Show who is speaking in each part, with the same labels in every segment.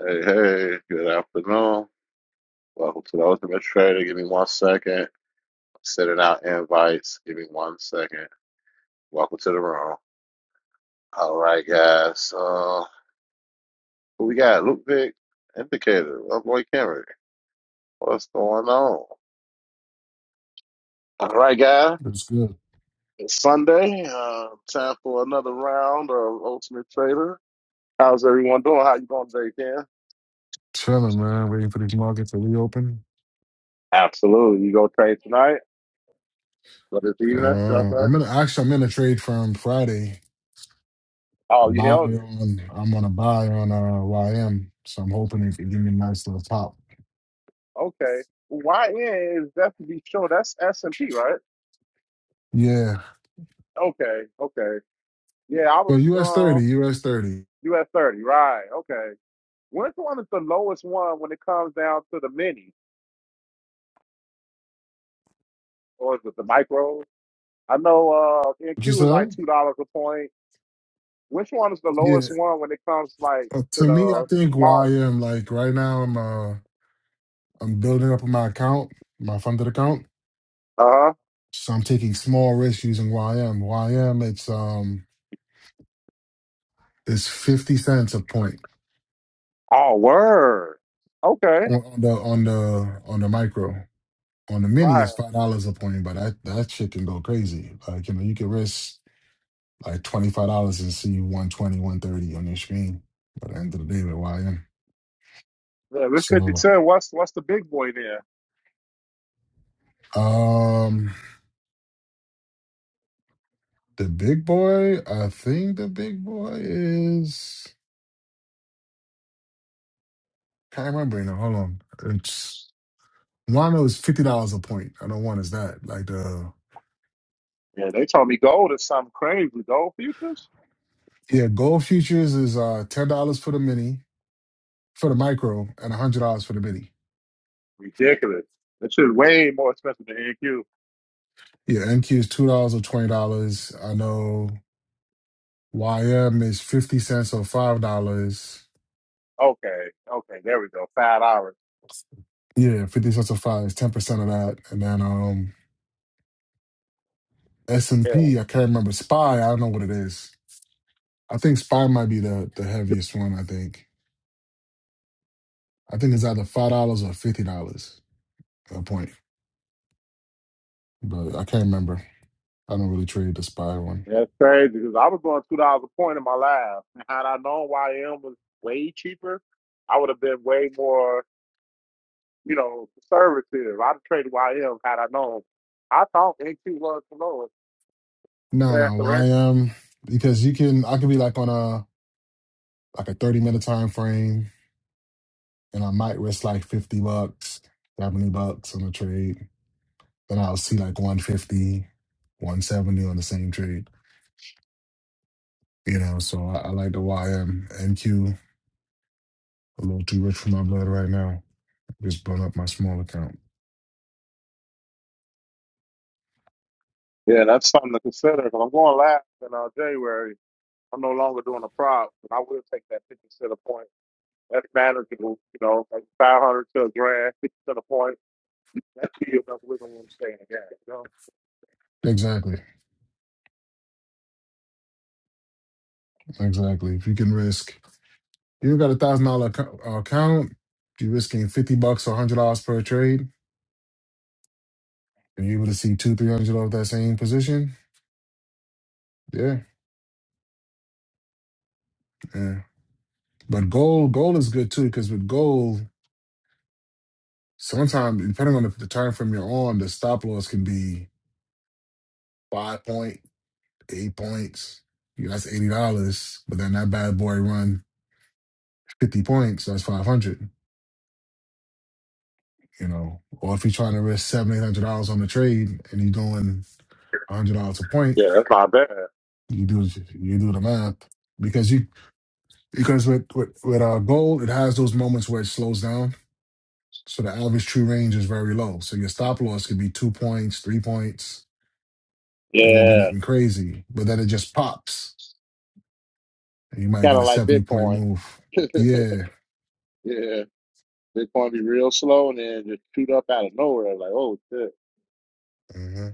Speaker 1: Hey, hey, good afternoon. Welcome to the Ultimate Trader. Give me one second. Sending out invites. Give me one second. Welcome to the room. All right, guys. Uh, who we got? Luke Vic, Indicator, Love Boy Cameron. What's going on? All right, guys.
Speaker 2: It's good.
Speaker 1: It's Sunday. Uh, time for another round of Ultimate Trader. How's everyone doing? How you doing today, Ken?
Speaker 2: Chilling, man. Waiting for these markets to reopen.
Speaker 1: Absolutely. You go trade tonight? Or this
Speaker 2: Uh,
Speaker 1: evening? should I say?
Speaker 2: I'm in. Actually, I'm in a trade from Friday. A
Speaker 1: Oh, you
Speaker 2: buy
Speaker 1: held it.
Speaker 2: on. I'm on a buy on uh, YM. So I'm hoping it can give me a nice little pop.
Speaker 1: Okay. YN is that to be sure. That's S and P, right?
Speaker 2: Yeah.
Speaker 1: Okay. Okay. Yeah, I was
Speaker 2: Well, US
Speaker 1: uh
Speaker 2: thirty. US thirty.
Speaker 1: you at thirty, right? Okay. Which one is the lowest one when it comes down to the mini or is it the micro? I know uh
Speaker 2: What you
Speaker 1: NQ is like
Speaker 2: said?
Speaker 1: two dollars a point. Which one is the
Speaker 2: Yeah.
Speaker 1: lowest one when it comes like
Speaker 2: Uh,
Speaker 1: to
Speaker 2: to me, I
Speaker 1: the
Speaker 2: think
Speaker 1: smaller?
Speaker 2: YM. Like right now, I'm uh, I'm building up my account, my funded account.
Speaker 1: Uh huh.
Speaker 2: So I'm taking small risks using YM. YM. It's um, it's fifty cents a point.
Speaker 1: Oh word. Okay.
Speaker 2: on, on the on the on the micro on the mini
Speaker 1: Right.
Speaker 2: is five dollars a point, but that that shit can go crazy. Like you know, you can risk like twenty five dollars and see one twenty, one thirty on your screen by the end of the day with YM.
Speaker 1: Yeah, we're fifty
Speaker 2: So
Speaker 1: ten. What's what's the big boy there?
Speaker 2: um the big boy, I think the big boy is can't remember right now. Hold on, it's Wano is fifty dollars a point. I don't want is that like the
Speaker 1: Yeah, they told me gold is something crazy. Gold futures?
Speaker 2: yeah gold futures is uh ten dollars for the mini for the micro and hundred dollars for the mini.
Speaker 1: Ridiculous. That shit way more expensive than NQ.
Speaker 2: Yeah, NQ is two dollars or twenty dollars. I know YM is fifty cents or five dollars.
Speaker 1: Okay, okay, there we go. Five dollars.
Speaker 2: Yeah, fifty cents or five is ten percent of that. And then um S and
Speaker 1: Yeah,
Speaker 2: P, I can't remember. Spy, I don't know what it is. I think Spy might be the the heaviest one. I think. I think it's either five dollars or fifty dollars at a point, but I can't remember. I don't really trade the Spy one.
Speaker 1: that's crazy because I was doing two dollars a point in my life. And had I known YM was way cheaper, I would have been way more, you know, conservative. I'd have traded YM had I known. I thought NQ was the lowest.
Speaker 2: No,
Speaker 1: Yeah, That's the
Speaker 2: no YM because you can. I could be like on a like a thirty minute time frame and I might risk like 50 bucks, 70 bucks on a trade. Then I'll see like one fifty, one seventy on the same trade. You know, so I, I like the YM MQ. A little too rich for my blood right now. Just burn up my small account.
Speaker 1: Yeah, that's something to consider because I'm going last in uh, January. I'm no longer doing a prop, but I will take that 50 cent a point. That's manageable, you know, like five hundred to a grand, fifty to the point. That's you enough wiggle room to stay in the game. You know?
Speaker 2: Exactly. Exactly. If you can risk, you got a thousand dollar account, if you're risking 50 bucks or $100 per trade, and you're able to see two, 300 of that same position, yeah, yeah. But gold, gold is good too, because with gold, Sometimes, depending on the, the time frame you're on, the stop loss can be five point, eight points. You know, that's eighty dollars. But then that bad boy run fifty points, so that's five hundred. You know, or if you're trying to risk seven, eight hundred dollars on the trade and you're doing hundred dollars a point,
Speaker 1: Yeah, that's not bad.
Speaker 2: you do you do the math because you because with with, with our gold, it has those moments where it slows down. So the average true range is very low. So your stop loss could be two points, three points. It won't be
Speaker 1: Yeah,
Speaker 2: nothing crazy, but then it just pops You might
Speaker 1: kind
Speaker 2: get
Speaker 1: of
Speaker 2: a
Speaker 1: like
Speaker 2: 70 point
Speaker 1: Bitcoin.
Speaker 2: move. Yeah.
Speaker 1: yeah, Bitcoin be real slow and then just shoot up out of nowhere. Like, oh shit,
Speaker 2: hmm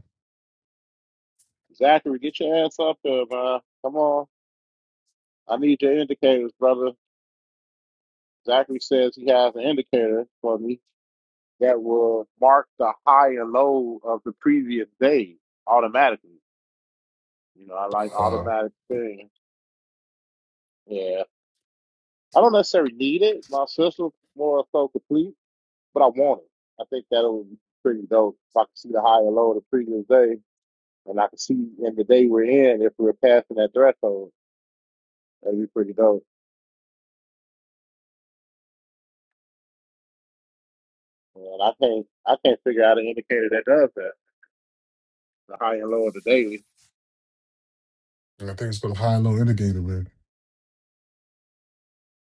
Speaker 1: Zachary, get your ass up there, man. Come on, I need your indicators, brother. Zachary says he has an indicator for me that will mark the high and low of the previous day automatically. You know, I like
Speaker 2: Uh,
Speaker 1: automatic things. Yeah. I don't necessarily need it. My system's more so complete, but I want it. I think that would be pretty dope if I could see the high and low of the previous day, and I could see in the day we're in if we're passing that threshold. That'd be pretty dope. And I can't, I can't figure out an indicator that does that. The high and low of the daily.
Speaker 2: I think it's called a high and low indicator, man.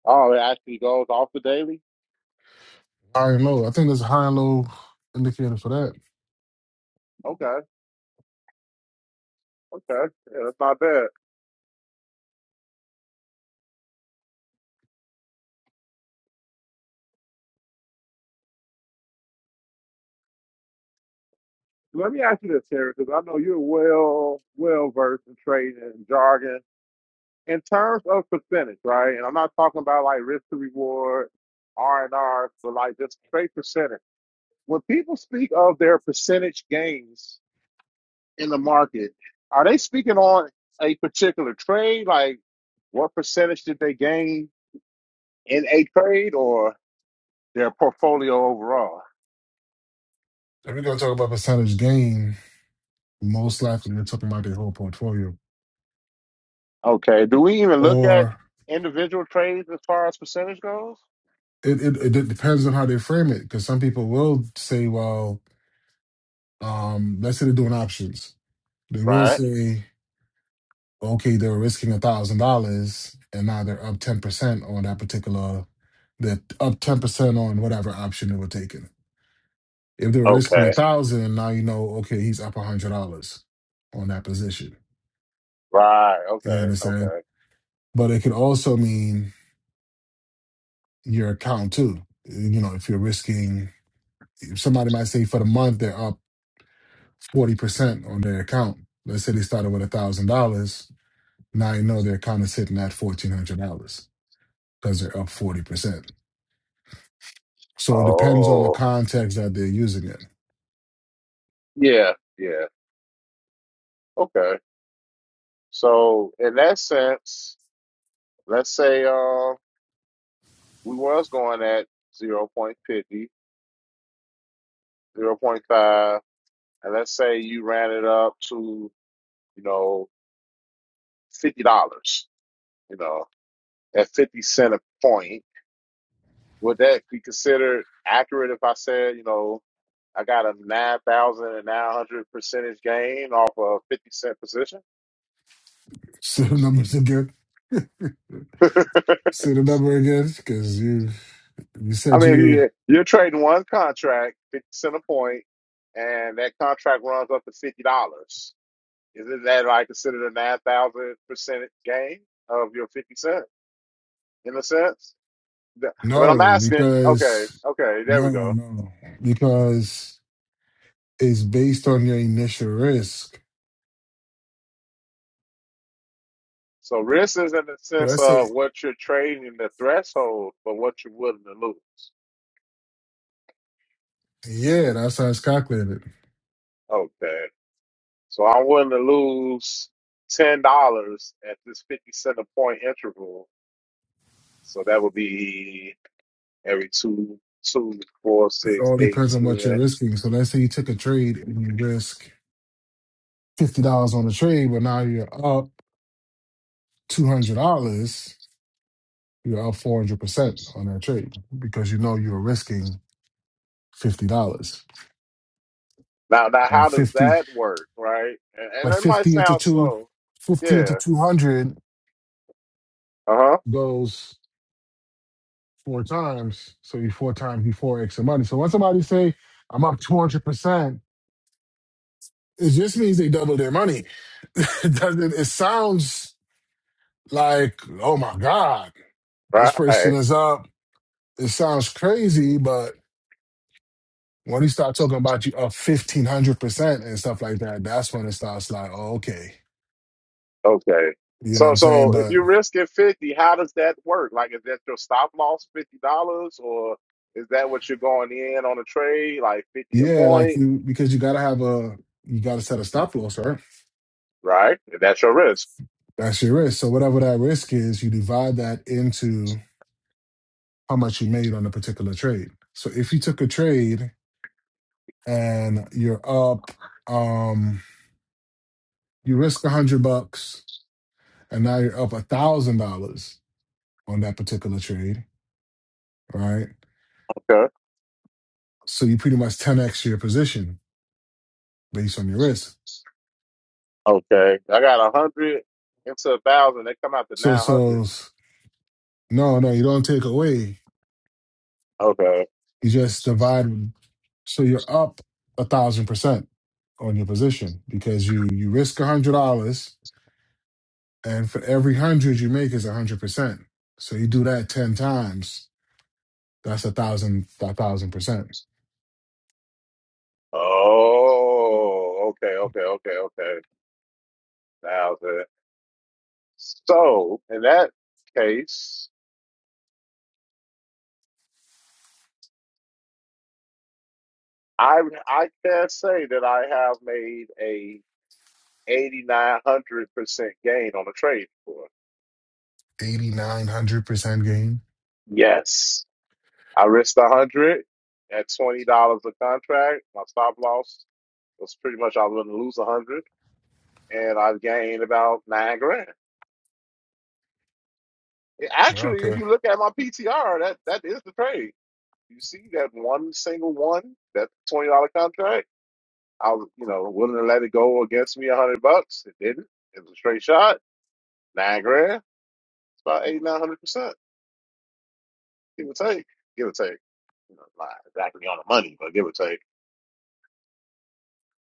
Speaker 1: Oh, it actually goes off the daily.
Speaker 2: High and low. I think there's a high and low indicator for that.
Speaker 1: Okay, okay, yeah, that's not bad. Let me ask you this, Terry, because I know you're well, well versed in trading and jargon. in terms of percentage, right? And I'm not talking about like risk to reward, R and R, but like just straight percentage. When people speak of their percentage gains in the market, are they speaking on a particular trade? Like what percentage did they gain in a trade or their portfolio overall?
Speaker 2: If we're going to talk about percentage gain, most likely they're talking about their whole portfolio.
Speaker 1: Okay. Do we even look at
Speaker 2: Or
Speaker 1: individual trades as far as percentage goes?
Speaker 2: it, it, it de- depends on how they frame it, because some people will say, well, um, let's say they're doing options. They will
Speaker 1: Right.
Speaker 2: say, okay, they were risking $1,000 and now they're up 10% on that particular, they're up 10% on whatever option they were taking If they were risking
Speaker 1: Okay.
Speaker 2: a thousand, and now you know, okay, he's up a hundred dollars on that position.
Speaker 1: Right.
Speaker 2: You
Speaker 1: Okay.
Speaker 2: understand?
Speaker 1: Okay.
Speaker 2: But it could also mean your account too. You know, if you're risking, if somebody might say for the month they're up forty percent on their account. Let's say they started with a thousand dollars. Now you know their account is sitting at fourteen hundred dollars because they're up forty percent. So it depends on the
Speaker 1: Oh.
Speaker 2: context that they're using it.
Speaker 1: Yeah. Yeah. Okay. So in that sense, let's say uh we was going at zero point fifty, zero point five, and let's say you ran it up to, you know, fifty dollars, you know, at fifty cent a point. Would that be considered accurate if I said, you know, I got a nine thousand and nine hundred percentage gain off a fifty cent position?
Speaker 2: Say the numbers again. Say the number again, because you you
Speaker 1: I
Speaker 2: said
Speaker 1: mean, if
Speaker 2: you
Speaker 1: you, you're trading one contract, 50 cent a point, and that contract runs up to $50. Isn't that like considered a 9,000% gain of your 50 cent in a sense? The- But I'm
Speaker 2: No,
Speaker 1: asking, okay,
Speaker 2: because
Speaker 1: okay, there we
Speaker 2: no,
Speaker 1: go.
Speaker 2: no, because it's based on your initial risk.
Speaker 1: So risk is in the
Speaker 2: So
Speaker 1: sense
Speaker 2: let's say,
Speaker 1: of what you're trading the threshold for what you're willing to lose.
Speaker 2: yeah, that's how it's calculated.
Speaker 1: Okay. So I'm willing to lose $10 at this 50 cent a point interval. So that would be every two, two, four,
Speaker 2: It
Speaker 1: six,
Speaker 2: all
Speaker 1: eight,
Speaker 2: depends on what you're
Speaker 1: ten.
Speaker 2: risking. So let's say you took a trade and you risk fifty dollars on the trade, but now you're up two hundred dollars. You're up four hundred percent on that trade because you know you're risking fifty dollars
Speaker 1: Now, now, how
Speaker 2: and
Speaker 1: does
Speaker 2: fifty,
Speaker 1: that work, right? And, and
Speaker 2: but
Speaker 1: it might
Speaker 2: fifty into
Speaker 1: sound
Speaker 2: two,
Speaker 1: slow.
Speaker 2: fifty into
Speaker 1: Yeah.
Speaker 2: two hundred
Speaker 1: Uh
Speaker 2: goes. four times. So you four times you four X of money. So when somebody say I'm up two hundred percent, it just means they double their money. it doesn't it sounds like, oh my God, this
Speaker 1: huh.
Speaker 2: person
Speaker 1: Right.
Speaker 2: is up. It sounds crazy, but when you start talking about you up fifteen hundred percent and stuff like that, that's when it starts like, oh, okay.
Speaker 1: Okay.
Speaker 2: You know what
Speaker 1: So,
Speaker 2: I'm saying?
Speaker 1: so if
Speaker 2: But
Speaker 1: you're risking fifty, how does that work? Like, is that your stop loss fifty dollars, or is that what you're going in on a trade, like fifty a
Speaker 2: yeah, like
Speaker 1: point?
Speaker 2: you because you gotta have a you gotta set a stop loss, right?
Speaker 1: Right. That's your risk.
Speaker 2: That's your risk. So whatever that risk is, you divide that into how much you made on a particular trade. So if you took a trade and you're up, um, you risk a hundred bucks and now you're up a thousand dollars on that particular trade, right?
Speaker 1: Okay.
Speaker 2: So you pretty much 10x your position based on your risk.
Speaker 1: Okay. I got a hundred into a thousand. They come out to
Speaker 2: So
Speaker 1: nine hundred.
Speaker 2: so no, no, you don't take away.
Speaker 1: Okay.
Speaker 2: You just divide so you're up a thousand percent on your position because you you risk a hundred dollars And for every hundred you make is a hundred percent. So you do that ten times, that's a thousand a thousand percent.
Speaker 1: Oh, okay, okay, okay, okay. Now then, so in that case, I I can say that I have made a 8,900 percent gain on the trade floor.
Speaker 2: Eighty nine hundred percent gain.
Speaker 1: Yes, I risked a hundred at twenty dollars a contract. My stop loss was pretty much I was going to lose a hundred, and I gained about nine grand. Actually, if
Speaker 2: Okay.
Speaker 1: you look at my PTR, that that is the trade. You see that one single one, that twenty dollar contract. I was, you know, willing to let it go against me a hundred bucks. It didn't. It was a straight shot, nine grand. It's about eight, nine hundred percent, give or take, give or take. You know, not exactly on the money, but give or take.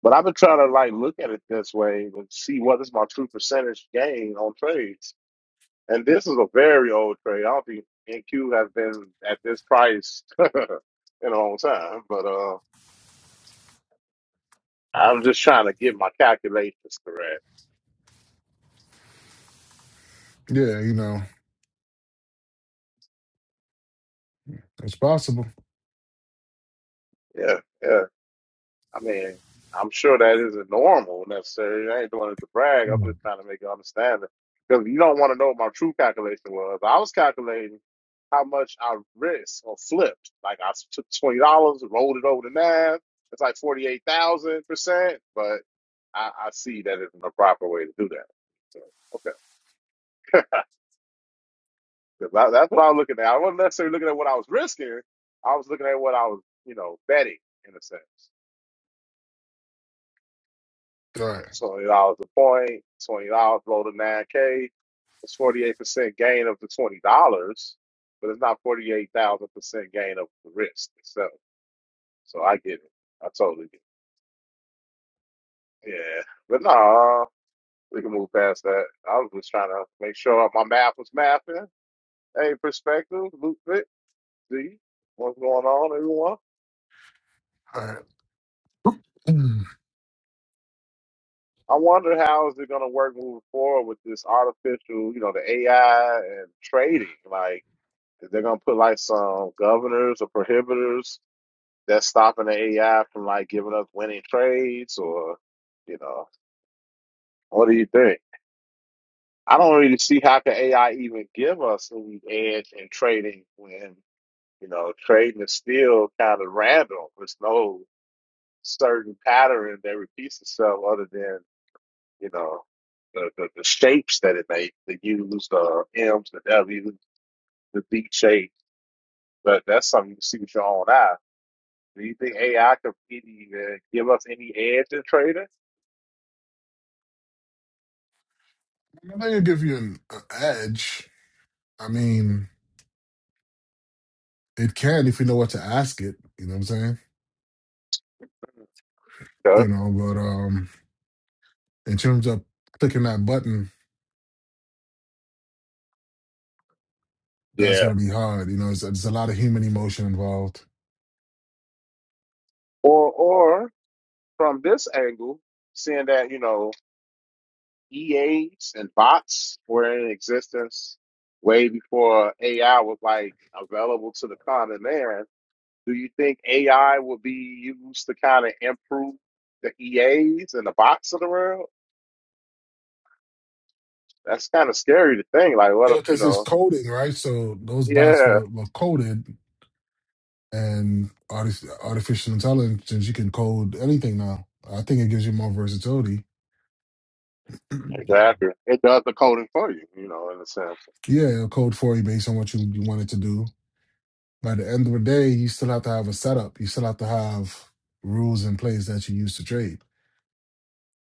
Speaker 1: But I've been trying to like look at it this way and see what is my true percentage gain on trades. And this is a very old trade. I don't think NQ has been at this price in a long time. But uh, I'm just trying to get my calculations correct.
Speaker 2: Yeah, you know, it's possible.
Speaker 1: Yeah, yeah. I mean, I'm sure that isn't normal necessarily. I ain't doing it to brag. I'm
Speaker 2: Mm.
Speaker 1: just trying to make you understand it. Because you don't want to know what my true calculation was. I was calculating how much I risked or flipped. Like I took twenty dollars, rolled it over to nine. It's like forty eight thousand percent. But I, I see that isn't the proper way to do that. So, okay, 'Cause that- that's what I was looking at. I wasn't necessarily looking at what I was risking. I was looking at what I was, you know, betting in a sense.
Speaker 2: All
Speaker 1: You know,
Speaker 2: right.
Speaker 1: twenty dollars a point, twenty dollars low to nine K. It's forty eight percent gain of the twenty dollars, but it's not forty eight thousand percent gain of the risk itself. So I get it. I totally get it. Yeah. But nah, we can move past that. I was just trying to make sure my math was mapping. Hey, perspective, loop fit, see what's going on, everyone.
Speaker 2: All right. Mm.
Speaker 1: I wonder how is it gonna work moving forward with this artificial, you know, the AI and trading. Like If They're gonna put like some governors or prohibitors that's stopping the AI from like giving us winning trades or you know, what do you think? I don't really see how can AI even give us any edge in trading when, you know, trading is still kind of random. There's no certain pattern that repeats itself other than, you know, the, the, the shapes that it makes, the U's, the M's, the W's, the B shape. But that's something you can see with your own eyes. Do you think AI could really uh, give us any edge in trading?
Speaker 2: I'm not gonna give you an, an edge. I mean, it can if you know what to ask it. You know what I'm saying?
Speaker 1: Okay.
Speaker 2: You know, but um in terms of clicking that button, that's
Speaker 1: Yeah.
Speaker 2: gonna be hard. You know, there's, there's a lot of human emotion involved
Speaker 1: Or or from this angle, seeing that you know EAs and bots were in existence way before AI was like available to the common man. Do you think AI will be used to kind of improve the EAs and the bots of the world? That's kind of scary to think. Like, what
Speaker 2: Yeah,
Speaker 1: if you
Speaker 2: because it's
Speaker 1: know?
Speaker 2: coding, right? So those bots
Speaker 1: Yeah,
Speaker 2: were, were coded, and arti- artificial intelligence, you can code anything now. I think it gives you more versatility. yeah,
Speaker 1: exactly. It does the coding for you, you know, in a sense.
Speaker 2: it'll code for you based on what you, you want it to do. By the end of the day, you still have to have a setup. You still have to have rules in place that you use to trade.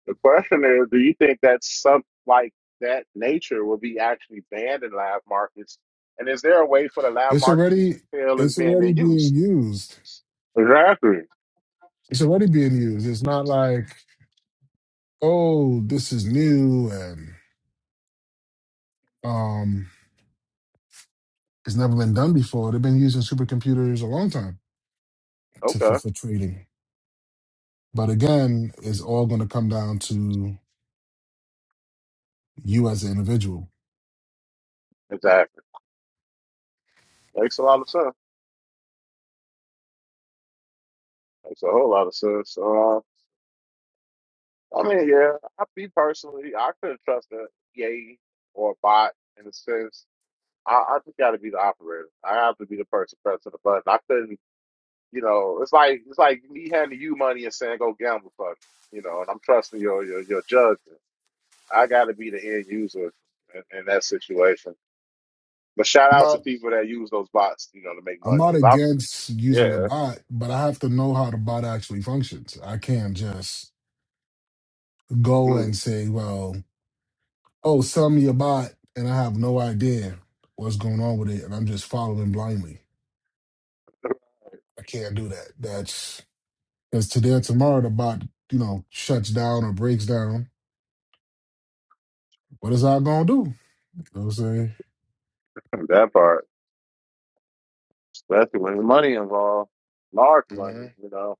Speaker 1: The question is, do you think that some like that nature will be actually banned in lab markets? And is there a way for the lab
Speaker 2: It's
Speaker 1: markets to even
Speaker 2: already
Speaker 1: feel it's
Speaker 2: it's
Speaker 1: being in
Speaker 2: already
Speaker 1: use?
Speaker 2: being used.
Speaker 1: Exactly.
Speaker 2: It's already being used. It's not like, oh, this is new and um It's never been done before. They've been using supercomputers a long time to, for,
Speaker 1: Okay.
Speaker 2: for trading. But again, it's all going to come down to you as an individual.
Speaker 1: Exactly. Makes a lot of sense. Makes a whole lot of sense. So, uh, I mean, yeah, I me personally, I couldn't trust a yay or a bot in a sense. I, I just got to be the operator. I have to be the person pressing the button. I couldn't You know, it's like it's like me handing you money and saying go gamble for me. You know, and I'm trusting your your your judgment. I got to be the end user in, in that situation. But shout
Speaker 2: I'm
Speaker 1: out to
Speaker 2: not,
Speaker 1: people that use those bots, you know, to make
Speaker 2: I'm
Speaker 1: money.
Speaker 2: not
Speaker 1: Because I,
Speaker 2: against using a
Speaker 1: yeah,
Speaker 2: bot, but I have to know how the bot actually functions. I can't just go
Speaker 1: mm,
Speaker 2: and say, well, oh, sell me a bot, and I have no idea what's going on with it, and I'm just following blindly. I can't do that. That's because today or tomorrow the bot, you know, shuts down or breaks down. What is I gonna do? You know what I'm saying?
Speaker 1: that part, especially when the money involved, large money.
Speaker 2: hmm
Speaker 1: You know,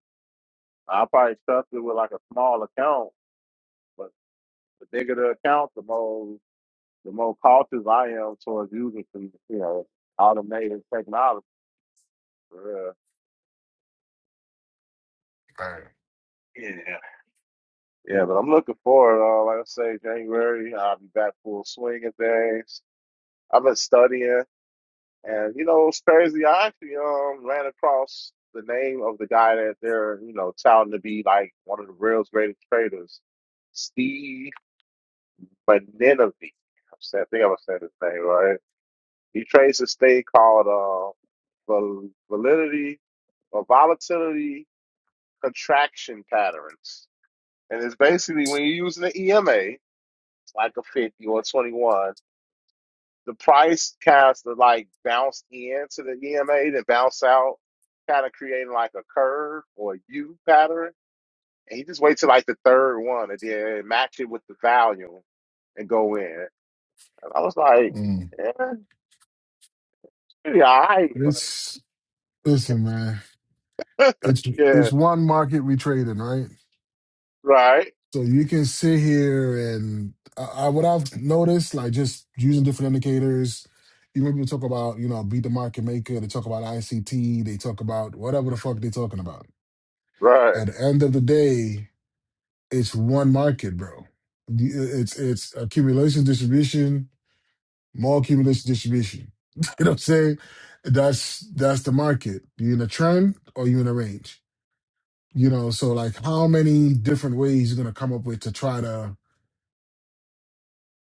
Speaker 1: I probably trust it with like a small account, but the bigger the account, the more the more cautious I am towards using some, you know, automated technology. For real.
Speaker 2: Right.
Speaker 1: Yeah, Yeah, but I'm looking forward. Uh, like I say, January, I'll be back full swing of things. I've been studying, and you know, it's crazy. I actually um ran across the name of the guy that they're you know touting to be like one of the world's greatest traders, Steve Beninavie. I said- I think I'm saying his name right. He trades this thing called uh val- validity or volatility contraction patterns. And it's basically when you're using the EMA. like a 50 or a 21. The price cast of like bounced into the EMA, then bounce out, kind of creating like a curve or a U pattern. And he just wait till like the third one and then match it with the volume and go in. And I was like,
Speaker 2: Mm.
Speaker 1: yeah, it's pretty all right, but
Speaker 2: It's listen, man. It's
Speaker 1: yeah,
Speaker 2: it's one market we trade in, right?
Speaker 1: right,
Speaker 2: So you can sit here and I, I what I've noticed, like just using different indicators. You when people talk about, you know, beat the market maker, they talk about ICT, they talk about whatever the fuck they're talking about.
Speaker 1: right.
Speaker 2: At the end of the day, it's one market, bro. The- It's it's accumulation distribution more cumulative distribution. you know what I'm saying? That's that's the market. You in a trend or you in a range? You know, so like how many different ways you're gonna come up with to try to,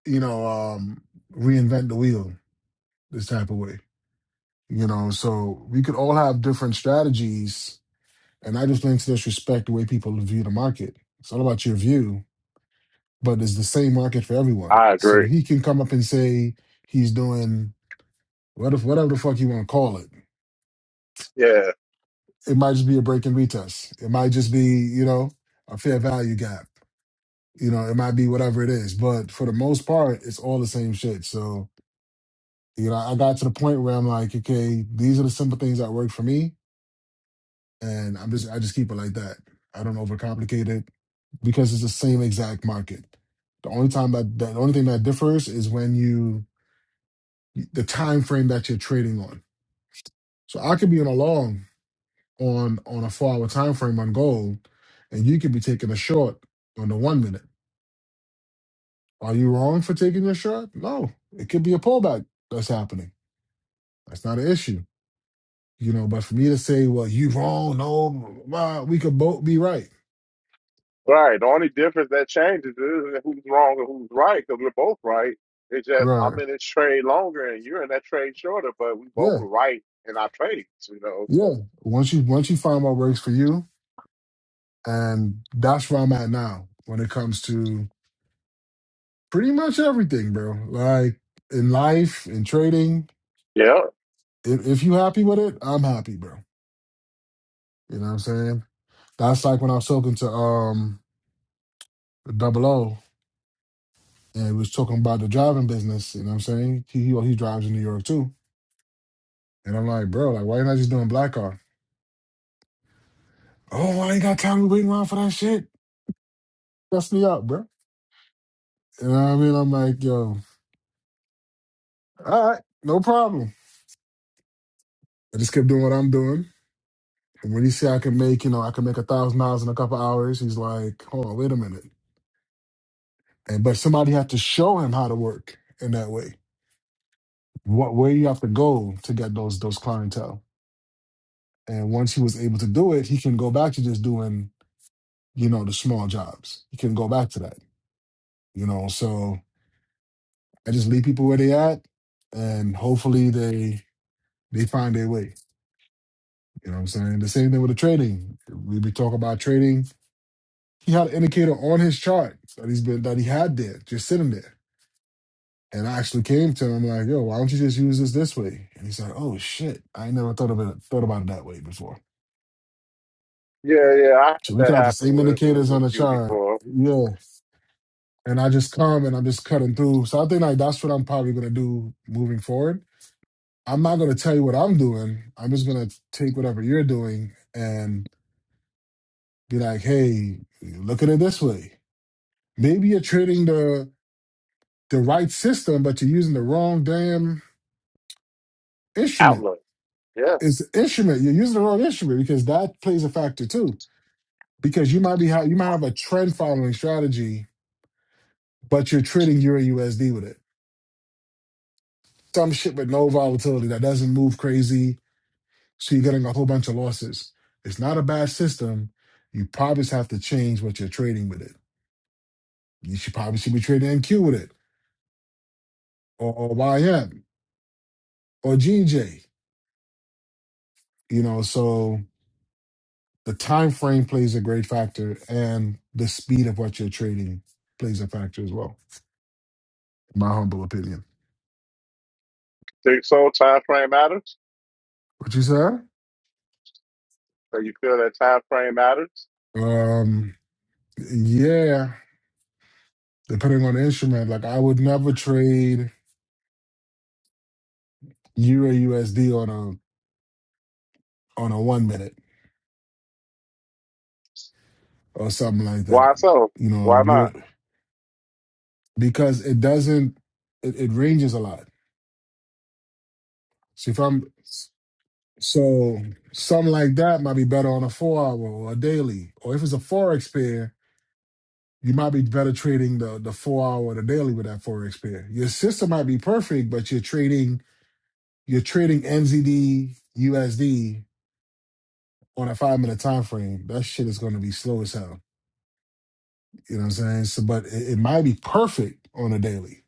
Speaker 2: you know, um reinvent the wheel this type of way. You know, so we could all have different strategies and I just think to disrespect the way people view the market. It's all about your view, but it's the same market for everyone.
Speaker 1: I
Speaker 2: So
Speaker 1: agree.
Speaker 2: he can come up and say he's doing what if whatever the fuck you want to call it
Speaker 1: yeah.
Speaker 2: It might just be a break in retest. It might just be, you know, a fair value gap. You know, it might be whatever it is. But for the most part, it's all the same shit. So, you know, I got to the point where I'm like, okay, these are the simple things that work for me. And I'm just I just keep it like that. I don't overcomplicate it because it's the same exact market. The only time that, the only thing that differs is when you the time frame that you're trading on. So I could be on a long. on on a four hour time frame on gold, and you could be taking a short on the one minute. Are you wrong for taking your short? No, it could be a pullback that's happening. That's not an issue, you know. But for me to say, well, you wrong, no, blah, we could both be right.
Speaker 1: Right. The only difference that changes is who's wrong and who's right, because we're both right. It's just I'm
Speaker 2: Right.
Speaker 1: in this trade longer and you're in that trade shorter, but we both
Speaker 2: Yeah.
Speaker 1: are right in our trades, you know.
Speaker 2: Yeah.
Speaker 1: So
Speaker 2: Once you once you find what works for you, and that's where I'm at now when it comes to pretty much everything, bro. Like in life, in trading,
Speaker 1: yeah,
Speaker 2: if, if you happy with it, I'm happy, bro. You know what I'm saying? That's like when I was talking to um Double O and he was talking about the driving business. You know what I'm saying? He he, well, he drives in New York too. And I'm like, bro, like why you not just doing black car? Oh, I ain't got time to wait around for that shit. That's me up, bro. You know what I mean? I'm like, yo, all right, no problem. I just kept doing what I'm doing. And when he said I can make, you know, I can make a thousand dollars in a couple hours, he's like, hold on, wait a minute. And but somebody had to show him how to work in that way. What where you have to go to get those those clientele. And once he was able to do it, he can go back to just doing, you know, the small jobs. He can go back to that, you know. So I just leave people where they at, and hopefully they they find their way. You know what I'm saying? The same thing with the trading. We be talking about trading. He had an indicator on his chart that he's been that he had there, just sitting there. And I actually came to him like, "Yo, why don't you just use this this way?" And he's like, "Oh shit, I ain't never thought of it thought about it that way before."
Speaker 1: yeah, yeah. I had
Speaker 2: So we could
Speaker 1: that
Speaker 2: have the
Speaker 1: happen
Speaker 2: same
Speaker 1: with with,
Speaker 2: indicators
Speaker 1: with
Speaker 2: on the
Speaker 1: you
Speaker 2: chart.
Speaker 1: before.
Speaker 2: Yeah, and I just come and I'm just cutting through. So I think like that's what I'm probably gonna do moving forward. I'm not gonna tell you what I'm doing. I'm just gonna take whatever you're doing and be like, hey, look at it this way. Maybe you're trading the the right system, but you're using the wrong damn instrument.
Speaker 1: Outlook. Yeah.
Speaker 2: It's the instrument. You're using the wrong instrument because that plays a factor too. Because you might be ha- you might have a trend following strategy, but you're trading Euro USD with it. Some shit with no volatility that doesn't move crazy So you're getting a whole bunch of losses. It's not a bad system. You probably just have to change what you're trading with it. You should probably should be trading NQ with it or, or YM or GJ. You know, so the time frame plays a great factor and the speed of what you're trading plays a factor as well, in my humble opinion.
Speaker 1: Think so? Time frame matters.
Speaker 2: What you said?
Speaker 1: So you feel that time frame matters?
Speaker 2: Um yeah, depending on the instrument. Like I would never trade Euro USD on a on a one minute or something like that
Speaker 1: Why so?
Speaker 2: you know,
Speaker 1: Why not?
Speaker 2: you. because it doesn't it, it ranges a lot. So if I'm so something like that might be better on a four hour or a daily. Or if it's a forex pair, you might be better trading the the four hour or the daily with that forex pair. Your system might be perfect, but you're trading you're trading NZD USD on a five minute time frame. That shit is gonna be slow as hell. You know what I'm saying? So but it, it might be perfect on a daily,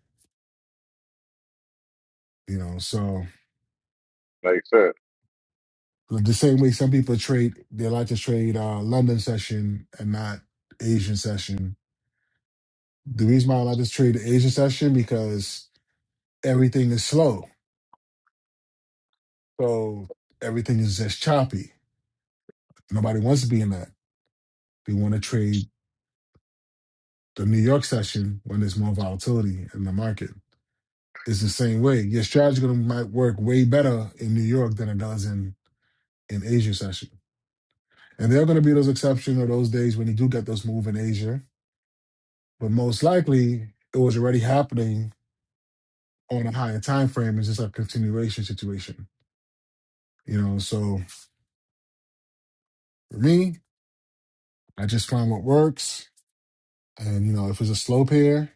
Speaker 2: you know. So
Speaker 1: Makes sense.
Speaker 2: The same way some people trade, they like to trade uh, London session and not Asian session. The reason why I like to trade the Asian session because everything is slow, so everything is just choppy. Nobody wants to be in that. They want to trade the New York session when there's more volatility in the market. It's the same way. Your strategy gonna might work way better in New York than it does in in Asia session. And there are going to be those exceptions or those days when you do get those move in Asia but most likely it was already happening on a higher time frame. It's just a continuation situation, you know. So for me, I just find what works, and you know, if it's a slow pair,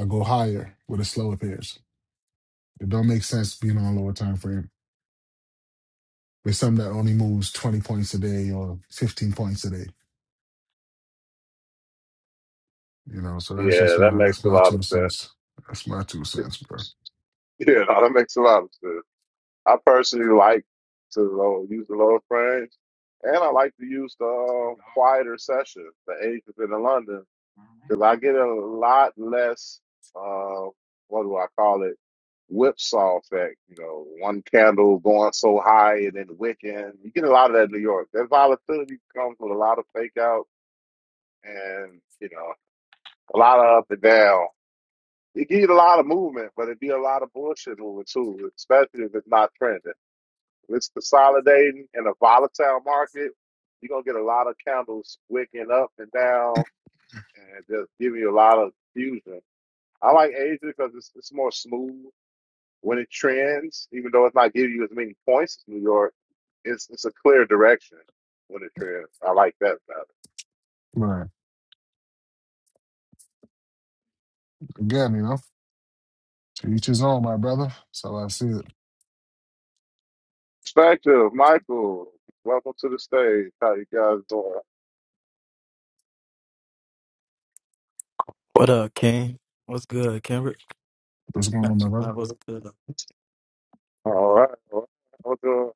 Speaker 2: I go higher with the slower pairs. It don't make sense being on a lower time frame with something that only moves twenty points a day or fifteen points a day, you know. So that's
Speaker 1: Yeah,
Speaker 2: just
Speaker 1: that
Speaker 2: my
Speaker 1: makes
Speaker 2: that's
Speaker 1: a
Speaker 2: my
Speaker 1: lot of
Speaker 2: two
Speaker 1: sense.
Speaker 2: cents. That's my two cents, bro.
Speaker 1: Yeah, no, that makes a lot of sense. I personally like to uh, use the lower French, and I like to use the uh, quieter sessions, the Asians in the London, because I get a lot less. Uh, what do I call it? Whipsaw effect. You know, one candle going so high and then wicking. You get a lot of that in New York. That volatility comes with a lot of fake out and you know a lot of up and down. You get a lot of movement, but it'd be a lot of bullshit movement too, especially if it's not trending. When it's consolidating in a volatile market, you're gonna get a lot of candles wicking up and down and just giving you a lot of fusion. I like Asia because it's, it's more smooth when it trends, even though it's not giving you as many points as New York. It's it's a clear direction when it trends. I like that better.
Speaker 2: Right. Again, you know, to each his own, my brother. So I see it.
Speaker 1: Perspective, Michael. Welcome to the stage. How you guys doing?
Speaker 3: What up, King? What's good, Kendrick?
Speaker 2: What's going
Speaker 3: Uh,
Speaker 2: on, my brother?
Speaker 3: What's good?
Speaker 1: All right. All right.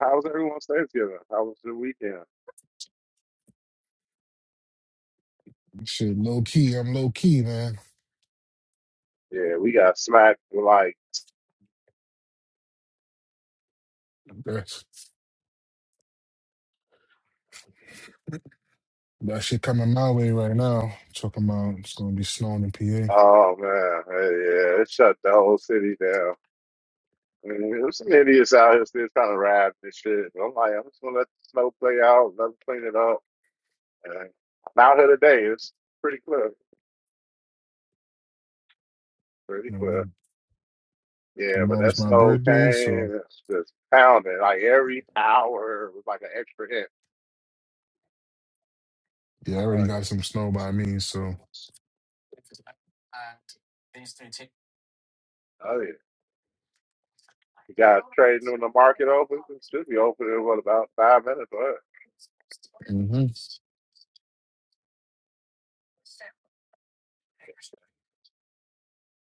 Speaker 1: How was everyone's Thanksgiving? How was the weekend?
Speaker 2: Shit, low key. I'm low key, man.
Speaker 1: Yeah, we got smacked with like
Speaker 2: That's, that shit coming my way right now. Talking about it's gonna be snowing in PA. You
Speaker 1: Oh man, hey, yeah, it shut the whole city down. I mean, there's some idiots out here still trying to ride this shit. I'm like, I'm just gonna let the snow play out, let them clean it up. And I'm out here today. It's pretty clear, pretty clear.
Speaker 2: know,
Speaker 1: Yeah, but that
Speaker 2: tomorrow's my
Speaker 1: snow
Speaker 2: birthday, so
Speaker 1: came, it's just pounding. Like every hour was like an extra hit.
Speaker 2: yeah, I
Speaker 1: Oh
Speaker 2: already got some snow by
Speaker 1: yeah,
Speaker 2: me. So
Speaker 1: oh yeah. You guys trading when the market opens? It should be open in what about five minutes? But
Speaker 2: hmm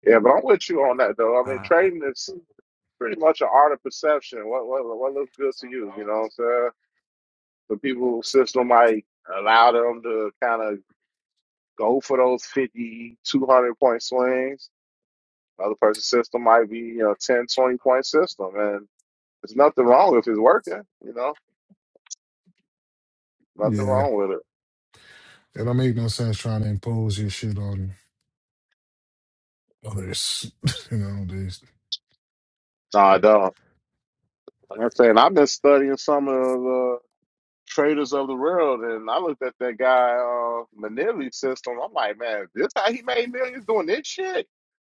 Speaker 1: yeah, but I'm with you on that though. I mean,
Speaker 3: Uh,
Speaker 1: trading is. pretty much an art of perception. What what what looks good to you? You know what I'm saying? The people system might allow them to kind of go for those 50, 200 point swings. Another person's system might be you know 10, 20 point system, and there's nothing wrong if it's working. You know, nothing
Speaker 2: yeah,
Speaker 1: wrong with it.
Speaker 2: it don't make no sense trying to impose your shit on others. you know, this
Speaker 1: No, I don't. Like I'm saying, I've been studying some of the traders of the world, and I looked at that guy uh, Manili's system. I'm like, man, this how he made millions doing this shit.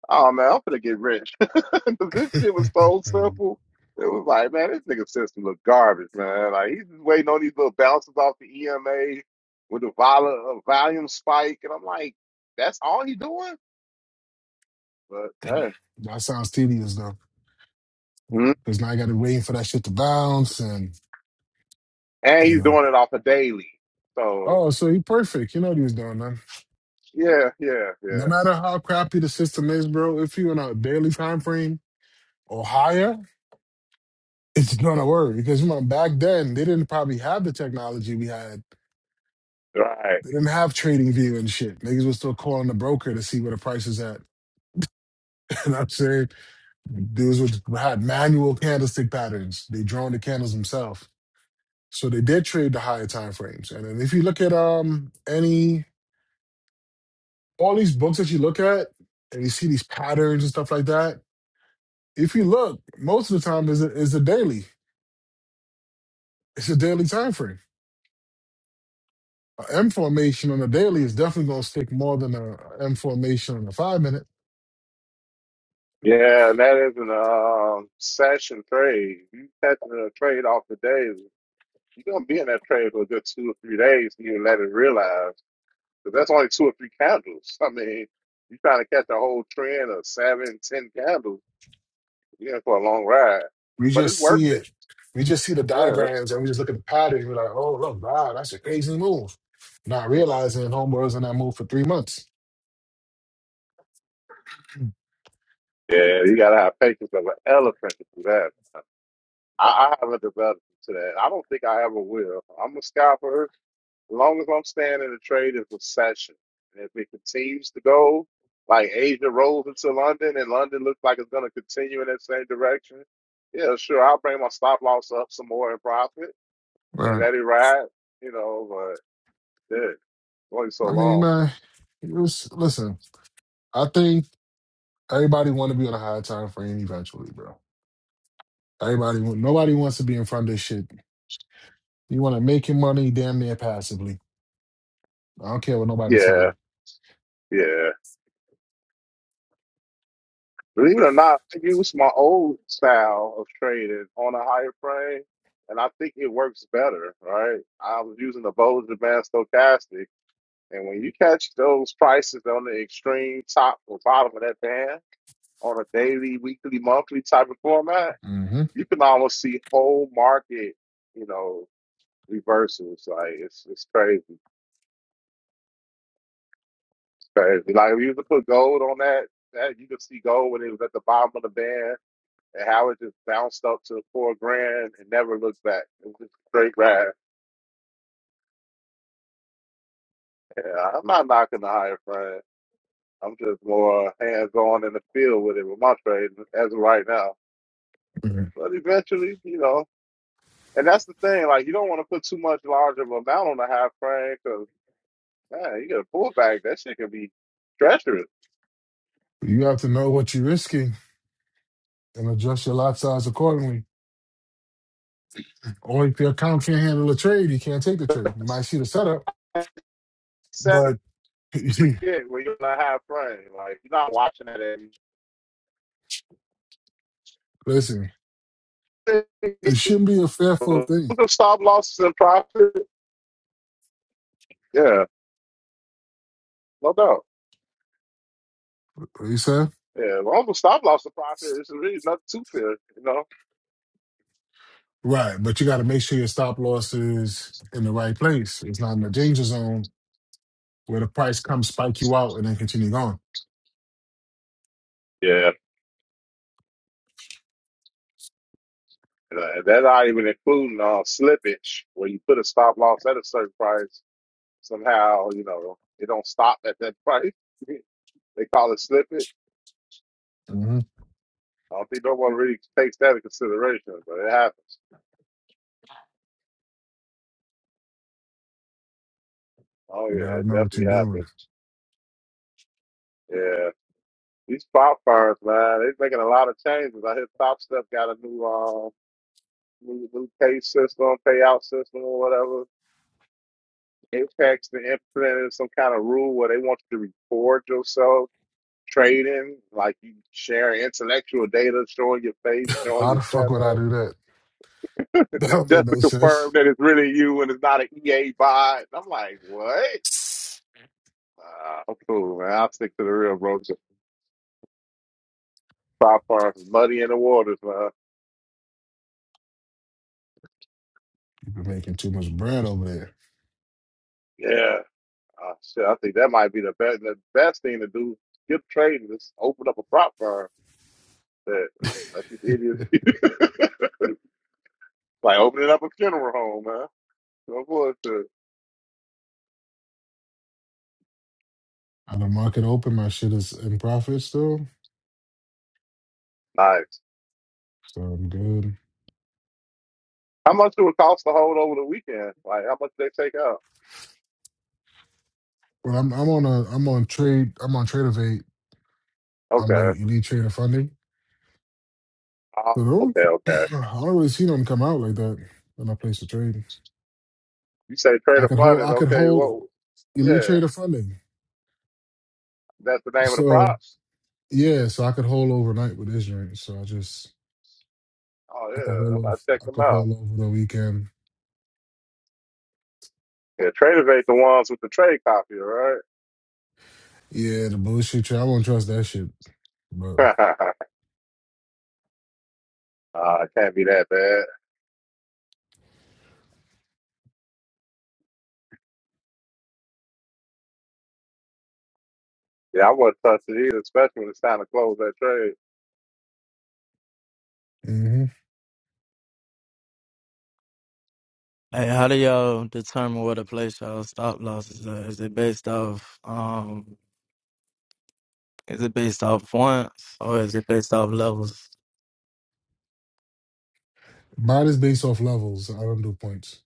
Speaker 1: Oh man, I'm gonna get rich. 'Cause this shit was so simple. It was like, man, this nigga system look garbage, man. Like he's just waiting on these little bounces off the EMA with the vol- uh, volume spike, and I'm like, that's all he doing. But hey,
Speaker 2: that sounds tedious though,
Speaker 1: Mhm.
Speaker 2: because now I got to wait for that shit to bounce and
Speaker 1: and
Speaker 2: you
Speaker 1: he's
Speaker 2: know.
Speaker 1: doing it off a daily. So
Speaker 2: Oh, so he perfect. You know what he was doing,
Speaker 1: yeah, yeah, yeah.
Speaker 2: No matter how crappy the system is, bro, if you in a daily time frame or higher, it's gonna work. Because you know, back then they didn't probably have the technology we had.
Speaker 1: Right.
Speaker 2: They didn't have trading view and shit. Niggas was still calling the broker to see where the price is at. You know what I'm saying? Dudes was, had manual candlestick patterns. They drawn the candles themselves. So they did trade the higher time frames. And then if you look at um any all these books that you look at and you see these patterns and stuff like that, if you look, most of the time is a, is a daily. It's a daily time frame. An M formation on a daily is definitely going to stick more than a a M formation on a five minute.
Speaker 1: Yeah, and that is an um session trade. You catching a trade off the daily. You're gonna be in that trade for a good two or three days, and you let it realize. But that's only two or three candles. I mean, you trying to catch a whole trend of seven, ten candles, you're in for a long ride.
Speaker 2: We
Speaker 1: But it's
Speaker 2: just
Speaker 1: worth
Speaker 2: see
Speaker 1: it.
Speaker 2: it. We just see the
Speaker 1: Yeah.
Speaker 2: diagrams and we just look at the pattern. We're like, oh, look, wow, that's a crazy move. Not realizing Homeboy was in that move for three months.
Speaker 1: Yeah, you gotta have patience of an elephant to do that. I, I haven't developed to that. I don't think I ever will. I'm a scalper. As long as I'm staying in the trade of recession. And if it continues to go, like Asia rolls into London and London looks like it's gonna continue in that same direction, yeah, sure, I'll bring my stop loss up some more and profit. and
Speaker 2: Right.
Speaker 1: that it ride, you know, but yeah, only so
Speaker 2: I mean,
Speaker 1: long.
Speaker 2: man, it was, listen, I think everybody want to be on a high time frame eventually, bro. Everybody, want- nobody wants to be in front of this shit. You want to make your money damn near passively. I don't care what nobody tell
Speaker 1: Yeah,
Speaker 2: you.
Speaker 1: yeah. Believe it or not, I use my old style of trading on a higher frame, and I think it works better, right? I was using the Bollinger Band Stochastic, and when you catch those prices on the extreme top or bottom of that band on a daily, weekly, monthly type of format,
Speaker 2: hmm
Speaker 1: you can almost see whole market, you know, reversals. Like it's it's crazy. Crazy. Like if you could put gold on that, that you could see gold when it was at the bottom of the band and how it just bounced up to four grand and never looked back. It was just straight ride. Yeah, I'm not knocking the higher friend. I'm just more hands on in the field with it with my trade as of right now. But eventually, you know, and that's the thing. Like you don't want to put too much larger of an amount on the high frame because man, you get a pullback. That shit can be treacherous.
Speaker 2: You have to know what you're risking and adjust your lot size accordingly. Or if your account can't handle a trade, you can't take the trade. You might see the setup,
Speaker 1: Set
Speaker 2: but
Speaker 1: forget when you're in a high frame. Like you're not watching that. every
Speaker 2: listen,
Speaker 1: Longer
Speaker 2: it shouldn't be a fearful thing.
Speaker 1: stop losses and profit. Yeah, no doubt.
Speaker 2: What you said?
Speaker 1: Yeah, long longer stop loss and profit it's really nothing to fear, you know?
Speaker 2: Right, but you got to make sure your stop loss is in the right place. It's not in the danger zone where the price comes spike you out and then continue going.
Speaker 1: Yeah. And, uh, That's not even including uh, slippage, where you put a stop loss at a certain price. Somehow, you know, it don't stop at that price. they call it slippage.
Speaker 2: hmm
Speaker 1: I don't think no one really takes that into consideration, but it happens. Oh,
Speaker 2: You
Speaker 1: yeah,
Speaker 2: gotta
Speaker 1: it
Speaker 2: know what you're
Speaker 1: definitely
Speaker 2: doing.
Speaker 1: happens. Yeah. These pop firms, man, they're making a lot of changes. I hear Top Step got a new um, new new pay system, payout system, or whatever. Apex they implemented some kind of rule where they want you to record yourself trading, like you share intellectual data, showing your face, showing
Speaker 2: Why
Speaker 1: your
Speaker 2: the fuck would I
Speaker 1: setup,
Speaker 2: do that? That don't make
Speaker 1: just to
Speaker 2: no
Speaker 1: confirm
Speaker 2: sense.
Speaker 1: that it's really you and it's not an EA bot. And I'm like, what? Uh, I'm cool, man. I'll stick to the real, bro. Just pop farms, muddy in the waters, man.
Speaker 2: You've been making too much bread over there.
Speaker 1: Yeah. Uh, shit, I think that might be the best, the best thing to do. Skip trading, just open up a prop firm. That Like opening up a funeral home, man. No bullshit.
Speaker 2: And the market open, my shit is in profit still,
Speaker 1: Nice.
Speaker 2: so I'm good.
Speaker 1: How much do it cost to hold over the weekend? Like how much they take out?
Speaker 2: But I'm I'm on a I'm on trade I'm on Tradeovate. I'm the
Speaker 1: Okay.
Speaker 2: elite trader funding.
Speaker 1: Oh,
Speaker 2: So don't
Speaker 1: okay,
Speaker 2: I
Speaker 1: okay.
Speaker 2: don't really see them come out like that when I place a trade.
Speaker 1: You say trade
Speaker 2: I
Speaker 1: of
Speaker 2: could hold
Speaker 1: funded,
Speaker 2: I could
Speaker 1: okay, well
Speaker 2: hold elite
Speaker 1: yeah.
Speaker 2: trader funding.
Speaker 1: That's the name of the
Speaker 2: So
Speaker 1: props?
Speaker 2: yeah, so I could hold overnight with Israel. So I just
Speaker 1: Oh
Speaker 2: I could
Speaker 1: yeah.
Speaker 2: hold
Speaker 1: I'm about
Speaker 2: off
Speaker 1: to check
Speaker 2: I
Speaker 1: them
Speaker 2: could
Speaker 1: out.
Speaker 2: hold over the weekend.
Speaker 1: Yeah, Trader ain't the ones with the trade copy, right?
Speaker 2: Yeah, the bullshit trade. I won't trust that shit. But
Speaker 1: uh, it can't be that bad. Yeah, I wouldn't touch it either, especially when it's time to close that trade.
Speaker 2: mm-hmm.
Speaker 3: Hey, how do y'all determine what a place y'all stop losses at? Is it based off um is it based off points or is it based off levels?
Speaker 2: Mine is based off levels. I don't do points.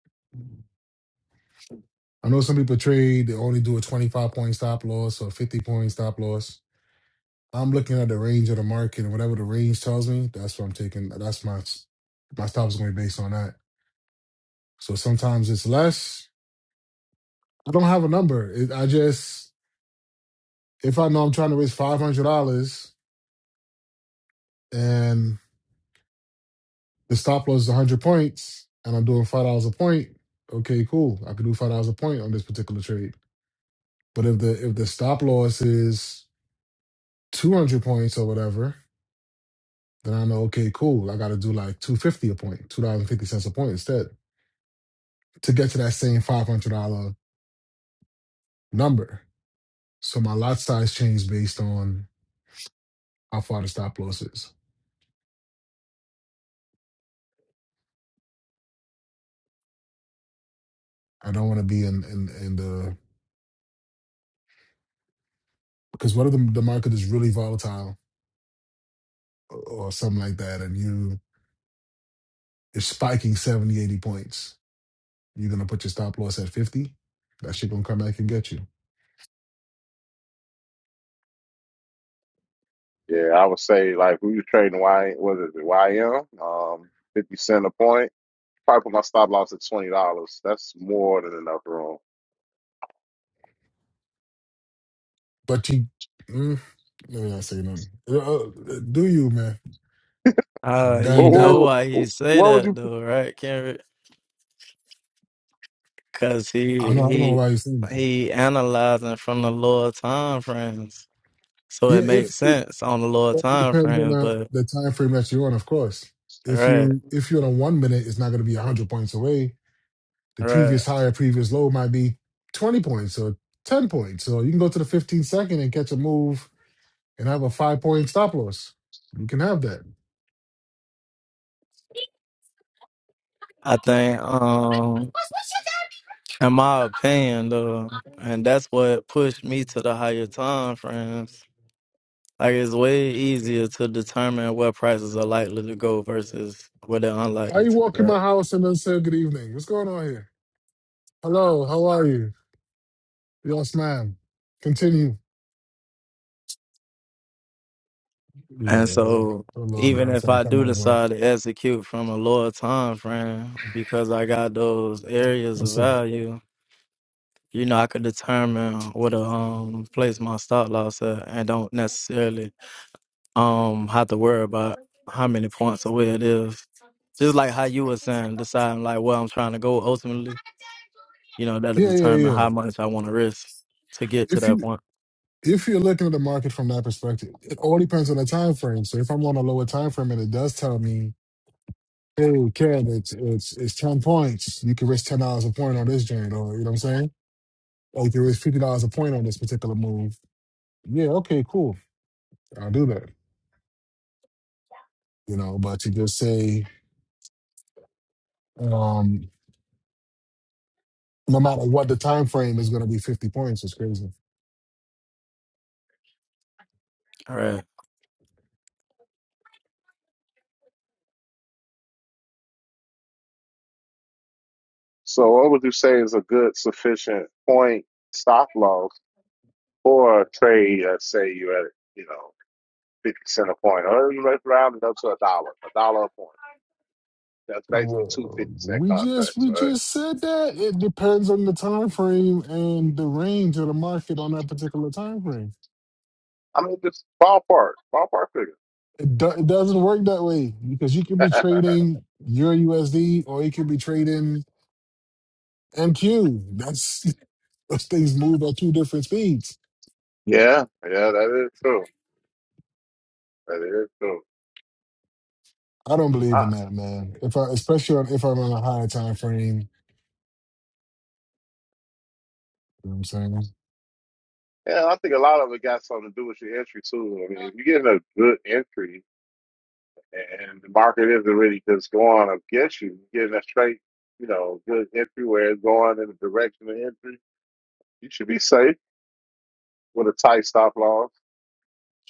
Speaker 2: I know some people trade, they only do a 25 point stop loss or 50 point stop loss. I'm looking at the range of the market and whatever the range tells me, that's what I'm taking. That's my my stop is going to be based on that. So sometimes it's less. I don't have a number. It, I just if I know I'm trying to raise five hundred dollars and the stop loss is one hundred points and I'm doing five dollars a point, okay, cool. I can do five dollars a point on this particular trade. But if the if the stop loss is two hundred points or whatever, Then I know, okay, cool. I got to do like 250 a point, $2.50 a point instead to get to that same $500 number. So my lot size changed based on how far the stop loss is. I don't want to be in, in, in the, because what if the, the market is really volatile or, or something like that and you, it's spiking 70 80 points. You're going to put your stop loss at 50. That shit going to come back and get you.
Speaker 1: Yeah, I would say like we were trading Y what is it, YM? Um fifty cent a point. Probably put my stop loss at twenty dollars. That's more than enough room.
Speaker 2: But you, mm, let me not say nothing. Uh, uh, do you, man?
Speaker 3: Uh
Speaker 2: That
Speaker 3: you
Speaker 2: that.
Speaker 3: know
Speaker 1: What,
Speaker 3: why he
Speaker 1: what,
Speaker 3: say
Speaker 1: what would
Speaker 3: that
Speaker 1: you?
Speaker 3: though, right, Kendrick? Cause he
Speaker 2: I don't know. I don't know
Speaker 3: he
Speaker 2: why you're saying that.
Speaker 3: he analyzing from the lower time frames. So it
Speaker 2: Yeah, if
Speaker 3: makes
Speaker 2: it
Speaker 3: sense on the lower
Speaker 2: all
Speaker 3: time
Speaker 2: depends on
Speaker 3: frames,
Speaker 2: the,
Speaker 3: but
Speaker 2: the time frame that you're on, of course. If
Speaker 3: right,
Speaker 2: you if you're on a one minute, it's not going to be hundred points away. The
Speaker 3: right.
Speaker 2: previous high or previous low might be twenty points or ten points. So you can go to the fifteen second and catch a move and have a five point stop loss. You can have that.
Speaker 3: I think um in my opinion, though, and that's what pushed me to the higher time frames. Like it's way easier to determine what prices are likely to go versus what they're
Speaker 2: How
Speaker 3: unlikely
Speaker 2: you
Speaker 3: to.
Speaker 2: walk in
Speaker 3: Right?
Speaker 2: my house and then say good evening? What's going on here? Hello, how are you? Yes, ma'am. Continue.
Speaker 3: And
Speaker 2: Yeah,
Speaker 3: so,
Speaker 2: hello,
Speaker 3: even
Speaker 2: girl.
Speaker 3: if
Speaker 2: So
Speaker 3: I
Speaker 2: come
Speaker 3: do
Speaker 2: over.
Speaker 3: decide to execute from a lower time frame because I got those areas of
Speaker 2: What's up?
Speaker 3: value, you know, I could determine where to um place my stop loss at, and don't necessarily um have to worry about how many points away it is. Just like how you were saying, deciding like where I'm trying to go ultimately, you know, that'll
Speaker 2: Yeah, yeah,
Speaker 3: determine
Speaker 2: yeah.
Speaker 3: how much I want to risk to get to
Speaker 2: If you
Speaker 3: that point.
Speaker 2: if you're looking at the market from that perspective, it all depends on the time frame. So if I'm on a lower time frame and it does tell me, hey, Ken, it's it's it's ten points, you can risk ten dollars a point on this joint, or you know what I'm saying? Or you can risk fifty dollars a point on this particular move. Yeah, okay, cool. I'll do that. You know, but to just say, um, no matter what the time frame is gonna be fifty points is crazy.
Speaker 3: All right.
Speaker 1: So what would you say is a good sufficient point stop loss for a trade? That say you're at you know fifty cent a point, or you let's round it up to a dollar, a dollar a point. That's basically two
Speaker 2: Well,
Speaker 1: fifty cent
Speaker 2: we just
Speaker 1: contracts,
Speaker 2: we
Speaker 1: right?
Speaker 2: just said that it depends on the time frame and the range of the market on that particular time frame.
Speaker 1: I mean, just ballpark, ballpark figure.
Speaker 2: It, do- it doesn't work that way because you can be trading your USD or you can be trading MQ. That's those things move at two different speeds.
Speaker 1: yeah, yeah, that is true. That is true.
Speaker 2: I don't believe
Speaker 1: I,
Speaker 2: in that, man. If I, especially on, if I'm on a higher time frame, you know what I'm saying
Speaker 1: yeah, I think a lot of it got something to do with your entry too. I mean, if you get a good entry and the market isn't really just going against you. You're getting a straight, you know, good entry where it's going in the direction of entry. You should be safe with a tight stop loss.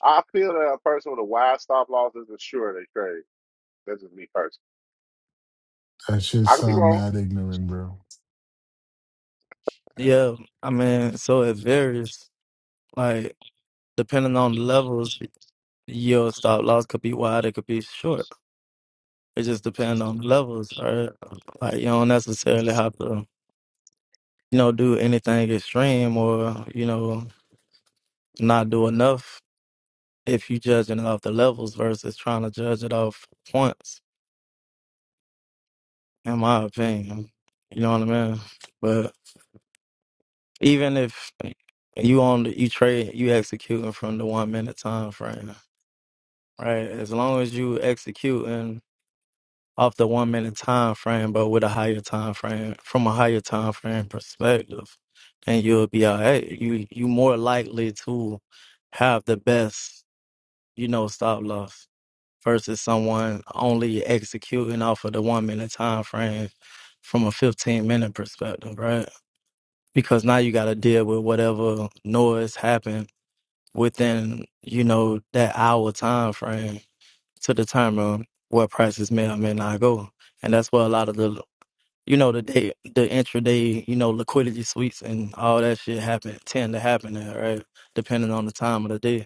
Speaker 1: I feel that a person with a wide stop loss isn't sure they trade. That's just me personally.
Speaker 2: that shit
Speaker 1: I could be
Speaker 2: sound
Speaker 1: wrong.
Speaker 2: mad ignorant, bro.
Speaker 3: Yeah. I mean, so it varies. Like, depending on the levels, your stop loss could be wide, it could be short. It just depends on the levels. All right. Like, you don't necessarily have to, you know, do anything extreme or, you know, not do enough if you judging it off the levels versus trying to judge it off points, in my opinion. You know what I mean? But even if you on the, you trade you executing from the one minute time frame, right? As long as you executing off the one minute time frame, but with a higher time frame from a higher time frame perspective, then you'll be all right. You you more likely to have the best, you know, stop loss. versus someone only executing off of the one minute time frame from a 15 minute perspective, right? Because now you got to deal with whatever noise happened within, you know, that hour time frame to determine what prices may or may not go. And that's where a lot of the, you know, the day, the intraday, you know, liquidity sweeps and all that shit happen, tend to happen there, right? Depending on the time of the day.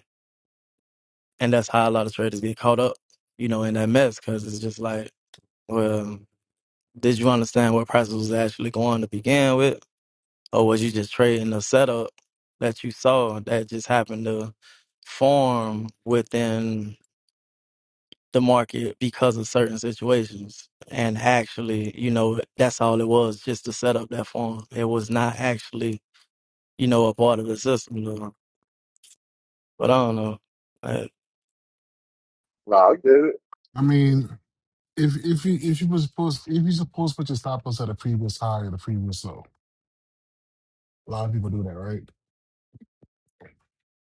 Speaker 3: And that's how a lot of traders get caught up, you know, in that mess because it's just like, Well, did you understand what price was actually going to begin with? Or was you just trading the setup that you saw that just happened to form within the market because of certain situations? And actually, you know, that's all it was, just the setup that formed. It was not actually, you know, a part of the system. though. But I don't know. Uh,
Speaker 1: No, I get it.
Speaker 2: I mean, if if you if you was supposed if you supposed to put your stop loss at a previous high or the previous low, a lot of people do that, right?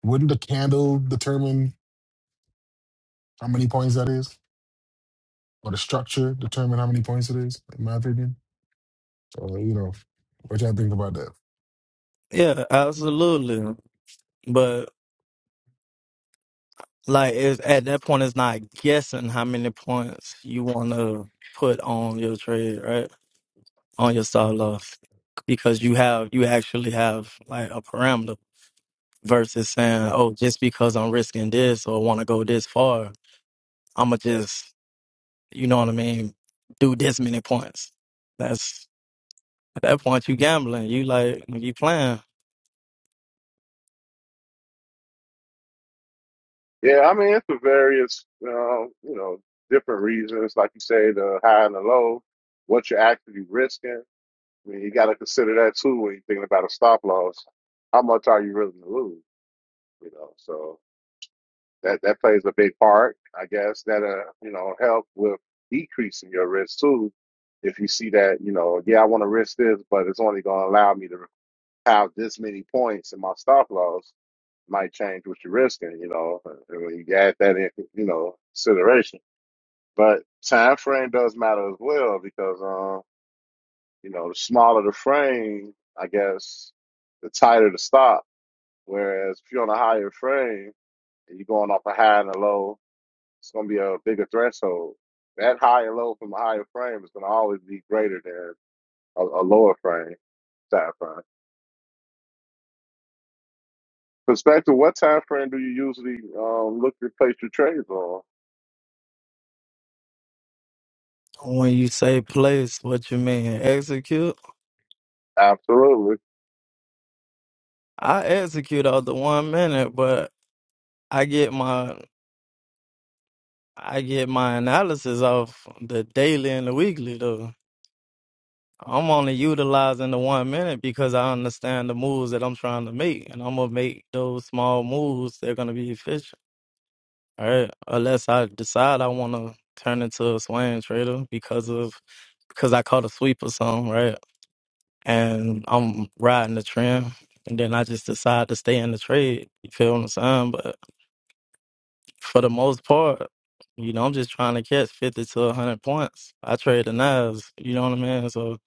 Speaker 2: Wouldn't the candle determine how many points that is? or the structure determine how many points it is, in my opinion. So you know, what y'all think about that?
Speaker 3: yeah, absolutely. But. Like it's, at that point, it's not guessing how many points you want to put on your trade, right? On your stop loss, because you have you actually have like a parameter versus saying, oh, just because I'm risking this or want to go this far, I'ma just, you know what I mean, do this many points. That's at that point you gambling. You like you playing.
Speaker 1: Yeah, I mean, it's for various, uh, you know, different reasons. Like you say, the high and the low, what you're actually risking. I mean, you got to consider that too when you're thinking about a stop loss. How much are you willing to lose? You know, so that that plays a big part. I guess that uh you know help with decreasing your risk too. If you see that you know yeah I want to risk this, but it's only going to allow me to have this many points, and my stop loss might change what you're risking. You know and when you add that in, you know consideration, but time frame does matter as well because um you know the smaller the frame, I guess the tighter the stop. Whereas if you're on a higher frame and you're going off a high and a low, it's going to be a bigger threshold. That higher low from a higher frame is going to always be greater than a, a lower frame time frame. Perspective, what time frame do you usually um, look to place your trades on?
Speaker 3: When you say place, what you mean? Execute?
Speaker 1: Absolutely.
Speaker 3: I execute out the one minute, but I get my I get my analysis off the daily and the weekly though. I'm only utilizing the one minute because I understand the moves that I'm trying to make, and I'm gonna make those small moves. They're gonna be efficient, all right? Unless I decide I want to turn into a swing trader because of because I caught a sweep or something, right? And I'm riding the trend, and then I just decide to stay in the trade. You feel what I'm saying? for the most part, you know, I'm just trying to catch 50 to 100 points. I trade the knives, you know what I mean? So if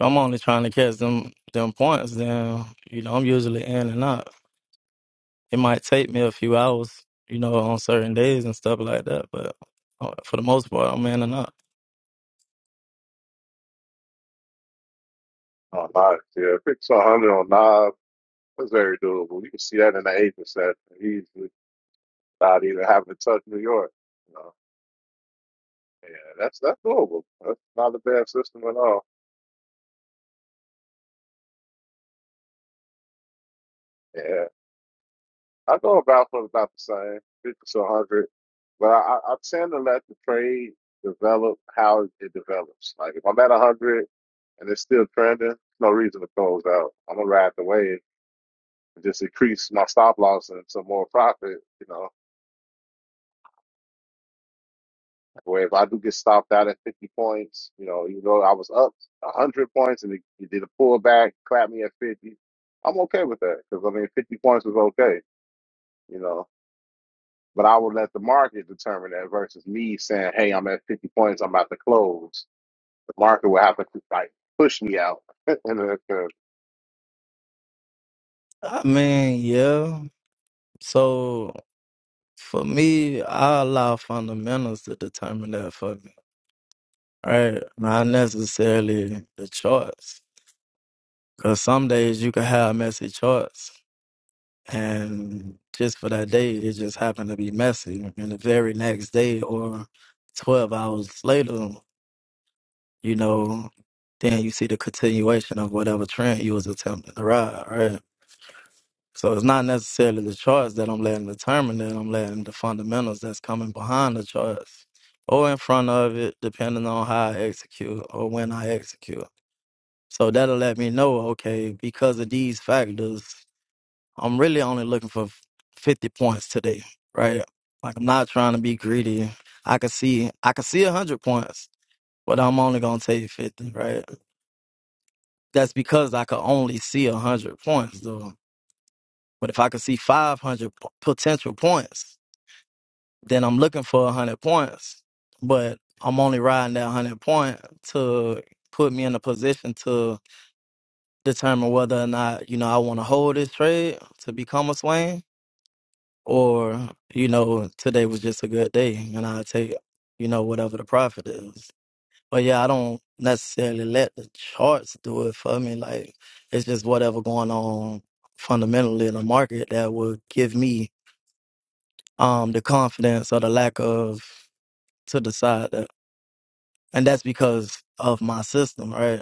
Speaker 3: I'm only trying to catch them them points, then, you know, I'm usually in and out. It might take me a few hours, you know, on certain days and stuff like that, but uh, for the most part, I'm in and out.
Speaker 1: Oh, nice. Yeah, fix 100 on Nas. That's very doable. You can see that in the eight percent He's without even having to touch New York. You know? Yeah, that's that's doable. That's not a bad system at all. Yeah. I go about for about the same, fifty to 100. But I, I I tend to let the trade develop how it develops. Like if I'm at a hundred and it's still trending, no reason to close out. I'm gonna ride the wave and just increase my stop loss and some more profit. You know, where if I do get stopped out at 50 points, you know, even though I was up 100 points and it, it did a pullback, clap me at 50, I'm okay with that because I mean 50 points was okay. You know. But I would let the market determine that versus me saying, "Hey, I'm at 50 points. I'm about to close." The market will have to like push me out. and then, uh,
Speaker 3: I mean, yeah. So for me, I allow fundamentals to determine that for me, right? Not necessarily the charts. Cause some days you can have messy charts, and just for that day, it just happened to be messy. And the very next day, or twelve hours later, you know, then you see the continuation of whatever trend you was attempting to ride, right? So it's not necessarily the charts that I'm letting determine that I'm letting the fundamentals that's coming behind the charts or in front of it, depending on how I execute or when I execute. So that'll let me know, okay, because of these factors, I'm really only looking for 50 points today, right? Like I'm not trying to be greedy. I could see I could see 100 points, but I'm only going to take 50, right? That's because I could only see 100 points though. But if I could see 500 p- potential points, then I'm looking for 100 points. But I'm only riding that 100 point to put me in a position to determine whether or not, you know, I want to hold this trade to become a swain Or, you know, today was just a good day and i take, you know, whatever the profit is. But yeah, I don't necessarily let the charts do it for me. Like it's just whatever going on fundamentally in the market that will give me um the confidence or the lack of to decide that. And that's because of my system, right?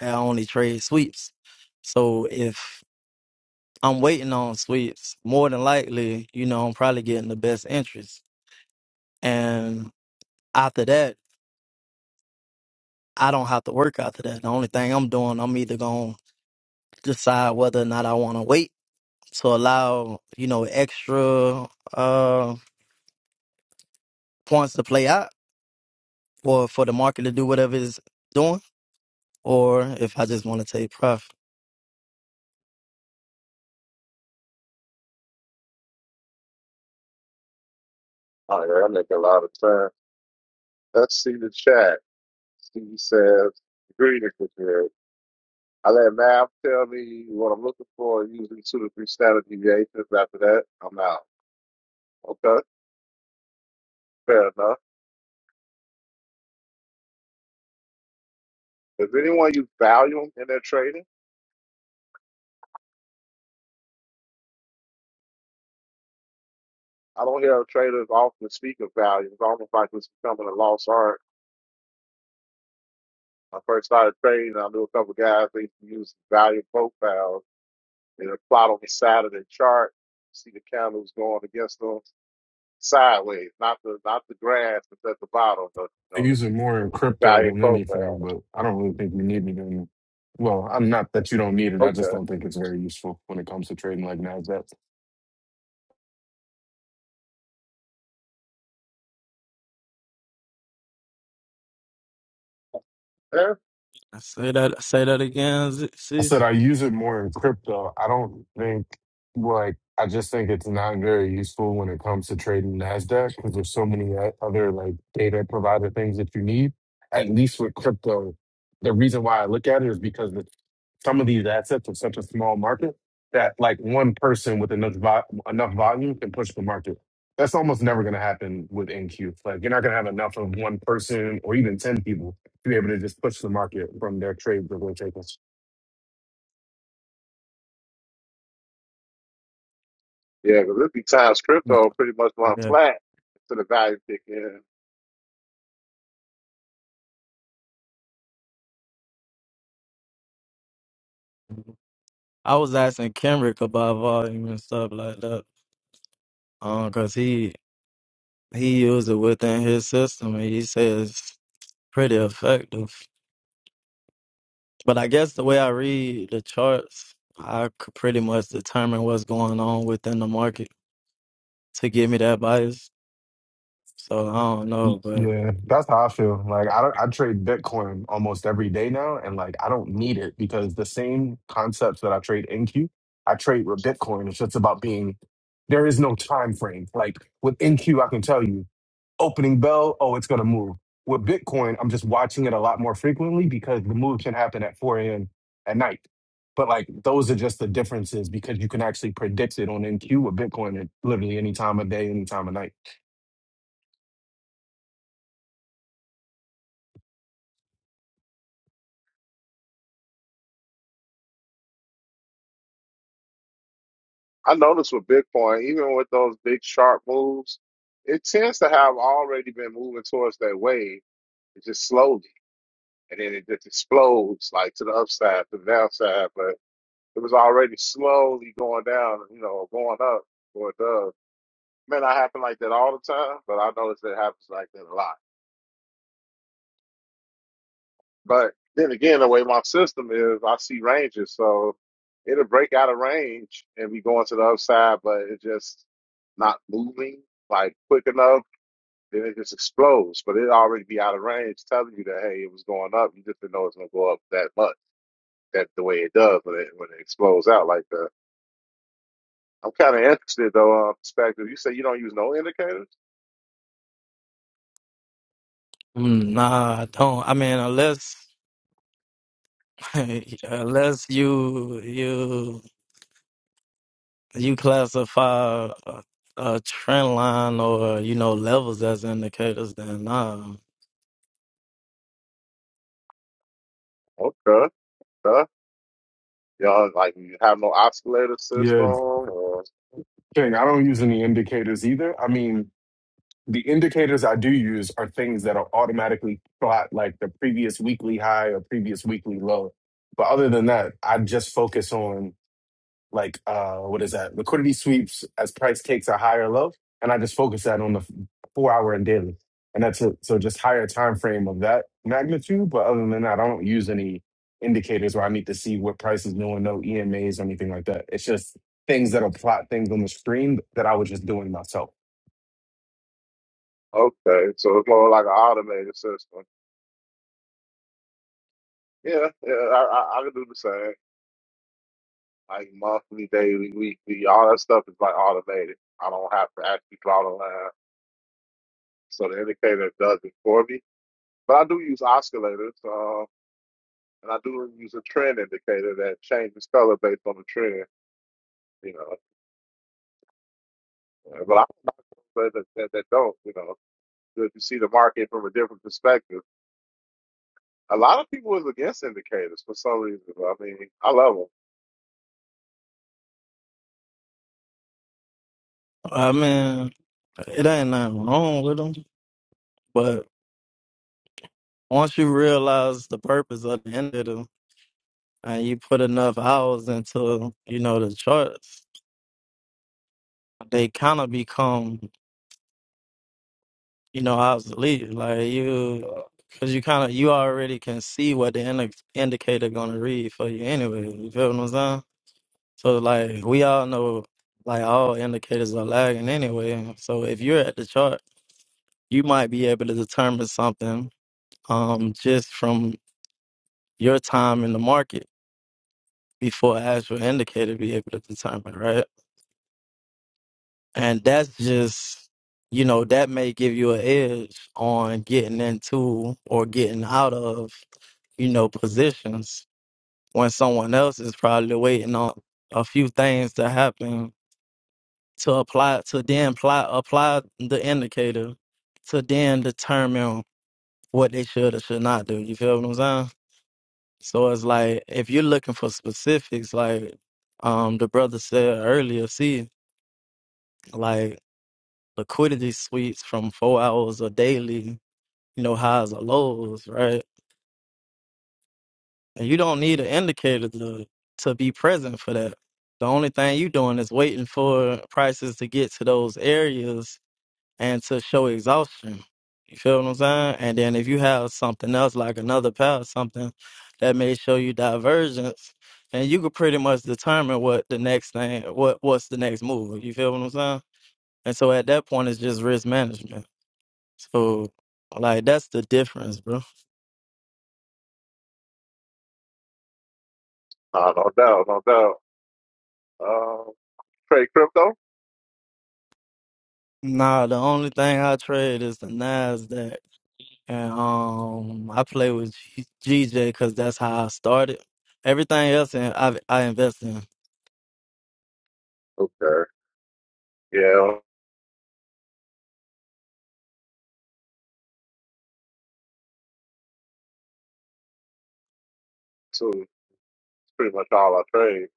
Speaker 3: I only trade sweeps. So if I'm waiting on sweeps, more than likely, you know, I'm probably getting the best interest. And after that, I don't have to work after that. The only thing I'm doing, I'm either going to decide whether or not I want to wait to allow, you know, extra uh, points to play out or for the market to do whatever it's doing, or if I just want to take profit.
Speaker 1: all right, I make a lot of time. Let's see the chat. Steve says, greetings with you. I let Mav tell me what I'm looking for, usually two to three standard deviations. After that, I'm out. Okay, fair enough. Does anyone use volume in their trading? I don't hear traders often speak of volume. It's almost like it's becoming a lost art. When I first started trading, I knew a couple guys, they used volume profiles and a plot on the side of the chart. See the candles going against them sideways, not the not the grass that's at the bottom, the you
Speaker 4: They
Speaker 1: know,
Speaker 4: use it more in
Speaker 1: the
Speaker 4: crypto
Speaker 1: value
Speaker 4: than anything,
Speaker 1: profile.
Speaker 4: but I don't really think you need it in. Well, I'm not that you don't need it. I just
Speaker 1: Okay.
Speaker 4: don't think it's very useful when it comes to trading like Nasdaq.
Speaker 1: Yeah,
Speaker 3: say that, say that again. Z-
Speaker 4: I
Speaker 3: See,
Speaker 4: said I use it more in crypto. I don't think like I just think it's not very useful when it comes to trading Nasdaq because there's so many o- other like data provider things that you need. At least with crypto, the reason why I look at it is because the some of these assets are such a small market that like one person with enough vo- enough volume can push the market. That's almost never going to happen with NQ. Like you're not going to have enough of one person or even ten people to be able to just push the market from their trades or rotations.
Speaker 1: yeah, because this be times
Speaker 3: yeah.
Speaker 1: crypto pretty much run
Speaker 3: Yeah.
Speaker 1: flat to the value kick in.
Speaker 3: I was asking Kendrick about volume and stuff like that, um, cause he he used it within his system and he says it's pretty effective. But I guess the way I read the charts, I could pretty much determine what's going on within the market to give me that bias. So I don't know, but
Speaker 4: Yeah, that's how I feel. Like I don't, I trade Bitcoin almost every day now, and like I don't need it because the same concepts that I trade in Q, I trade with Bitcoin. It's just about being. There is no time frame. Like with NQ, I can tell you opening bell, oh, it's going to move. With Bitcoin, I'm just watching it a lot more frequently because the move can happen at 4 a.m. at night. But like those are just the differences because you can actually predict it on NQ with Bitcoin at literally any time of day, any time of night.
Speaker 1: I noticed with Bitcoin, even with those big sharp moves, it tends to have already been moving towards that wave, it's just slowly. And then it just explodes like to the upside, to the downside. but. It was already slowly going down, you know, going up or it does. May not happen like that all the time, but I notice it happens like that a lot. But then again, the way my system is, I see ranges, so it'll break out of range and be going to the upside, but it just not moving like quick enough. Then it just explodes, but it already be out of range, telling you that hey, it was going up. You just didn't know it's gonna go up that much. That the way it does when it when it explodes out like that. I'm kind of interested though, uh, perspective. You say you don't use no indicators?
Speaker 3: mm, nah, I don't. I mean, unless unless you you you classify a, a trend line or you know levels as indicators, then nah.
Speaker 1: Okay, okay. Y'all like you have no oscillator system,
Speaker 4: Yeah,
Speaker 1: or
Speaker 4: King, I don't use any indicators either. I mean, the indicators I do use are things that are automatically plot like the previous weekly high or previous weekly low. But other than that, I just focus on like uh what is that liquidity sweeps as price takes are higher or low and i just focus that on the f- four hour and daily and that's it so just higher time frame of that magnitude but other than that i don't use any indicators where i need to see what price is doing no emas or anything like that it's just things that'll plot things on the screen that i was just doing myself
Speaker 1: okay, so it's more like an automated system. Yeah, yeah, I, I I can do the same. Like monthly, daily, weekly, all that stuff is like automated. I don't have to actually draw the line, so the indicator does it for me. But I do use oscillators, uh, and I do use a trend indicator that changes color based on the trend. You know, but I but that, that, that don't, you know. if you see the market from a different perspective. A lot of people was against indicators for some reason. I mean, I love them.
Speaker 3: I mean, it ain't nothing wrong with them, but once you realize the purpose of the indicator. and you put enough hours into you know the charts, they kind of become you know obsolete. Like you, because you kind of you already can see what the indi- indicator gonna read for you anyway. You feel what I'm saying? So like we all know like all indicators are lagging anyway. So if you're at the chart, you might be able to determine something um just from your time in the market before an actual indicator be able to determine, right? And that's just, you know, that may give you an edge on getting into or getting out of, you know, positions when someone else is probably waiting on a few things to happen to apply to then apply apply the indicator to then determine what they should or should not do. You feel what I'm saying? So it's like if you're looking for specifics, like um the brother said earlier, see, like liquidity sweeps from four hours or daily, you know, highs or lows, right? And you don't need an indicator to to be present for that. The only thing you doing is waiting for prices to get to those areas and to show exhaustion. You feel what I'm saying? And then if you have something else like another pair or something that may show you divergence, and you could pretty much determine what the next thing what what's the next move. You feel what I'm saying? And so at that point it's just risk management. So like that's the difference, bro.
Speaker 1: Uh, no doubt, no doubt. Uh, trade crypto?
Speaker 3: Nah, the only thing I trade is the Nasdaq, and um, I play with G- GJ because that's how I started. Everything else, in, I I invest in.
Speaker 1: Okay. Yeah, so it's pretty much all I trade.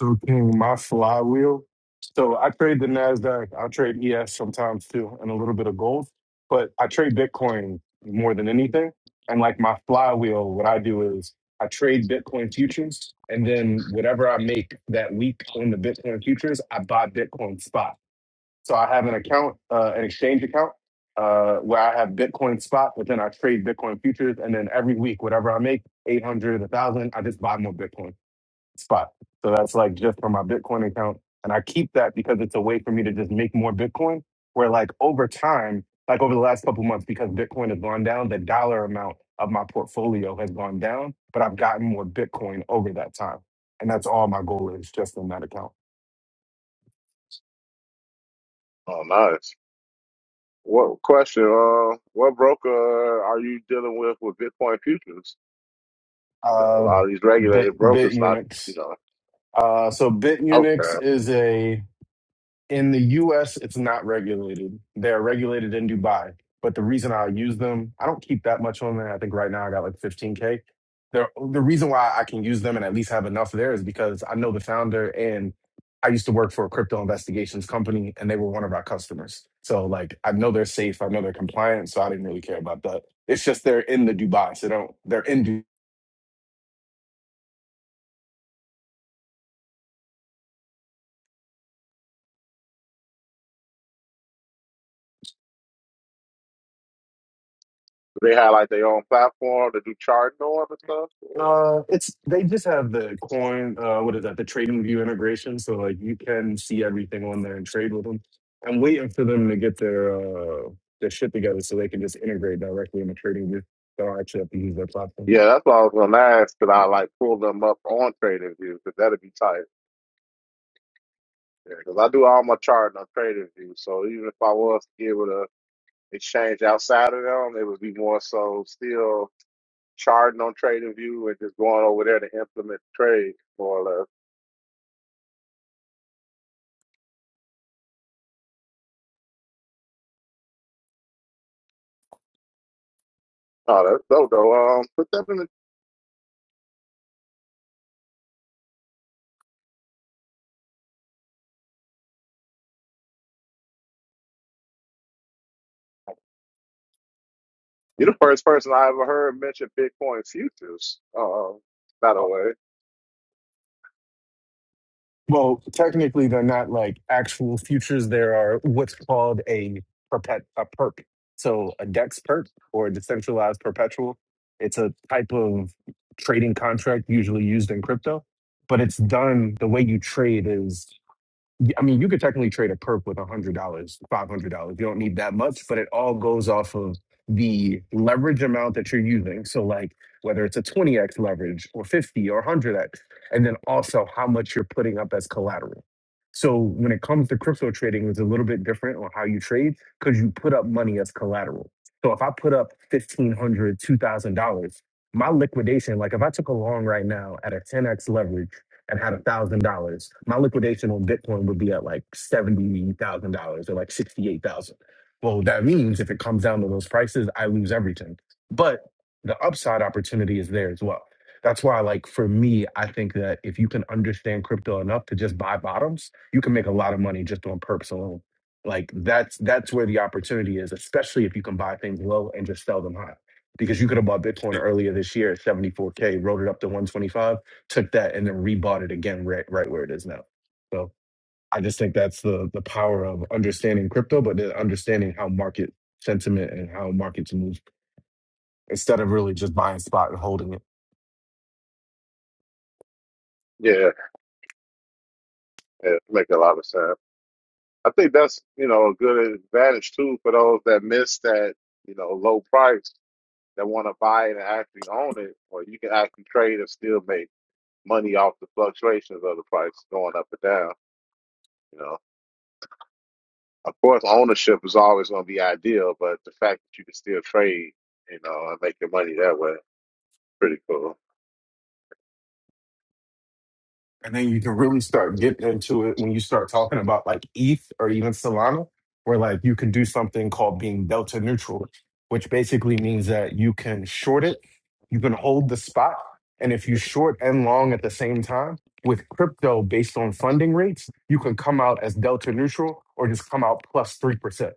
Speaker 4: So King, my flywheel. So I trade the Nasdaq. I trade ES sometimes too, and a little bit of gold. But I trade Bitcoin more than anything. And like my flywheel, what I do is I trade Bitcoin futures, and then whatever I make that week on the Bitcoin futures, I buy Bitcoin spot. So I have an account, uh, an exchange account, uh, where I have Bitcoin spot, but then I trade Bitcoin futures, and then every week, whatever I make, eight hundred, a thousand, I just buy more Bitcoin spot. So that's like just for my Bitcoin account. And I keep that because it's a way for me to just make more Bitcoin. Where like over time, like over the last couple months, because Bitcoin has gone down, the dollar amount of my portfolio has gone down, but I've gotten more Bitcoin over that time. And that's all my goal is just in that account.
Speaker 1: Oh, nice. What question? Uh, what broker are you dealing with with Bitcoin futures? You know, a
Speaker 4: Uh,
Speaker 1: lot of these
Speaker 4: Bit,
Speaker 1: regulated
Speaker 4: Bit
Speaker 1: brokers not, you
Speaker 4: Unix.
Speaker 1: know.
Speaker 4: Uh, so Bit
Speaker 1: Okay.
Speaker 4: Unix is a In the US, it's not regulated. They're regulated in Dubai. But the reason I use them, I don't keep that much on there. I think right now I got like 15K. The, the reason why I can use them and at least have enough there is because I know the founder and I used to work for a crypto investigations company and they were one of our customers. So like I know they're safe, I know they're compliant, so I didn't really care about that. It's just they're in the Dubai, so they don't they're in Dubai
Speaker 1: Do they have like their own platform to do charting on and stuff? Or?
Speaker 4: Uh, it's they just have the coin. Uh, what is that? The trading view integration, so like you can see everything on there and trade with them. I'm waiting for them to get their uh their shit together so they can just integrate directly into trading view. So I actually have to use their platform.
Speaker 1: Yeah, that's what I was gonna ask. Could I like pull them up on TradingView? Because that'd be tight. Because I do all my charting on TradingView, so even if I was to be able to exchange outside of them, it would be more so still charting on TradingView and just going over there to implement the trade more or less. Oh, that's dope though. Um, put that in the. You're the first person I ever heard mention Bitcoin futures. Uh, by the way,
Speaker 4: Well, technically, they're not like actual futures. There are what's called a perpet a perp. So a DEX perp or a decentralized perpetual. It's a type of trading contract usually used in crypto, but it's done the way you trade is y- I mean, you could technically trade a perp with $100, $500. You don't need that much, but it all goes off of the leverage amount that you're using. So, like, whether it's a 20x leverage or 50 or 100x, and then also how much you're putting up as collateral. So, when it comes to crypto trading, it's a little bit different on how you trade because you put up money as collateral. So, if I put up fifteen hundred, two thousand dollars my liquidation, like if I took a long right now at a 10x leverage, and had a thousand dollars, my liquidation on Bitcoin would be at like seventy thousand dollars or like sixty eight thousand. Well, that means if it comes down to those prices, I lose everything. But the upside opportunity is there as well. That's why, like for me, I think that if you can understand crypto enough to just buy bottoms, you can make a lot of money just on perps alone. Like that's that's where the opportunity is, especially if you can buy things low and just sell them high. Because you could have bought Bitcoin earlier this year at 74K, rode it up to 125 took that and then rebought it again right right where it is now. So I just think that's the the power of understanding crypto, but then understanding how market sentiment and how markets move instead of really just buying spot and holding it.
Speaker 1: yeah, yeah, make a lot of sense. I think that's you know a good advantage too for those that miss that you know low price that want to buy it and actually own it, or you can actually trade and still make money off the fluctuations of the price going up and down. You know, of course, ownership is always going to be ideal, but the fact that you can still trade, you know, and make your money that way, pretty cool.
Speaker 4: And then you can really start getting into it when you start talking about like ETH or even Solana, where like you can do something called being delta neutral, which basically means that you can short it, you can hold the spot. And if you short and long at the same time with crypto based on funding rates, you can come out as delta neutral or just come out 3%.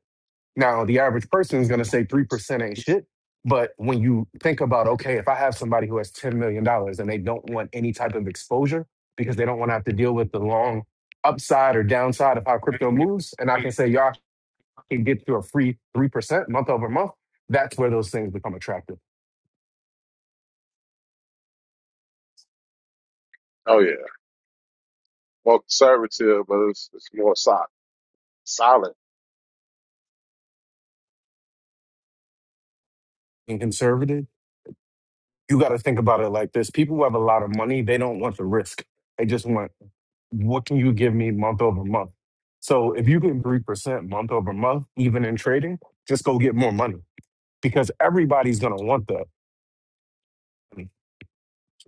Speaker 4: Now, the average person is going to say 3% ain't shit. But when you think about, okay, if I have somebody who has $10 million dollars and they don't want any type of exposure because they don't want to have to deal with the long upside or downside of how crypto moves, and I can say, y'all can get to a free 3% month over month, that's where those things become attractive.
Speaker 1: Oh yeah, more conservative, but it's, it's more solid. Solid,
Speaker 4: And conservative, you got to think about it like this people who have a lot of money, they don't want the risk. They just want what can you give me month over month? So if you get 3% month over month, even in trading, just go get more money because everybody's going to want that.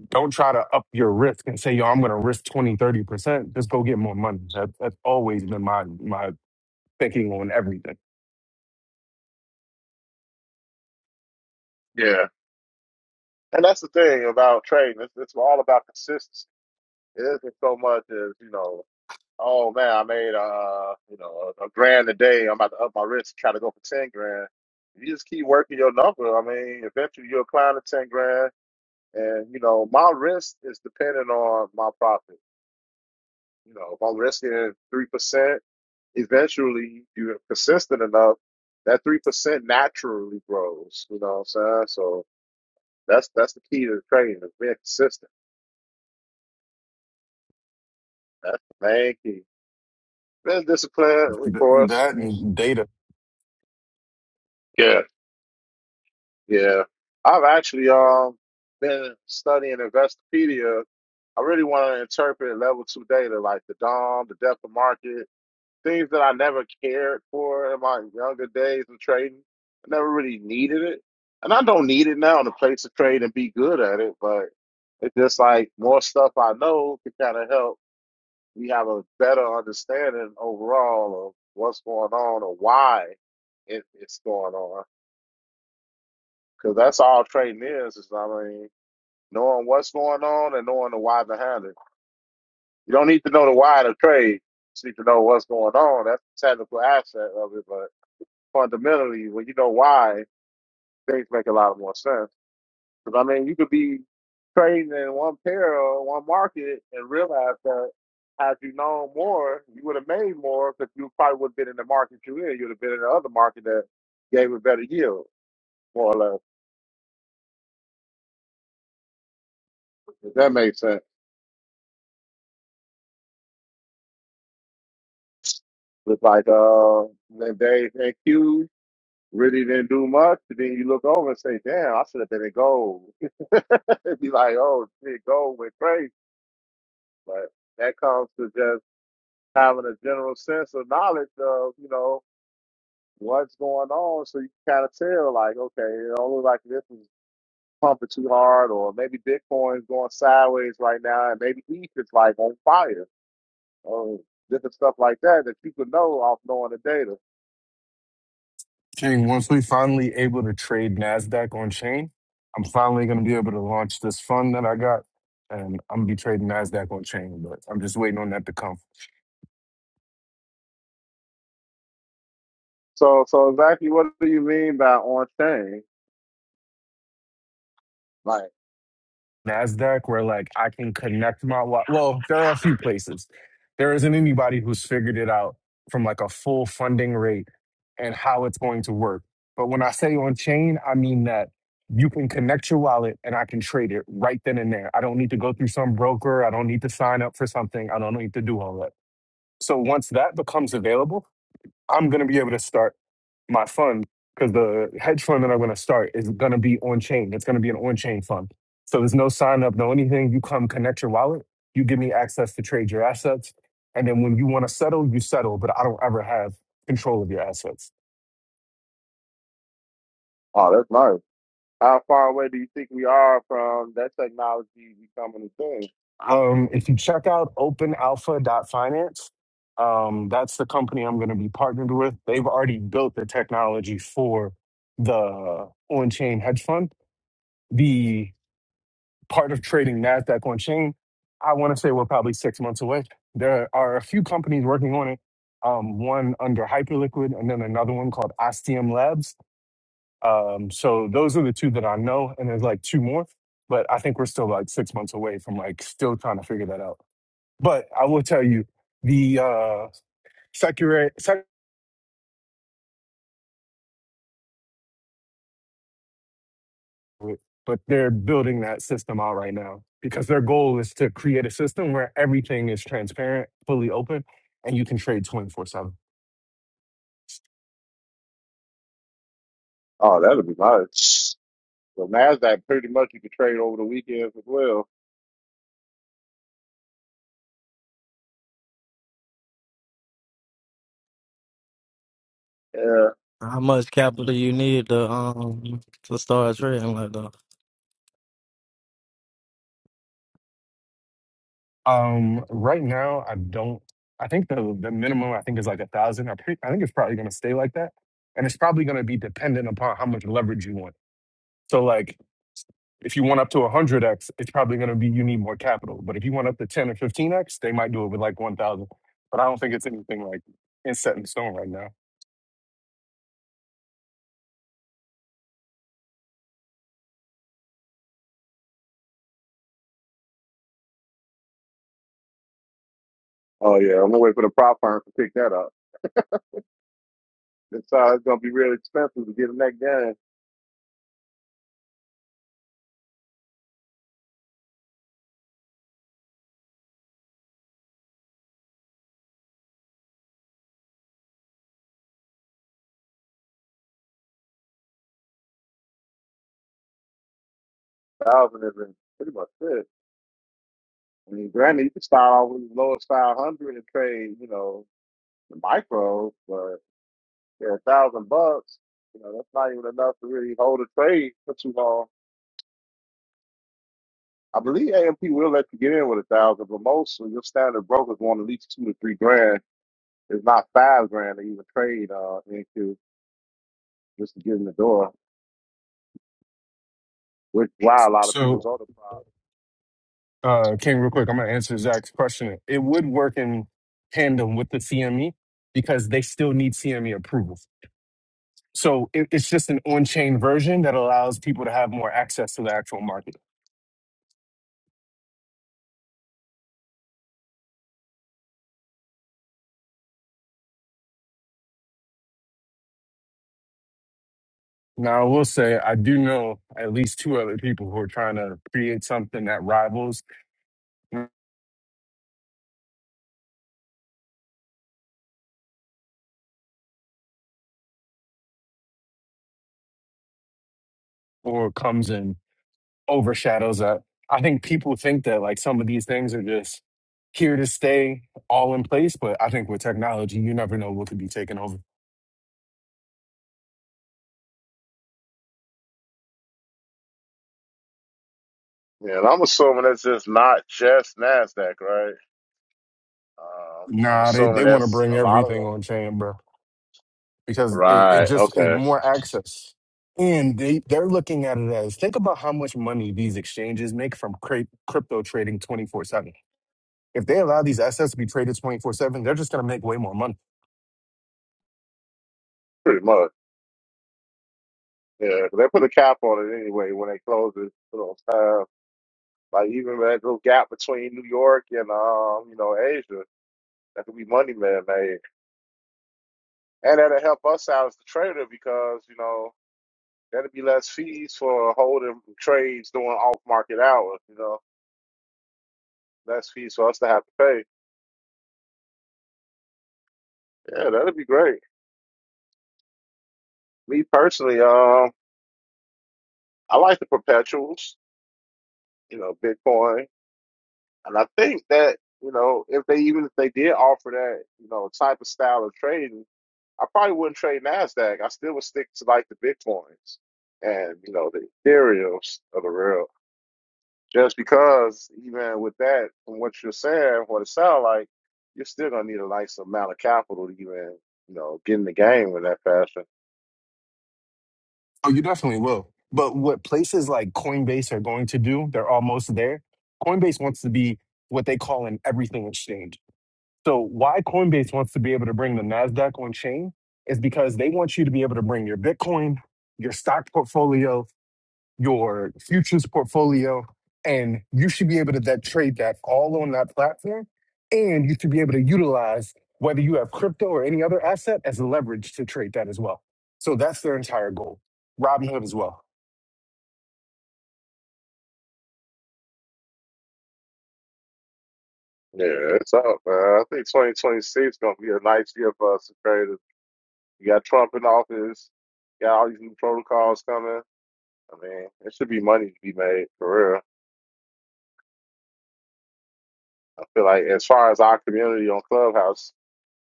Speaker 4: Don't try to up your risk and say, yo, I'm going to risk twenty, thirty percent Just go get more money. That, that's always been my, my thinking on everything.
Speaker 1: yeah. And that's the thing about trading. It's, it's all about consistency. It isn't so much as you know Oh man, I made uh, you know, a, a grand a day. I'm about to up my risk, try to go for ten grand. You just keep working your number. I mean, eventually you'll climb to ten grand. And you know, my risk is dependent on my profit. You know, if I'm risking three percent, eventually you're consistent enough, that three percent naturally grows. You know what I'm saying? So that's that's the key to trading is being consistent. That's the main key. Being disciplined, of
Speaker 4: Th-
Speaker 1: course.
Speaker 4: that and data.
Speaker 1: Yeah. Yeah, I've actually um been studying Investopedia. I really want to interpret level two data, like the DOM, the depth of market, things that I never cared for in my younger days of trading. I never really needed it, and I don't need it now to place a trade and be good at it. But it's just like more stuff I know can kind of help me have a better understanding overall of what's going on or why it, it's going on. Because that's all trading is, is I mean, knowing what's going on and knowing the why behind it. You don't need to know the why to trade. You need to know what's going on. That's the technical aspect of it. But fundamentally, when you know why, things make a lot more sense. Because, I mean, you could be trading in one pair or one market and realize that had you known more, you would have made more because you probably would have been in the market you're in. You would have been in the other market that gave a better yield, more or less. If that makes sense. Looked like uh, then they thank you. Really didn't do much. And then you look over and say, "Damn, I should have been in gold." It'd be like, "Oh, shit, gold went crazy." But that comes to just having a general sense of knowledge of you know what's going on, so you can kind of tell, like, okay, it don't look like this is pumping too hard, or maybe Bitcoin's going sideways right now, and maybe ETH is like on fire, or different stuff like that that you could know off knowing the data.
Speaker 4: King, once we finally able to trade NASDAQ on chain, I'm finally going to be able to launch this fund that I got and I'm going to be trading NASDAQ on chain, but I'm just waiting on that to come.
Speaker 1: So, so exactly what do you mean by on chain? Like,
Speaker 4: Nasdaq where like I can connect my wa- well, there are a few places. There isn't anybody who's figured it out from like a full funding rate and how it's going to work. But when I say on chain, I mean that you can connect your wallet and I can trade it right then and there. I don't need to go through some broker. I don't need to sign up for something. I don't need to do all that. So once that becomes available, I'm going to be able to start my fund because the hedge fund that I'm going to start is going to be on chain. It's going to be an on chain fund. So there's no sign up, no anything. You come connect your wallet, you give me access to trade your assets. And then when you want to settle, you settle, but I don't ever have control of your assets.
Speaker 1: oh, that's nice. How far away do you think we are from that technology becoming a thing?
Speaker 4: Um, if you check out openalpha.finance, um, that's the company I'm going to be partnered with. They've already built the technology for the on chain hedge fund. The part of trading NASDAQ on chain, I want to say we're probably six months away. There are a few companies working on it, um, one under Hyperliquid and then another one called Ostium Labs. Um, so those are the two that I know, and there's like two more, but I think we're still like six months away from like still trying to figure that out. But I will tell you, the uh, with, but they're building that system out right now because their goal is to create a system where everything is transparent, fully open, and you can trade 24 7.
Speaker 1: Oh, that would be nice. Well, Nasdaq pretty much you could trade over the weekends as well. Yeah.
Speaker 3: How much capital you need to um to start trading like that?
Speaker 4: Um, right now, I don't, I think the, the minimum I think is like a thousand. I, pre- I think it's probably going to stay like that. And it's probably going to be dependent upon how much leverage you want. So like if you went up to 100x, it's probably going to be you need more capital. But if you went up to 10 or 15x, they might do it with like 1,000. But I don't think it's anything like it's set in stone right now.
Speaker 1: Oh yeah. I'm gonna wait for the prop firm to pick that up. It's uh, it's gonna be real expensive to get in that game. Thousand is pretty much it. I mean, granted, you can start off with the lowest five hundred and trade, you know, the micro, but. Yeah, a thousand bucks. You know, that's not even enough to really hold a trade for too long. I believe AMP will let you get in with a thousand, but most of your standard brokers want at least two to three grand. It's not five grand to even trade uh into just to get in the door, which why a lot of people's
Speaker 4: So,
Speaker 1: other prop.
Speaker 4: uh, King, real quick, I'm going to answer Zach's question. It would work in tandem with the CME because they still need CME approval. So it, it's just an on chain version that allows people to have more access to the actual market. Now, I will say, I do know at least two other people who are trying to create something that rivals or comes and overshadows that. I think people think that like some of these things are just here to stay all in place, but I think with technology, you never know what could be taken over.
Speaker 1: Yeah, and I'm assuming that's just not just Nasdaq, right? Uh, I'm
Speaker 4: Nah, they,
Speaker 1: assuming
Speaker 4: they want to
Speaker 1: that's
Speaker 4: bring
Speaker 1: a lot of
Speaker 4: everything
Speaker 1: them.
Speaker 4: on chain, bro, because it, it
Speaker 1: Right.
Speaker 4: just is
Speaker 1: Okay.
Speaker 4: more access. And they, they're looking at it as think about how much money these exchanges make from cra- crypto trading 24 7. If they allow these assets to be traded 24 7, they're just going to make way more money
Speaker 1: Pretty much. Yeah, 'cause they put a cap on it anyway when they close it. Like even that little gap between New York and um, you know, Asia, that could be money man made. And that'll help us out as the trader because, you know, that'll be less fees for holding trades during off market hours, you know, less fees for us to have to pay. Yeah, that'd be great. Me personally, um, I like the perpetuals, you know, Bitcoin. And I think that, you know, if they even if they did offer that, you know, type of style of trading I probably wouldn't trade Nasdaq. I still would stick to like the Bitcoins and you know the Ethereums of the real. Just because even with that, from what you're saying, what it sounds like, you're still gonna need a nice amount of capital to even you know get in the game in that fashion.
Speaker 4: Oh, you definitely will. But what places like Coinbase are going to do, they're almost there. Coinbase wants to be what they call an everything exchange. So, why Coinbase wants to be able to bring the NASDAQ on chain is because they want you to be able to bring your Bitcoin, your stock portfolio, your futures portfolio, and you should be able to that trade that all on that platform. And you should be able to utilize whether you have crypto or any other asset as leverage to trade that as well. So that's their entire goal. Robinhood as well.
Speaker 1: Yeah, it's up, man. I think 2026 is gonna be a nice year for us as traders. You got Trump in office. You got all these new protocols coming. I mean, it should be money to be made for real. I feel like as far as our community on Clubhouse.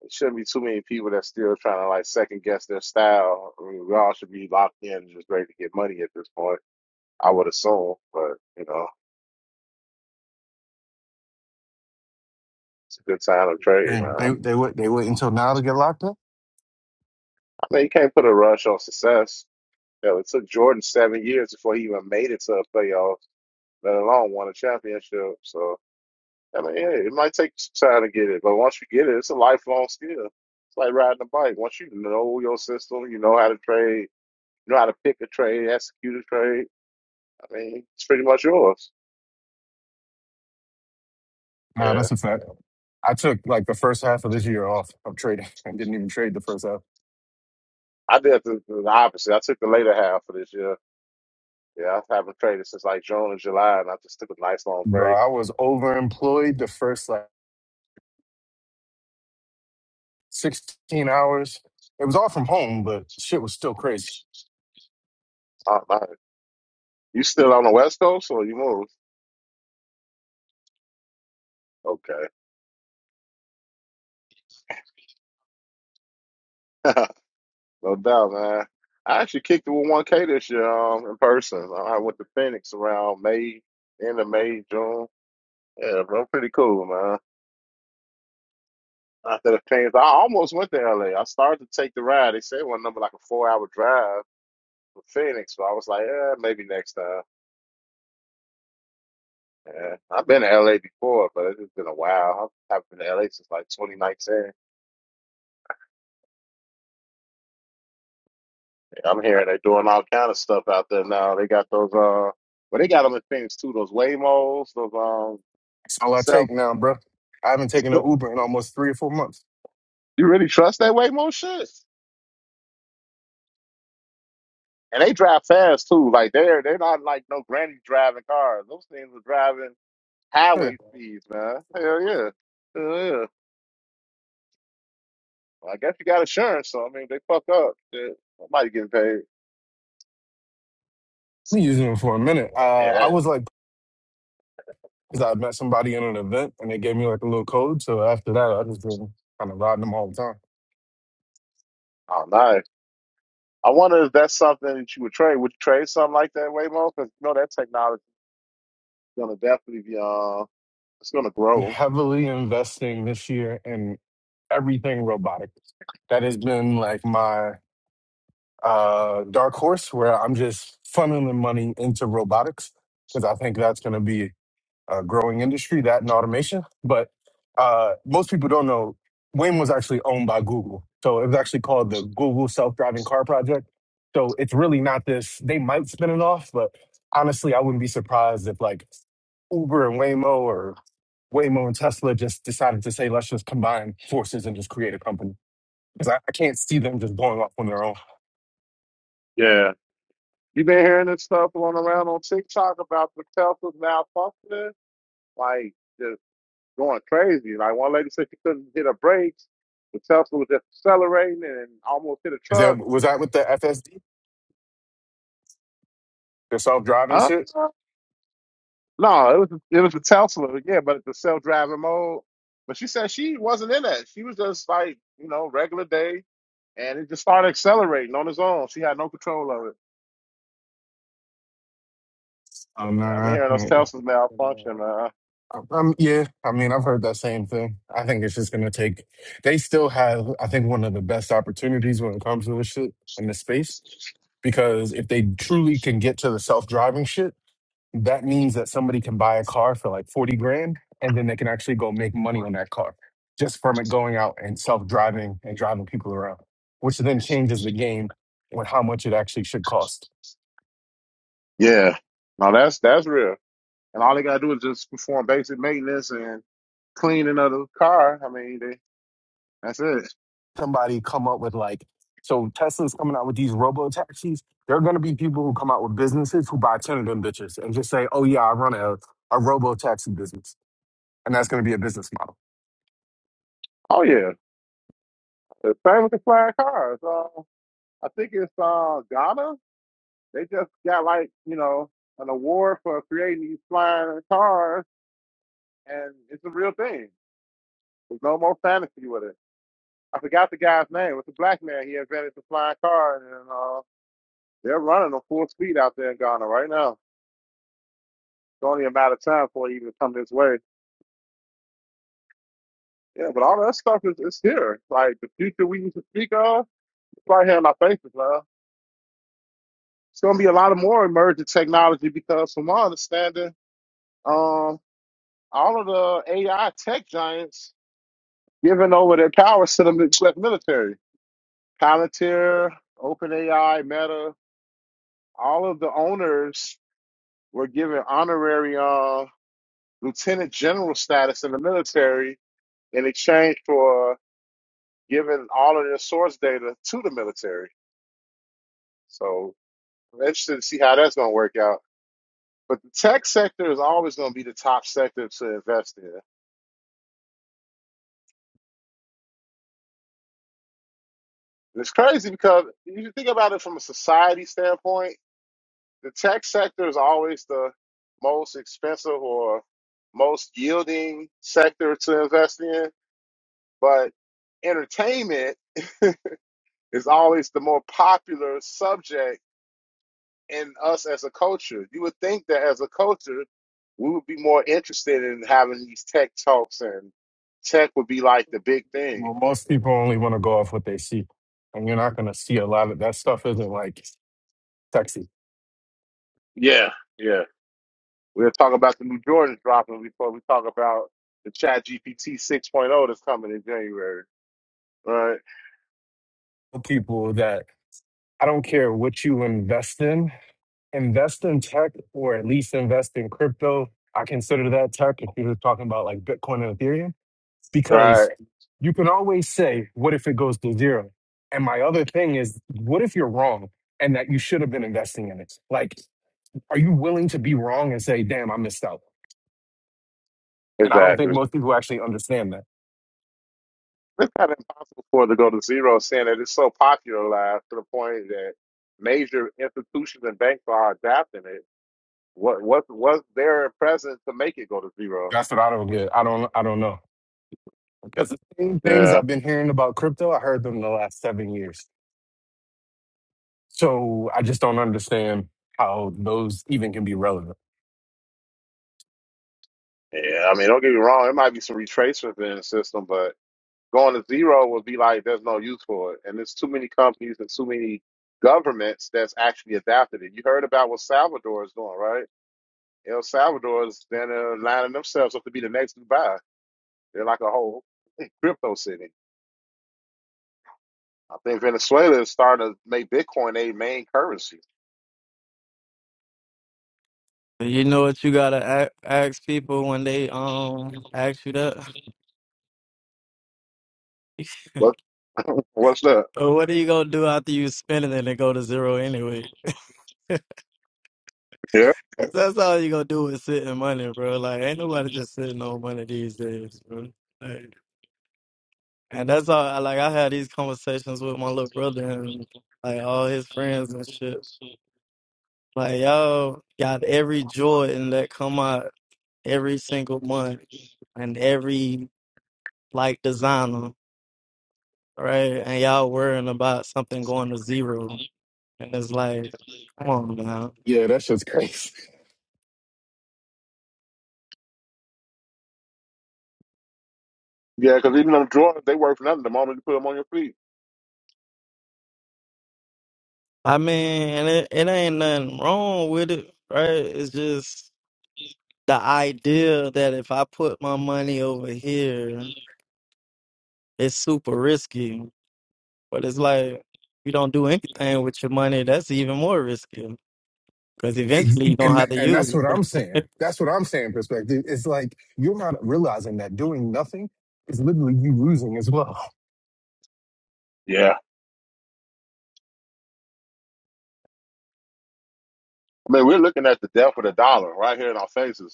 Speaker 1: It shouldn't be too many people that's still trying to like second guess their style. I mean, we all should be locked in, and just ready to get money at this point. I would assume, but you know, it's a good time to trade,
Speaker 4: And they
Speaker 1: man.
Speaker 4: they wait they wait until now to get locked up.
Speaker 1: I mean, you can't put a rush on success. Hell, it took Jordan seven years before he even made it to a playoff, let alone won a championship. So, I mean, yeah, it might take some time to get it, but once you get it, it's a lifelong skill. It's like riding a bike. Once you know your system, you know how to trade, you know how to pick a trade, execute a trade. I mean, it's pretty much yours.
Speaker 4: Nah,
Speaker 1: Yeah,
Speaker 4: that's a fact. I took like the first half of this year off of trading. I didn't even trade the first half.
Speaker 1: I did the, the opposite. I took the later half of this year. Yeah, I haven't traded since like June and July, and I just took a nice long
Speaker 4: Bro,
Speaker 1: break.
Speaker 4: I was overemployed the first like 16 hours. It was all from home, but shit was still crazy.
Speaker 1: Oh, man. You still on the West Coast or you moved? Okay, no doubt, man. I actually kicked it with 1K this year um, in person. I went to Phoenix around May, end of May, June. Yeah, bro, pretty cool, man. After the Phoenix, I almost went to LA. I started to take the ride. They said one number like a four hour drive from Phoenix, but I was like, eh, maybe next time. Yeah, I've been to LA before, but it's been a while. I've I've been to LA since like 2019. I'm hearing they're doing all kind of stuff out there now. They got those, uh, well, they got them in Phoenix too. Those Waymos, those um,
Speaker 4: That's all I
Speaker 1: self.
Speaker 4: take now, bro. I haven't taken an Uber in almost three or four months.
Speaker 1: You really trust that Waymo shit? And they drive fast too. Like they're they're not like no granny driving cars. Those things are driving
Speaker 4: Yeah.
Speaker 1: highway speeds, man. Hell yeah, hell yeah. Well, I guess you got insurance, so I mean, they fuck up. Shit, somebody getting paid.
Speaker 4: We using it for a minute. Uh,
Speaker 1: Yeah,
Speaker 4: I
Speaker 1: that,
Speaker 4: was like, because I met somebody in an event and they gave me like a little code. So after that, I just been kind of riding them all the time.
Speaker 1: I don't know. I wonder if that's something that you would trade. Would you trade something like that, Waymo? Because you know that technology is gonna definitely be uh it's gonna
Speaker 4: And
Speaker 1: grow.
Speaker 4: heavily investing this year in everything robotic. That has been like my uh, dark horse where I'm just funneling money into robotics because I think that's going to be uh, growing industry, that and automation. But uh, most people don't know Waymo was actually owned by Google. So it was actually called the Google Self Driving Car Project. So it's really not this, they might spin it off, but honestly, I wouldn't be surprised if like Uber and Waymo or Waymo and Tesla just decided to say, let's just combine forces and just create a company. Because I, I can't see them just going off on their own.
Speaker 1: Yeah. You been hearing this stuff going around on TikTok about the Tesla's malfunctioning? Like just going crazy. Like one lady said she couldn't hit her brakes. The Tesla was just accelerating and almost hit a
Speaker 4: Is that
Speaker 1: truck.
Speaker 4: was that with the FSD, the self driving
Speaker 1: Huh?
Speaker 4: shit?
Speaker 1: No, it was it was the Tesla, yeah, but the self driving mode. But she said she wasn't in that. She was just like, you know, regular day and it just started accelerating on its own. She had no control of it.
Speaker 4: Um,
Speaker 1: Yeah, I've been hearing those Teslas
Speaker 4: nah.
Speaker 1: malfunction. Uh,
Speaker 4: Um, yeah, I mean, I've heard that same thing. I think it's just gonna take. They still have, I think, one of the best opportunities when it comes to this shit in this space because if they truly can get to the self-driving shit, that means that somebody can buy a car for like forty grand, and then they can actually go make money on that car just from it going out and self-driving and driving people around, which then changes the game on how much it actually should cost.
Speaker 1: yeah, no, that's that's real. And all they gotta do is just perform basic maintenance and clean another car. I mean, they, that's it.
Speaker 4: somebody come up with like so Tesla's coming out with these robo taxis. There are going to be people who come out with businesses who buy ten of them bitches and just say, "Oh yeah, I run a a robo taxi business," and that's going to be a business model.
Speaker 1: Oh yeah, the same with the flying cars. Uh, I think it's uh, Ghana. They just got like you know an award for creating these flying cars, and it's a real thing. There's no more fantasy with it. I forgot the guy's name. It's a black man. He invented the flying car, and uh. They're running on full speed out there in Ghana right now. It's only a matter of time before it even to come this way. Yeah, but all that stuff is, is here. Like the future we need to speak of, it's right here in our faces, man. It's gonna be a lot of more emerging technology because from my understanding, um, all of the AI tech giants giving over their powers to the mil- to the military. Palantir, OpenAI, Meta, all of the owners were given honorary uh, lieutenant general status in the military in exchange for giving all of their source data to the military. So I'm interested to see how that's going to work out. But the tech sector is always going to be the top sector to invest in. And it's crazy because if you think about it from a society standpoint, the tech sector is always the most expensive or most yielding sector to invest in. But entertainment is always the more popular subject in us as a culture. You would think that as a culture, we would be more interested in having these tech talks, and tech would be like the big thing.
Speaker 4: Well, most people only want to go off what they see, and you're not going to see a lot of that stuff. Isn't like sexy
Speaker 1: Yeah, yeah. We'll talk about the new Jordans dropping before we talk about the Chat GPT 6.0 that's coming in January. Right,
Speaker 4: people that I don't care what you invest in. invest in tech or at least invest in crypto. I consider that tech if you're talking about like Bitcoin and Ethereum,
Speaker 1: right,
Speaker 4: because you can always say, what if it goes to zero? And my other thing is, what if you're wrong and that you should have been investing in it? Like, are you willing to be wrong and say, damn, I missed out? And I don't think
Speaker 1: exactly.
Speaker 4: most people actually understand that.
Speaker 1: It's kind of impossible for it to go to zero, saying that it's so popularized to the point that major institutions and banks are adapting it. What what was there present to make it go to zero?
Speaker 4: That's what I don't get. I don't I don't know. Because the same things
Speaker 1: Yeah.
Speaker 4: I've been hearing about crypto, I heard them the last seven years. So I just don't understand how those even can be relevant.
Speaker 1: Yeah, I mean, don't get me wrong. It might be some retracement in the system, but going to zero would be like there's no use for it, and there's too many companies and too many governments that's actually adapted it. You heard about what Salvador is doing, right? El Salvador is then uh, lining themselves up to be the next Dubai. They're like a whole crypto city. I think Venezuela is starting to make Bitcoin a main currency.
Speaker 3: You know what you gotta a- ask people when they um ask you that.
Speaker 1: What? What's that?
Speaker 3: But What are you gonna do after you spend it and it go to zero anyway?
Speaker 1: Yeah,
Speaker 3: That's all you gonna do is sit in money, bro. Like ain't nobody just sitting on money these days, bro. Like, and that's all. I- Like I had these conversations with my little brother and like all his friends and shit. Like y'all got every Jordan that come out every single month and every like designer, right? And y'all worrying about something going to zero, and it's like, come on now.
Speaker 4: Yeah, that's just crazy.
Speaker 1: yeah, because even them drawers, they worth nothing the moment you put them on your feet.
Speaker 3: I mean, and it, it ain't nothing wrong with it, right? It's just the idea that if I put my money over here, it's super risky. But it's like you don't do anything with your money, that's even more risky because
Speaker 4: Ex-
Speaker 3: eventually you don't
Speaker 4: And
Speaker 3: have to
Speaker 4: and
Speaker 3: use
Speaker 4: that's
Speaker 3: it.
Speaker 4: what I'm saying. That's what I'm saying. Perspective. It's like you're not realizing that doing nothing is literally you losing as well.
Speaker 1: Yeah, I mean, we're looking at the death of the dollar right here in our faces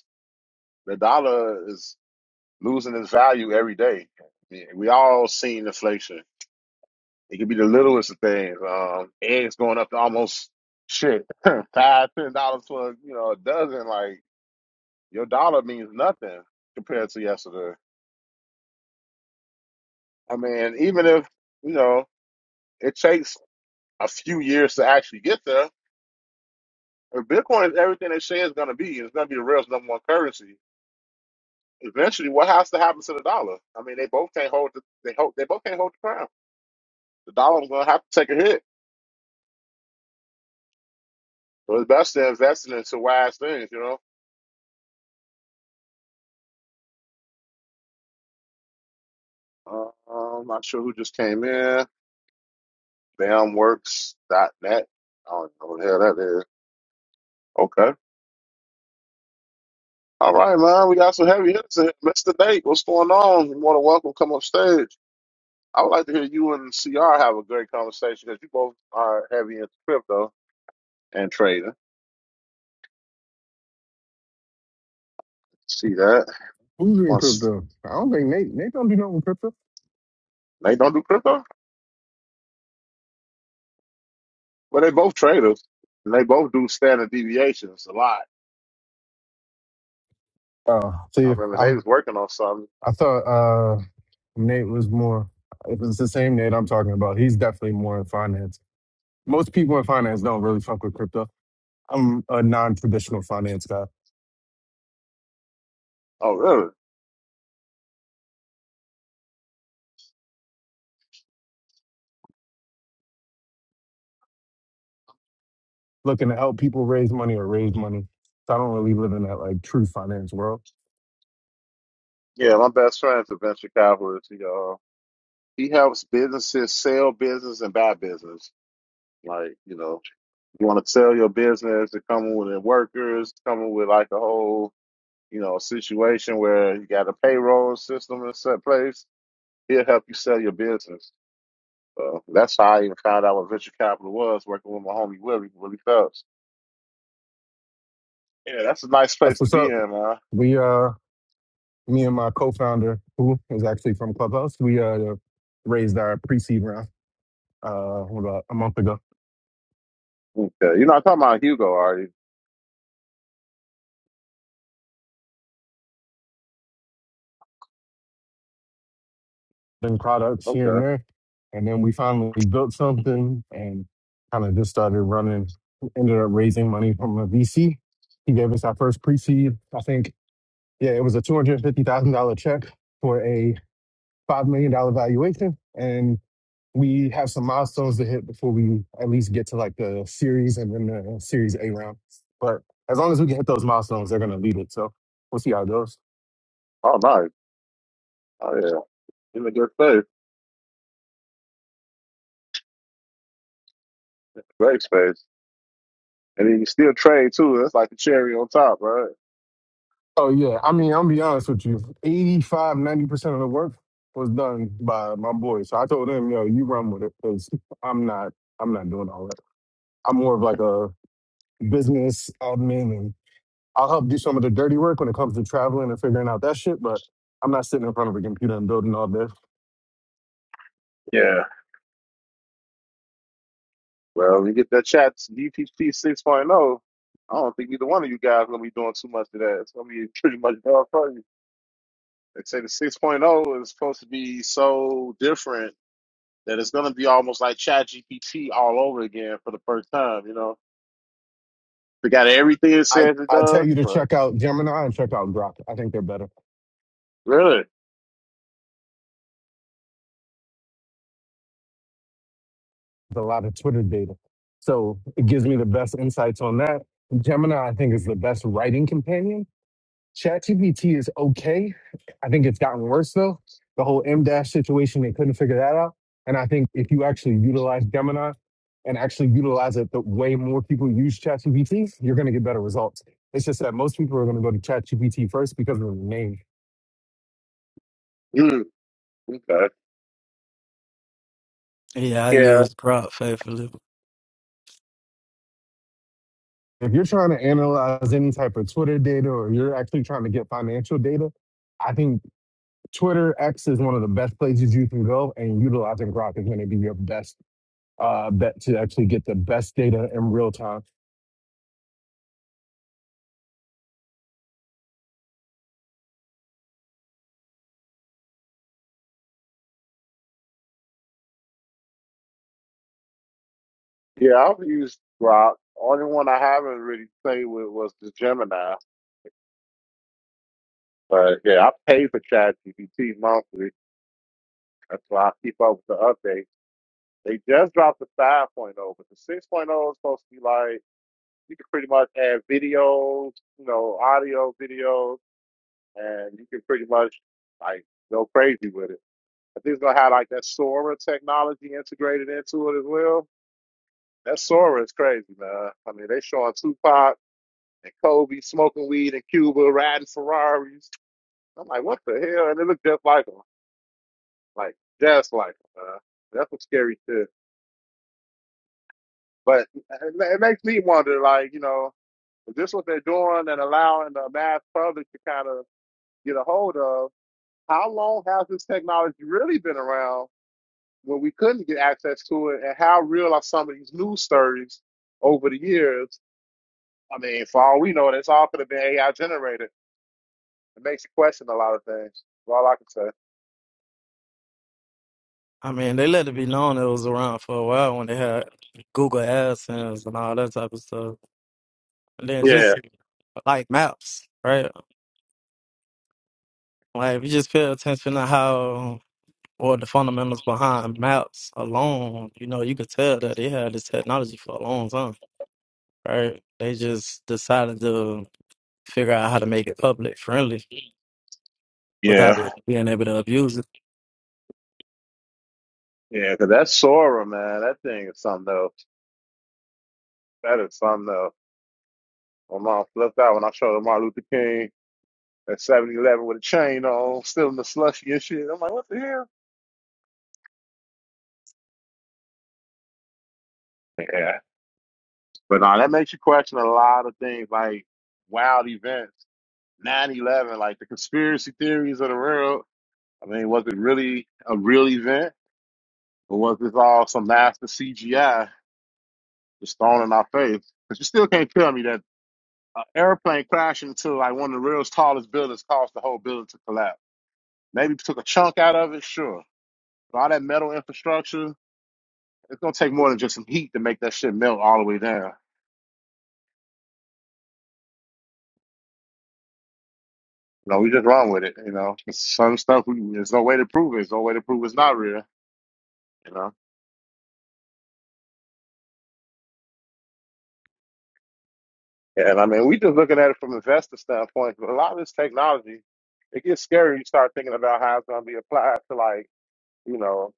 Speaker 1: The dollar is losing its value every day. Yeah, We all seen inflation. It could be the littlest of things. Um, eggs going up to almost shit five, ten dollars for you know a dozen. Like your dollar means nothing compared to yesterday. I mean, even if you know it takes a few years to actually get there. If Bitcoin is everything they say is going to be, and it's going to be the world's number one currency. Eventually, what has to happen to the dollar? I mean, they both can't hold the they hold they both can't hold the crown. the dollar's gonna have to take a hit. So it's best to invest it into wise things, you know. Uh, I'm not sure who just came in. Bamworks.net. I don't know what the hell that is. Okay. All right, man. We got some heavy hitters in here. Mr. Nate, what's going on? You're more than welcome. Come up stage. I would like to hear you and CR have a great conversation because you both are heavy into crypto and trading. See that?
Speaker 4: Who's in
Speaker 1: Once
Speaker 4: crypto? I don't think Nate. Nate don't do nothing with crypto.
Speaker 1: they don't do crypto, well, they both traders and they both do standard deviations a lot.
Speaker 4: Oh,
Speaker 1: I
Speaker 4: see,
Speaker 1: remember
Speaker 4: I
Speaker 1: they was working on something
Speaker 4: I thought uh, Nate was more. If it's the same Nate I'm talking about, he's definitely more in finance. Most people in finance don't really fuck with crypto. I'm a non-traditional finance guy.
Speaker 1: Oh, really?
Speaker 4: looking to help people raise money or raise money. So I don't really live in that like true finance world.
Speaker 1: Yeah, my best friend's a venture capitalist. He, uh, he helps businesses sell business and buy business. Like, you know, you want to sell your business, to come with the workers, coming with like a whole, you know, situation where you got a payroll system in set place. He'll help you sell your business. So that's how I even found out what venture capital was, working with my homie Willie, Willie Phelps. Yeah, that's a nice
Speaker 4: That's
Speaker 1: place to
Speaker 4: what's
Speaker 1: be
Speaker 4: up.
Speaker 1: in, man.
Speaker 4: We uh me and my co-founder, who is actually from Clubhouse, we uh raised our pre-seed round uh about a month ago.
Speaker 1: Okay. You're not talking about Hugo already.
Speaker 4: and products here and
Speaker 1: Okay.
Speaker 4: there. And then we finally built something and kind of just started running, ended up raising money from a VC. He gave us our first pre seed. I think, yeah, it was a $250,000 check for a $5 million dollar valuation. And we have some milestones to hit before we at least get to like the series and then the series A round. But as long as we can hit those milestones, they're going to lead it. So we'll see how it goes.
Speaker 1: Oh, nice. Oh, yeah. In a good place. leg space. And then you still trade too. That's like the cherry on top, right?
Speaker 4: Oh yeah, I mean, I'm be honest with you. 85, 90 percent of the work was done by my boy. So I told him, yo, you run with it, because I'm not, I'm not doing all that. I'm more of like a business admin, and I'll help do some of the dirty work when it comes to traveling and figuring out that shit. But I'm not sitting in front of a computer and building all this.
Speaker 1: Yeah. Well, you get that chat DPP 6.0. point oh. I don't think either one of you guys gonna be doing too much of that. It's gonna be pretty much dog fighting. They say the 6.0 point oh is supposed to be so different that it's gonna be almost like Chat GPT all over again for the first time. You know, they got everything it
Speaker 4: I
Speaker 1: says it
Speaker 4: I tell
Speaker 1: does.
Speaker 4: you to
Speaker 1: But
Speaker 4: check out Gemini and check out Grok. I think they're better.
Speaker 1: really?
Speaker 4: There's a lot of Twitter data, so it gives me the best insights on that. Gemini, I think, is the best writing companion ChatGPT is okay. I think it's gotten worse though. The whole M dash situation, they couldn't figure that out. And I think if you actually utilize Gemini and actually utilize it the way more people use ChatGPT, you're going to get better results. It's just that most people are going to go to ChatGPT first because of the name.
Speaker 1: Mm, okay.
Speaker 3: Yeah, I
Speaker 1: Yeah.
Speaker 3: used Prop faithfully.
Speaker 4: If you're trying to analyze any type of Twitter data or you're actually trying to get financial data, I think Twitter X is one of the best places you can go, and utilizing Grok is going to be your best uh, bet to actually get the best data in real time
Speaker 1: Yeah. I've used Grok. Only one I haven't really played with was the Gemini. But yeah, I pay for ChatGPT monthly. That's why I keep up with the updates. They just dropped the 5.0, but the 6.0 is supposed to be like you can pretty much add videos, you know, audio, videos, and you can pretty much like go crazy with it. I think it's gonna have like that Sora technology integrated into it as well. That Sora is crazy, man. I mean, they showing Tupac and Kobe smoking weed in Cuba, riding Ferraris. I'm like, what the hell? And it looked just like 'em. like just like uh, that's what's scary too. But it ma- it makes me wonder, like you know, is this what they're doing and allowing the mass public to kind of get a hold of? How long has this technology really been around when we couldn't get access to it, and how real are some of these news stories over the years? I mean, for all we know, it's all could have been AI generated. It makes you question a lot of things. That's all I can say.
Speaker 3: I mean, they let it be known it was around for a while when they had Google AdSense and all that type of stuff. And then
Speaker 1: Yeah,
Speaker 3: just like maps, right? Like if you just pay attention to how or the fundamentals behind maps alone, you know, you could tell that they had this technology for a long time, right? They just decided to figure out how to make it public friendly without
Speaker 1: yeah,
Speaker 3: it being able to abuse it.
Speaker 1: yeah. Because that Sora, man, that thing is something else. That is something else. My mom flipped out when I showed her Martin Luther King at 7 Eleven with a chain on, still in the slushy and shit. I'm like, what the hell? Yeah. But no, that makes you question a lot of things like wild events, 9 11, like the conspiracy theories of the world. I mean, was it really a real event or was this all some master CGI just thrown in our face? Because you still can't tell me that an airplane crashing into like one of the realest tallest buildings caused the whole building to collapse. Maybe took a chunk out of it, sure. But all that metal infrastructure. It's gonna take more than just some heat to make that shit melt all the way down. You know, we just run with it. You know, some stuff we there's no way to prove it. There's no way to prove it's not real. You know, and I mean, we just looking at it from an investor standpoint. A lot of this technology, it gets scary. You start thinking about how it's gonna be applied to like you know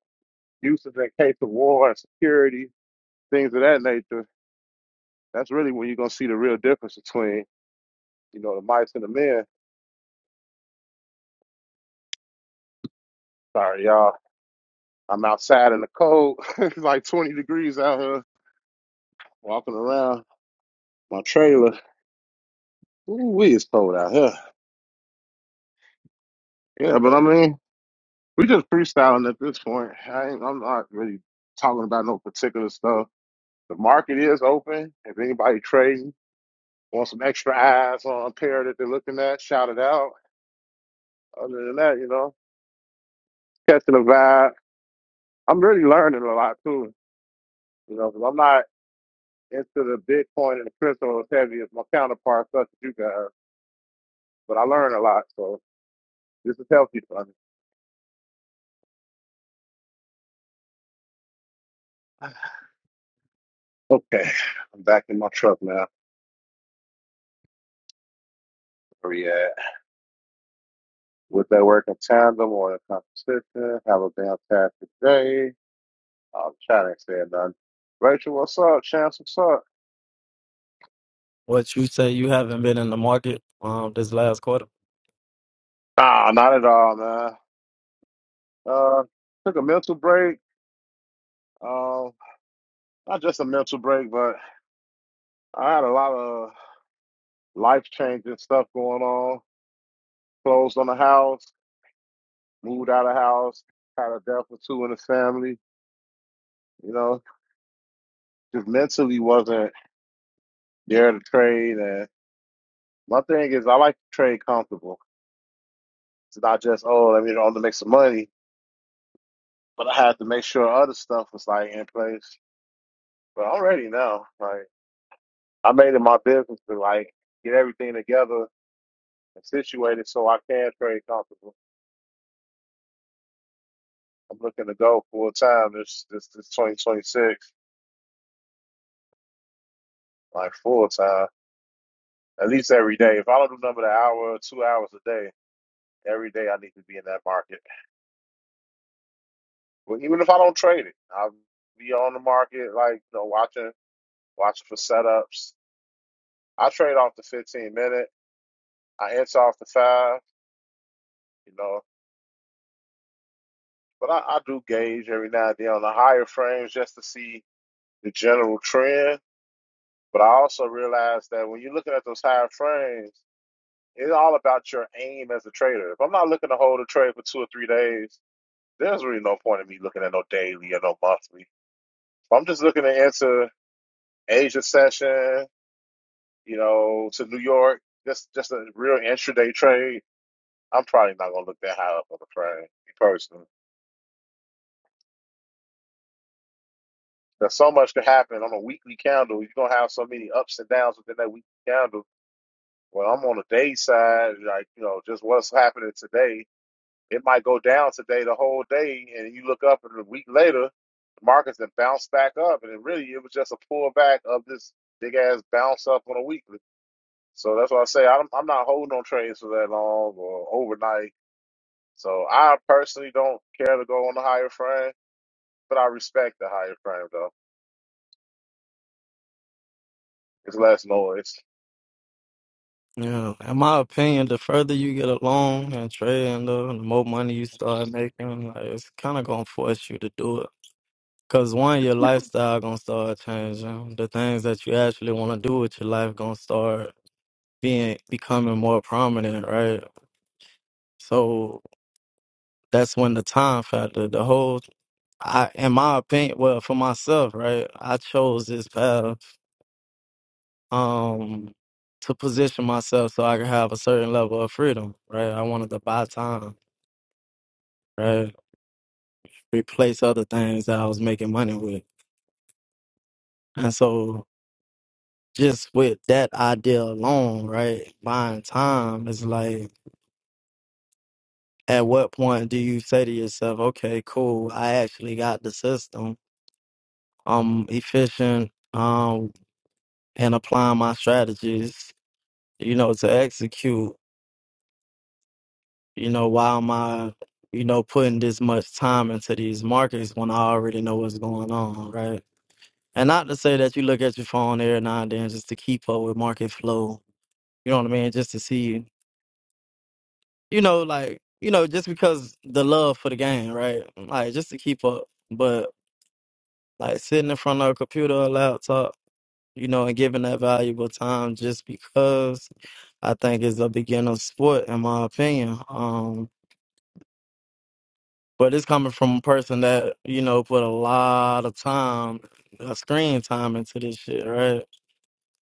Speaker 1: uses in case of war and security things of that nature. That's really when you're gonna see the real difference between you know the mice and the men. Sorry, y'all. I'm outside in the cold. it's like 20 degrees out here walking around. my trailer. Ooh, we is cold out here. Yeah, but I mean, we just freestyling at this point. I ain't, I'm not really talking about no particular stuff. The market is open. If anybody trading, want some extra eyes on a pair that they're looking at, shout it out. Other than that, you know, catching a vibe. I'm really learning a lot too. You know, 'cause I'm not into the Bitcoin and the crypto as heavy as my counterparts such as you guys, but I learn a lot. So this is healthy for me. Okay, I'm back in my truck now. react with their work in tandem or in competition. Have a fantastic day. I'm trying to say nothing. Rachel, what's up? Chance, what's up?
Speaker 3: What you say you haven't been in the market um, this last quarter.
Speaker 1: Nah, not at all, man. Uh, took a mental break. Um, not just a mental break, but I had a lot of life changing stuff going on. Closed on the house, moved out of house, had a death or two in the family. You know, just mentally wasn't there to trade. And my thing is, I like to trade comfortable. It's not just oh, let me on to make some money, but I had to make sure other stuff was like in place. But I'm ready now. Like I made it my business to like get everything together and situated so I can trade comfortable. I'm looking to go full time this this this 2026, like full time, at least every day. If I don't do nothing but an hour or two hours a day, every day I need to be in that market. Well, even if I don't trade it, I'll be on the market like you know watching watching for setups. I trade off the 15 minute. I inch off the five, you know, but I, I do gauge every now and then on the higher frames just to see the general trend. But I also realize that when you're looking at those higher frames, it's all about your aim as a trader. If I'm not looking to hold a trade for two or three days, there's really no point in me looking at no daily or no monthly. If I'm just looking to enter Asia session, you know, to New York, just just a real intraday trade, I'm probably not gonna look that high up on the frame personally. There's so much could happen on a weekly calendar. You're gonna have so many ups and downs within that weekly calendar. Well, I'm on the day side, like you know, just what's happening today. It might go down today the whole day, and you look up and a week later, the markets then bounce back up, and it really it was just a pullback of this big ass bounce up on a weekly. So that's why I say I'm I'm not holding on trades for that long or overnight. So I personally don't care to go on the higher frame, but I respect the higher frame though. It's less noise.
Speaker 3: Yeah, in my opinion, the further you get along and trading, the, the more money you start making, like, it's kind of gonna force you to do it. Cause one, your lifestyle gonna start changing. The things that you actually want to do with your life gonna start being becoming more prominent, right? So that's when the time factor, the whole I in my opinion, well, for myself, right, I chose this path um to position myself so I could have a certain level of freedom, right? I wanted to buy time, right? Replace other things that I was making money with. And so just with that idea alone, right, buying time is like at what point do you say to yourself, okay, cool, I actually got the system I'm efficient um in applying my strategies, you know, to execute. You know, why am I, you know, putting this much time into these markets when I already know what's going on, right? And not to say that you look at your phone every now and then just to keep up with market flow. You know what I mean? Just to see, you know, like, you know, just because the love for the game, right? Like just to keep up. But like sitting in front of a computer or laptop, you know, and giving that valuable time just because I think is a beginner sport, in my opinion. Um, but it's coming from a person that you know put a lot of time, uh, screen time into this shit, right?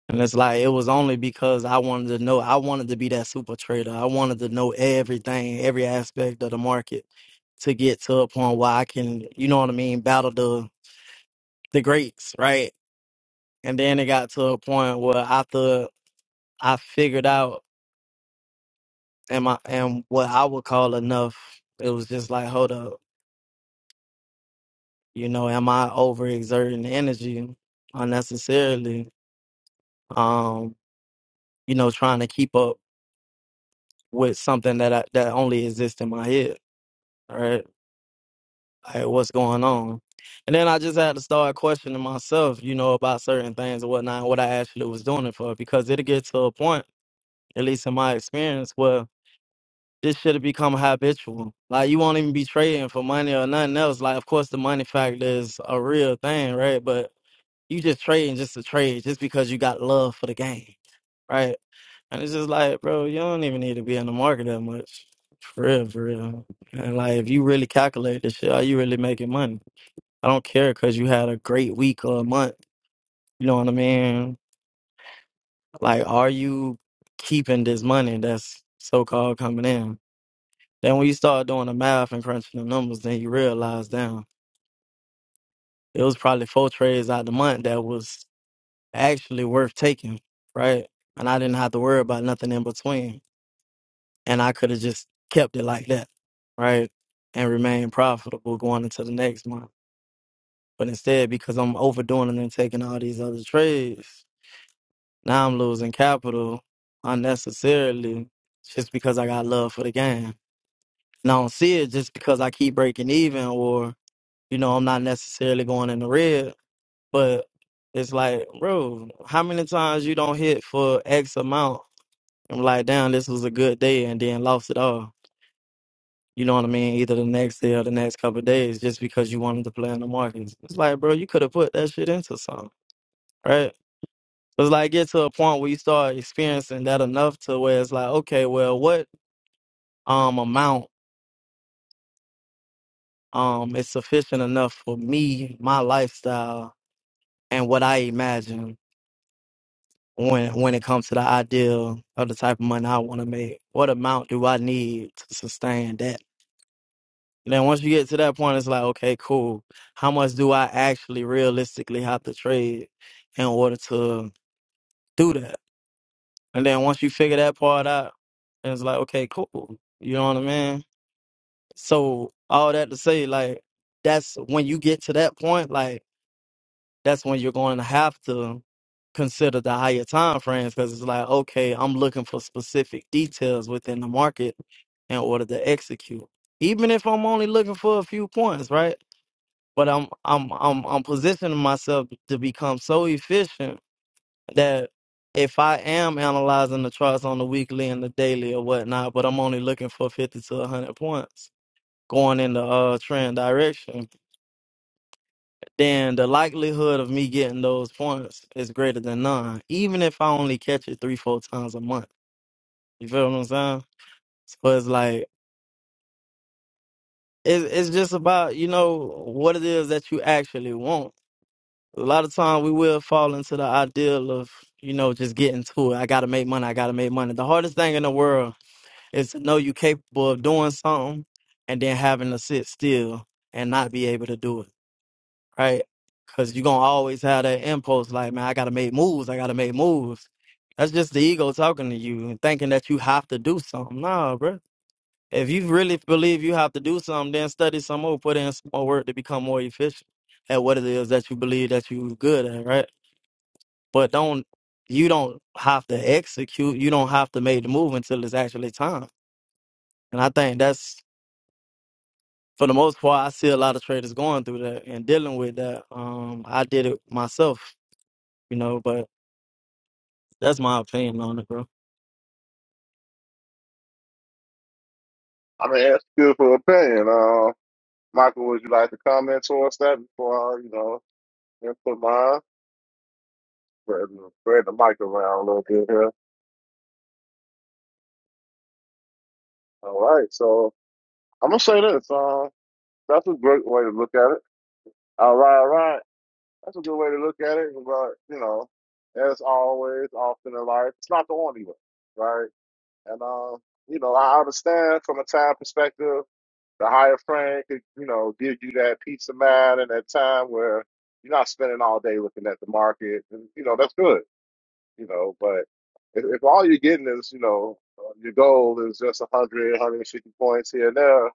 Speaker 3: And it's like it was only because I wanted to know. I wanted to be that super trader. I wanted to know everything, every aspect of the market, to get to a point where I can, you know what I mean, battle the the greats, right? And then it got to a point where after I figured out and my and what I would call enough, it was just like, hold up you know am i overexerting energy unnecessarily um you know trying to keep up with something that I, that only exists in my head right like what's going on and then i just had to start questioning myself you know about certain things and whatnot and what i actually was doing it for because it'll get to a point at least in my experience where this should have become habitual like you won't even be trading for money or nothing else like of course the money factor is a real thing right but You just trading just to trade, just because you got love for the game, right? And it's just like, bro, you don't even need to be in the market that much, for real, for real. And like, if you really calculate this shit, are you really making money? I don't care because you had a great week or a month. You know what I mean? Like, are you keeping this money that's so called coming in? Then when you start doing the math and crunching the numbers, then you realize, damn, it was probably four trades out the month that was actually worth taking, right? And I didn't have to worry about nothing in between. And I could have just kept it like that, right? And remain profitable going into the next month. But instead, because I'm overdoing it and taking all these other trades, now I'm losing capital unnecessarily just because I got love for the game. And I don't see it just because I keep breaking even or, you know, I'm not necessarily going in the red. But it's like, bro, how many times you don't hit for X amount I'm like, damn, this was a good day, and then lost it all. You know what I mean? Either the next day or the next couple of days, just because you wanted to play in the markets. It's like, bro, you could have put that shit into something, right? It's like get to a point where you start experiencing that enough to where it's like, okay, well, what um amount um is sufficient enough for me, my lifestyle, and what I imagine when when it comes to the ideal of the type of money I want to make? What amount do I need to sustain that? And Then once you get to that point, it's like, okay, cool. How much do I actually realistically have to trade in order to do that? And then once you figure that part out, it's like, okay, cool. You know what I mean? So all that to say, like, that's when you get to that point, like, that's when you're going to have to consider the higher time frames because it's like, okay, I'm looking for specific details within the market in order to execute. Even if I'm only looking for a few points, right? but I'm I'm I'm I'm positioning myself to become so efficient that if I am analyzing the charts on the weekly and the daily or whatnot, but I'm only looking for fifty to hundred points going in the uh, trend direction, then the likelihood of me getting those points is greater than none, even if I only catch it three four times a month. You feel what I'm saying? So it's like it's it's just about you know what it is that you actually want A lot of time we will fall into the ideal of, you know, just getting to it. I gotta make money, I gotta make money. The hardest thing in the world is to know you're capable of doing something and then having to sit still and not be able to do it. Right? Cause you're gonna always have that impulse like, man, I gotta make moves, I gotta make moves. That's just the ego talking to you and thinking that you have to do something. Nah, bro. If you really believe you have to do something, then study some more, put in some more work to become more efficient at what it is that you believe that you're good at, right? but don't you don't have to execute you don't have to make the move until it's actually time and i think that's for the most part i see a lot of traders going through that and dealing with that um i did it myself you know but that's my opinion on it bro
Speaker 1: I'm gonna ask you for opinion. Uh, Michael, would you like to comment towards that before I, you know, input mine? Spread, spread the mic around a little bit here. All right, so I'm gonna say this. Uh, that's a great way to look at it. All right, all right. That's a good way to look at it. But you know, as always, often in life, it's not the only way, right? And uh, you know, I understand from a time perspective. The higher frame could, you know, give you that peace of mind and that time where you're not spending all day looking at the market. And, you know, that's good, you know, but if, if all you're getting is, you know, uh, your goal is just 100, 150 points here and there,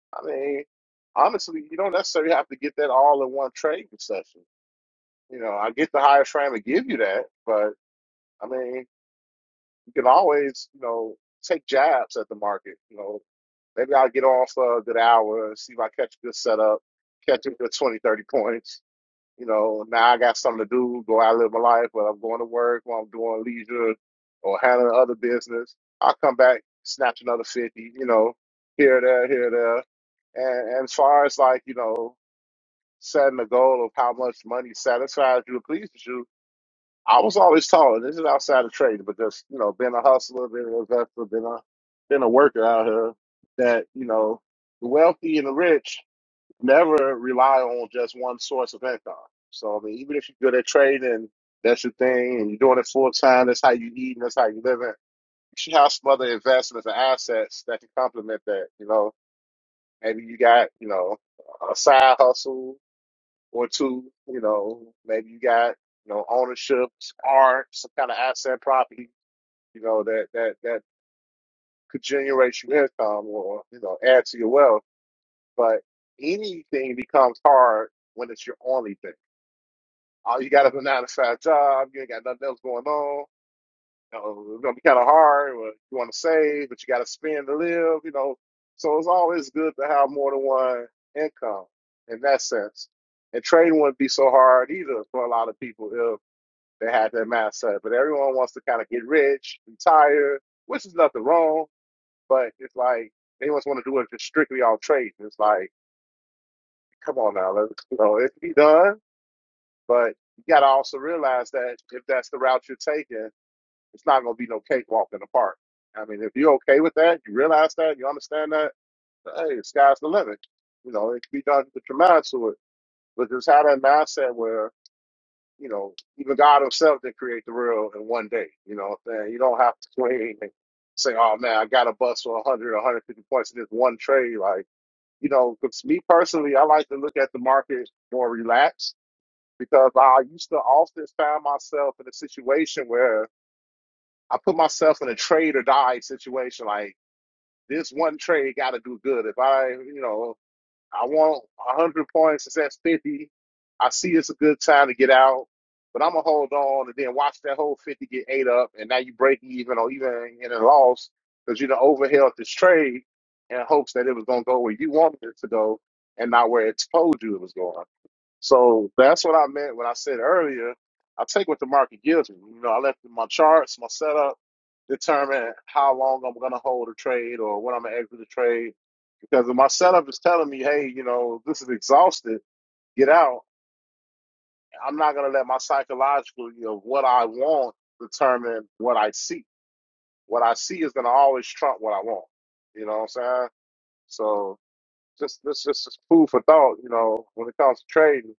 Speaker 1: I mean, honestly, you don't necessarily have to get that all in one trade session. You know, I get the higher frame to give you that, but I mean, you can always, you know, take jabs at the market. You know, Maybe I'll get on for a good hour, see if I catch a good setup, catch a good 20, 30 points. You know, now I got something to do, go out and live my life, but I'm going to work while I'm doing leisure or handling other business. I'll come back, snatch another 50, you know, here, there, here, there. And, and as far as like, you know, setting a goal of how much money satisfies you or pleases you, I was always tall. and This is outside of trading, but just you know, being a hustler, being an investor, being a being a worker out here, that you know, the wealthy and the rich never rely on just one source of income. So I mean, even if you're good at trading, that's your thing, and you're doing it full time. That's how you eat, and that's how you live. You should have some other investments and assets that can complement that. You know, maybe you got you know a side hustle or two. You know, maybe you got you know ownership art, some kind of asset property. You know that that that could generate you income or you know add to your wealth. But anything becomes hard when it's your only thing. All you got is a nine to five job. You ain't got nothing else going on. You know, it's gonna be kind of hard. Or you want to save, but you got to spend to live. You know, so it's always good to have more than one income in that sense. And trading wouldn't be so hard either for a lot of people if. They had their mask set, but everyone wants to kind of get rich, retire, which is nothing wrong. But it's like they just want to do it just strictly on trade. It's like, come on now, let's you know it can be done, but you got to also realize that if that's the route you're taking, it's not going to be no cakewalk in the park. I mean, if you're okay with that, you realize that, you understand that, hey, the sky's the limit. You know, it can be done with your mind to it. But just have that mindset where. you know, even God Himself did create the world in one day. You know what I'm saying? You don't have to swing and say, oh man, I got a bust for 100 or 150 points in this one trade. Like, you know, 'cause me personally, I like to look at the market more relaxed because I used to often find myself in a situation where I put myself in a trade or die situation. Like, this one trade got to do good. If I, you know, I want 100 points. It's at 50. I see it's a good time to get out, but I'm going to hold on and then watch that whole 50 get ate up. And now you break even or even in a loss because you done overheld this trade in hopes that it was going to go where you wanted it to go and not where it told you it was going. So that's what I meant when I said earlier. I take what the market gives me. You know, I let my charts, my setup determine how long I'm going to hold a trade or when I'm going to exit the trade. Because if my setup is telling me, hey, you know, this is exhausted, get out, I'm not going to let my psychological, you know, what I want determine what I see. What I see is going to always trump what I want. You know what I'm saying? So just this just, just food for thought, you know, when it comes to trading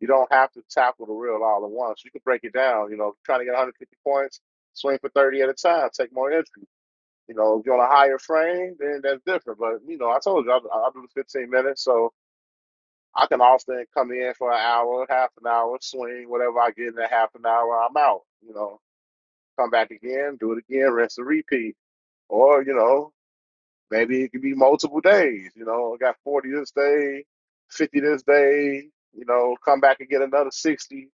Speaker 1: You don't have to tackle the reel all at once. You can break it down. You know, if you're trying to get 150 points, swing for 30 at a time, take more entries. You know, if you're on a higher frame, then that's different. But, you know, I told you, I, I do the 15 minutes, so I can often come in for an hour, half an hour, swing, whatever I get in that half an hour, I'm out. You know, come back again, do it again, rinse and repeat. Or, you know, maybe it could be multiple days. You know, I got 40 this day, 50 this day, you know, come back and get another 60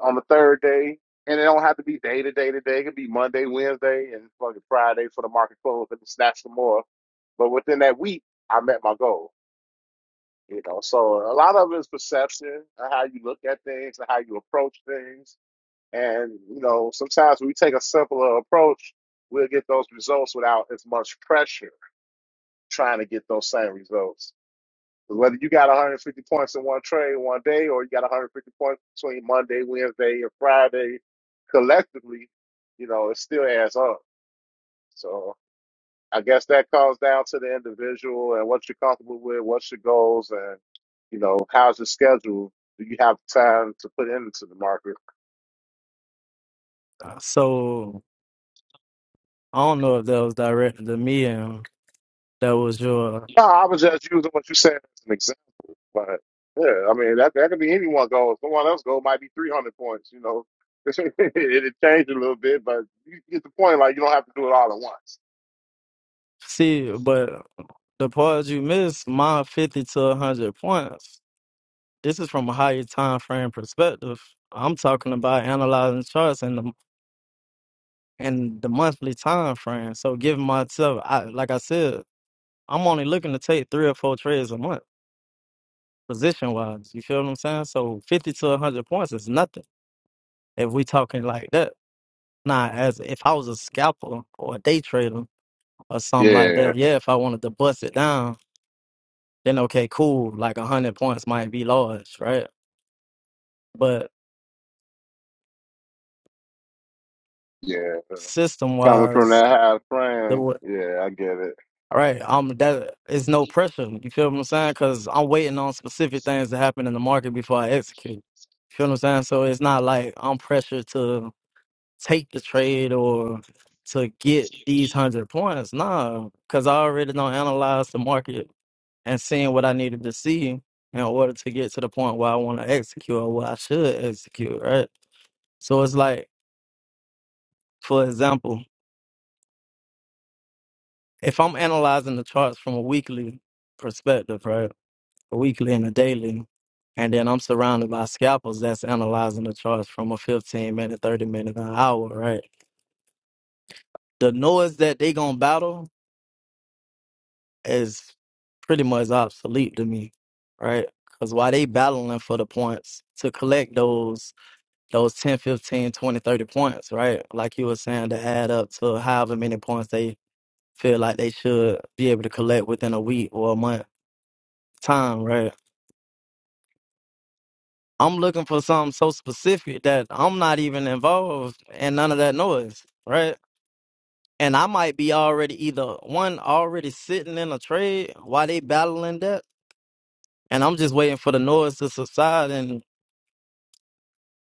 Speaker 1: on the third day. And it don't have to be day to day to day. It could be Monday, Wednesday, and fucking Friday for the market close and snatch some more. But within that week, I met my goal. You know, so a lot of it is perception and how you look at things and how you approach things. And, you know, sometimes when we take a simpler approach, we'll get those results without as much pressure trying to get those same results. 'Cause Whether you got 150 points in one trade one day, or you got 150 points between Monday, Wednesday, and Friday, collectively, you know, it still adds up. So I guess that comes down to the individual and what you're comfortable with, what's your goals, and you know, how's your schedule? Do you have time to put into the market?
Speaker 3: so i don't know if that was directed to me and that was your
Speaker 1: No, I was just using what you said as an example. But yeah, I mean that that could be anyone goal. Someone else goal might be three hundred points. You know, it, it changed a little bit, but you get the point. Like you don't have to do it all at once.
Speaker 3: see but the part you missed my 50 to 100 points this is from a higher time frame perspective i'm talking about analyzing charts and the. and the monthly time frame. So giving myself, I, like I said, I'm only looking to take three or four trades a month, position wise. You feel what I'm saying? So 50 to 100 points is nothing if we talking like that. Now, as if I was a scalper or a day trader or something like
Speaker 1: Yeah,
Speaker 3: that, yeah, if I wanted to bust it down, then okay, cool. Like 100 points might be large, right? But
Speaker 1: yeah.
Speaker 3: system
Speaker 1: Coming from
Speaker 3: wise,
Speaker 1: that high frame, yeah, I get it.
Speaker 3: All right, um, that is no pressure. You feel what I'm saying? Because I'm waiting on specific things to happen in the market before I execute. You feel what I'm saying? So it's not like I'm pressured to take the trade or to get these hundred points. Nah, because I already don't analyze the market and seeing what I needed to see in order to get to the point where I want to execute or what I should execute. Right. So it's like, for example, if I'm analyzing the charts from a weekly perspective, right? weekly and a daily. And then I'm surrounded by scalpels that's analyzing the charts from a 15 minute, 30 minute, an hour, right? The noise that they gonna battle is pretty much obsolete to me, right? Because while they battling for the points to collect those those 10, 15, 20, 30 points, right? Like you were saying, to add up to however many points they feel like they should be able to collect within a week or a month time, right? I'm looking for something so specific that I'm not even involved in none of that noise, right? And I might be already either one already sitting in a trade while they battling that, and I'm just waiting for the noise to subside and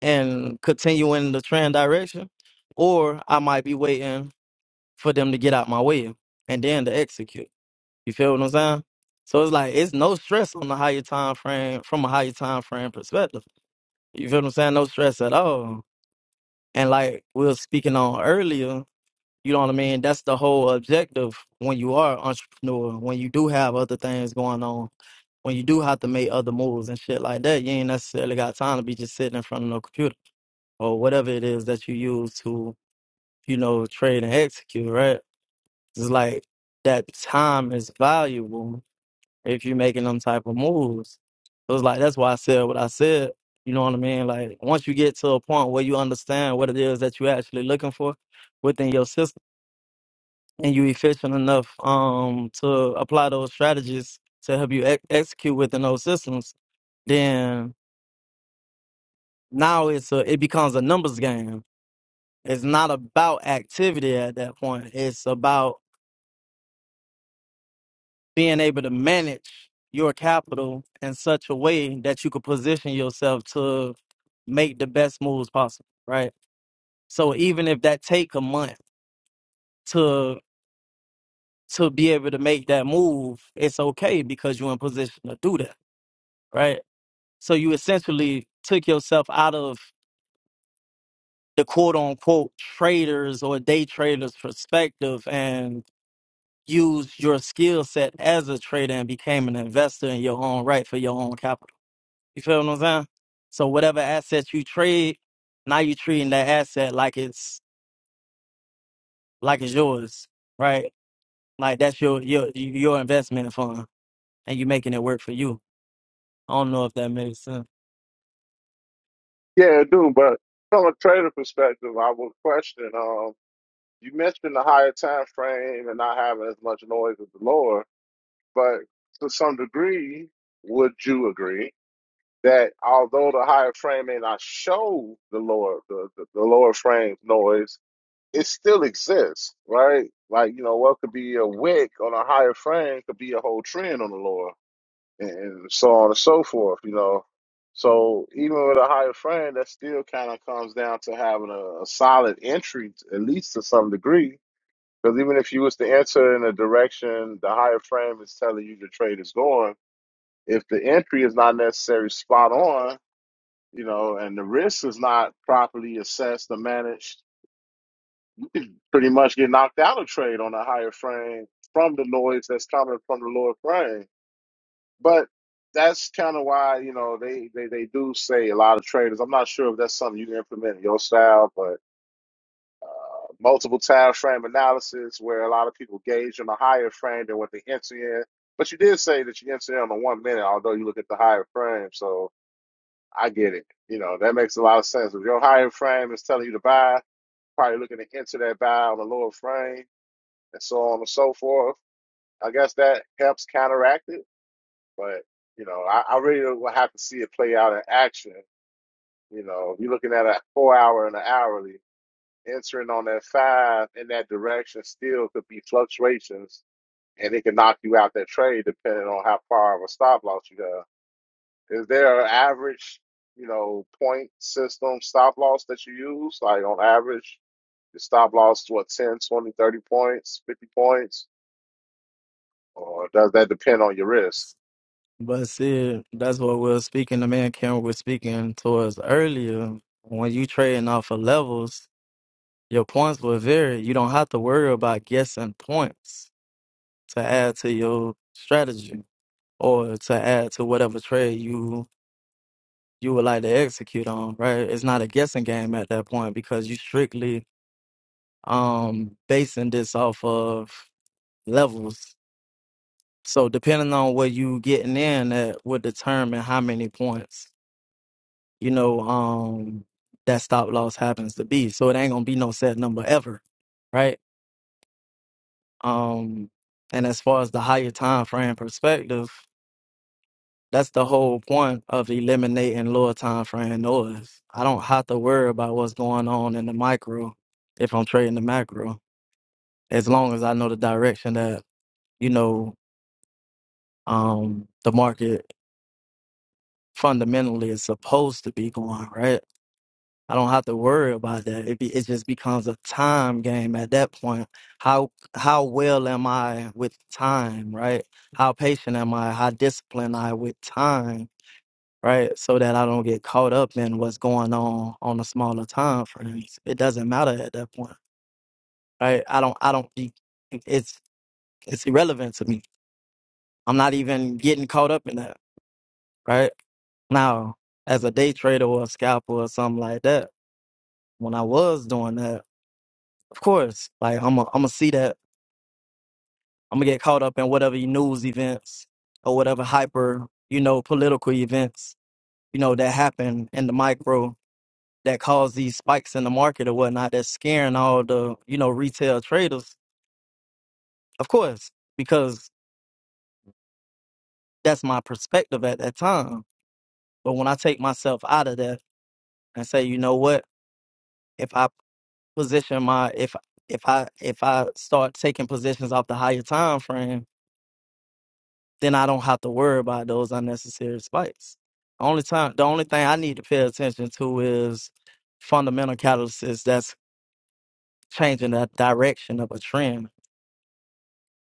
Speaker 3: and continue in the trend direction, or I might be waiting for them to get out my way and then to execute. You feel what I'm saying? So it's like it's no stress on the higher time frame from a higher time frame perspective. You feel what I'm saying? No stress at all. And like we were speaking on earlier, you know what I mean? That's the whole objective when you are an entrepreneur, when you do have other things going on, when you do have to make other moves and shit like that, you ain't necessarily got time to be just sitting in front of no computer or whatever it is that you use to, you know, trade and execute, right? It's like that time is valuable if you're making them type of moves. So it's like that's why I said what I said. You know what I mean? Like once you get to a point where you understand what it is that you're actually looking for within your system, and you efficient enough um to apply those strategies to help you ex- execute within those systems, then now it's a, it becomes a numbers game. It's not about activity at that point. It's about being able to manage your capital in such a way that you could position yourself to make the best moves possible, right? So even if that take a month to to be able to make that move, it's okay because you're in position to do that, right? So you essentially took yourself out of the quote unquote traders or day traders perspective and used your skill set as a trader and became an investor in your own right for your own capital. You feel what I'm saying? So whatever assets you trade, now you treating that asset like it's like it's yours, right? Like that's your your your investment fund, and you making it work for you. I don't know if that makes sense,
Speaker 1: Yeah, I do. But from a trader perspective, I would question. Um, you mentioned the higher time frame and not having as much noise as the lower, but to some degree, would you agree? that although the higher frame may not show the lower the, the, the lower frame noise, it still exists, right? Like you know, what could be a wick on a higher frame could be a whole trend on the lower, and, and so on and so forth. You know, so even with a higher frame, that still kind of comes down to having a, a solid entry, at least to some degree. Because even if you was to enter in a direction the higher frame is telling you the trade is going, if the entry is not necessarily spot on, you know, and the risk is not properly assessed or managed, pretty much get knocked out of trade on a higher frame from the noise that's coming from the lower frame. But that's kind of why, you know, they, they, they do say a lot of traders. I'm not sure if that's something you can implement in your style, but multiple time frame analysis where a lot of people gauge on a higher frame than what they enter in. But you did say that you enter in on the one minute, although you look at the higher frame. So I get it. You know, that makes a lot of sense. If your higher frame is telling you to buy, probably looking to enter that valve on the lower frame and so on and so forth. I guess that helps counteract it, but you know, I, I really will have to see it play out in action. You know, if you're looking at a four hour and an hourly, entering on that five in that direction still could be fluctuations and it can knock you out that trade depending on how far of a stop loss you have. Is there an average, you know, point system stop loss that you use, like on average The stop loss is what 10, 20, 30 points, 50 points, or does that depend on your risk?
Speaker 3: but see, that's what we're speaking. The man Cameron was speaking towards earlier. When you trading off of levels, your points will vary. You don't have to worry about guessing points to add to your strategy or to add to whatever trade you you would like to execute on, right? It's not a guessing game at that point because you strictly um basing this off of levels. So depending on where you getting in at would determine how many points, you know, um that stop loss happens to be. So it ain't gonna be no set number ever, right? Um and as far as the higher time frame perspective, That's the whole point of eliminating lower time frame noise. I don't have to worry about what's going on in the micro if I'm trading the macro, as long as I know the direction that you know um, the market fundamentally is supposed to be going. Right? I don't have to worry about that. It, be, it just becomes a time game at that point. How how well am I with time? Right? How patient am I? How disciplined am I with time? right? So that I don't get caught up in what's going on on a smaller time frames. It doesn't matter at that point, right? I don't, I don't, be- it's, it's irrelevant to me. I'm not even getting caught up in that, right? Now, as a day trader or a scalper or something like that, when I was doing that, of course, like I'm gonna i see that, I'm gonna get caught up in whatever news events or whatever hyper, you know, political events, you know, that happen in the micro that cause these spikes in the market or whatnot that's scaring all the you know retail traders of course because that's my perspective at that time but when i take myself out of that and say you know what if i position my if if i if i start taking positions off the higher time frame then i don't have to worry about those unnecessary spikes only time the only thing i need to pay attention to is fundamental catalysis that's changing the direction of a trend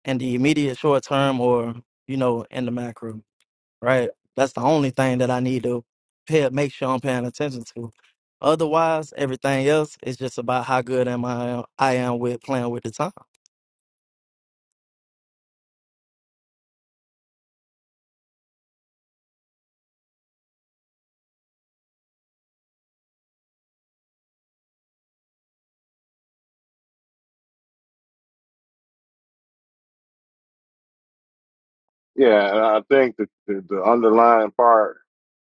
Speaker 3: in the immediate short term or you know in the macro right that's the only thing that i need to pay make sure i'm paying attention to otherwise everything else is just about how good am i i am with playing with the time
Speaker 1: Yeah, and I think the, the, the underlying part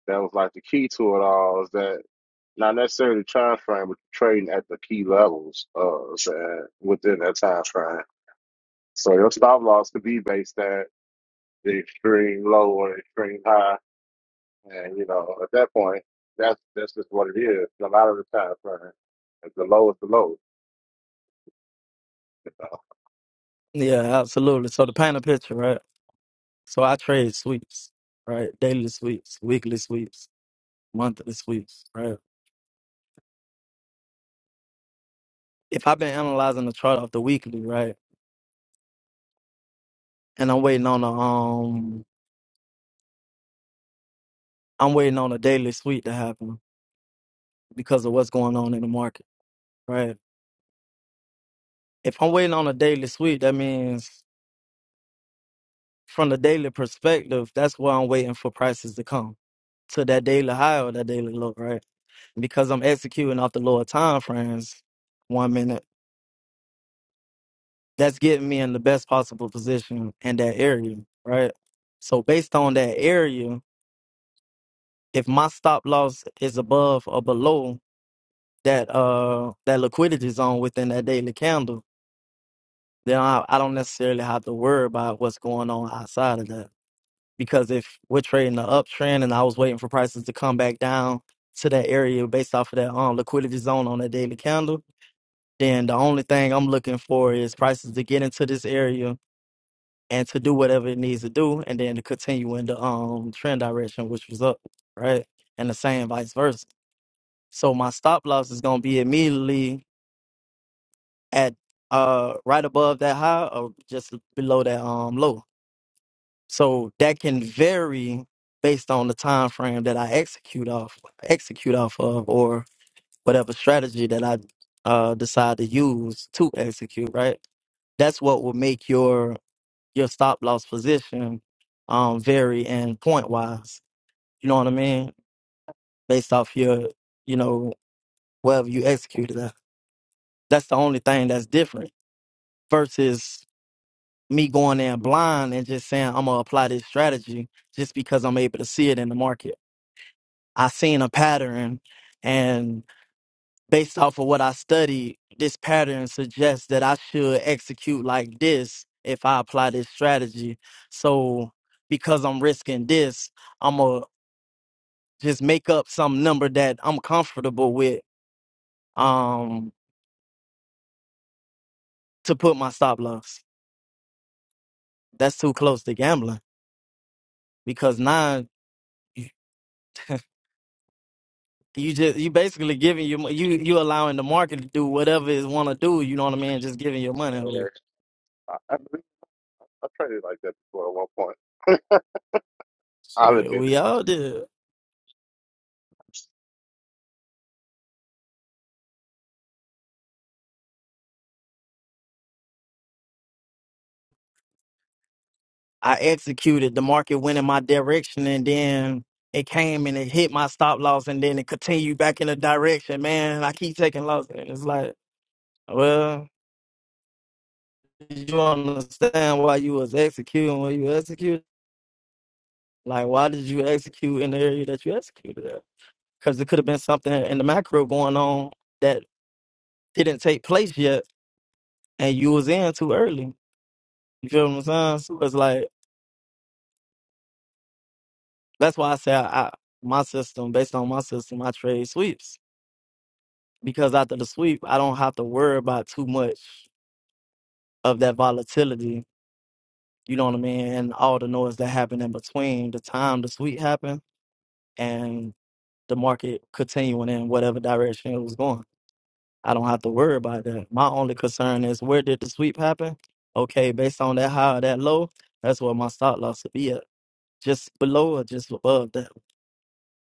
Speaker 1: that was like the key to it all is that not necessarily the time frame, but trading at the key levels uh so, uh, within that time frame. So your stop loss could be based at the extreme low or the extreme high. And you know, at that point, that's that's just what it is. A lot of the time frame. the low is the low.
Speaker 3: yeah absolutely so to paint a picture right so i trade sweeps right daily sweeps weekly sweeps monthly sweeps right if i've been analyzing the chart off the weekly right and i'm waiting on a um i'm waiting on a daily sweep to happen because of what's going on in the market right if I'm waiting on a daily sweep, that means from the daily perspective, that's where I'm waiting for prices to come to that daily high or that daily low, right? Because I'm executing off the lower time frames, one minute, that's getting me in the best possible position in that area, right? So based on that area, if my stop loss is above or below that uh that liquidity zone within that daily candle, then I, I don't necessarily have to worry about what's going on outside of that because if we're trading the uptrend and I was waiting for prices to come back down to that area based off of that um liquidity zone on that daily candle, then the only thing I'm looking for is prices to get into this area and to do whatever it needs to do and then to continue in the um trend direction which was up, right? And the same vice versa. So my stop loss is gonna be immediately at uh right above that high or just below that um low So that can vary based on the time frame that I execute off execute off of or whatever strategy that I uh, decide to use to execute, right? That's what will make your your stop loss position um vary and point wise. You know what I mean? Based off your, you know, wherever you executed that. That's the only thing that's different versus me going in blind and just saying I'm gonna apply this strategy just because I'm able to see it in the market. I seen a pattern, and based off of what I studied, this pattern suggests that I should execute like this if I apply this strategy. So, because I'm risking this, I'm gonna just make up some number that I'm comfortable with um, to put my stop loss. That's too close to gambling because now you you just you basically giving you you you allowing the market to do whatever it want to do. You know what I mean? Just giving your money
Speaker 1: And
Speaker 3: away.
Speaker 1: I believe I traded like that before at one point. I'll
Speaker 3: Shit,
Speaker 1: admit it.
Speaker 3: we all did. I executed. The market went in my direction and then it came and it hit my stop loss and then it continued back in the direction. Man, I keep taking losses. And it's like, well, did you understand why you was executing what you executed? Like, why did you execute in the area that you executed at? Because it could have been something in the macro going on that didn't take place yet and you was in too early. You feel what I'm saying? So it's like, that's why I say I, I, my system, based on my system, I trade sweeps because after the sweep, I don't have to worry about too much of that volatility. You know what I mean? And all the noise that happened in between the time the sweep happened and the market continuing in whatever direction it was going. I don't have to worry about that. My only concern is where did the sweep happen? Okay, based on that high or that low, that's where my stop loss would be at. Just below or just above that.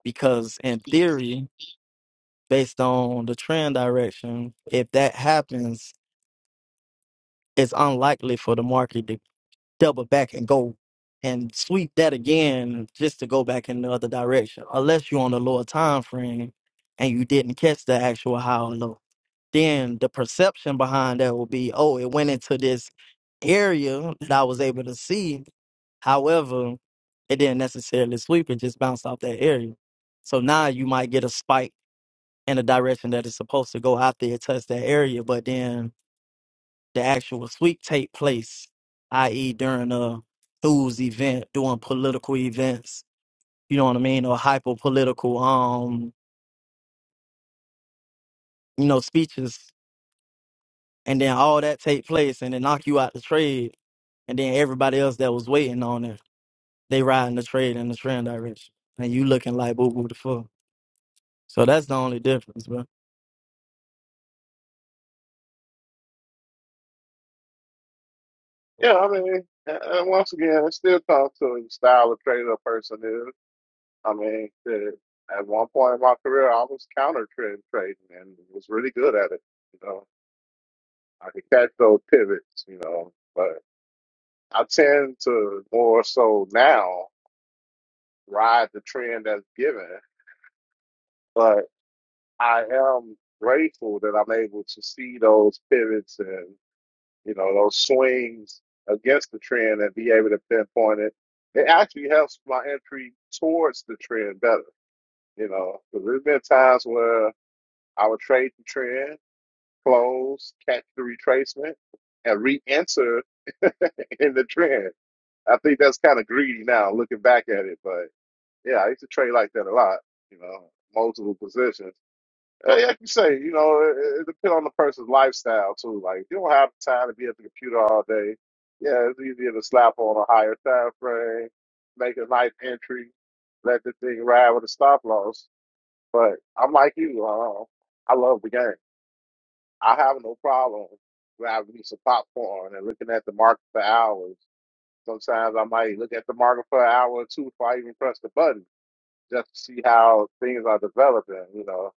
Speaker 3: Because in theory, based on the trend direction, if that happens, it's unlikely for the market to double back and go and sweep that again just to go back in the other direction. Unless you're on a lower time frame and you didn't catch the actual high or low. Then the perception behind that will be, oh, it went into this area that I was able to see. However, it didn't necessarily sweep, it just bounced off that area. So now you might get a spike in the direction that it's supposed to go after it touched that area, but then the actual sweep take place, i.e., during a who's event, during political events, you know what I mean, or hyper political, um, you know, speeches, and then all that take place, and they knock you out the trade, and then everybody else that was waiting on it, they riding the trade in the trend direction, and you looking like boo boo the fuck. So that's the only difference, bro.
Speaker 1: Yeah, I mean, and and once again, it still comes to the style of trader a person is. I mean, shit, at one point in my career, I was counter trend trading and was really good at it. You know, I could catch those pivots, you know, but I tend to more so now ride the trend that's given, but I am grateful that I'm able to see those pivots and. you know, those swings against the trend and be able to pinpoint it. It actually helps my entry towards the trend better, you know, because there's been times where I would trade the trend, close, catch the retracement, and re enter in the trend. I think that's kind of greedy now looking back at it, but yeah, I used to trade like that a lot, you know, multiple positions. Uh, yeah, like you say, you know, it, it depends on the person's lifestyle too. Like, if you don't have the time to be at the computer all day. Yeah, it's easier to slap on a higher time frame, make a nice entry, let the thing ride with a stop loss. But I'm like you, uh, I love the game. I have no problem grabbing me some popcorn and looking at the market for hours. Sometimes I might look at the market for an hour or two before I even press the button, just to see how things are developing. You know,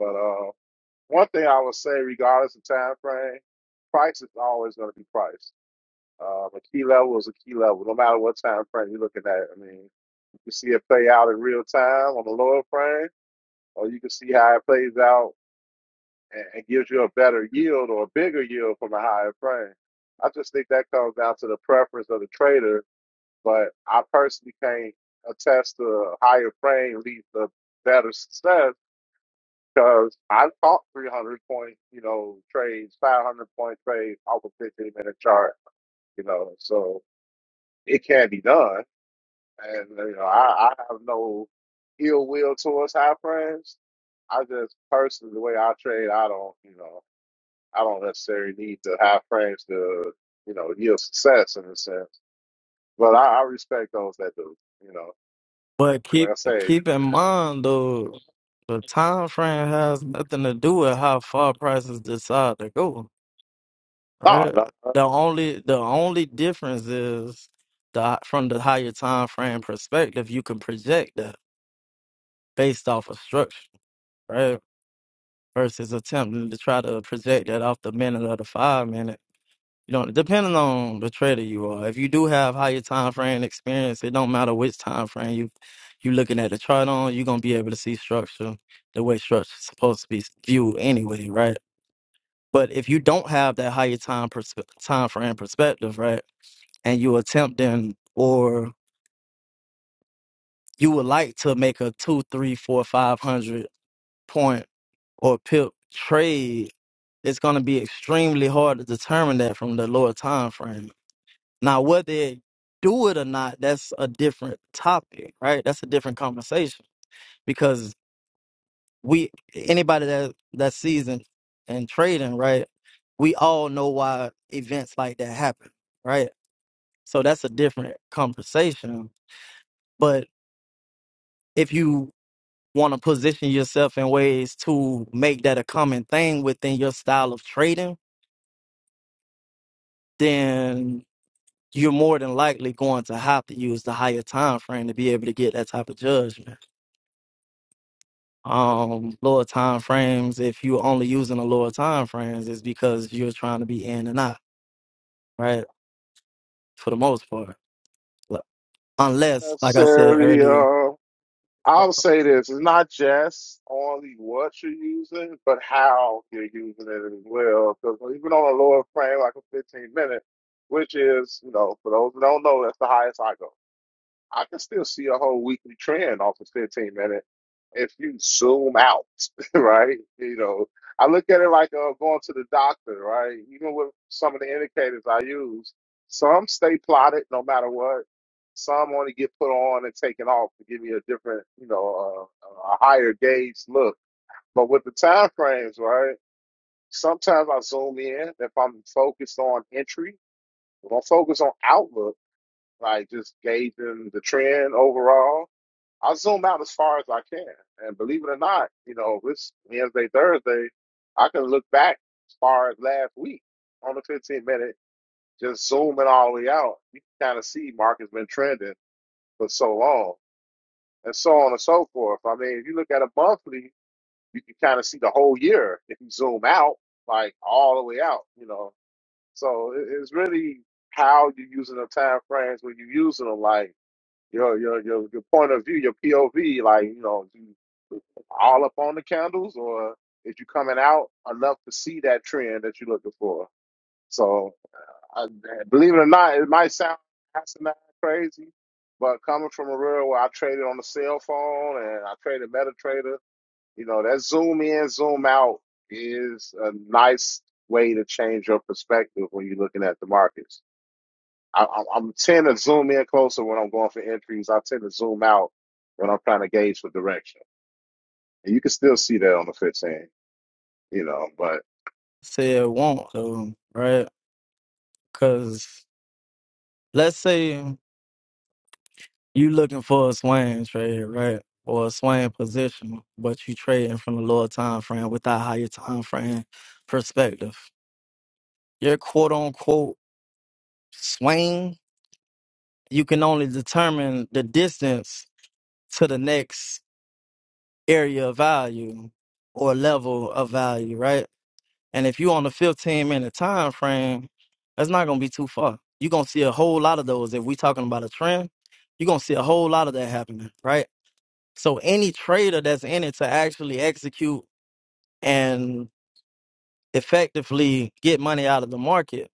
Speaker 1: but. uh, One thing I would say, regardless of time frame, price is always going to be price. Um, a key level is a key level, no matter what time frame you're looking at. I mean, you can see it play out in real time on the lower frame, or you can see how it plays out and, and gives you a better yield or a bigger yield from a higher frame. I just think that comes down to the preference of the trader, but I personally can't attest to a higher frame leads to better success because I taught 300 point, you know, trades, 500 point trades off a 15 minute chart, you know, so it can be done. And, uh, you know, I, I have no ill will towards high frames. I just personally, the way I trade, I don't, you know, I don't necessarily need to high frames to, you know, yield success in a sense. But I, I respect those that do, you know.
Speaker 3: But
Speaker 1: Like
Speaker 3: keep
Speaker 1: I say,
Speaker 3: keep in
Speaker 1: uh,
Speaker 3: mind though, the time frame has nothing to do with how far prices decide to go.
Speaker 1: nah,
Speaker 3: Uh,
Speaker 1: not, not
Speaker 3: The only the only difference is the from the higher time frame perspective, you can project that based off of structure, right? Versus attempting to try to project that off the minute or the five minute. You know, depending on the trader you are. If you do have higher time frame experience, it don't matter which time frame you you looking at the chart on, you're gonna be able to see structure the way structure's supposed to be viewed anyway, right? But if you don't have that higher time perspe- time frame perspective, right? and you attempting or you would like to make a two, three, four, five hundred point or pip trade, it's gonna be extremely hard to determine that from the lower time frame. Now whether they do it or not, that's a different topic, right? That's a different conversation. Because we anybody that that's seasoned in trading, right, we all know why events like that happen, right? So that's a different conversation. But if you want to position yourself in ways to make that a common thing within your style of trading, then you're more than likely going to have to use the higher time frame to be able to get that type of judgment. Um, lower time frames, if you're only using the lower time frames, is because you're trying to be in and out, right? For the most part. Like, Unless, like I said
Speaker 1: necessarily.
Speaker 3: earlier,
Speaker 1: uh, I'll say this: it's not just only what you're using, but how you're using it as well. Because even on a lower frame, like a 15 minute, which is, you know, for those who don't know, that's the highest I go. I can still see a whole weekly trend off of 15 minute if you zoom out, right? You know, I look at it like uh, going to the doctor, right? Even with some of the indicators I use, some stay plotted no matter what. Some only get put on and taken off to give you a different, you know, uh, a higher gauge look. But with the time frames, right? Sometimes I zoom in if I'm focused on entry. If I'm focused on outlook, like just gauging the trend overall I zoom out as far as I can. And believe it or not, you know, it's Wednesday, Thursday, I can look back as far as last week on the 15 minute, just zooming all the way out. You can kind of see market's been trending for so long and so on and so forth. I mean, if you look at a monthly, you can kind of see the whole year if you zoom out, like all the way out, you know. So it- it's really how you're using the time frames when you're using them, like your your your your point of view, your POV, like you know all up on the candles, or is you coming out enough to see that trend that you're looking for? So, I, believe it or not, it might sound asinine, crazy, but coming from a world where I traded on the cell phone and I traded MetaTrader, you know, that zoom in, zoom out is a nice way to change your perspective when you're looking at the markets. I, i I'm tend to zoom in closer when I'm going for entries. I tend to zoom out when I'm trying to gauge for direction. And you can still see that on the 15. you know. But
Speaker 3: said won't, though, right? Because let's say You looking for a swing trade, right? Or a swing position, but you trading from the lower time frame with that higher time frame perspective. Your quote unquote swing, you can only determine the distance to the next area of value or level of value, right? And if you on the 15 minute time frame, that's not gonna be too far. You're gonna see a whole lot of those. If we talking about a trend, you're gonna see a whole lot of that happening, right? So any trader that's in it to actually execute and effectively get money out of the market,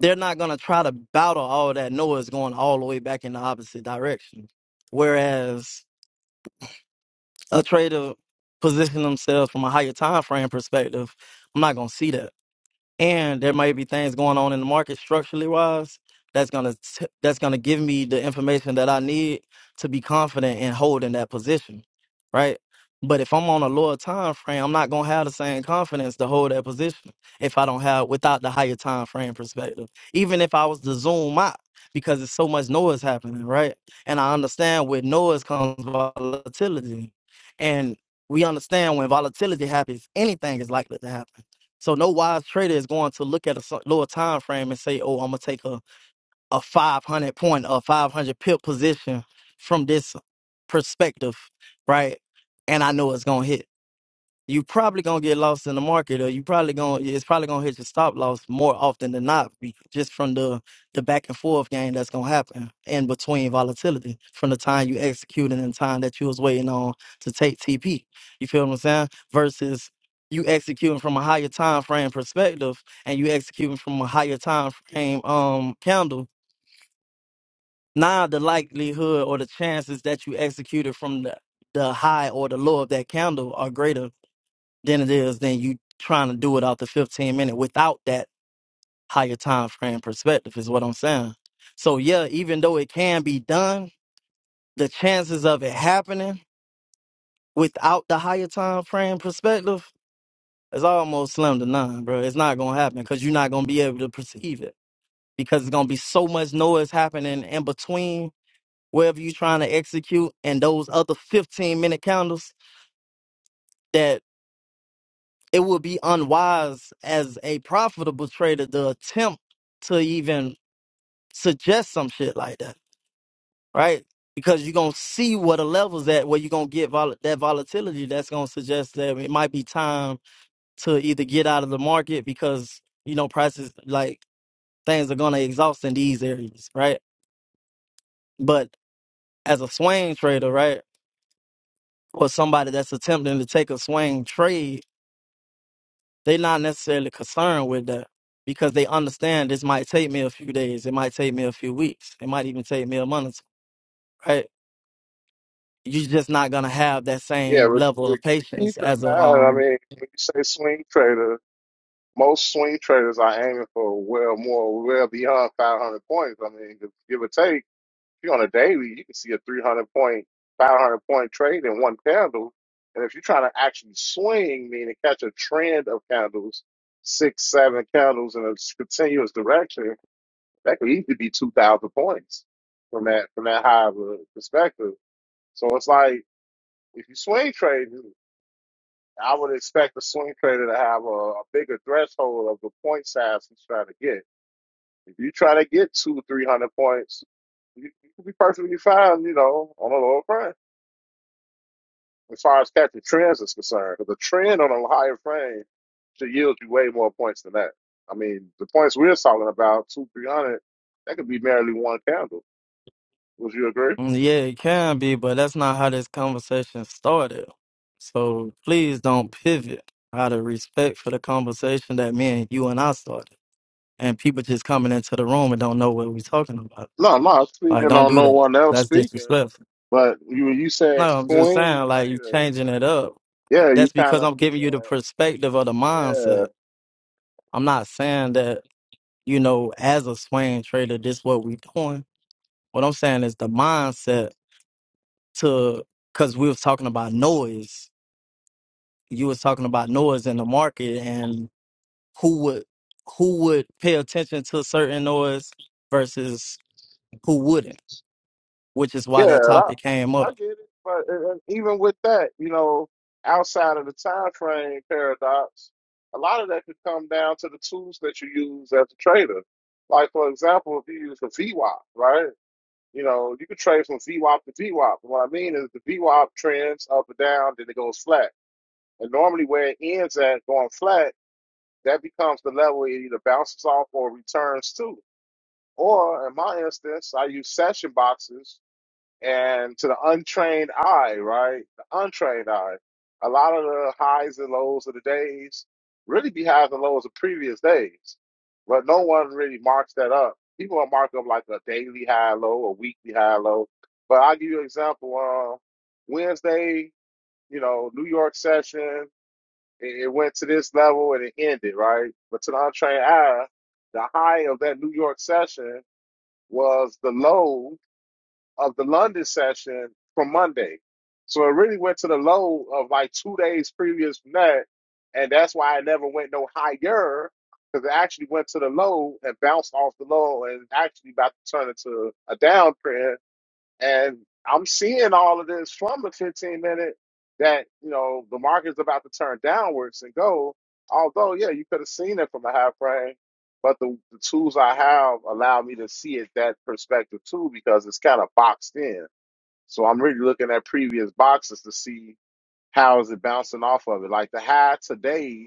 Speaker 3: they're not going to try to battle all that noise going all the way back in the opposite direction. Whereas a trader position themselves from a higher time frame perspective, I'm not going to see that. and there might be things going on in the market structurally wise that's gonna t- that's gonna give me the information that I need to be confident in holding that position, right? But if I'm on a lower time frame, I'm not gonna have the same confidence to hold that position if I don't have without the higher time frame perspective. Even if I was to zoom out, because it's so much noise happening, right? And I understand with noise comes volatility, and we understand when volatility happens, anything is likely to happen so no wise trader is going to look at a s- lower time frame and say, "Oh, I'm gonna take a a 500 point, a 500 pip position from this perspective, right?" And I know it's gonna hit you probably gonna get lost in the market, or you probably gonna it's probably gonna hit your stop loss more often than not, be- just from the the back and forth game that's gonna happen in between volatility from the time you executing and the time that you was waiting on to take TP. You feel what I'm saying? Versus you executing from a higher time frame perspective and you executing from a higher time frame um candle. Now the likelihood or the chances that you executed from the the high or the low of that candle are greater than it is than you trying to do it out the 15 minute without that higher time frame perspective is what I'm saying. So yeah, even though it can be done, the chances of it happening without the higher time frame perspective is almost slim to none, bro. It's not gonna happen because you're not gonna be able to perceive it because it's gonna be so much noise happening in between wherever you're trying to execute and those other 15 minute candles that. it would be unwise as a profitable trader to attempt to even suggest some shit like that, right? Because you're gonna see what the levels at where you're gonna get vol- that volatility. That's gonna suggest that it might be time to either get out of the market because you know prices like things are gonna exhaust in these areas, right? But as a swing trader, right, or somebody that's attempting to take a swing trade They not necessarily concerned with that because they understand this might take me a few days. It might take me a few weeks. It might even take me a month. Right? You're just not gonna have that
Speaker 1: yeah,
Speaker 3: same
Speaker 1: we,
Speaker 3: level
Speaker 1: we,
Speaker 3: of
Speaker 1: we keep
Speaker 3: patience
Speaker 1: in
Speaker 3: as a
Speaker 1: mind. I
Speaker 3: um.
Speaker 1: mean, when you say swing trader, most swing traders are aiming for well more, well beyond 500 points. I mean, if give or take, if you're on a daily, you can see a 300 point, 500 point trade in one candle. And if you're trying to actually swing, meaning catch a trend of candles, six, seven candles in a s- continuous direction, that could easily be 2,000 points from that from that high of a perspective. So it's like if you swing trade. I would expect a swing trader to have a, a bigger threshold of the point size he's trying to get. If you try to get two, three hundred points, you, you can be perfectly fine, you know, on a lower frame. As far as catching trends is concerned, 'Cause the trend on a higher frame should yield you way more points than that. I mean, the points we're talking about, two, three hundred, that could be merely one candle. Would you agree?
Speaker 3: mm, Yeah, it can be, but that's not how this conversation started. So please don't pivot out of respect for the conversation that me and you and I started. And people just coming into the room and don't know what we're talking about.
Speaker 1: No, I'm not
Speaker 3: Like,
Speaker 1: speaking
Speaker 3: don't
Speaker 1: on
Speaker 3: do
Speaker 1: no
Speaker 3: that.
Speaker 1: one else
Speaker 3: That's
Speaker 1: speaking,
Speaker 3: disrespectful.
Speaker 1: but you you said
Speaker 3: No, I'm just
Speaker 1: swing
Speaker 3: saying, like, you
Speaker 1: trader.
Speaker 3: changing it up
Speaker 1: Yeah, you
Speaker 3: That's
Speaker 1: kind
Speaker 3: because
Speaker 1: of
Speaker 3: I'm
Speaker 1: threw
Speaker 3: giving you
Speaker 1: that.
Speaker 3: the perspective of the
Speaker 1: Yeah,
Speaker 3: mindset. I'm not saying that, you know, as a swing trader, this what we doing. What I'm saying is the mindset to cause we was talking about noise. You was talking about noise in the market and who would who would pay attention to certain noise versus who wouldn't, which is why
Speaker 1: yeah,
Speaker 3: that
Speaker 1: I,
Speaker 3: topic came
Speaker 1: I
Speaker 3: up.
Speaker 1: get it. But uh, uh, even with that, you know, outside of the time frame paradox, a lot of that could come down to the tools that you use as a trader. Like, for example, if you use a VWAP, right? You know, you could trade from VWAP to VWAP. What I mean is the VWAP trends up and down, then it goes flat. And normally where it ends at going flat, that becomes the level it either bounces off or returns to. Or in my instance, I use session boxes And to the untrained eye, right? The untrained eye, a lot of the highs and lows of the days really be highs and lows of previous days, but no one really marks that up. People will mark up like a daily high low, a weekly high low. But I'll give you an example. Uh, Wednesday, you know, New York session, it, it went to this level and it ended, right? But to the untrained eye, the high of that New York session was the low of the London session from Monday. So it really went to the low of like two days previous from that. And that's why I never went no higher because it actually went to the low and bounced off the low and actually about to turn into a downtrend and I'm seeing all of this from a 15 minute that, you know, the market's about to turn downwards and go. Although, yeah, you could have seen it from a high frame, but the, the tools I have allow me to see it that perspective too because it's kind of boxed in. So I'm really looking at previous boxes to see how is it bouncing off of it. Like the high today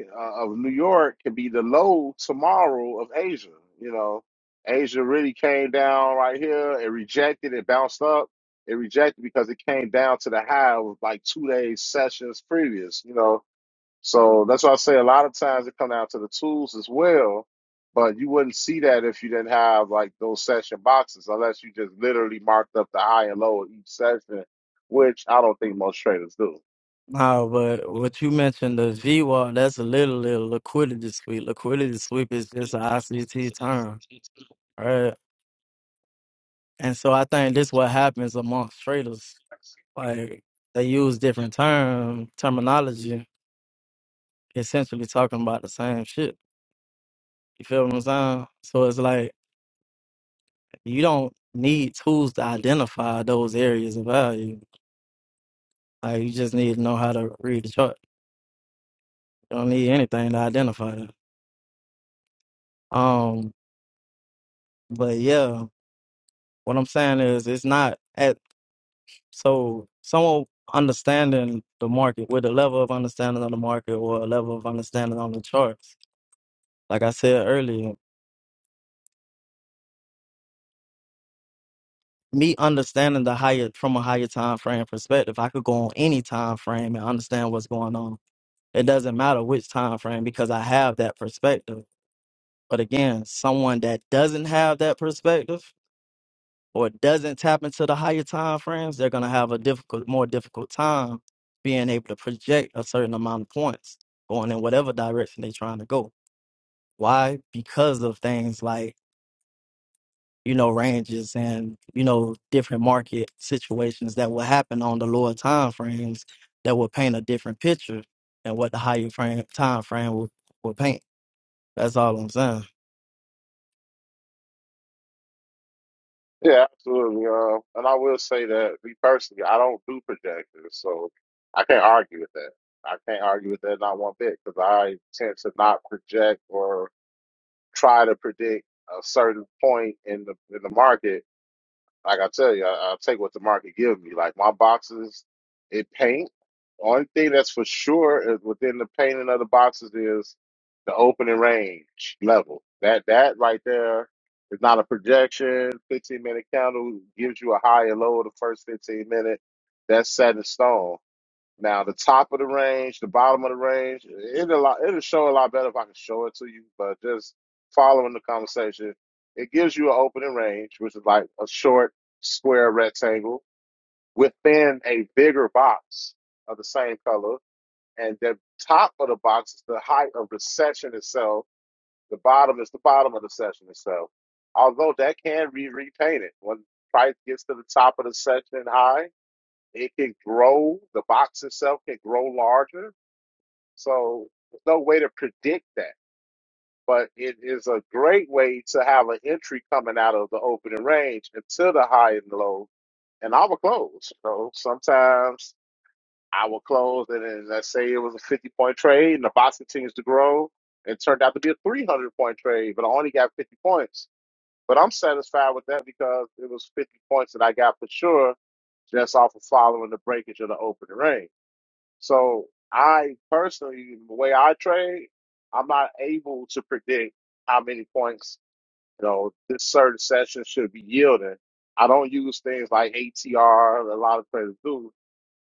Speaker 1: uh, of New York could be the low tomorrow of Asia. You know, Asia really came down right here. It rejected. It bounced up. It rejected because it came down to the high of like two days sessions previous. You know, so that's why I say a lot of times it come down to the tools as well. But you wouldn't see that if you didn't have like those session boxes, unless you just literally marked up the high and low of each session, which I don't think most traders do.
Speaker 3: Now, but what you mentioned, the V VWAP, that's literally a liquidity sweep. Liquidity sweep is just an ICT term. Right. And so I think this what happens amongst traders. Like they use different term terminology, essentially talking about the same shit. You feel what I'm saying? So it's like you don't need tools to identify those areas of value. Like you just need to know how to read the chart. You don't need anything to identify that. Um, but yeah, what I'm saying is it's not at so someone understanding the market with a level of understanding of the market or a level of understanding on the charts Like I said earlier, me understanding the higher from a higher time frame perspective, I could go on any time frame and understand what's going on. It doesn't matter which time frame because I have that perspective. But again, someone that doesn't have that perspective or doesn't tap into the higher time frames, they're gonna have a difficult, more difficult time being able to project a certain amount of points going in whatever direction they're trying to go. Why? Because of things like you know, ranges and, you know, different market situations that will happen on the lower time frames that will paint a different picture than what the higher frame time frame will, will paint. That's all I'm saying.
Speaker 1: Yeah, absolutely. Um, and I will say that me personally, I don't do projectors, so I can't argue with that. I can't argue with that not one bit because I tend to not project or try to predict a certain point in the in the market like I tell you, I, I take what the market gives me. Like my boxes, it paint. Only thing that's for sure is within the painting of the boxes is the opening range level. That that right there is not a projection. Fifteen minute candle gives you a high and low of the first fifteen minutes. That's set in stone. Now the top of the range, the bottom of the range, it'll a lot- it'll show a lot better if I can show it to you. But just following the conversation, it gives you an opening range, which is like a short square rectangle within a bigger box of the same color. And the top of the box is the height of the section itself. The bottom is the bottom of the section itself. Although that can be repainted when price gets to the top of the section high, it can grow. The box itself can grow larger so there's no way to predict that, but it is a great way to have an entry coming out of the opening range into the high and low, and I will close. So sometimes I will close, and then let's say it was a 50 point trade, and the box continues to grow. It turned out to be a 300 point trade, but I only got 50 points. But I'm satisfied with that because it was 50 points that I got for sure just off of following the breakage of the opening range. So I personally, the way I trade, I'm not able to predict how many points you know this certain session should be yielding. I don't use things like ATR. A lot of traders do,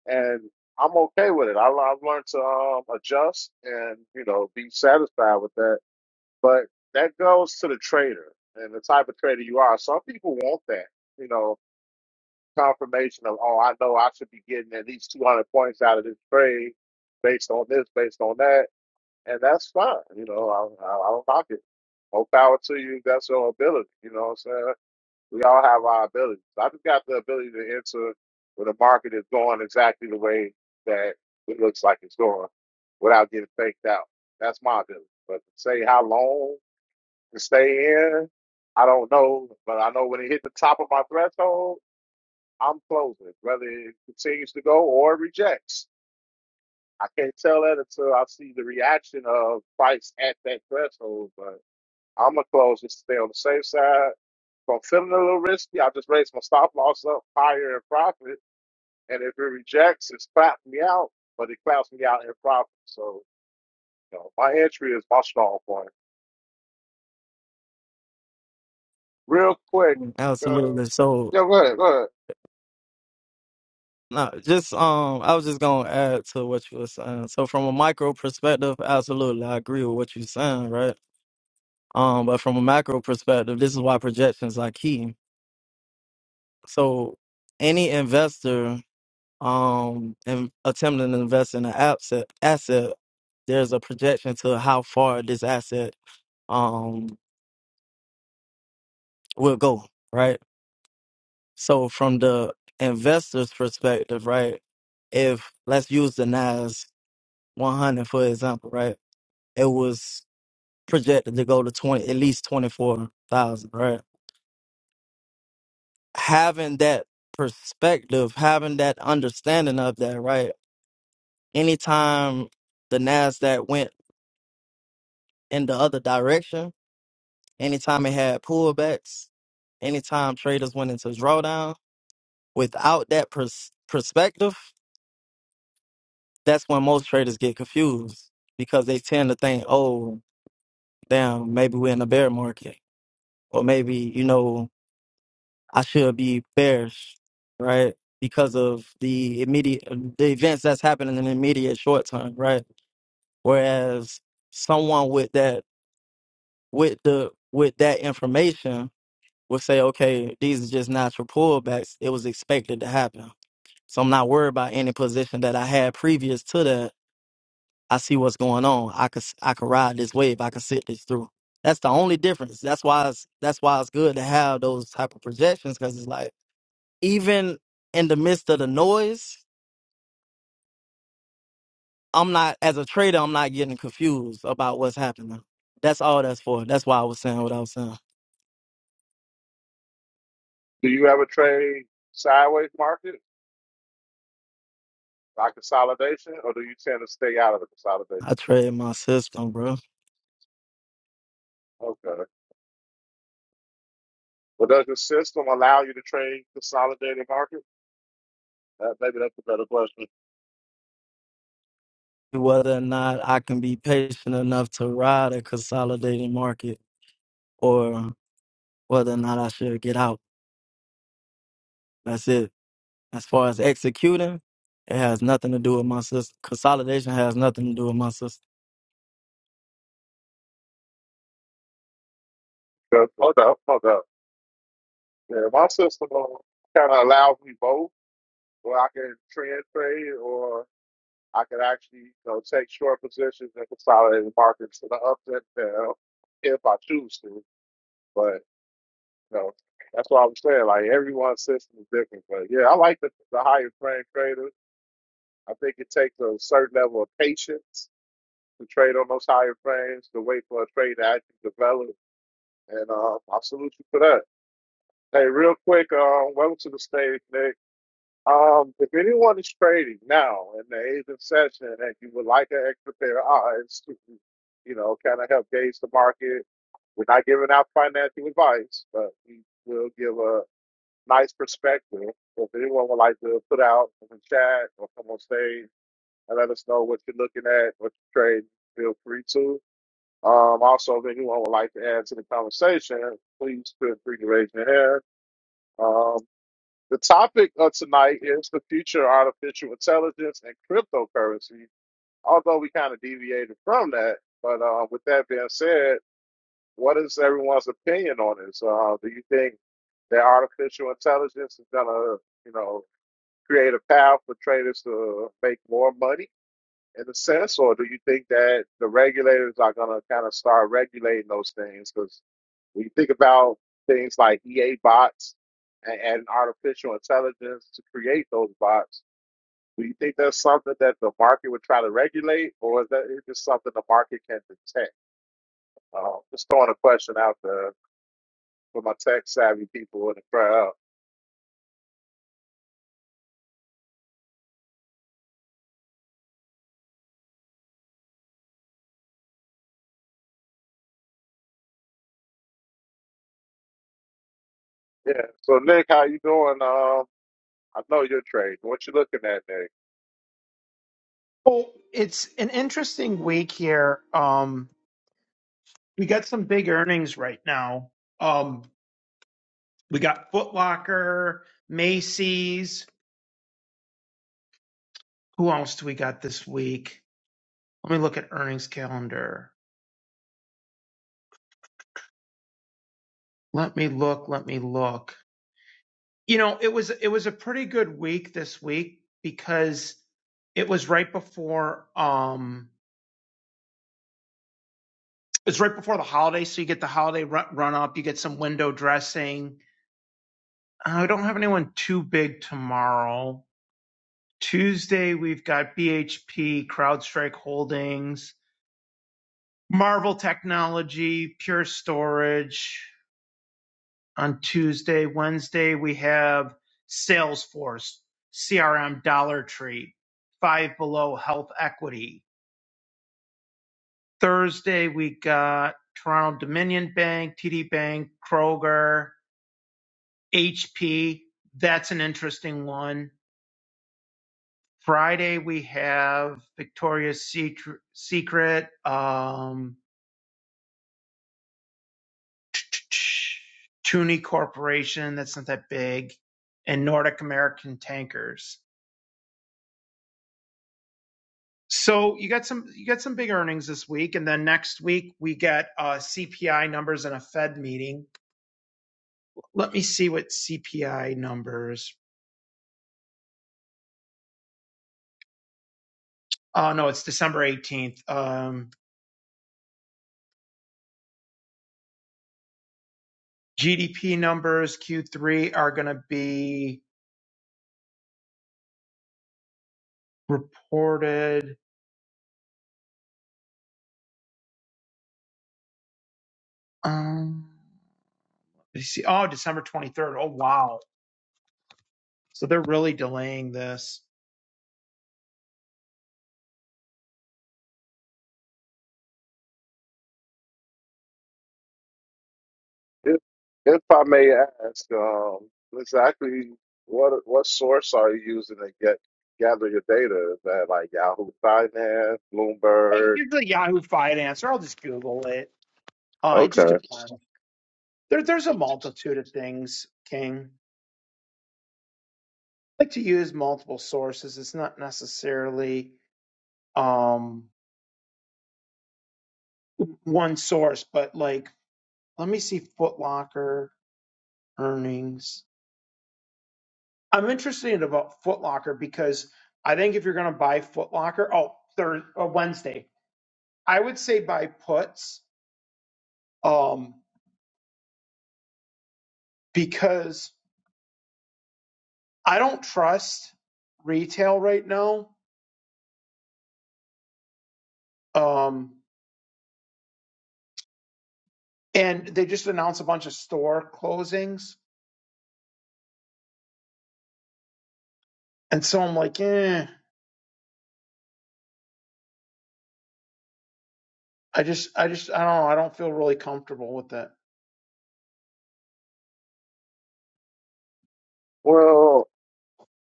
Speaker 1: and I'm okay with it. I, I've learned to um, adjust and you know be satisfied with that. But that goes to the trader and the type of trader you are. Some people want that, you know confirmation of, oh, I know I should be getting at least 200 points out of this trade based on this, based on that. And that's fine. You know, I, I, I don't knock it. More power to you. if That's your ability. You know what I'm saying? We all have our abilities. I just got the ability to enter where the market is going exactly the way that it looks like it's going without getting faked out. That's my ability. But to say how long to stay in, I don't know. But I know when it hit the top of my threshold, I'm closing, whether it continues to go or it rejects. I can't tell that until I see the reaction of fights at that threshold, but I'm going to close just to stay on the safe side. If I'm feeling a little risky, I just raise my stop loss up higher in profit. And if it rejects, it's clapped me out, but it claps me out in profit. So, you know, my entry is my strong point. Real quick, uh,
Speaker 3: Absolutely. So
Speaker 1: yeah, go ahead, go ahead.
Speaker 3: no, just um I was just gonna add to what you were saying. So from a micro perspective, absolutely I agree with what you're saying, right? Um, but from a macro perspective, this is why projections are key. So any investor um and attempting to invest in an asset asset there's a projection to how far this asset um will go right so from the investor's perspective right if let's use the nas 100 for example right it was projected to go to 20 at least 24000 right having that perspective having that understanding of that right anytime the nasdaq went in the other direction Anytime it had pullbacks, anytime traders went into drawdown, without that pers- perspective, that's when most traders get confused because they tend to think, oh, damn, maybe we're in a bear market, or maybe, you know, I should be bearish, right? Because of the immediate, the events that's happening in the immediate short term, right? Whereas someone with that, with the, with that information would say, okay, these are just natural pullbacks. It was expected to happen. So I'm not worried about any position that I had previous to that. I see what's going on. I could I could ride this wave. I could sit this through. That's the only difference. That's why it's that's why it's good to have those type of projections because it's like even in the midst of the noise, I'm not as a trader. I'm not getting confused about what's happening. That's all that's for. That's why I was saying what I was saying.
Speaker 1: Do you ever trade sideways market? like consolidation, or do you tend to stay out of the consolidation?
Speaker 3: I trade my system, bro.
Speaker 1: Okay. Well, does your system allow you to trade consolidated market? Uh, maybe that's a better question.
Speaker 3: whether or not I can be patient enough to ride a consolidating market or whether or not I should get out. That's it. As far as executing, it has nothing to do with my system. Consolidation has nothing to do with my system.
Speaker 1: Uh, Hold up, hold up. Yeah, my system kind of allows me both, where I can trend trade or I can actually you know, take short positions in consolidated markets to the up and down if I choose to. But you know, that's what I was saying. Like everyone's system is different. But yeah, I like the, the higher frame trader. I think it takes a certain level of patience to trade on those higher frames, to wait for a trade to actually develop. And um, I salute you for that. Hey, real quick, um, welcome to the stage, Nick. Um, if anyone is trading now in the eighth session and you would like an extra pair of eyes to, you know, kind of help gauge the market, we're not giving out financial advice, but we will give a nice perspective. So if anyone would like to put out in the chat or come on stage and let us know what you're looking at, what you're trading, feel free to. Um, also, if anyone would like to add to the conversation, please feel free to raise your hand. Um, the topic of tonight is the future of artificial intelligence and cryptocurrency, although we kind of deviated from that. But uh, with that being said, what is everyone's opinion on this? Uh, do you think that artificial intelligence is going to, you know, create a path for traders to make more money in a sense, or do you think that the regulators are going to kind of start regulating those things? 'Cause when you think about things like EA bots and, and artificial intelligence to create those bots, do you think that's something that the market would try to regulate, or is that is just something the market can detect? Uh, just throwing a question out there for my tech savvy people in the crowd. Yeah. So Nick, how you doing? Um, I know your trade. What you looking at, Nick?
Speaker 5: Well, it's an interesting week here. Um, we got some big earnings right now. Um, we got Foot Locker, Macy's. Who else do we got this week? Let me look at earnings calendar. Let me look. Let me look. You know, it was it was a pretty good week this week because it was right before um it's right before the holiday, so you get the holiday run, run up. You get some window dressing. I don't have anyone too big tomorrow Tuesday, we've got BHP, CrowdStrike Holdings, Marvel Technology, Pure Storage on Tuesday. Wednesday, we have Salesforce, CRM Dollar Tree, Five Below Health Equity. Thursday, we got Toronto Dominion Bank, TD Bank, Kroger, HP. That's an interesting one. Friday, we have Victoria's Secret, Secret, um, Toonie Corporation, that's not that big, and Nordic American Tankers. So you got some you got some big earnings this week, and then next week we get uh, CPI numbers and a Fed meeting. Let me see what CPI numbers. Oh no, it's December eighteenth. Um, GDP numbers Q3 are going to be reported. Um, let me see. Oh, December twenty third. Oh wow. So they're really delaying this.
Speaker 1: If, if I may ask, um, exactly what what source are you using to get gather your data? Is that like Yahoo Finance,
Speaker 5: Like,
Speaker 1: Bloomberg?
Speaker 5: It's a Yahoo Finance, or I'll just Google it. Uh, it just
Speaker 1: Okay.
Speaker 5: depends. There, there's a multitude of things, King. I like to use multiple sources. It's not necessarily um, one source, but like, let me see Foot Locker earnings. I'm interested about Foot Locker because I think if you're going to buy Foot Locker, oh, Thursday, uh, Wednesday, I would say buy puts um, because I don't trust retail right now Um, and they just announced a bunch of store closings. And so I'm like, eh, I just, I just, I don't know. I don't feel really comfortable with it.
Speaker 1: Well,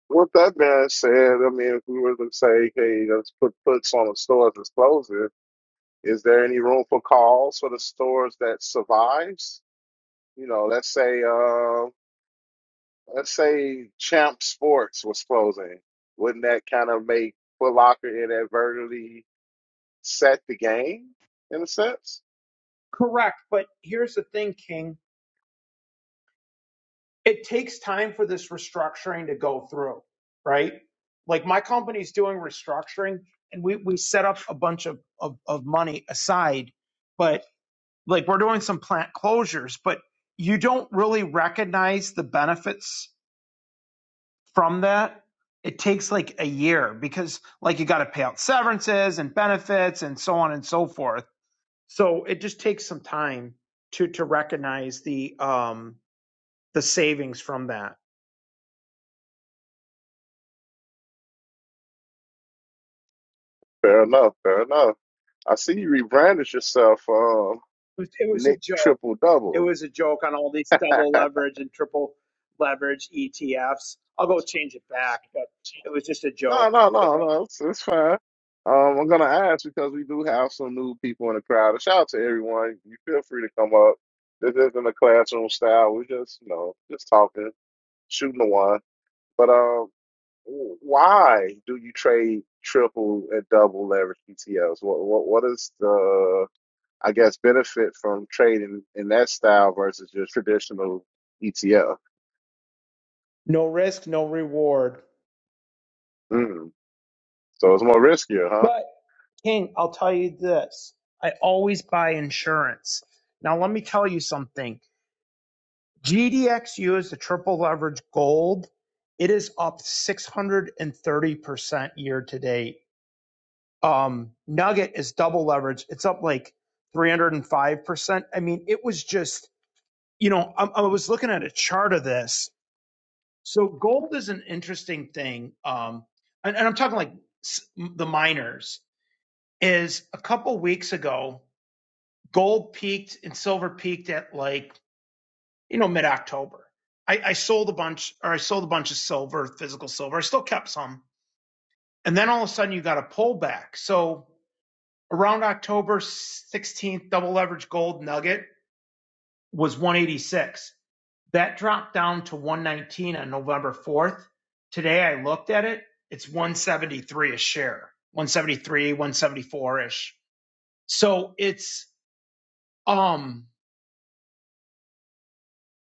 Speaker 1: with that being said, I mean, if we were to say, hey, let's put puts on the stores that's closing, is there any room for calls for the stores that survives? You know, let's say, uh, let's say Champ Sports was closing. Wouldn't that kind of make Foot Locker inadvertently? set the game in a sense.
Speaker 5: Correct. But here's the thing, King. It takes time for this restructuring to go through, right? Like my company's doing restructuring and we, we set up a bunch of, of, of money aside, but like we're doing some plant closures, but you don't really recognize the benefits from that. It takes like a year because like you got to pay out severances and benefits and so on and so forth. So it just takes some time to to recognize the um the savings from that.
Speaker 1: Fair enough. Fair enough. I see you rebranded yourself, um,
Speaker 5: It was, it was a
Speaker 1: Nick
Speaker 5: joke.
Speaker 1: Triple
Speaker 5: It
Speaker 1: Double.
Speaker 5: was a joke on all these
Speaker 1: no,
Speaker 5: double leverage and triple leverage ETFs. I'll go change it back, but it was just a joke.
Speaker 1: no, no, no. It's, it's fine. Um, I'm gonna ask because we do have some new people in the crowd. A shout out to everyone. You feel free to come up. This isn't a classroom style. We're just, you know, just talking, shooting the one. But um, wh- why do you trade triple and double leverage PTLs? What, what, what is the I guess, benefit from trading in that style versus your traditional ETF.
Speaker 5: No risk, no reward.
Speaker 1: Mm. So it's more riskier, huh?
Speaker 5: But King, I'll tell you this. I always buy insurance. Now let me tell you something. GDXU is the triple leverage gold. It is up 630% year to date. Um, Nugget is double leverage. It's up like 305%. I mean, it was just you know, I, I was looking at a chart of this. So gold is an interesting thing, um, and, and I'm talking like s- the miners. Is a couple weeks ago, gold peaked and silver peaked at like you know mid October. I, I sold a bunch, or I sold a bunch of silver, physical silver. I still kept some, and then all of a sudden you got a pullback. So around October 16th, double leverage gold nugget was 186. That dropped down to 119 on November 4th. Today I looked at it, it's 173 a share. 173, 174-ish. So it's um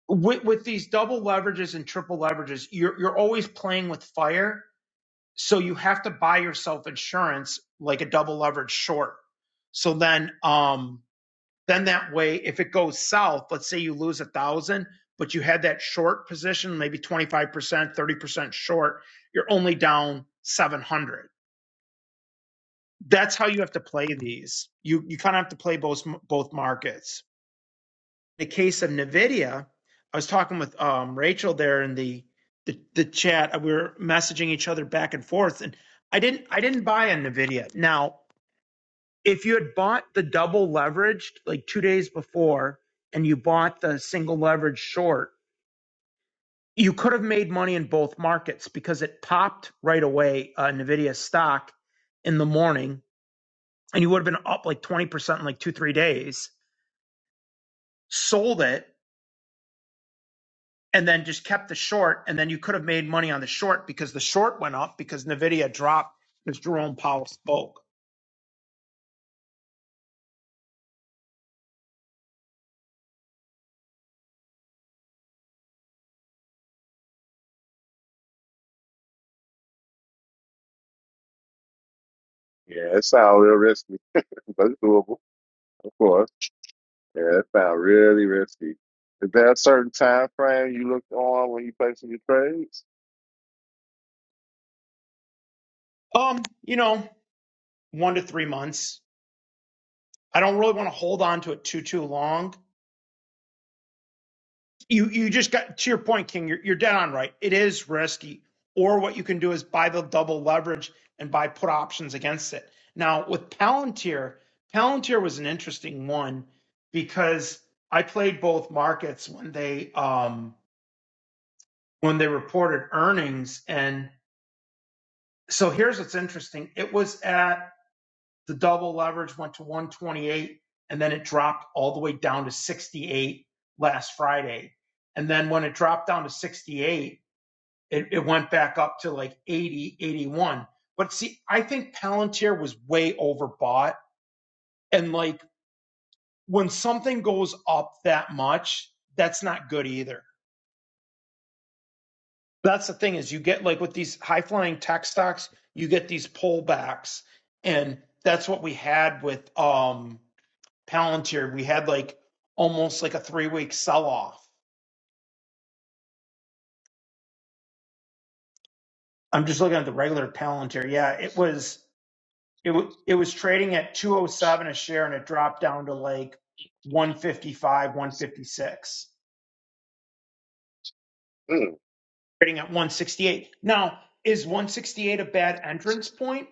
Speaker 5: with, with these double leverages and triple leverages, you're you're always playing with fire. So you have to buy yourself insurance like a double leverage short. So then um Then that way, if it goes south, let's say you lose a thousand, but you had that short position, maybe 25%, 30% short, you're only down 700. That's how you have to play these. You, you kind of have to play both, both markets. In the case of NVIDIA, I was talking with um, Rachel there in the, the, the chat. We were messaging each other back and forth and I didn't, I didn't buy a NVIDIA. Now if you had bought the double leveraged like two days before and you bought the single leverage short, you could have made money in both markets because it popped right away uh, Nvidia stock in the morning and you would have been up like 20% in like two, three days, sold it, and then just kept the short. And then you could have made money on the short because the short went up because Nvidia dropped because Jerome Powell spoke.
Speaker 1: Yeah, it sounds real risky, but it's doable, of course. Yeah, it sounds really risky. Is there a certain time frame you look on when you placing your trades?
Speaker 5: Um, you know, one to three months. I don't really want to hold on to it too, too long you you just got to your point, King. You're you're dead on right. It is risky. Or what you can do is buy the double leverage and buy put options against it. Now with Palantir, Palantir was an interesting one because I played both markets when they um when they reported earnings. And so here's what's interesting. It was at the double leverage went to 128 and then it dropped all the way down to 68 last Friday. And then when it dropped down to 68 it, it went back up to like 80, 81. but see i think palantir was way overbought and like when something goes up that much that's not good either that's the thing is you get like with these high flying tech stocks you get these pullbacks and that's what we had with um palantir we had like almost like a three week sell off i'm just looking at the regular palantir yeah it was It it was trading at 207 a share and it dropped down to like 155, 156,
Speaker 1: Mm.
Speaker 5: trading at 168. Now, is 168 a bad entrance point?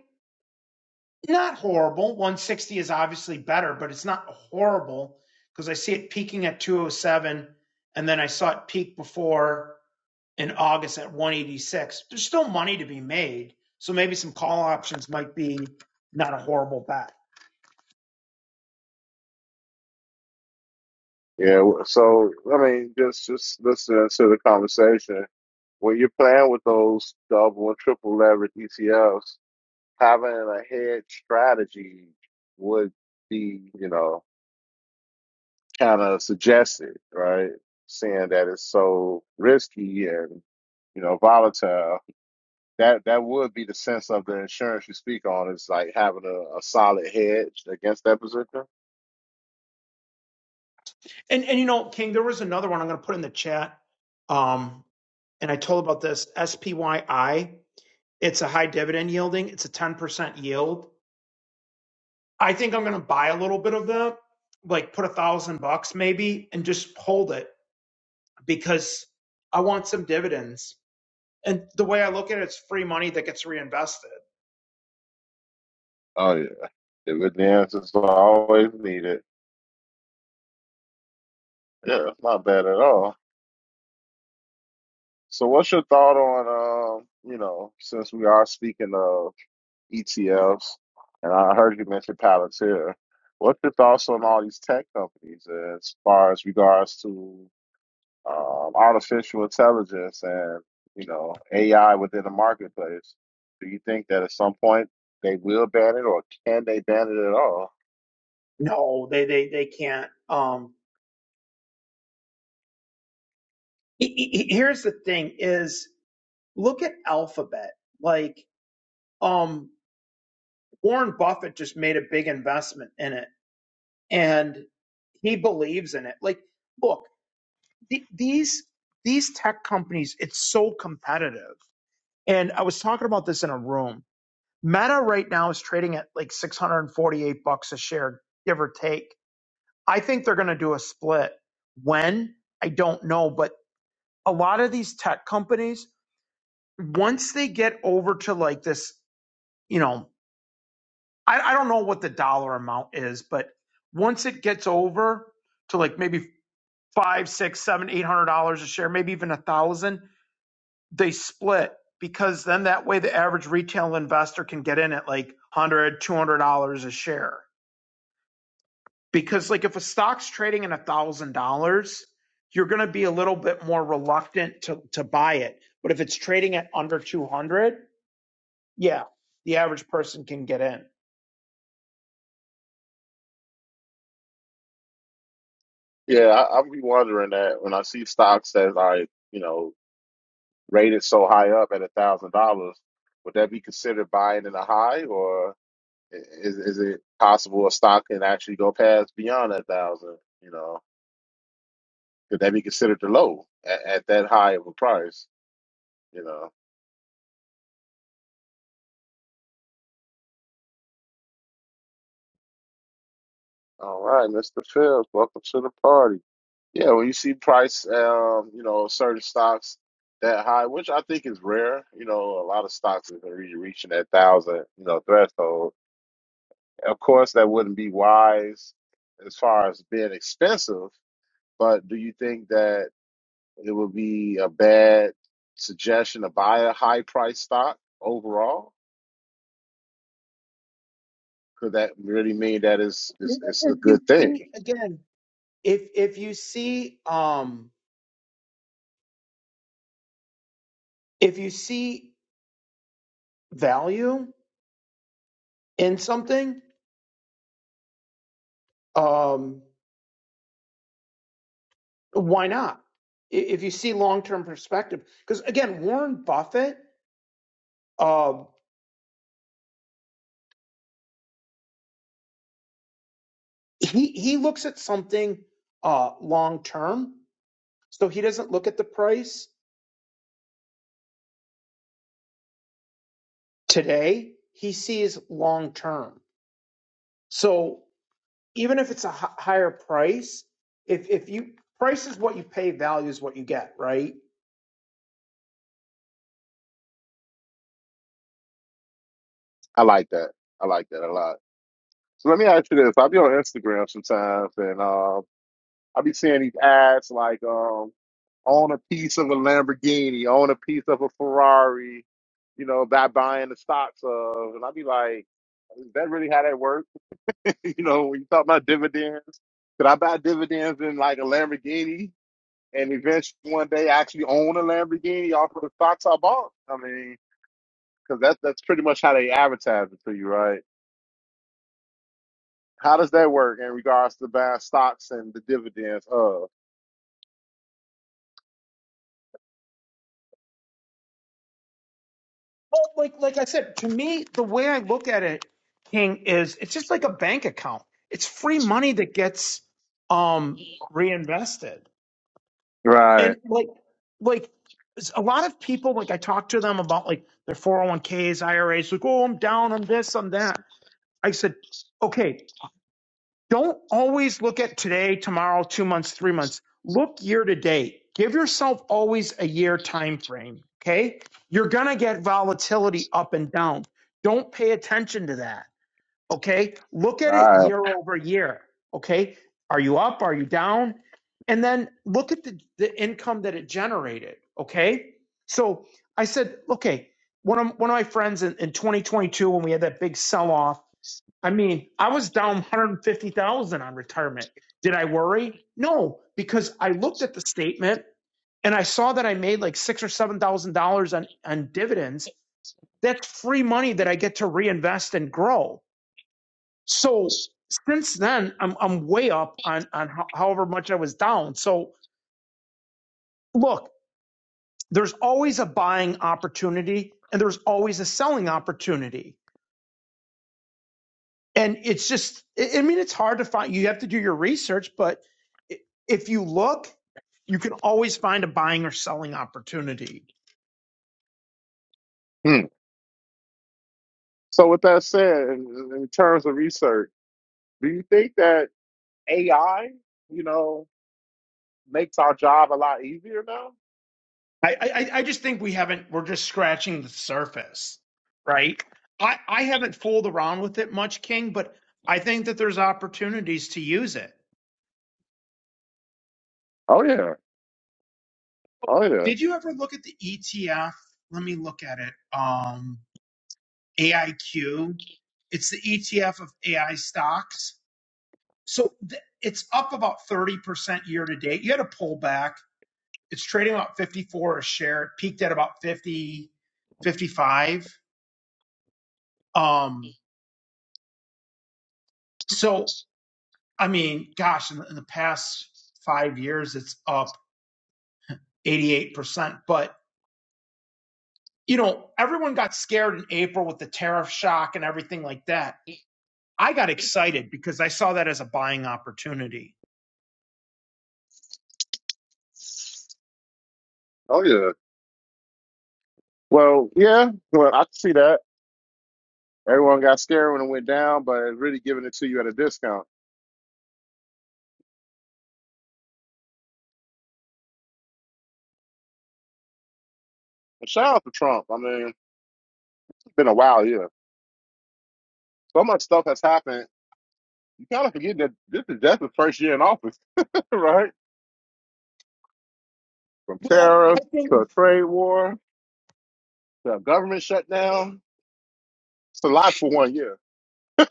Speaker 5: Not horrible. 160 is obviously better, but it's not horrible because I see it peaking at 207 and then I saw it peak before in August at 186. There's still money to be made, so maybe some call options might be not a horrible bet.
Speaker 1: Yeah, wh- so I mean, just just listening to the conversation. When you're playing with those double and triple leverage ETFs, having a hedge strategy would be, you know, kind of suggested, right? Saying that it's so risky and you know volatile. That that would be the sense of the insurance you speak on is like having a, a solid hedge against that position.
Speaker 5: And and you know, King, there was another one I'm going to put in the chat. Um, and I told about this SPYI. It's a high dividend yielding. It's a 10% yield. I think I'm going to buy a little bit of that, like put a thousand bucks maybe, and just hold it because I want some dividends. And the way I look at it, it's free money that gets reinvested.
Speaker 1: Oh yeah, the, the answers are always needed. Yeah, it's not bad at all. So, what's your thought on um, you know, since we are speaking of ETFs, and I heard you mention Palantir. What's your thoughts on all these tech companies as far as regards to um, artificial intelligence and you know AI within the marketplace. Do you think that at some point they will ban it, or can they ban it at all?
Speaker 5: No, they they they can't. Um, here's the thing: is look at Alphabet, like. um, Warren Buffett just made a big investment in it and he believes in it. Like, look, th- these these tech companies, it's so competitive. And I was talking about this in a room. Meta right now is trading at like 648 bucks a share, give or take. I think they're going to do a split. When? I don't know, but a lot of these tech companies once they get over to like this, you know, I, I don't know what the dollar amount is, but once it gets over to like maybe five, six, seven, eight hundred dollars a share, maybe even a thousand, they split because then that way the average retail investor can get in at like hundred, two hundred dollars a share. Because like if a stock's trading at a thousand dollars, you're gonna be a little bit more reluctant to to buy it. But if it's trading at under two hundred, yeah, the average person can get in.
Speaker 1: Yeah, I, I'll be wondering that when I see stocks that are you know rated so high up at a thousand dollars, would that be considered buying in a high, or i- is is it possible a stock can actually go past beyond that thousand? You know, could that be considered the low at, at that high of a price? You know. All right, Mr. Phillips, welcome to the party. Yeah, when you see price, um, you know, certain stocks that high, which I think is rare. You know, a lot of stocks are re- reaching that thousand, you know, threshold. Of course, that wouldn't be wise as far as being expensive, but do you think that it would be a bad suggestion to buy a high price stock overall? Could that really mean that is is it's, it's, it's
Speaker 5: If
Speaker 1: a
Speaker 5: you
Speaker 1: good
Speaker 5: see
Speaker 1: thing?
Speaker 5: again, if if you see um if you see value in something um why not I- if you see long-term perspective because again warren buffett uh he he looks at something uh long term so he doesn't look at the price today he sees long term so even if it's a hi- higher price if if you price is what you pay value is what you get right
Speaker 1: I like that. I like that a lot. So let me ask you this. I'll be on Instagram sometimes and um I'll be seeing these ads like um own a piece of a Lamborghini, own a piece of a Ferrari, you know, by buying the stocks of and I'll be like, is that really how that works? you know, when you talk about dividends, could I buy dividends in like a Lamborghini and eventually one day actually own a Lamborghini off of the stocks I bought? I mean, because that's that's pretty much how they advertise it to you, right? How does that work in regards to buying stocks and the dividends of?
Speaker 5: Well, like like I said, to me, the way I look at it, King, is it's just like a bank account. It's free money that gets um reinvested.
Speaker 1: Right,
Speaker 5: And like like s- a lot of people, like I talk to them about like their 401ks, IRAs, like, oh, I'm down on this, on that. I said, okay, don't always look at today, tomorrow, two months, three months. Look year to date. Give yourself always a year time frame. Okay. You're gonna get volatility up and down. Don't pay attention to that. Okay. Look at it
Speaker 1: right.
Speaker 5: year over year. Okay. Are you up? Are you down? And then look at the, the income that it generated. Okay. So I said, okay, one of one of my friends in, in 2022, when we had that big sell-off. I mean, I was down 150,000 on retirement. Did I worry? No, because I looked at the statement and I saw that I made like six or seven thousand dollars on on dividends. That's free money that I get to reinvest and grow. So since then, I'm I'm way up on on ho- however much I was down. So look, there's always a buying opportunity and there's always a selling opportunity and it's just i I mean it's hard to find you have to do your research but i- if you look you can always find a buying or selling opportunity
Speaker 1: Hmm. So, with that said, in, in terms of research, do you think that AI, you know, makes our job a lot easier now?
Speaker 5: i i, I I just think we haven't we're just scratching the surface right i i haven't fooled around with it much king but i think that there's opportunities to use it
Speaker 1: Oh yeah, oh yeah,
Speaker 5: did you ever look at the etf let me look at it um, AIQ. It's the ETF of AI stocks. So th- it's up about 30% year to date. You had a pullback. It's trading about 54 a share. It peaked at about 50, 55. Um, so, I mean, gosh, in the, in the past five years, it's up 88%. But, you know, everyone got scared in April with the tariff shock and everything like that. I got excited because I saw that as a buying opportunity.
Speaker 1: oh yeah. Well, yeah. Well, I can see that. Everyone got scared when it went down, but it's really giving it to you at a discount. And shout out to Trump. I mean, it's been a while, yeah. So much stuff has happened. You kind of forget that this is that's the first year in office, right? from
Speaker 5: Well, I
Speaker 1: tariff to
Speaker 5: think.
Speaker 1: a trade war to a government shutdown. It's a lot for one year.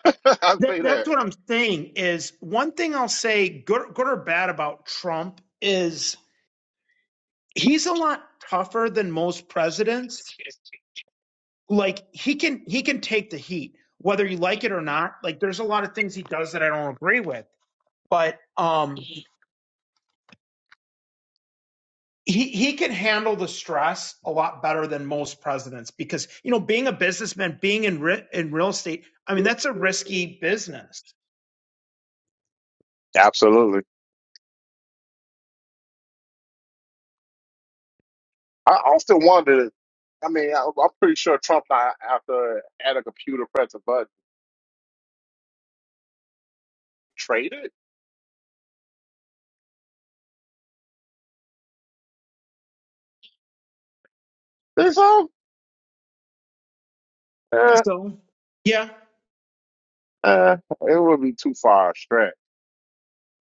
Speaker 1: I'll
Speaker 5: That,
Speaker 1: say
Speaker 5: that's
Speaker 1: that.
Speaker 5: what I'm saying is one thing I'll say good, good or bad about Trump is he's a lot tougher than most presidents. Like he can he can take the heat whether you like it or not. Like there's a lot of things he does that I don't agree with, but um he he can handle the stress a lot better than most presidents because you know being a businessman, being in re- in real estate, I mean that's a risky business. I
Speaker 1: Absolutely. I often wonder. I mean, I, I'm pretty sure Trump, not after at a computer press a button, traded. Think so?
Speaker 5: think
Speaker 1: Uh,
Speaker 5: so. Yeah.
Speaker 1: uh, it would be too far a stretch.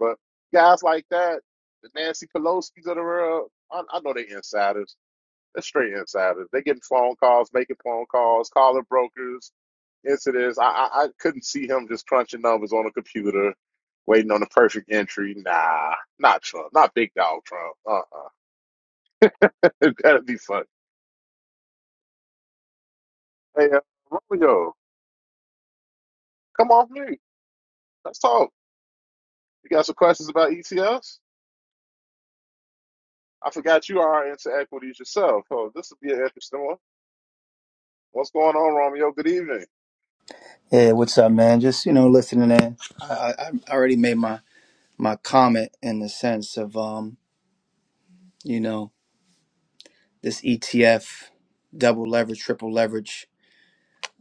Speaker 1: But guys like that, the Nancy Pelosi's of the world, I, I know they're insiders. They're straight insiders. They're getting phone calls, making phone calls, calling brokers, incidents. I, I, I couldn't see him just crunching numbers on a computer, waiting on the perfect entry. Nah, not Trump, not big dog Trump. Uh-uh. it gotta be fun. Hey, uh, Romeo, come off mute. Let's talk. You got some questions about ETFs? I forgot you are into equities yourself. Oh, this will be an interesting one. What's going on, Romeo? Good evening.
Speaker 6: Yeah, what's up, man? Just you know, listening in. I, I I already made my my comment in the sense of um, you know, this ETF, double leverage, triple leverage,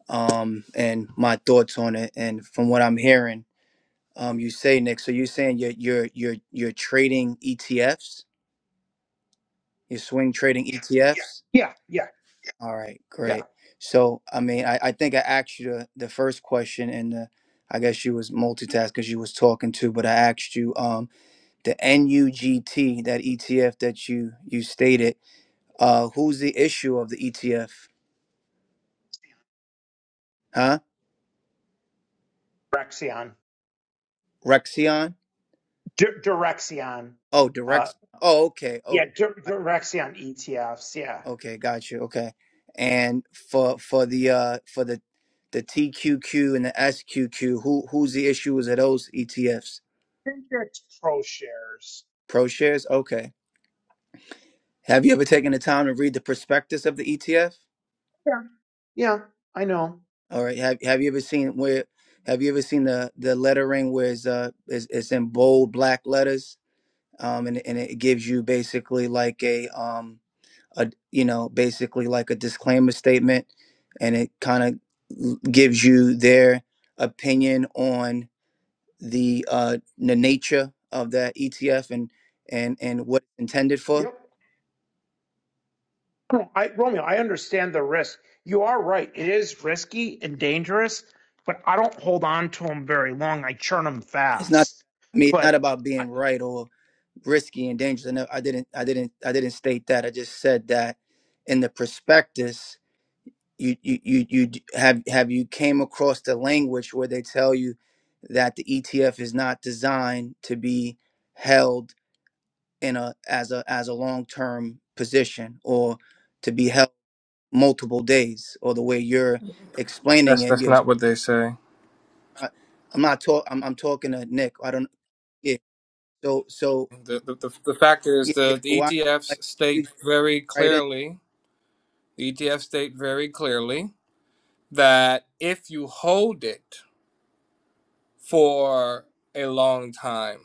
Speaker 6: um, and my thoughts on it. And from what I'm hearing, um, you say Nick, so you're saying you're you're you're you're trading ETFs, you're swing trading ETFs.
Speaker 5: Yeah, yeah,
Speaker 6: All right,
Speaker 5: yeah.
Speaker 6: great. So I mean, I, I think I asked you the, the first question, and the, I guess you was multitask because you was talking too, but I asked you. Um, the NUGT, that ETF that you you stated. Uh, who's the issue of the ETF? Huh?
Speaker 5: Rexion.
Speaker 6: Rexion?
Speaker 5: D- Direxion.
Speaker 6: Oh,
Speaker 5: Uh,
Speaker 6: direct. Oh, okay.
Speaker 5: yeah,
Speaker 6: Okay.
Speaker 5: D- Direxion ETFs. Yeah. I
Speaker 6: Okay, got you. Okay. And for for the uh for the the TQQ and the SQQ, who who's the issuers of those ETFs?
Speaker 5: Think that's pro shares.
Speaker 6: ProShares? Okay. Have you ever taken the time to read the prospectus of the ETF?
Speaker 5: Yeah. Yeah, I know.
Speaker 6: All right. Have Have you ever seen where? Have you ever seen the the lettering where it's uh it's, it's in bold black letters? um, and and it gives you basically like a um a you know basically like a disclaimer statement, and it kind of gives you their opinion on the uh the nature of that ETF and and and what it's intended for.
Speaker 5: Yep. No, I, Romeo, I understand the risk. You are right. It is risky and dangerous, but I don't hold on to them very long. I churn them
Speaker 6: It's not
Speaker 5: fast.
Speaker 6: I mean it's not
Speaker 5: But,
Speaker 6: about
Speaker 5: I-
Speaker 6: being right or risky and dangerous. I, know, I didn't I didn't I didn't state that. I just said that in the prospectus you you you, you d- have have you came across the language where they tell you that the ETF is not designed to be held in a as a as a long term position or to be held multiple days or the way you're explaining
Speaker 7: That's
Speaker 6: it
Speaker 7: that's
Speaker 6: you're
Speaker 7: not what they say.
Speaker 6: I, I'm not talk I'm, I'm talking to Nick I don't yeah so so
Speaker 7: The the, the, the fact is
Speaker 6: yeah, yeah,
Speaker 7: the,
Speaker 6: so
Speaker 7: the
Speaker 6: why like
Speaker 7: ETFs
Speaker 6: you
Speaker 7: state
Speaker 6: just
Speaker 7: very
Speaker 6: write in
Speaker 7: clearly the ETFs state very clearly that if you hold it for a long time,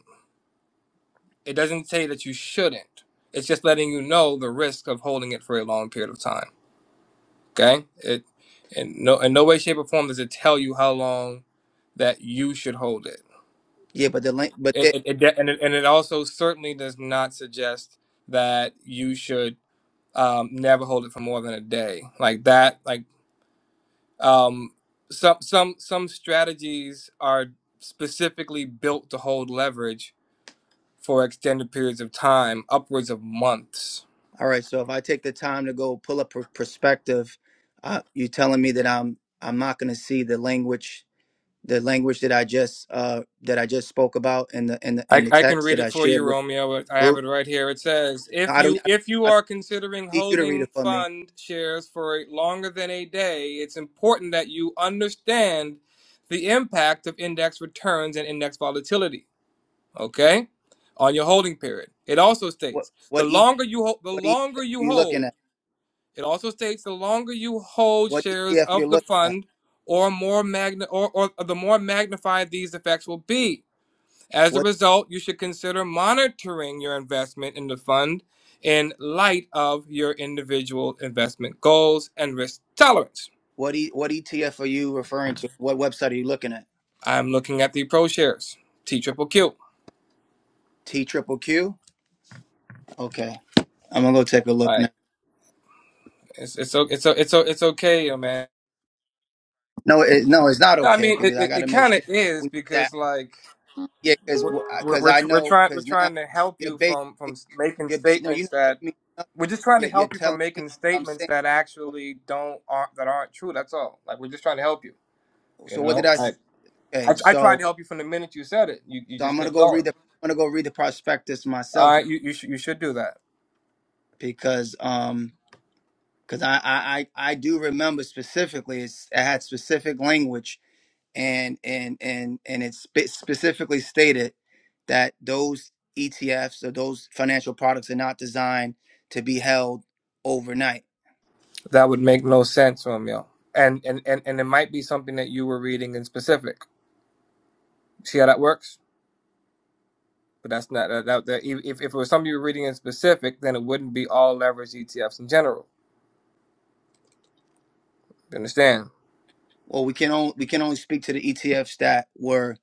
Speaker 7: it doesn't say that you shouldn't. It's just letting you know the risk of holding it for a long period of time. Okay? It in no in no way, shape, or form does it tell you how long that you should hold it.
Speaker 6: yeah but the link but it,
Speaker 7: It, it, it and, it and it also certainly does not suggest that you should um, never hold it for more than a day like that like um, some some some strategies are specifically built to hold leverage for extended periods of time upwards of months
Speaker 6: All right. So if I take the time to go pull up a perspective, uh, you telling me that I'm I'm not going to see the language the language that I just uh, that I just spoke about in the in the in
Speaker 7: I,
Speaker 6: the
Speaker 7: I can
Speaker 6: text
Speaker 7: read
Speaker 6: that
Speaker 7: it
Speaker 6: I
Speaker 7: for
Speaker 6: shared
Speaker 7: you
Speaker 6: with
Speaker 7: romeo i
Speaker 6: the
Speaker 7: have
Speaker 6: group.
Speaker 7: it right here it says
Speaker 6: No,
Speaker 7: if
Speaker 6: I don't.
Speaker 7: you
Speaker 6: I don't,
Speaker 7: if you
Speaker 6: I don't
Speaker 7: are considering
Speaker 6: need you to read
Speaker 7: holding
Speaker 6: it for me.
Speaker 7: fund shares for longer than a day it's important that you understand the impact of index returns and index volatility okay on your holding period it also
Speaker 6: What
Speaker 7: states the
Speaker 6: what e,
Speaker 7: longer you hold the
Speaker 6: what ETF
Speaker 7: longer
Speaker 6: are
Speaker 7: you
Speaker 6: you looking
Speaker 7: hold
Speaker 6: at?
Speaker 7: it also states the longer you hold
Speaker 6: What
Speaker 7: shares
Speaker 6: ETF you're
Speaker 7: of the
Speaker 6: looking at?
Speaker 7: fund or more magna or, or the more magnified these effects will be as a
Speaker 6: What
Speaker 7: result you should consider monitoring your investment in the fund in light of your individual investment goals and risk tolerance
Speaker 6: what e, what ETF are you referring to? What website are you looking at?
Speaker 7: i'm looking at the pro shares t triple q all
Speaker 6: T triple Q. Okay. I'm gonna go take a look now.
Speaker 7: right it's it's o- it's o- it's o- it's okay yo man
Speaker 6: No, it, no, it's not
Speaker 7: No, I
Speaker 6: okay
Speaker 7: mean
Speaker 6: because
Speaker 7: it.
Speaker 6: I
Speaker 7: It,
Speaker 6: got
Speaker 7: it
Speaker 6: to make
Speaker 7: kind of
Speaker 6: sure that
Speaker 7: is
Speaker 6: we. that.
Speaker 7: because like
Speaker 6: Yeah, because
Speaker 7: we're we're
Speaker 6: because
Speaker 7: we're,
Speaker 6: I
Speaker 7: tr- we're
Speaker 6: know
Speaker 7: trying we're
Speaker 6: because now
Speaker 7: trying to help
Speaker 6: you're
Speaker 7: you from from
Speaker 6: basically
Speaker 7: s- making
Speaker 6: you're ba- no you're
Speaker 7: statements
Speaker 6: not
Speaker 7: that
Speaker 6: helping me. nothing.
Speaker 7: we're just trying to
Speaker 6: You're, you're
Speaker 7: help you from
Speaker 6: telling me
Speaker 7: making
Speaker 6: what I'm
Speaker 7: statements
Speaker 6: saying.
Speaker 7: that
Speaker 6: What,
Speaker 7: actually don't aren't that aren't true. That's all. Like we're just trying to help you. You
Speaker 6: so what did
Speaker 7: know,
Speaker 6: I?
Speaker 7: I
Speaker 6: s-
Speaker 7: I,
Speaker 6: Okay,
Speaker 7: I tried to
Speaker 6: so
Speaker 7: help you from the minute you said it. You you
Speaker 6: so
Speaker 7: just
Speaker 6: I'm gonna
Speaker 7: kept
Speaker 6: go
Speaker 7: going.
Speaker 6: read the I'm gonna go read the prospectus
Speaker 7: All
Speaker 6: myself
Speaker 7: right, you you should you should do that.
Speaker 6: because um because I, I I I do remember specifically it's, it had specific language and and and and it spe- specifically stated that those ETFs or those financial products are not designed to be held overnight
Speaker 7: That would make no sense, Romeo. And and and and it might be something that you were reading in specific. See how that works? But that's not that, that, that e, if, if it was something you were reading in specific, then it wouldn't be all leverage ETFs in general. You understand?
Speaker 6: well, we can only we can only speak to the ETFs that were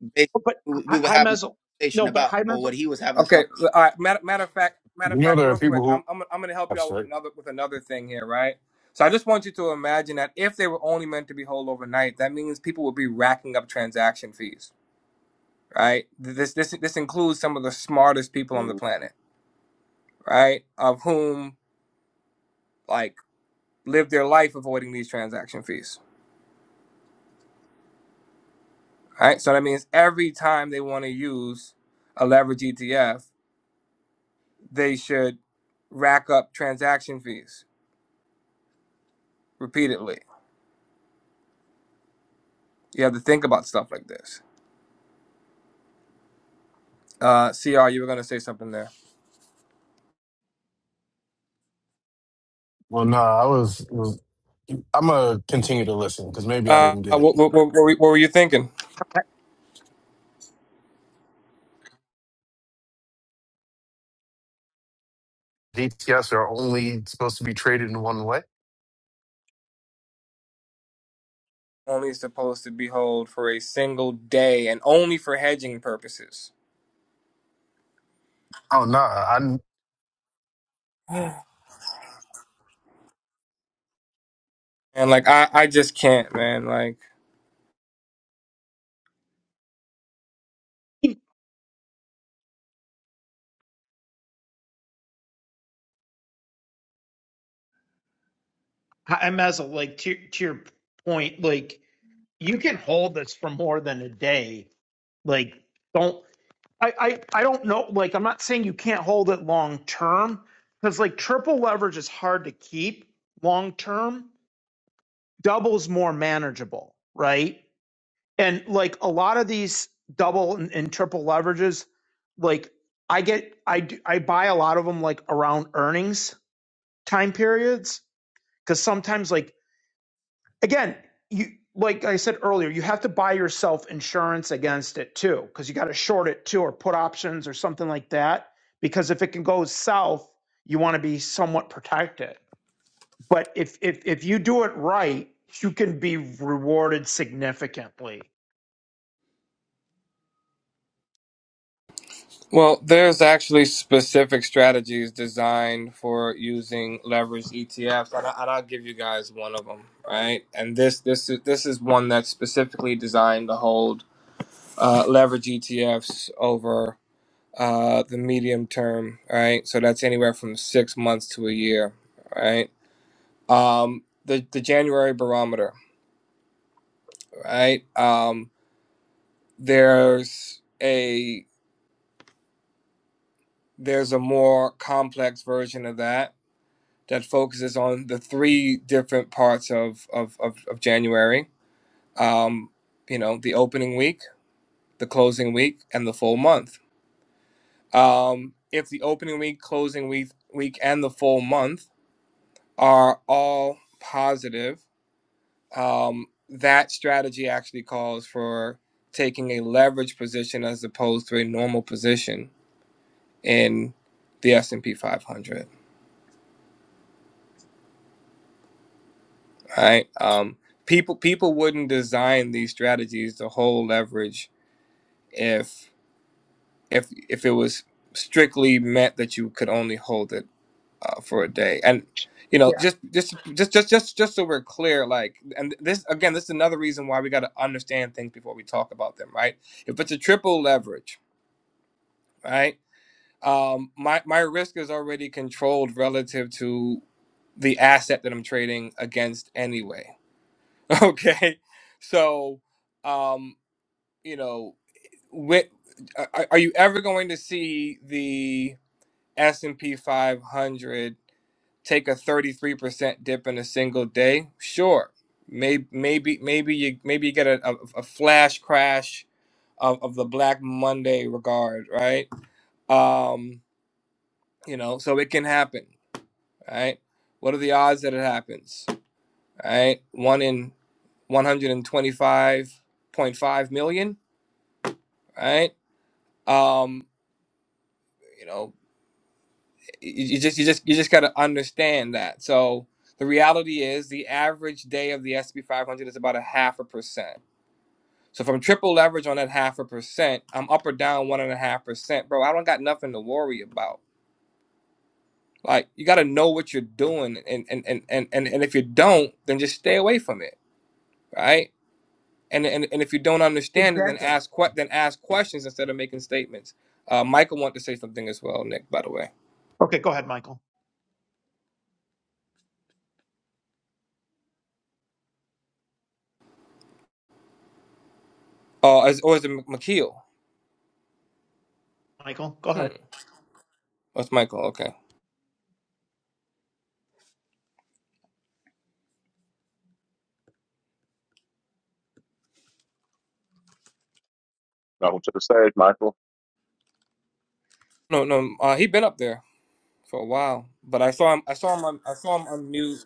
Speaker 6: bas-
Speaker 5: but
Speaker 6: we we
Speaker 5: hi-
Speaker 6: were
Speaker 5: high
Speaker 6: having
Speaker 5: mezzo,
Speaker 6: a
Speaker 5: no,
Speaker 6: conversation
Speaker 5: but
Speaker 6: about,
Speaker 5: high
Speaker 6: or
Speaker 5: mezzo,
Speaker 6: what he was having a
Speaker 7: Okay.
Speaker 6: conversation.
Speaker 7: All right. Matter, matter of fact, matter
Speaker 4: You
Speaker 7: of
Speaker 4: know,
Speaker 7: fact,
Speaker 4: there are
Speaker 7: real quick,
Speaker 4: people
Speaker 7: I'm,
Speaker 4: who.
Speaker 7: I'm I'm gonna help y'all
Speaker 4: That's
Speaker 7: with
Speaker 4: right.
Speaker 7: another with another thing here, right? So I just want you to imagine that if they were only meant to be held overnight, that means people would be racking up transaction fees, right? This this this includes some of the smartest people on the planet, right? Of whom like live their life avoiding these transaction fees All right? So that means every time they want to use a leverage ETF, they should rack up transaction fees repeatedly. You have to think about stuff like this. Uh, CR, you were going to say something there.
Speaker 4: Well, nah, I was. was I'm gonna continue to listen because maybe I
Speaker 7: Uh,
Speaker 4: didn't get it.
Speaker 7: what, what, what, were what were you thinking?
Speaker 5: high
Speaker 4: DTS are only supposed to be traded in one way.
Speaker 7: Only supposed to be held for a single day and only for hedging purposes.
Speaker 4: Oh nah, I
Speaker 7: And like, I, I just can't, man. Like,
Speaker 5: high mezzo, like to, to your point, like you can hold this for more than a day. Like, don't. I, I I don't know. Like, I'm not saying you can't hold it long term because like triple leverage is hard to keep long term. Double's more manageable, right? And like a lot of these double and, and triple leverages, like I get I do, I buy a lot of them like around earnings time periods because sometimes like again, you like I said earlier, you have to buy yourself insurance against it too, because you got to short it too, or put options or something like that. Because if it can go south, you want to be somewhat protected. But if if if you do it right, you can be rewarded significantly.
Speaker 7: Well, there's actually specific strategies designed for using leveraged ETFs, and, I, and I'll give you guys one of them, right? And this this is this is one that's specifically designed to hold uh, leverage ETFs over uh, the medium term, right? So that's anywhere from six months to a year, right? Um, the the January barometer, right? Um, there's a there's a more complex version of that that focuses on the three different parts of of, of, of January. Um, you know, the opening week, the closing week, and the full month. Um, if the opening week, closing week, week, and the full month are all positive, um, that strategy actually calls for taking a leverage position as opposed to a normal position in the S&P 500. right? Um, people people wouldn't design these strategies to hold leverage if if if it was strictly meant that you could only hold it uh, for a day. And you know,
Speaker 5: Yeah,
Speaker 7: just just just just just just so we're clear, like, and this again, this is another reason why we got to understand things before we talk about them, right? If it's a triple leverage, right? Um, my my risk is already controlled relative to the asset that I'm trading against anyway, Okay. So, um, you know, wh- are are you ever going to see the S&P 500 take a 33% dip in a single day? Sure. Maybe maybe maybe you maybe you get a, a, a flash crash of, of the Black Monday regard, right? Um, you know, so it can happen, right? What are the odds that it happens? Right? One in 125.5 million right? Um, you know, you, you just you just you just gotta understand that. So the reality is, the average day of the SP 500 is about a half a percent. So if I'm triple leverage on that half a percent, I'm up or down one and a half percent, bro. I don't got nothing to worry about. Like you gotta know what you're doing, and and and and and, and if you don't, then just stay away from it, right? And, and, and if you don't understand it, then
Speaker 5: exactly.
Speaker 7: ask que- then ask questions instead of making statements. Uh, Michael wanted to say something as well, Nick. By the way.
Speaker 5: Okay, go ahead, Michael.
Speaker 7: Oh, is, or is it McKeel?
Speaker 5: Michael, go ahead.
Speaker 7: Hmm. That's Michael. Okay.
Speaker 1: Welcome to the stage, Michael.
Speaker 7: No, no. Uh, he been up there for a while, but I saw him. I saw him. On, I saw him on mute.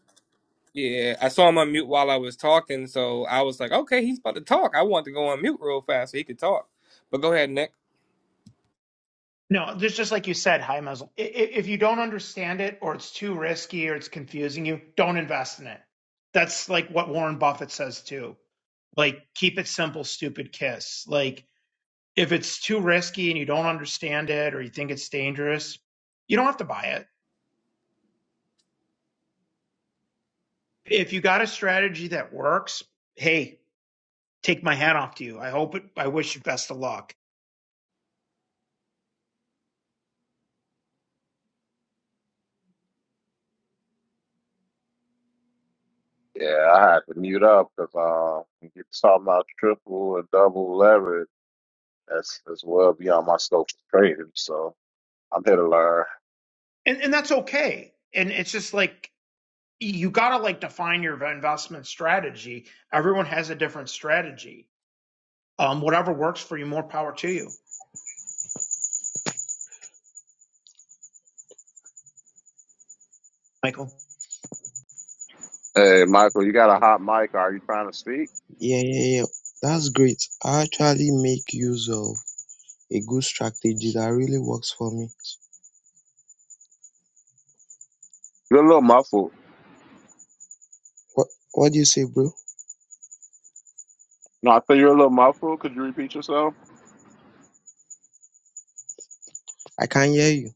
Speaker 7: Yeah, I saw him on mute while I was talking, so I was like, okay, he's about to talk. I wanted to go on mute real fast so he could talk. But go ahead, Nick.
Speaker 5: No, just just like you said, high muzzle. If you don't understand it, or it's too risky, or it's confusing you, don't invest in it. That's like what Warren Buffett says too. Like, keep it simple, stupid kiss. Like, if it's too risky and you don't understand it, or you think it's dangerous, you don't have to buy it. If you got a strategy that works, hey, take my hat off to you. I hope it. I wish you best of luck,
Speaker 1: Yeah, I had to mute up because uh, when you talking about triple and double leverage. That's that's well beyond my scope of trading. So I'm here to learn.
Speaker 5: and and that's okay. And it's just like you gotta like define your investment strategy. Everyone has a different strategy. Um, whatever works for you, more power to you. Michael,
Speaker 1: Hey, Michael, you got a hot mic. Are you trying to speak?
Speaker 8: Yeah, yeah, yeah. That's great. I actually make use of a good strategy that really works for me.
Speaker 1: You're a little muffled.
Speaker 8: What What do you say, bro?
Speaker 1: No, I think you're a little muffled. Could you repeat yourself?
Speaker 8: I can't hear you.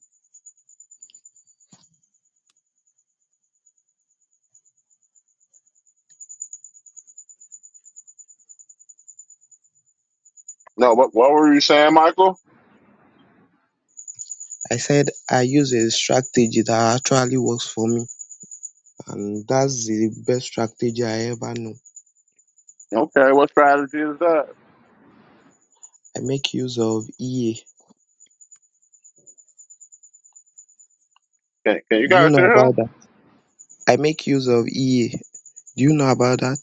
Speaker 1: No, what what were you saying, Michael?
Speaker 8: I said I use a strategy that actually works for me, and that's the best strategy I ever know.
Speaker 1: Okay, what strategy is that?
Speaker 8: I make use of EA.
Speaker 1: Can, can you
Speaker 8: Do you
Speaker 1: guys
Speaker 8: know
Speaker 1: hear him?
Speaker 8: about that? I make use of EA. Do you know about that?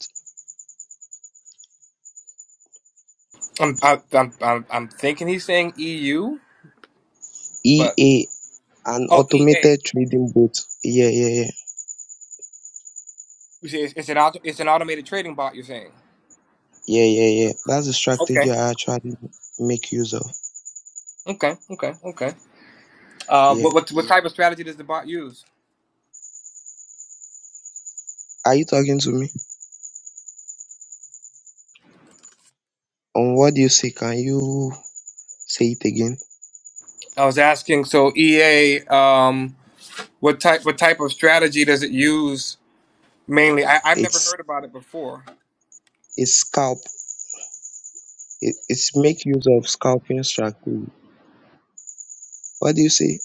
Speaker 7: I'm I, I'm I'm I'm thinking he's saying EU, but
Speaker 8: EA, an
Speaker 7: oh EA.
Speaker 8: automated trading bot. Yeah, yeah, yeah.
Speaker 7: You see, It's, it's an auto, it's an automated trading bot. You're saying?
Speaker 8: Yeah, yeah, yeah. That's the strategy
Speaker 7: Okay.
Speaker 8: I actually make use of.
Speaker 7: Okay. Okay. Okay. Uh,
Speaker 8: Yeah.
Speaker 7: what what what type of strategy does the bot use?
Speaker 8: Are you talking to me? On what do you say? Can you say it again?
Speaker 7: I was asking. So EA. Um, What type what type of strategy does it use mainly? I, I've never
Speaker 8: It's
Speaker 7: heard about it before.
Speaker 8: it's scalp. It, it's make use of scalping strategy. What do you say?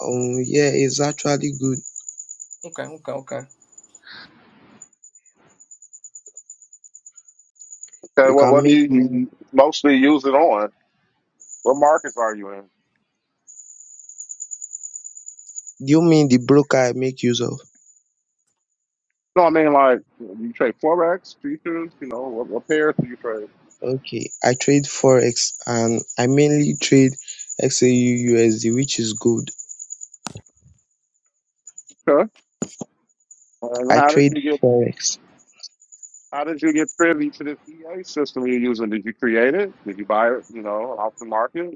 Speaker 8: Um, yeah, it's actually good.
Speaker 7: Okay, okay, okay.
Speaker 1: Okay,
Speaker 8: You
Speaker 1: what
Speaker 8: can
Speaker 1: what do
Speaker 8: make
Speaker 1: you
Speaker 8: more.
Speaker 1: you mostly use it on? What markets are you in?
Speaker 8: Do you mean the broker I make use of?
Speaker 1: No, I mean like you trade forex futures. You know what, what pairs do you trade?
Speaker 8: Okay, I trade forex and I mainly trade XAU USD, which is good.
Speaker 1: Uh,
Speaker 8: I
Speaker 1: how did
Speaker 8: trade
Speaker 1: you get
Speaker 8: forex.
Speaker 1: how did you get privy to this EA system you're using? Did you create it? Did you buy it, you know, off the market?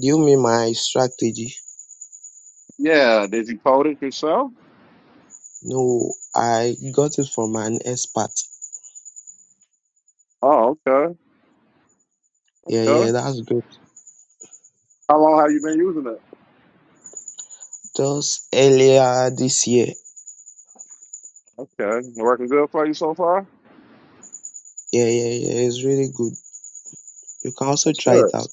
Speaker 8: Do you mean my strategy?
Speaker 1: Yeah. Did you code it yourself?
Speaker 8: No, I got it from an expert.
Speaker 1: Oh, okay.
Speaker 8: Yeah, yeah,
Speaker 1: Okay.
Speaker 8: that's good.
Speaker 1: How long have you been using it?
Speaker 8: just earlier this year.
Speaker 1: Okay. Working good for you so far?
Speaker 8: Yeah, yeah, yeah. It's really good. You can also
Speaker 1: That's
Speaker 8: try it
Speaker 1: good.
Speaker 8: out.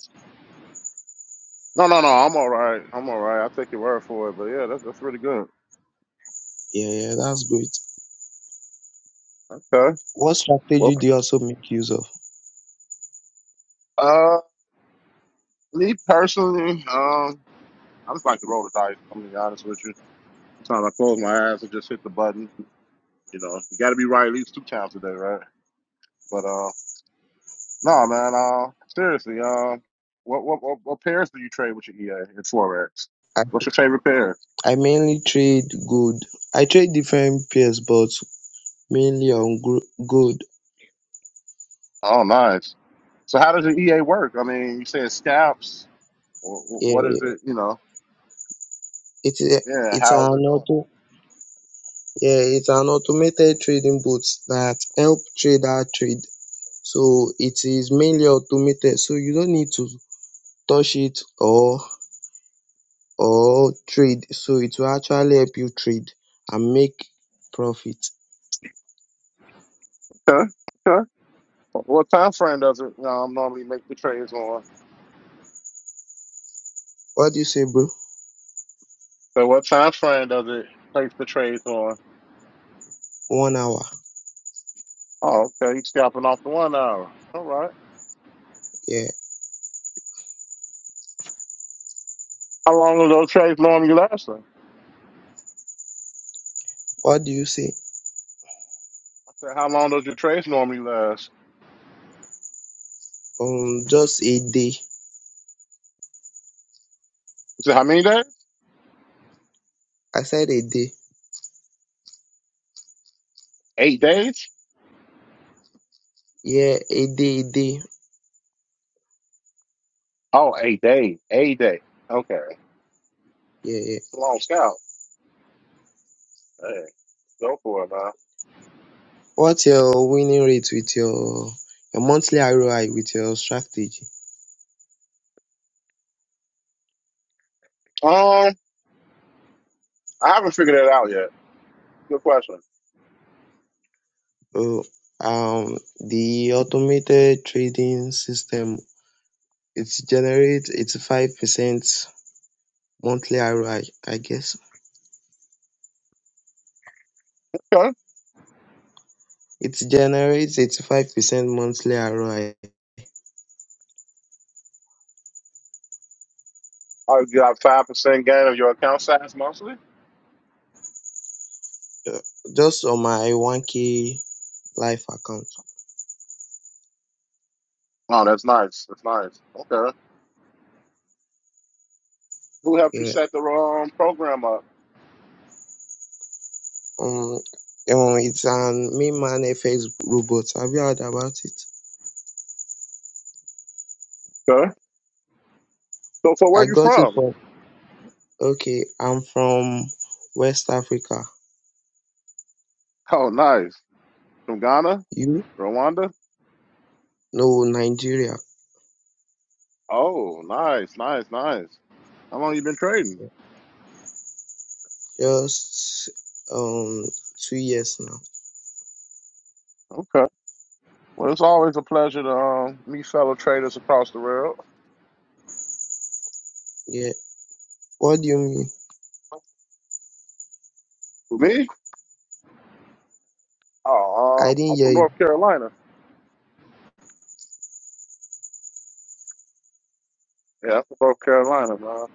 Speaker 1: No, no, no. I'm all right. I'm all right. I take your word for it. But yeah, that's that's really good.
Speaker 8: Yeah, yeah, that's great.
Speaker 1: Okay.
Speaker 8: What
Speaker 1: Well
Speaker 8: strategy do you also make use of?
Speaker 1: uh me personally, um, I just like to roll the dice, I'm gonna be honest with you. Sometimes I close my eyes and just hit the button. You know, you got to be right at least two times a day, right? But uh, no, man. Uh, seriously. Uh, what what what, what pairs do you trade with your EA in Forex?
Speaker 8: I,
Speaker 1: What's your favorite pairs?
Speaker 8: I mainly trade gold. I trade different pairs, but mainly on gro- gold.
Speaker 1: Oh, nice. So how does the EA work? I mean, you said scalps. Wh- wh-
Speaker 8: Yeah,
Speaker 1: What is
Speaker 8: yeah.
Speaker 1: it? You know,
Speaker 8: It's a,
Speaker 1: yeah.
Speaker 8: it's an
Speaker 1: How is it doing?
Speaker 8: auto. Yeah, it's an automated trading bot that help trader trade. So it is mainly automated. So you don't need to touch it or or trade. So it will actually help you trade and make profit.
Speaker 1: That? Okay. Okay. What time frame does it um, normally make the trades on?
Speaker 8: What do you say, bro?
Speaker 1: So what time frame does it place the trades on?
Speaker 8: One hour.
Speaker 1: Oh, okay. You scalping off the one hour. All right.
Speaker 8: Yeah.
Speaker 1: How long do those trades normally last?
Speaker 8: What do you say?
Speaker 1: I said, how long does your trades normally last?
Speaker 8: Um, just a day.
Speaker 1: He said, how many days?
Speaker 8: I said a day.
Speaker 1: Eight days?
Speaker 8: Yeah, a day, a day.
Speaker 1: Oh, eight days. Eight days. Okay.
Speaker 8: Yeah, yeah.
Speaker 1: It's a long scout. Hey, go for it, man.
Speaker 8: What's your winning rate with your your monthly ROI with your strategy?
Speaker 1: Um, I haven't figured that out yet. Good question.
Speaker 8: Oh, um, the automated trading system it generates eighty five percent monthly ROI, I I guess.
Speaker 1: Okay.
Speaker 8: it generates 85% monthly ROI
Speaker 1: Oh, you got 5% gain of your account size monthly?
Speaker 8: uh, just on my 1K life account.
Speaker 1: Oh, that's nice. That's nice. Okay. Who helped you
Speaker 8: Yeah.
Speaker 1: set the um, program up?
Speaker 8: Um, um, it's an main man FX robot. Have you heard about it?
Speaker 1: Okay. So, so where
Speaker 8: I
Speaker 1: you
Speaker 8: got it
Speaker 1: from?
Speaker 8: from, okay, I'm from West Africa.
Speaker 1: Oh, nice. From Ghana?
Speaker 8: You?
Speaker 1: Rwanda?
Speaker 8: No, Nigeria.
Speaker 1: Oh, nice, nice, nice. How long you been trading?
Speaker 8: Just um two years now.
Speaker 1: Okay. Well, it's always a pleasure to um, meet fellow traders across the world.
Speaker 8: Yeah. What do you mean?
Speaker 1: For me? Oh,
Speaker 8: I
Speaker 1: uh,
Speaker 8: didn't
Speaker 1: I'm
Speaker 8: hear
Speaker 1: from
Speaker 8: you.
Speaker 1: North Carolina. Yeah, I'm from North Carolina, man.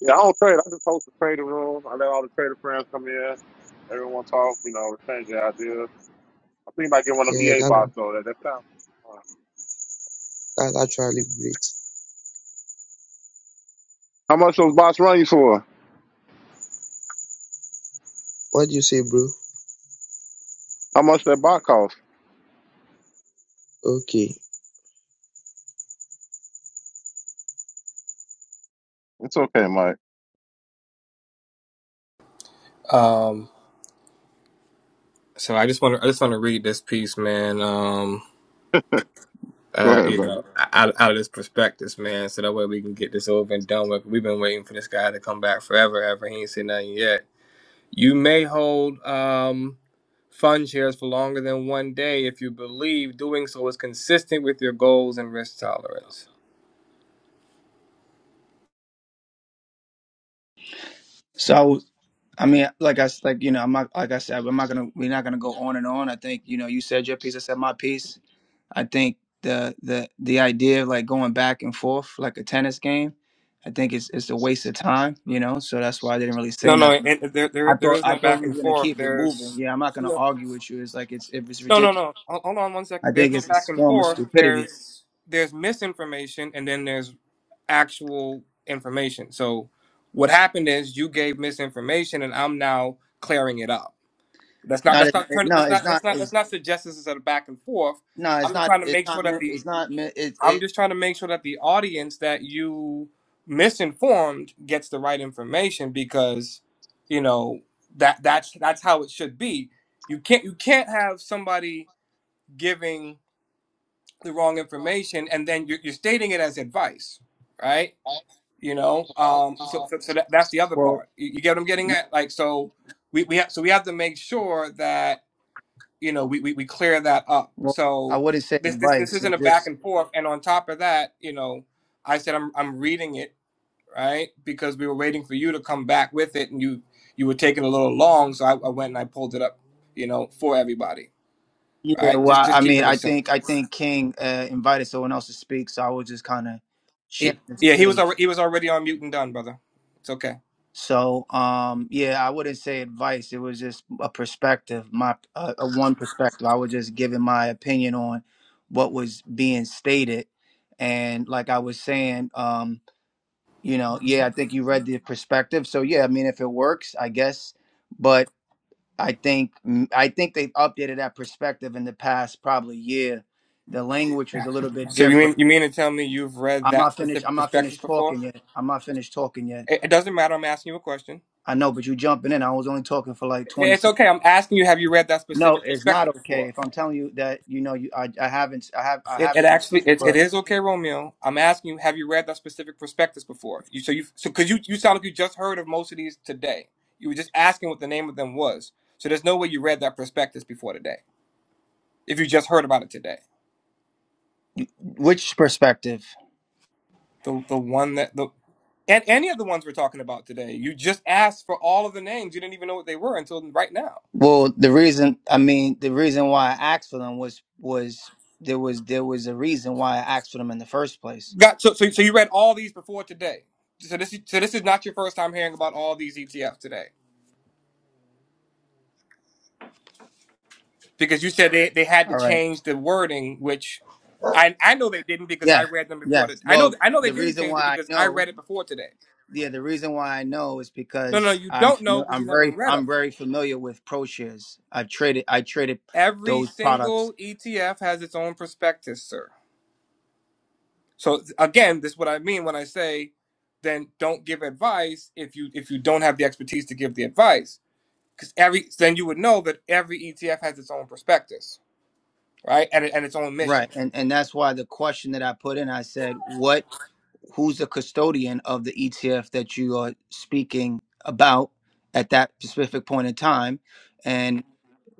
Speaker 1: Yeah, I don't trade. I just host a trading room. I let all the trader friends come in. Everyone talk, you know, exchange their ideas. I think I might get one of them
Speaker 8: Yeah,
Speaker 1: EA bots,
Speaker 8: that
Speaker 1: though, that that time.
Speaker 8: that's actually great.
Speaker 1: How much those bots run you for?
Speaker 8: What do you say, bro?
Speaker 1: How much that bot cost?
Speaker 8: Okay.
Speaker 1: It's okay, Mike.
Speaker 7: Um so I just wanna I just wanna read this piece, man. Um
Speaker 1: Go
Speaker 7: uh,
Speaker 1: ahead,
Speaker 7: you
Speaker 1: brother.
Speaker 7: know, out, out of this prospectus, man, so that way we can get this over and done with. We've been waiting for this guy to come back forever, ever. He ain't said nothing yet. You may hold um fund shares for longer than one day if you believe doing so is consistent with your goals and risk tolerance.
Speaker 6: So I mean, like I s- like you know, I'm not like I said, I'm not gonna we're not gonna go on and on. I think you know, you said your piece, I said my piece. I think the the the idea of like going back and forth like a tennis game, I think it's it's a waste of time. You know, so that's why I didn't really say
Speaker 7: No, no,
Speaker 6: nothing.
Speaker 7: and there, there,
Speaker 6: I
Speaker 7: there
Speaker 6: thought
Speaker 7: is
Speaker 6: I
Speaker 7: no back
Speaker 6: thought we were
Speaker 7: and
Speaker 6: gonna
Speaker 7: forth.
Speaker 6: keep it moving.
Speaker 7: There's
Speaker 6: Yeah, I'm not gonna
Speaker 7: no.
Speaker 6: argue with you. It's like it's it was
Speaker 7: No, no,
Speaker 6: ridiculous.
Speaker 7: no. Hol- Hold on one
Speaker 6: I
Speaker 7: second. There's
Speaker 6: think
Speaker 7: no
Speaker 6: it's
Speaker 7: back
Speaker 6: a
Speaker 7: and
Speaker 6: form of
Speaker 7: forth.
Speaker 6: stupidity.
Speaker 7: There's there's misinformation and then there's actual information. So what happened is you gave misinformation and I'm now clearing it up. That's not
Speaker 6: Not
Speaker 7: that's
Speaker 6: it,
Speaker 7: not
Speaker 6: it-
Speaker 7: turn
Speaker 6: no,
Speaker 7: that's
Speaker 6: it's
Speaker 7: not that's
Speaker 6: not.
Speaker 7: not that's
Speaker 6: It's
Speaker 7: not suggest this is a back and forth.
Speaker 6: no,
Speaker 7: I'm
Speaker 6: it's
Speaker 7: just
Speaker 6: not.
Speaker 7: trying to
Speaker 6: It's
Speaker 7: make sure
Speaker 6: not
Speaker 7: that
Speaker 6: meant.
Speaker 7: the
Speaker 6: It's not meant. It,
Speaker 7: I'm
Speaker 6: it
Speaker 7: just trying to make sure that the audience that you misinformed gets the right information because you know that that's that's how it should be. You can't you can't have somebody giving the wrong information and then you're, you're stating it as advice right you know um so so, so that, that's the other
Speaker 6: well,
Speaker 7: part you, you get what i'm getting
Speaker 6: n-
Speaker 7: at like so we, we have so we have to make sure that you know we, we, we clear that up
Speaker 6: well, I
Speaker 7: so
Speaker 6: wouldn't say
Speaker 7: this, this this
Speaker 6: advice.
Speaker 7: isn't a
Speaker 6: It's
Speaker 7: back
Speaker 6: just
Speaker 7: and forth and on top of that you know i said i'm i'm reading it right because we were waiting for you to come back with it and you you were taking a little long so i, I went and i pulled it up you know for everybody
Speaker 6: yeah.
Speaker 7: right just
Speaker 6: Well, I
Speaker 7: just
Speaker 6: mean,
Speaker 7: keeping it
Speaker 6: I
Speaker 7: simple
Speaker 6: think I think King uh, invited someone else to speak, so I was just kind of sharing
Speaker 7: He-
Speaker 6: the
Speaker 7: yeah, he was
Speaker 6: space.
Speaker 7: already he was already on mute and done, brother. It's okay.
Speaker 6: So um, yeah, I wouldn't say advice. It was just a perspective, my uh, a one perspective. I was just giving my opinion on what was being stated, and like I was saying. Um, you know yeah i think you read the perspective so yeah i mean if it works i guess but i think mm, i think they've updated that perspective in the past probably year the language was a little bit
Speaker 7: So you mean
Speaker 6: different
Speaker 7: you mean to tell me you've read
Speaker 6: i'm
Speaker 7: that
Speaker 6: not finished
Speaker 7: specific
Speaker 6: i'm not
Speaker 7: prospectus
Speaker 6: finished
Speaker 7: before?
Speaker 6: talking yet i'm not finished talking yet
Speaker 7: It, it doesn't matter. I'm asking you a question.
Speaker 6: i know but you jumping in i was only talking for like 20
Speaker 7: It's
Speaker 6: seconds
Speaker 7: okay. I'm asking you. Have you read that
Speaker 6: no
Speaker 7: specific
Speaker 6: it's not
Speaker 7: prospectus
Speaker 6: okay
Speaker 7: before?
Speaker 6: if i'm telling you that you know you i, I haven't i have i
Speaker 7: It, it
Speaker 6: haven't been
Speaker 7: actually
Speaker 6: speaking
Speaker 7: it, it
Speaker 6: for
Speaker 7: is okay, Romeo. I'm asking you. Have you read that specific prospectus before? You so you so because you you sound like you just heard of most of these today. You were just asking what the name of them was. So there's no way you read that prospectus before today. If you just heard about it today.
Speaker 6: which perspective
Speaker 7: The the one that the and any of the ones we're talking about today. You just asked for all of the names. You didn't even know what they were until right now.
Speaker 6: Well, the reason I mean the reason why I asked for them was was there was there was a reason why I asked for them in the first place.
Speaker 7: Got so so, so you read all these before today. So this is- so this is not your first time hearing about all these ETFs today because you said they, they had to
Speaker 6: All right.
Speaker 7: change the wording, which I I know they didn't because I
Speaker 6: Yes.
Speaker 7: read them before. The,
Speaker 6: Yes.
Speaker 7: I know
Speaker 6: Well,
Speaker 7: I know they
Speaker 6: the
Speaker 7: didn't
Speaker 6: reason
Speaker 7: change
Speaker 6: why
Speaker 7: it
Speaker 6: I
Speaker 7: because I
Speaker 6: know,
Speaker 7: read it before today.
Speaker 6: yeah, the reason why I know is
Speaker 7: No, no,
Speaker 6: because
Speaker 7: you
Speaker 6: I'm
Speaker 7: don't know
Speaker 6: fami-
Speaker 7: because you
Speaker 6: I'm
Speaker 7: never
Speaker 6: very
Speaker 7: read
Speaker 6: I'm
Speaker 7: them.
Speaker 6: very familiar with ProShares. I've traded I traded
Speaker 7: Every
Speaker 6: those
Speaker 7: single
Speaker 6: products.
Speaker 7: ETF has its own prospectus, sir. So again, this is what I mean when I say then don't give advice if you if you don't have the expertise to give the advice because every then you would know that every ETF has its own prospectus, right? And and its own
Speaker 6: Right.
Speaker 7: mission.
Speaker 6: And and that's why the question that I put in, I said, "What?" who's the custodian of the ETF that you are speaking about at that specific point in time, and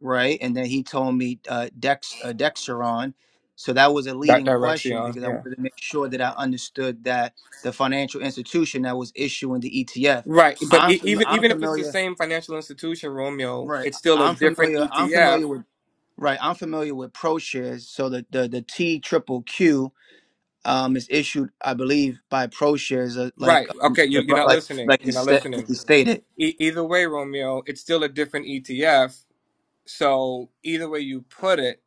Speaker 6: right, and then he told me uh, Dex uh, Dexeron, so that was a
Speaker 7: That
Speaker 6: leading
Speaker 7: direction,
Speaker 6: question because I
Speaker 7: yeah.
Speaker 6: wanted to make sure that I understood that the financial institution that was issuing the ETF.
Speaker 7: Right, but
Speaker 6: I'm
Speaker 7: e-
Speaker 6: fam-
Speaker 7: even
Speaker 6: I'm
Speaker 7: even if it's the
Speaker 6: familiar,
Speaker 7: same financial institution, Romeo,
Speaker 6: right?
Speaker 7: it's still a
Speaker 6: I'm
Speaker 7: different
Speaker 6: familiar. I'm
Speaker 7: ETF.
Speaker 6: familiar with right. I'm familiar with ProShares. So the the the T triple Q um, is issued, I believe, by ProShares, uh, like
Speaker 7: Right.
Speaker 6: um,
Speaker 7: Okay, you, you're not
Speaker 6: like
Speaker 7: listening.
Speaker 6: like he
Speaker 7: You're not
Speaker 6: sta- like
Speaker 7: listening.
Speaker 6: he stated.
Speaker 7: E- either way, Romeo, it's still a different ETF. So either way you put it,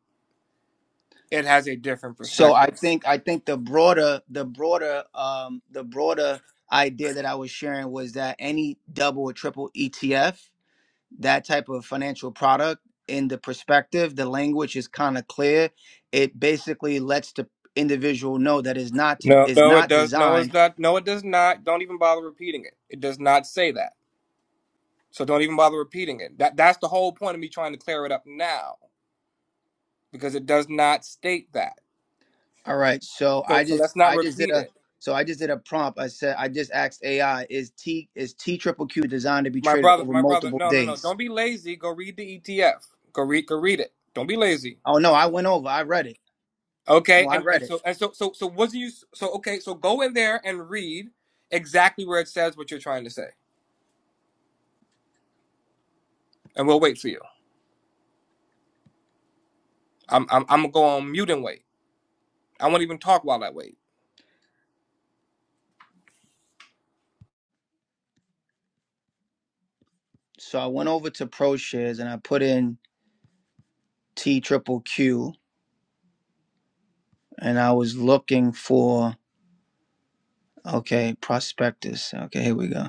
Speaker 7: it has a different
Speaker 6: So I
Speaker 7: perspective.
Speaker 6: think I think the broader the broader um, the broader idea that I was sharing was that any double or triple ETF, that type of financial product, in the perspective, the language is kind of clear. It basically lets the individual know that is not to
Speaker 7: No,
Speaker 6: is
Speaker 7: no, it
Speaker 6: not
Speaker 7: does. No, it's
Speaker 6: designed
Speaker 7: not. No, it does not. Don't even bother repeating it. It does not say that. So don't even bother repeating it. That that's the whole point of me trying to clear it up now because it does not state that.
Speaker 6: All right. So
Speaker 7: So
Speaker 6: I
Speaker 7: so
Speaker 6: just
Speaker 7: let's not
Speaker 6: I just did
Speaker 7: repeat
Speaker 6: a
Speaker 7: it.
Speaker 6: so I just did a prompt. I said I just asked AI is T is T triple Q designed to be
Speaker 7: My
Speaker 6: traded
Speaker 7: brother,
Speaker 6: over
Speaker 7: my brother.
Speaker 6: multiple
Speaker 7: No, no, no.
Speaker 6: days?
Speaker 7: Don't be lazy. Go read the ETF. Go read. Go read it. Don't be lazy.
Speaker 6: Oh no, I went over. I read it.
Speaker 7: Okay.
Speaker 6: Well, I
Speaker 7: And and
Speaker 6: read it.
Speaker 7: so and so so so wasn't you so okay? So go in there and read exactly where it says what you're trying to say, and we'll wait for you. I'm I'm I'm gonna go on mute and wait. I won't even talk while I wait.
Speaker 6: So I went over to ProShares and I put in T triple Q and I was looking for okay prospectus. Okay, here we go.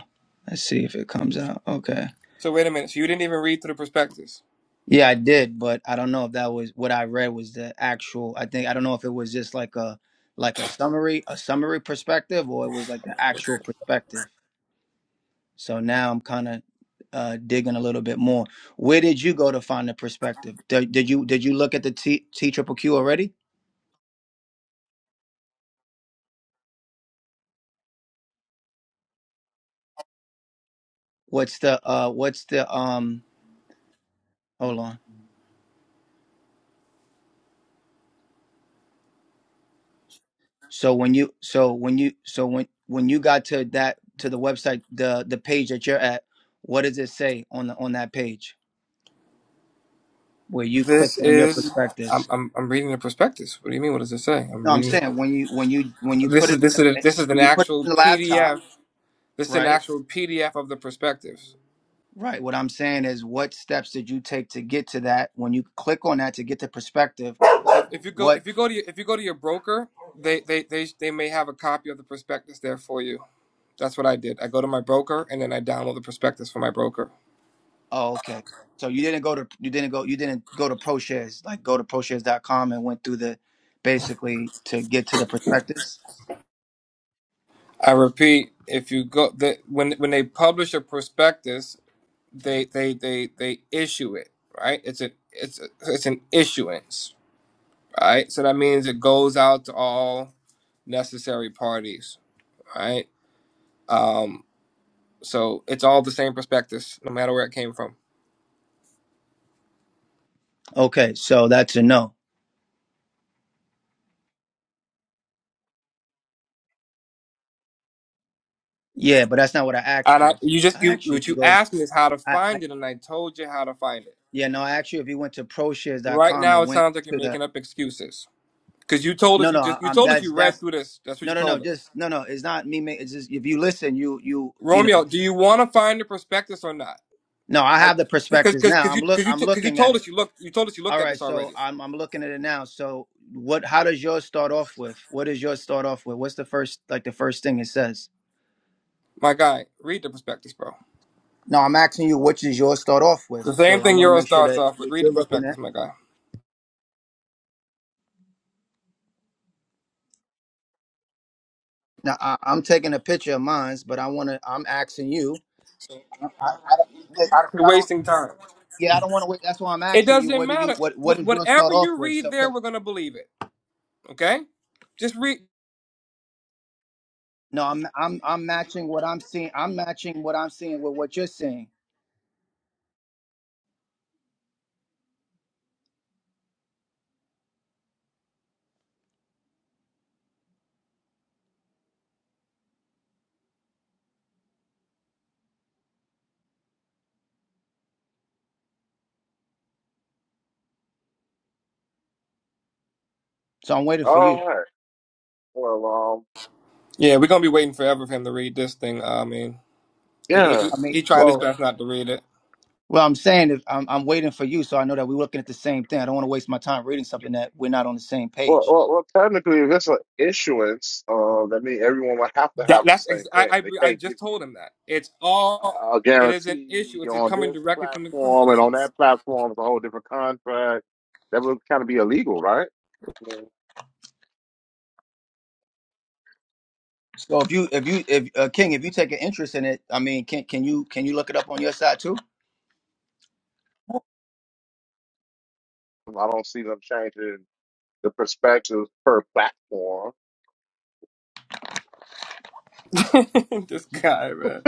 Speaker 6: Let's see if it comes out. Okay.
Speaker 7: So wait a minute. So you didn't even read through the prospectus.
Speaker 6: Yeah, I did, but I don't know if that was what I read was the actual. I think I don't know if it was just like a like a summary, a summary perspective, or it was like the actual perspective. So now I'm kind of uh, digging a little bit more. Where did you go to find the perspective? Did, did you did you look at the T T triple Q already? What's the uh what's the um hold on. So when you so when you so when when you got to that to the website the the page that you're at, what does it say on the on that page? where you
Speaker 7: This
Speaker 6: clicked on your
Speaker 7: is. I'm,
Speaker 6: prospectus.
Speaker 7: I'm I'm reading the prospectus. What do you mean? What does it say? I'm
Speaker 6: No, I'm
Speaker 7: reading it.
Speaker 6: saying when you when you when you put
Speaker 7: This is
Speaker 6: it
Speaker 7: this is this
Speaker 6: in,
Speaker 7: is an
Speaker 6: when you put it
Speaker 7: actual
Speaker 6: in the laptop,
Speaker 7: PDF. This is an
Speaker 6: right?
Speaker 7: actual PDF of the prospectus.
Speaker 6: Right. What I'm saying is, what steps did you take to get to that? When you click on that to get the perspective,
Speaker 7: If you go
Speaker 6: what?
Speaker 7: if you go to your, if you go to your broker, they, they they they may have a copy of the prospectus there for you. That's what I did. I go to my broker and then I download the prospectus from my broker.
Speaker 6: Oh, okay. So you didn't go to you didn't go you didn't go to ProShares like go to ProShares.com and went through the basically to get to the prospectus.
Speaker 7: I repeat, if you go the when when they publish a prospectus, they they they they issue it right it's a it's a, it's an issuance right so that means it goes out to all necessary parties right um so it's all the same prospectus no matter where it came from
Speaker 6: Okay, so that's a no. Yeah, but that's not what I
Speaker 7: and
Speaker 6: asked
Speaker 7: I,
Speaker 6: you.
Speaker 7: you just
Speaker 6: I
Speaker 7: you
Speaker 6: asked you
Speaker 7: what
Speaker 6: to
Speaker 7: you
Speaker 6: go.
Speaker 7: asked me is how to
Speaker 6: I, I
Speaker 7: find it and i told you how to find it
Speaker 6: yeah no, I asked you if you went to
Speaker 7: right
Speaker 6: ProShares.com
Speaker 7: now
Speaker 6: and
Speaker 7: it
Speaker 6: went
Speaker 7: sounds like you're
Speaker 6: to the
Speaker 7: making up excuses because you told us
Speaker 6: No,
Speaker 7: you
Speaker 6: no, I-
Speaker 7: just you
Speaker 6: I'm
Speaker 7: told us
Speaker 6: that's
Speaker 7: you read
Speaker 6: that's
Speaker 7: through this that's what
Speaker 6: no,
Speaker 7: you
Speaker 6: no, no.
Speaker 7: told us
Speaker 6: Just no, no. It's not me. ma- It's just if you listen, you you you know.
Speaker 7: romeo do you want to find the prospectus or not
Speaker 6: No, I
Speaker 7: I
Speaker 6: have the
Speaker 7: because
Speaker 6: perspectives
Speaker 7: because
Speaker 6: now.
Speaker 7: because
Speaker 6: I'm
Speaker 7: you
Speaker 6: look.
Speaker 7: because you
Speaker 6: I'm
Speaker 7: because you
Speaker 6: looking at
Speaker 7: told
Speaker 6: it.
Speaker 7: us you looked you told us you looked
Speaker 6: All
Speaker 7: at
Speaker 6: right.
Speaker 7: this
Speaker 6: So
Speaker 7: already.
Speaker 6: I'm I'm looking at it now. So what? How does yours start off with? What does yours start off with? What's the first like the first thing it says?
Speaker 7: My guy, read the prospectus, bro.
Speaker 6: No, I'm asking you what does yours start off with.
Speaker 7: The same
Speaker 6: So I
Speaker 7: thing
Speaker 6: want to
Speaker 7: Euro
Speaker 6: make sure
Speaker 7: starts
Speaker 6: that
Speaker 7: off with.
Speaker 6: what
Speaker 7: Read the
Speaker 6: you're looking
Speaker 7: prospectus,
Speaker 6: at.
Speaker 7: my guy.
Speaker 6: Now I, I'm taking a picture of mine's, but I want to. I'm asking you. I, I, I, don't-
Speaker 7: You're
Speaker 6: I don't.
Speaker 7: wasting time.
Speaker 6: Yeah, I don't want to wait. That's why I'm
Speaker 7: It
Speaker 6: asking you.
Speaker 7: doesn't
Speaker 6: What do you?
Speaker 7: matter.
Speaker 6: What What
Speaker 7: Wh-
Speaker 6: does yours start
Speaker 7: whatever
Speaker 6: off
Speaker 7: you
Speaker 6: with?
Speaker 7: read
Speaker 6: So
Speaker 7: there,
Speaker 6: 'cause
Speaker 7: we're gonna believe it. Okay? Just read.
Speaker 6: No, I'm I'm I'm matching what I'm seeing. I'm matching what I'm seeing with what you're seeing. So I'm waiting for you.
Speaker 1: All right. Well, um,
Speaker 7: Yeah, we're gonna be waiting forever for him to read this thing. I mean, he, he,
Speaker 6: I
Speaker 1: yeah.
Speaker 6: mean,
Speaker 7: he trying his
Speaker 6: well,
Speaker 7: best not to read it.
Speaker 6: well, I'm saying if I'm I'm waiting for you, so I know that we're looking at the same thing. I don't want to waste my time reading something that we're not on the same
Speaker 1: Well,
Speaker 6: page.
Speaker 1: well, well, technically, if it's an issuance, uh, that means everyone would have to
Speaker 7: That
Speaker 1: have the
Speaker 7: that's ex-
Speaker 1: same
Speaker 7: I,
Speaker 1: thing. They
Speaker 7: I I
Speaker 1: can't give
Speaker 7: just
Speaker 1: you
Speaker 7: told him that it's all.
Speaker 1: uh, a, a
Speaker 7: It is an
Speaker 1: guarantee
Speaker 7: issue. It's
Speaker 1: on
Speaker 7: coming
Speaker 1: this
Speaker 7: directly from the
Speaker 1: platform
Speaker 7: company.
Speaker 1: and on that platform. It's a whole different contract. That would kind of be illegal, right? Well,
Speaker 6: So if you if you if uh, King, if you take an interest in it, I mean, can can you can you look it up on your side too?
Speaker 1: I don't see them changing the perspectives per platform.
Speaker 7: this guy, man.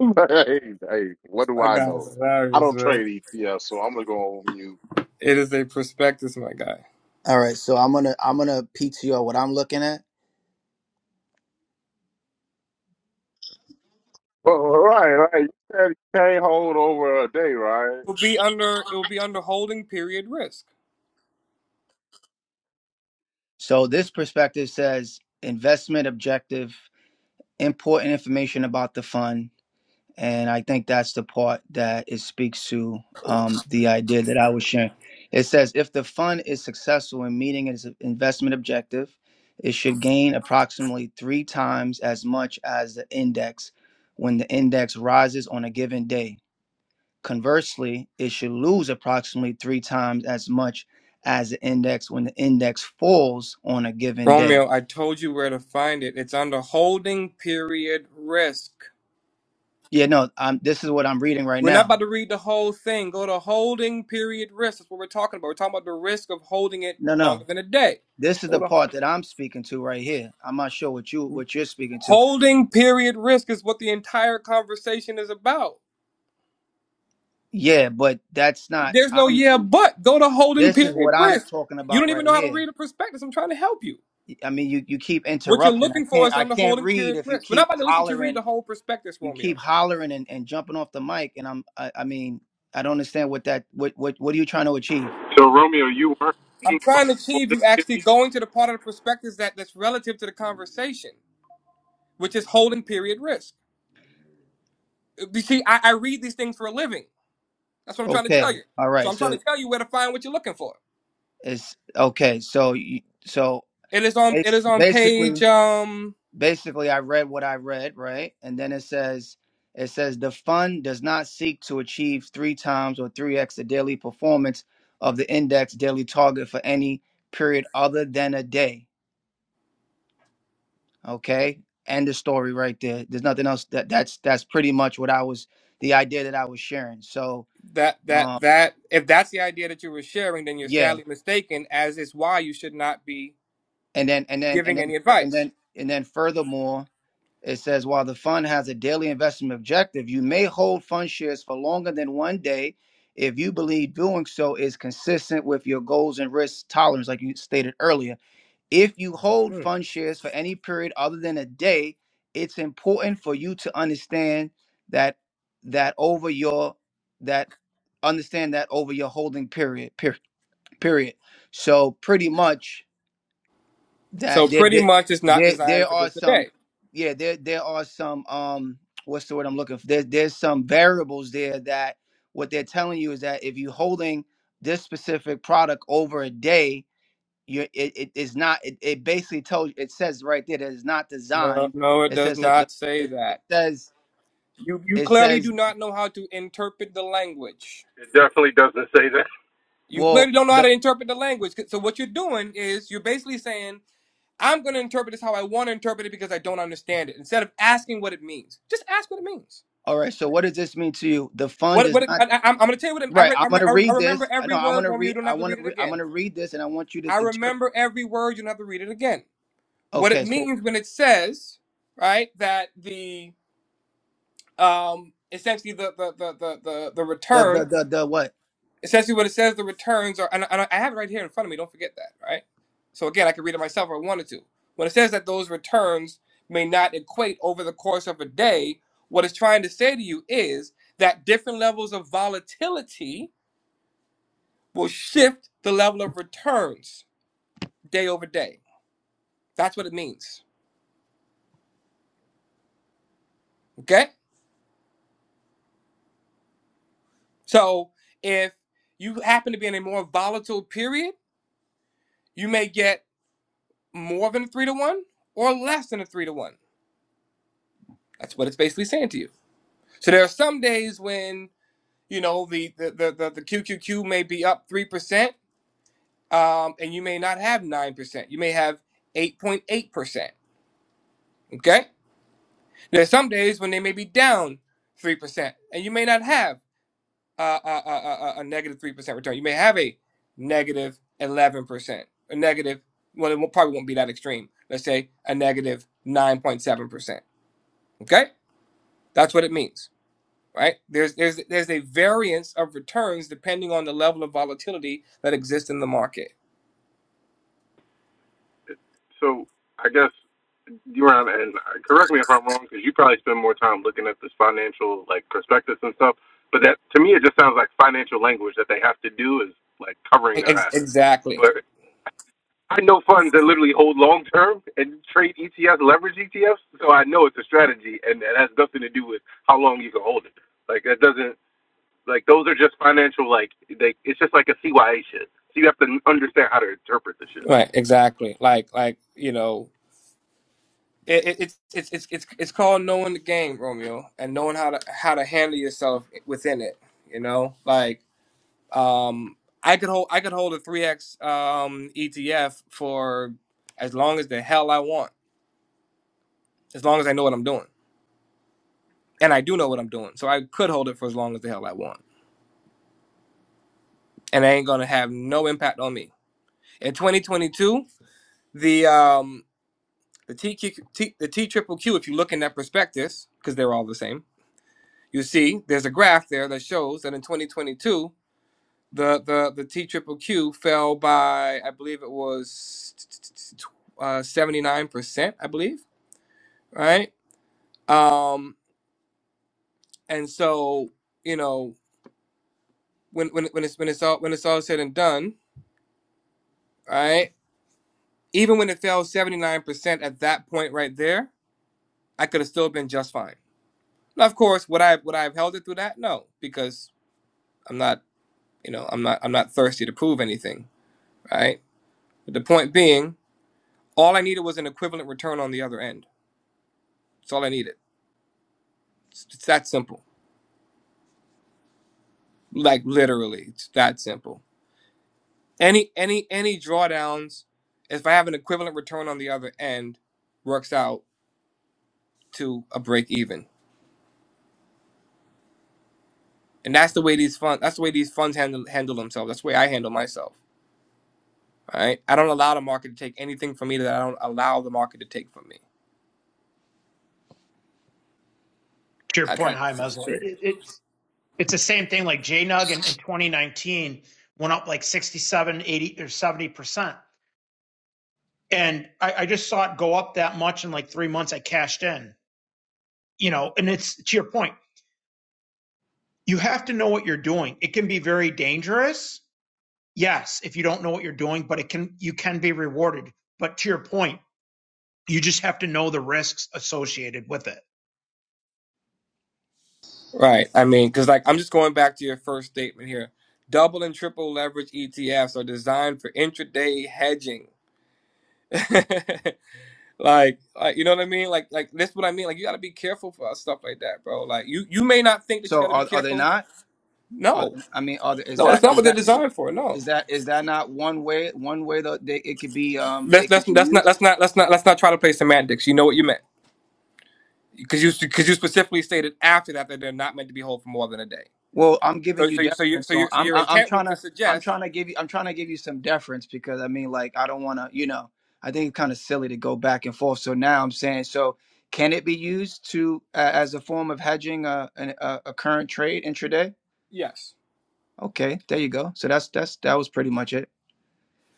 Speaker 1: But hey, hey, what do
Speaker 7: My
Speaker 1: I
Speaker 7: guy is
Speaker 1: know? I
Speaker 7: hilarious,
Speaker 1: don't
Speaker 7: man.
Speaker 1: trade ETFs, so I'm gonna go on mute.
Speaker 7: It is a prospectus, my guy. It
Speaker 6: All right, so I'm gonna I'm gonna PTO what I'm looking at.
Speaker 1: Well, all right, all right. You said you can't hold over a day, right?
Speaker 7: will be under it will be under holding period risk.
Speaker 6: So this perspective says investment objective, important information about the fund And I think that's the part that it speaks to um, the idea that I was sharing. It says if the fund is successful in meeting its investment objective, it should gain approximately three times as much as the index when the index rises on a given day. Conversely, it should lose approximately three times as much as the index when the index falls on a given day.
Speaker 7: Romeo, I told you where to find it. It's under holding period risk.
Speaker 6: Yeah, no, I'm, this is what I'm reading right
Speaker 7: We're not
Speaker 6: now.
Speaker 7: about to read the whole thing. Go to holding period risk. That's what we're talking about. We're talking about the risk of holding it
Speaker 6: No, no.
Speaker 7: longer than a day.
Speaker 6: This is
Speaker 7: Go
Speaker 6: the
Speaker 7: to
Speaker 6: part that I'm speaking to right here. I'm not sure what you what you're speaking to.
Speaker 7: holding period risk is what the entire conversation is about.
Speaker 6: Yeah, but that's not
Speaker 7: There's no
Speaker 6: I'm
Speaker 7: yeah, but go to holding
Speaker 6: this is
Speaker 7: period
Speaker 6: what I'm
Speaker 7: risk.
Speaker 6: talking
Speaker 7: You
Speaker 6: about
Speaker 7: don't even
Speaker 6: right
Speaker 7: know how to
Speaker 6: here.
Speaker 7: read a prospectus. I'm trying to help you.
Speaker 6: I mean you, you keep
Speaker 7: What you're
Speaker 6: interrupting. I
Speaker 7: looking for
Speaker 6: can't
Speaker 7: is
Speaker 6: I
Speaker 7: under
Speaker 6: can't
Speaker 7: holding
Speaker 6: read
Speaker 7: period
Speaker 6: if you
Speaker 7: risk. We're not
Speaker 6: keep
Speaker 7: about to listen to you read
Speaker 6: hollering
Speaker 7: the whole prospectus,
Speaker 6: you
Speaker 7: Romeo.
Speaker 6: keep hollering and, and jumping off the mic and I'm I, I mean I don't understand what that what, what what are you trying to achieve?
Speaker 7: I'm trying to achieve you actually going to the part of the prospectus that, that's relative to the conversation, which is holding period risk. Uh, You see, I, I read these things for a living. That's what I'm trying to tell
Speaker 6: Okay.
Speaker 7: you.
Speaker 6: All
Speaker 7: So
Speaker 6: right.
Speaker 7: I'm trying to
Speaker 6: So
Speaker 7: tell you where to find what you're looking for.
Speaker 6: it's okay. So you so
Speaker 7: It is on it
Speaker 6: it's
Speaker 7: is on
Speaker 6: basically
Speaker 7: page um
Speaker 6: basically I read what I read, right? And then it says it says the fund does not seek to achieve three times or three x the daily performance of the index daily target for any period other than a day. Okay. End the story right there. There's nothing else that that's that's pretty much what I was the idea that I was sharing. So
Speaker 7: that that
Speaker 6: um
Speaker 7: that if that's the idea that you were sharing, then you're
Speaker 6: yeah.
Speaker 7: sadly mistaken, as is why you should not be
Speaker 6: And then and then and
Speaker 7: giving any
Speaker 6: then fur- and
Speaker 7: advice.
Speaker 6: then and then furthermore It says, while the fund has a daily investment objective, you may hold fund shares for longer than one day if you believe doing so is consistent with your goals and risk tolerance, like you stated earlier. If you hold
Speaker 7: Hmm.
Speaker 6: fund shares for any period other than a day, it's important for you to understand that that over your that understand that over your holding period per, period. So pretty much
Speaker 7: So
Speaker 6: that there
Speaker 7: pretty
Speaker 6: there
Speaker 7: much it's not
Speaker 6: there,
Speaker 7: designed
Speaker 6: there
Speaker 7: for
Speaker 6: are
Speaker 7: just a
Speaker 6: some
Speaker 7: day.
Speaker 6: yeah there there are some um what's the word I'm looking for there, there's some variables there that what they're telling you is that if you're holding this specific product over a day you it, it is not it, it basically tells you, it says right there that it's not
Speaker 7: No,
Speaker 6: designed
Speaker 7: no, it
Speaker 6: it
Speaker 7: does
Speaker 6: says that the
Speaker 7: not say
Speaker 6: it, it
Speaker 7: that.
Speaker 6: says
Speaker 7: You you
Speaker 6: it
Speaker 7: clearly
Speaker 6: says
Speaker 7: do not know how to interpret the language. You
Speaker 6: well
Speaker 7: clearly don't know how
Speaker 6: the
Speaker 7: to interpret the language. So what you're doing is you're basically saying, I'm going to interpret this how I want to interpret it because I don't understand it. Instead of asking what it means, just ask what it means.
Speaker 6: all right so what does this mean to you the fund
Speaker 7: What
Speaker 6: is
Speaker 7: what it,
Speaker 6: not
Speaker 7: I, I- I'm, going to tell you what it, I,
Speaker 6: right
Speaker 7: re, I,
Speaker 6: i'm
Speaker 7: re,
Speaker 6: gonna
Speaker 7: I
Speaker 6: read
Speaker 7: remember
Speaker 6: this i
Speaker 7: every
Speaker 6: know i'm
Speaker 7: word.
Speaker 6: gonna
Speaker 7: Romeo, you
Speaker 6: read
Speaker 7: don't
Speaker 6: i
Speaker 7: have to
Speaker 6: want
Speaker 7: read
Speaker 6: to
Speaker 7: it
Speaker 6: re- i'm
Speaker 7: again.
Speaker 6: gonna read this and i want you to
Speaker 7: I
Speaker 6: interpret
Speaker 7: remember every word. You don't have to read it again. What it
Speaker 6: okay so
Speaker 7: means when it says, right, that the um essentially the the the the the, the
Speaker 6: The the
Speaker 7: return
Speaker 6: the the what?
Speaker 7: essentially what it says the returns are and, I, and i have it right here in front of me don't forget that right so again i could read it myself if i wanted to when it says that those returns may not equate over the course of a day what it's trying to say to you is that different levels of volatility will shift the level of returns day over day that's what it means okay so if you happen to be in a more volatile period you may get more than a three to one or less than a three to one that's what it's basically saying to you So there are some days when you know the the the, the, the QQQ may be up three percent, um, and you may not have nine percent. You may have eight point eight percent. Okay. There are some days when they may be down three percent, and you may not have uh, a, a, a, a negative three percent return. You may have a negative eleven percent, a negative. Well, it won't- probably won't be that extreme. Let's say a negative nine point seven percent. Okay, that's what it means. right? There's there's there's a variance of returns depending on the level of volatility that exists in the market.
Speaker 4: So I guess you around and correct me if I'm wrong because you probably spend more time looking at this financial like prospectus and stuff. But that to me it just sounds like financial language that they have to do is like covering
Speaker 7: E-,
Speaker 4: their
Speaker 7: Ex-
Speaker 4: ass.
Speaker 7: exactly.
Speaker 4: I know funds that literally hold long term and trade ETFs, leverage ETFs. So I know it's a strategy, and it has nothing to do with how long you can hold it. Like that doesn't like those are just financial. Like they, it's just like a CYA shit. So you have to understand how to interpret the shit.
Speaker 7: Right. Exactly. Like like you know, it, it, it's it's it's it's it's called knowing the game, Romeo, and knowing how to how to handle yourself within it. You know, like um, I could hold I could hold a three X um ETF for as long as the hell I want, as long as I know what I'm doing, and I do know what I'm doing, so I could hold it for as long as the hell I want and it ain't gonna have no impact on me. In 2022, the um the TQ, T, triple Q, if you look in that prospectus, because they're all the same, you see there's a graph there that shows that in 2022 the the the T triple Q fell by I believe it was uh 79 percent I believe right um and so you know when when when it's when it's all when it's all said and done right even when it fell 79 percent at that point right there I could have still been just fine. Now, of course, would I would I have held it through that? No, because I'm not, you know, I'm not I'm not thirsty to prove anything, right? But the point being, all I needed was an equivalent return on the other end. That's all I needed. It's, it's that simple. Like literally, it's that simple. Any any any drawdowns, if I have an equivalent return on the other end, works out to a break even, and that's the way these funds. That's the way these funds handle handle themselves. That's the way I handle myself. All right. I don't allow the market to take anything from me that I don't allow the market to take from me.
Speaker 5: to your
Speaker 7: I try
Speaker 5: point,
Speaker 7: to
Speaker 5: hi
Speaker 7: set it
Speaker 5: Meslo.
Speaker 7: straight.
Speaker 5: It, it, it's it's the same thing. Like JNUG in, in 2019 went up like 67, 80 or 70 percent, and I, I just saw it go up that much in like three months. I cashed in, you know. And it's to your point, you have to know what you're doing. It can be very dangerous, yes, if you don't know what you're doing, but it can you can be rewarded. But to your point You just have to know the risks associated with it.
Speaker 7: Right. I mean, because like I'm just going back to your first statement here. Double and triple leverage ETFs are designed for intraday hedging. like, like, you know what I mean? Like, like this what I mean. Like, you got to be careful for uh, stuff like that, bro. Like, you you may not think that you
Speaker 6: So
Speaker 7: got to be
Speaker 6: are are they
Speaker 7: careful.
Speaker 6: not? Are
Speaker 7: No,
Speaker 6: they, I mean, are they, is
Speaker 7: no, that's
Speaker 6: that
Speaker 7: not
Speaker 6: is
Speaker 7: what they're
Speaker 6: that
Speaker 7: designed for. No,
Speaker 6: is that is that not one way one way that they, it could be um
Speaker 7: let's
Speaker 6: it could
Speaker 7: let's
Speaker 6: be
Speaker 7: that's not
Speaker 6: used?
Speaker 7: let's not let's not let's not try to play semantics. You know what you meant. because you because you specifically stated after that that they're not meant to be whole for more than a day.
Speaker 6: Well, I'm giving
Speaker 7: So
Speaker 6: you
Speaker 7: so so you
Speaker 6: deference
Speaker 7: so
Speaker 6: on.
Speaker 7: your so
Speaker 6: I'm
Speaker 7: your
Speaker 6: I- I'm
Speaker 7: intent was
Speaker 6: trying
Speaker 7: to
Speaker 6: to I'm
Speaker 7: suggest
Speaker 6: trying to give you I'm trying to give you some deference because I mean like I don't want to you know I think it's kind of silly to go back and forth. So now I'm saying so can it be used to uh, as a form of hedging a, an- a a current trade intraday?
Speaker 7: yes.
Speaker 6: Okay, there you go. So that's that's that was pretty much it.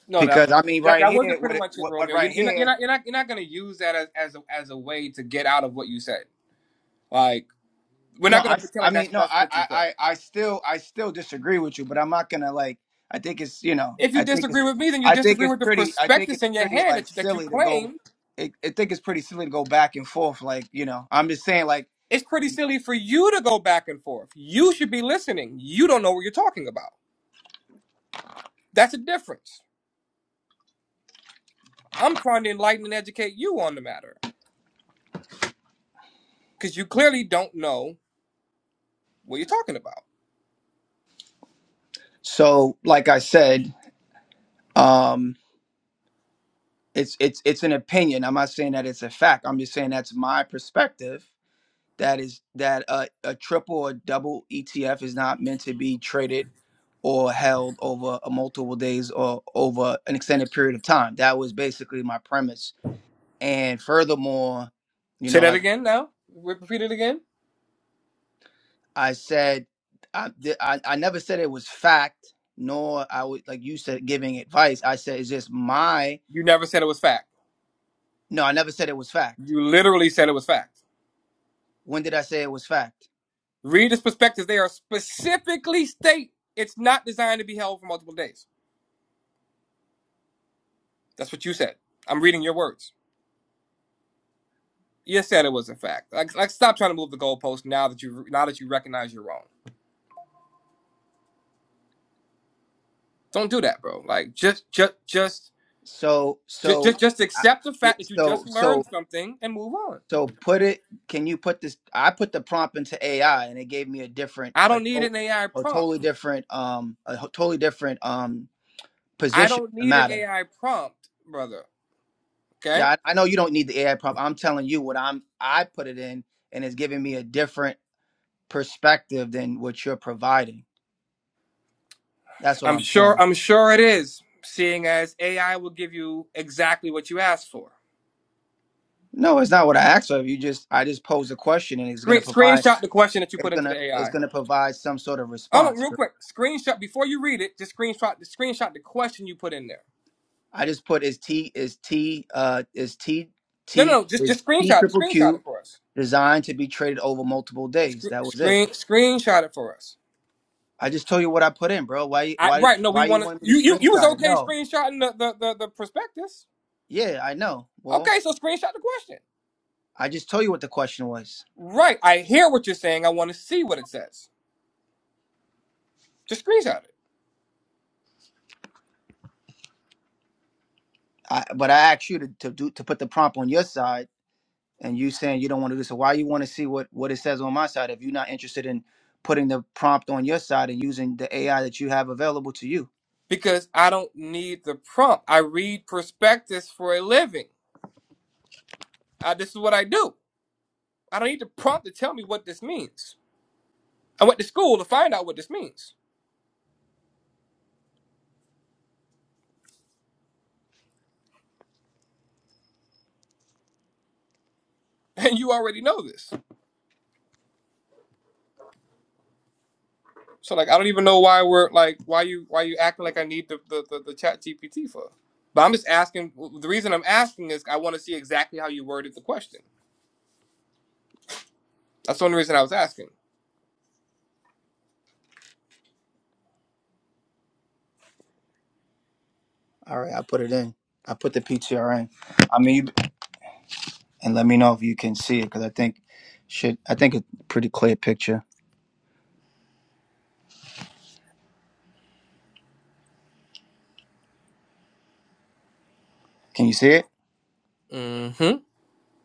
Speaker 7: No, that
Speaker 6: because I
Speaker 7: that,
Speaker 6: mean,
Speaker 7: that,
Speaker 6: right
Speaker 7: that
Speaker 6: here,
Speaker 7: wasn't pretty
Speaker 6: what, it,
Speaker 7: much it,
Speaker 6: what, what,
Speaker 7: Romeo. You,
Speaker 6: right
Speaker 7: you're not you're
Speaker 6: here.
Speaker 7: not you're not you're not going to use that as as a, as a way to get out of what you said. Like we're
Speaker 6: No,
Speaker 7: not going
Speaker 6: I,
Speaker 7: to pretend
Speaker 6: I
Speaker 7: like that's
Speaker 6: mean, no,
Speaker 7: that's
Speaker 6: I,
Speaker 7: what you
Speaker 6: I,
Speaker 7: said.
Speaker 6: I, I still, I still disagree with you, but I'm not gonna like. I think it's, you know,
Speaker 7: If you
Speaker 6: I think it's,
Speaker 7: disagree with me, then you
Speaker 6: I think
Speaker 7: disagree
Speaker 6: it's
Speaker 7: with the
Speaker 6: pretty, I think
Speaker 7: prospectus
Speaker 6: it's
Speaker 7: in your
Speaker 6: pretty
Speaker 7: hand
Speaker 6: like
Speaker 7: that you, that you
Speaker 6: silly to go.
Speaker 7: claim.
Speaker 6: I, I think it's pretty silly to go back and forth, like you know. I'm just saying, like,
Speaker 7: It's pretty silly for you to go back and forth. You should be listening. You don't know what you're talking about. That's a difference. I'm trying to enlighten and educate you on the matter. because you clearly don't know what you're talking about.
Speaker 6: so, like I said, um, it's, it's, it's an opinion. I'm not saying that it's a fact. I'm just saying that's my perspective that is that a, a triple or double ETF is not meant to be traded or held over a multiple days or over an extended period of time. That was basically my premise. And furthermore, you
Speaker 7: Say
Speaker 6: know,
Speaker 7: that
Speaker 6: like
Speaker 7: again now. Re- Repeat it again.
Speaker 6: I said, I di- I, I never said it was fact, nor I would like you said giving advice. I said it's just my
Speaker 7: You never said it was fact.
Speaker 6: no. I never said it was fact.
Speaker 7: You literally said it was fact.
Speaker 6: When did I say it was fact?
Speaker 7: Readers' perspectives, they are specifically state it's not designed to be held for multiple days. That's what you said. I'm reading your words. You said it was a fact. Like, like stop trying to move the goalpost now that you now that you recognize you're wrong. Don't do that, bro. Like just just just
Speaker 6: So
Speaker 7: just
Speaker 6: so
Speaker 7: just, just
Speaker 6: I,
Speaker 7: accept the
Speaker 6: th-
Speaker 7: fact that you
Speaker 6: so
Speaker 7: just
Speaker 6: so
Speaker 7: learned something and move on.
Speaker 6: So put it. Can you put this? I put the prompt into AI, and it gave me a different,
Speaker 7: I
Speaker 6: a,
Speaker 7: don't need
Speaker 6: to-
Speaker 7: an AI
Speaker 6: a
Speaker 7: prompt.
Speaker 6: totally different, um, a ho- totally different um
Speaker 7: I
Speaker 6: position
Speaker 7: don't
Speaker 6: on the
Speaker 7: need an
Speaker 6: matter.
Speaker 7: AI prompt, brother. Okay?
Speaker 6: Yeah, I, I know you don't need the AI prompt. I'm telling you what I'm. I put it in, and it's giving me a different perspective than what you're providing. That's what
Speaker 7: I'm
Speaker 6: I'm
Speaker 7: sure
Speaker 6: saying.
Speaker 7: I'm sure it is, seeing as AI will give you exactly what you asked for.
Speaker 6: No, it's not what I asked of. You just, I just posed a question, and it's
Speaker 7: Screen,
Speaker 6: gonna provide.
Speaker 7: screenshot the question that you
Speaker 6: It's
Speaker 7: put into
Speaker 6: gonna,
Speaker 7: the
Speaker 6: it's
Speaker 7: AI.
Speaker 6: gonna provide some sort of
Speaker 7: Oh no,
Speaker 6: response.
Speaker 7: real quick. Screenshot before you read it, just screenshot the screenshot the question you put in there.
Speaker 6: I just put is T is T uh is T
Speaker 7: No,
Speaker 6: T
Speaker 7: no, no, just just
Speaker 6: is T
Speaker 7: screenshot
Speaker 6: triple
Speaker 7: screenshot it
Speaker 6: Q
Speaker 7: for us.
Speaker 6: designed to be traded over multiple days.
Speaker 7: Screen,
Speaker 6: That was it.
Speaker 7: screen screenshot it for us.
Speaker 6: I just told you what I put in, bro. Why
Speaker 7: I,
Speaker 6: why
Speaker 7: right, no, we
Speaker 6: why you
Speaker 7: want to.
Speaker 6: wanted me to
Speaker 7: You, you, you was
Speaker 6: screenshot it?
Speaker 7: okay
Speaker 6: No.
Speaker 7: screenshotting the, the, the, the prospectus.
Speaker 6: Yeah, I know. Well,
Speaker 7: Okay, so screenshot the question.
Speaker 6: I just told you what the question was.
Speaker 7: Right, I hear what you're saying. I want to see what it says. Just screenshot it
Speaker 6: I but I asked you to, to do to put the prompt on your side and you saying you don't want to do so. Why you want to see what what it says on my side if you're not interested in putting the prompt on your side and using the AI that you have available to you?
Speaker 7: because I don't need the prompt. I read prospectus for a living. I, this is what I do. I don't need the prompt to tell me what this means. I went to school to find out what this means, and you already know this. So like, I don't even know why we're like, why you why you acting like I need the the the, the chat GPT for. But I'm just asking. The reason I'm asking is I want to see exactly how you worded the question. That's the only reason I was asking.
Speaker 6: All right, I put it in. I put the PTR in. I mean, you and let me know if you can see it because I think should I think it's a pretty clear picture. Can you see it?
Speaker 7: Mm-hmm.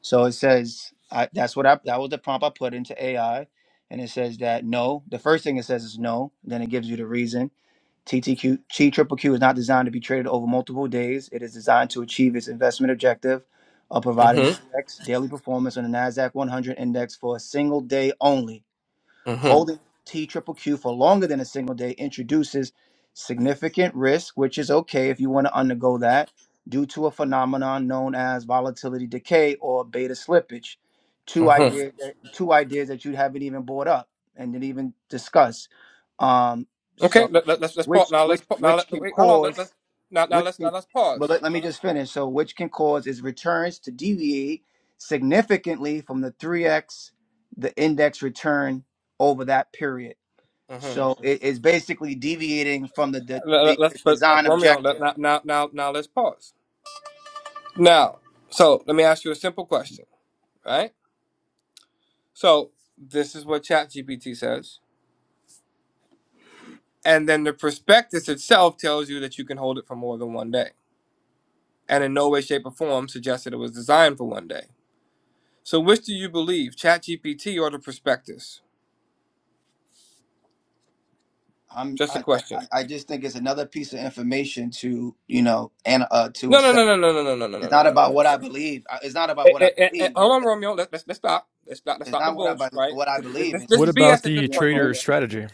Speaker 6: So it says I, that's what I that was the prompt I put into AI, and it says that no. The first thing it says is no. Then it gives you the reason. TTQ Triple Q is not designed to be traded over multiple days. It is designed to achieve its investment objective of
Speaker 7: Mm-hmm.
Speaker 6: providing 3x daily performance on the Nasdaq 100 index for a single day only
Speaker 7: Mm-hmm.
Speaker 6: Holding T triple Q Q for longer than a single day introduces significant risk, which is okay if you want to undergo that, due to a phenomenon known as volatility decay or beta slippage. Two
Speaker 7: mm-hmm.
Speaker 6: ideas, two ideas that you haven't even brought up and didn't even discuss. Um,
Speaker 7: Okay,
Speaker 6: so,
Speaker 7: let, let, let's let's
Speaker 6: which
Speaker 7: pause now. Let's
Speaker 6: which
Speaker 7: pause now.
Speaker 6: which
Speaker 7: Let,
Speaker 6: can
Speaker 7: wait, hold on. Let,
Speaker 6: cause
Speaker 7: let, now now
Speaker 6: which
Speaker 7: let's now
Speaker 6: can,
Speaker 7: let's
Speaker 6: but let,
Speaker 7: pause.
Speaker 6: let
Speaker 7: Now
Speaker 6: me
Speaker 7: let's,
Speaker 6: just finish. So, which can cause its returns to deviate significantly from the 3x the index return over that period.
Speaker 7: hmm
Speaker 6: So, it is basically deviating from the, the,
Speaker 7: let,
Speaker 6: the
Speaker 7: let, let's but uh,
Speaker 6: design
Speaker 7: Romeo.
Speaker 6: objective.
Speaker 7: Let, now now now now let's pause. Now, so let me ask you a simple question, right? So this is what ChatGPT says, and then the prospectus itself tells you that you can hold it for more than one day, and in no way, shape, or form suggests that it was designed for one day. So which do you believe, ChatGPT or the prospectus?
Speaker 6: I'm,
Speaker 7: Just a
Speaker 6: I, I,
Speaker 7: question.
Speaker 6: I I just think it's another piece of information to you know and uh, to
Speaker 7: No no
Speaker 6: assess.
Speaker 7: no no no no no no no no no no.
Speaker 6: It's
Speaker 7: no.
Speaker 6: not
Speaker 7: no,
Speaker 6: about
Speaker 7: no,
Speaker 6: what
Speaker 7: no.
Speaker 6: I believe. Uh, It's not about
Speaker 7: Eh,
Speaker 6: what
Speaker 7: eh,
Speaker 6: I
Speaker 7: eh, eh,
Speaker 6: believe.
Speaker 7: Hold
Speaker 6: It's,
Speaker 7: on, Romeo. Let's, let's let's stop. Let's stop. Let's
Speaker 6: it's
Speaker 7: stop the
Speaker 6: not what I
Speaker 7: bullsh,
Speaker 6: be-
Speaker 7: right?
Speaker 6: what I
Speaker 7: Because
Speaker 6: believe.
Speaker 7: this
Speaker 6: It's
Speaker 7: this
Speaker 9: What
Speaker 7: is
Speaker 6: just,
Speaker 9: about
Speaker 7: BS
Speaker 6: just
Speaker 7: at this
Speaker 9: the
Speaker 6: the
Speaker 7: point,
Speaker 9: trader
Speaker 6: information.
Speaker 7: Romeo.
Speaker 9: strategy?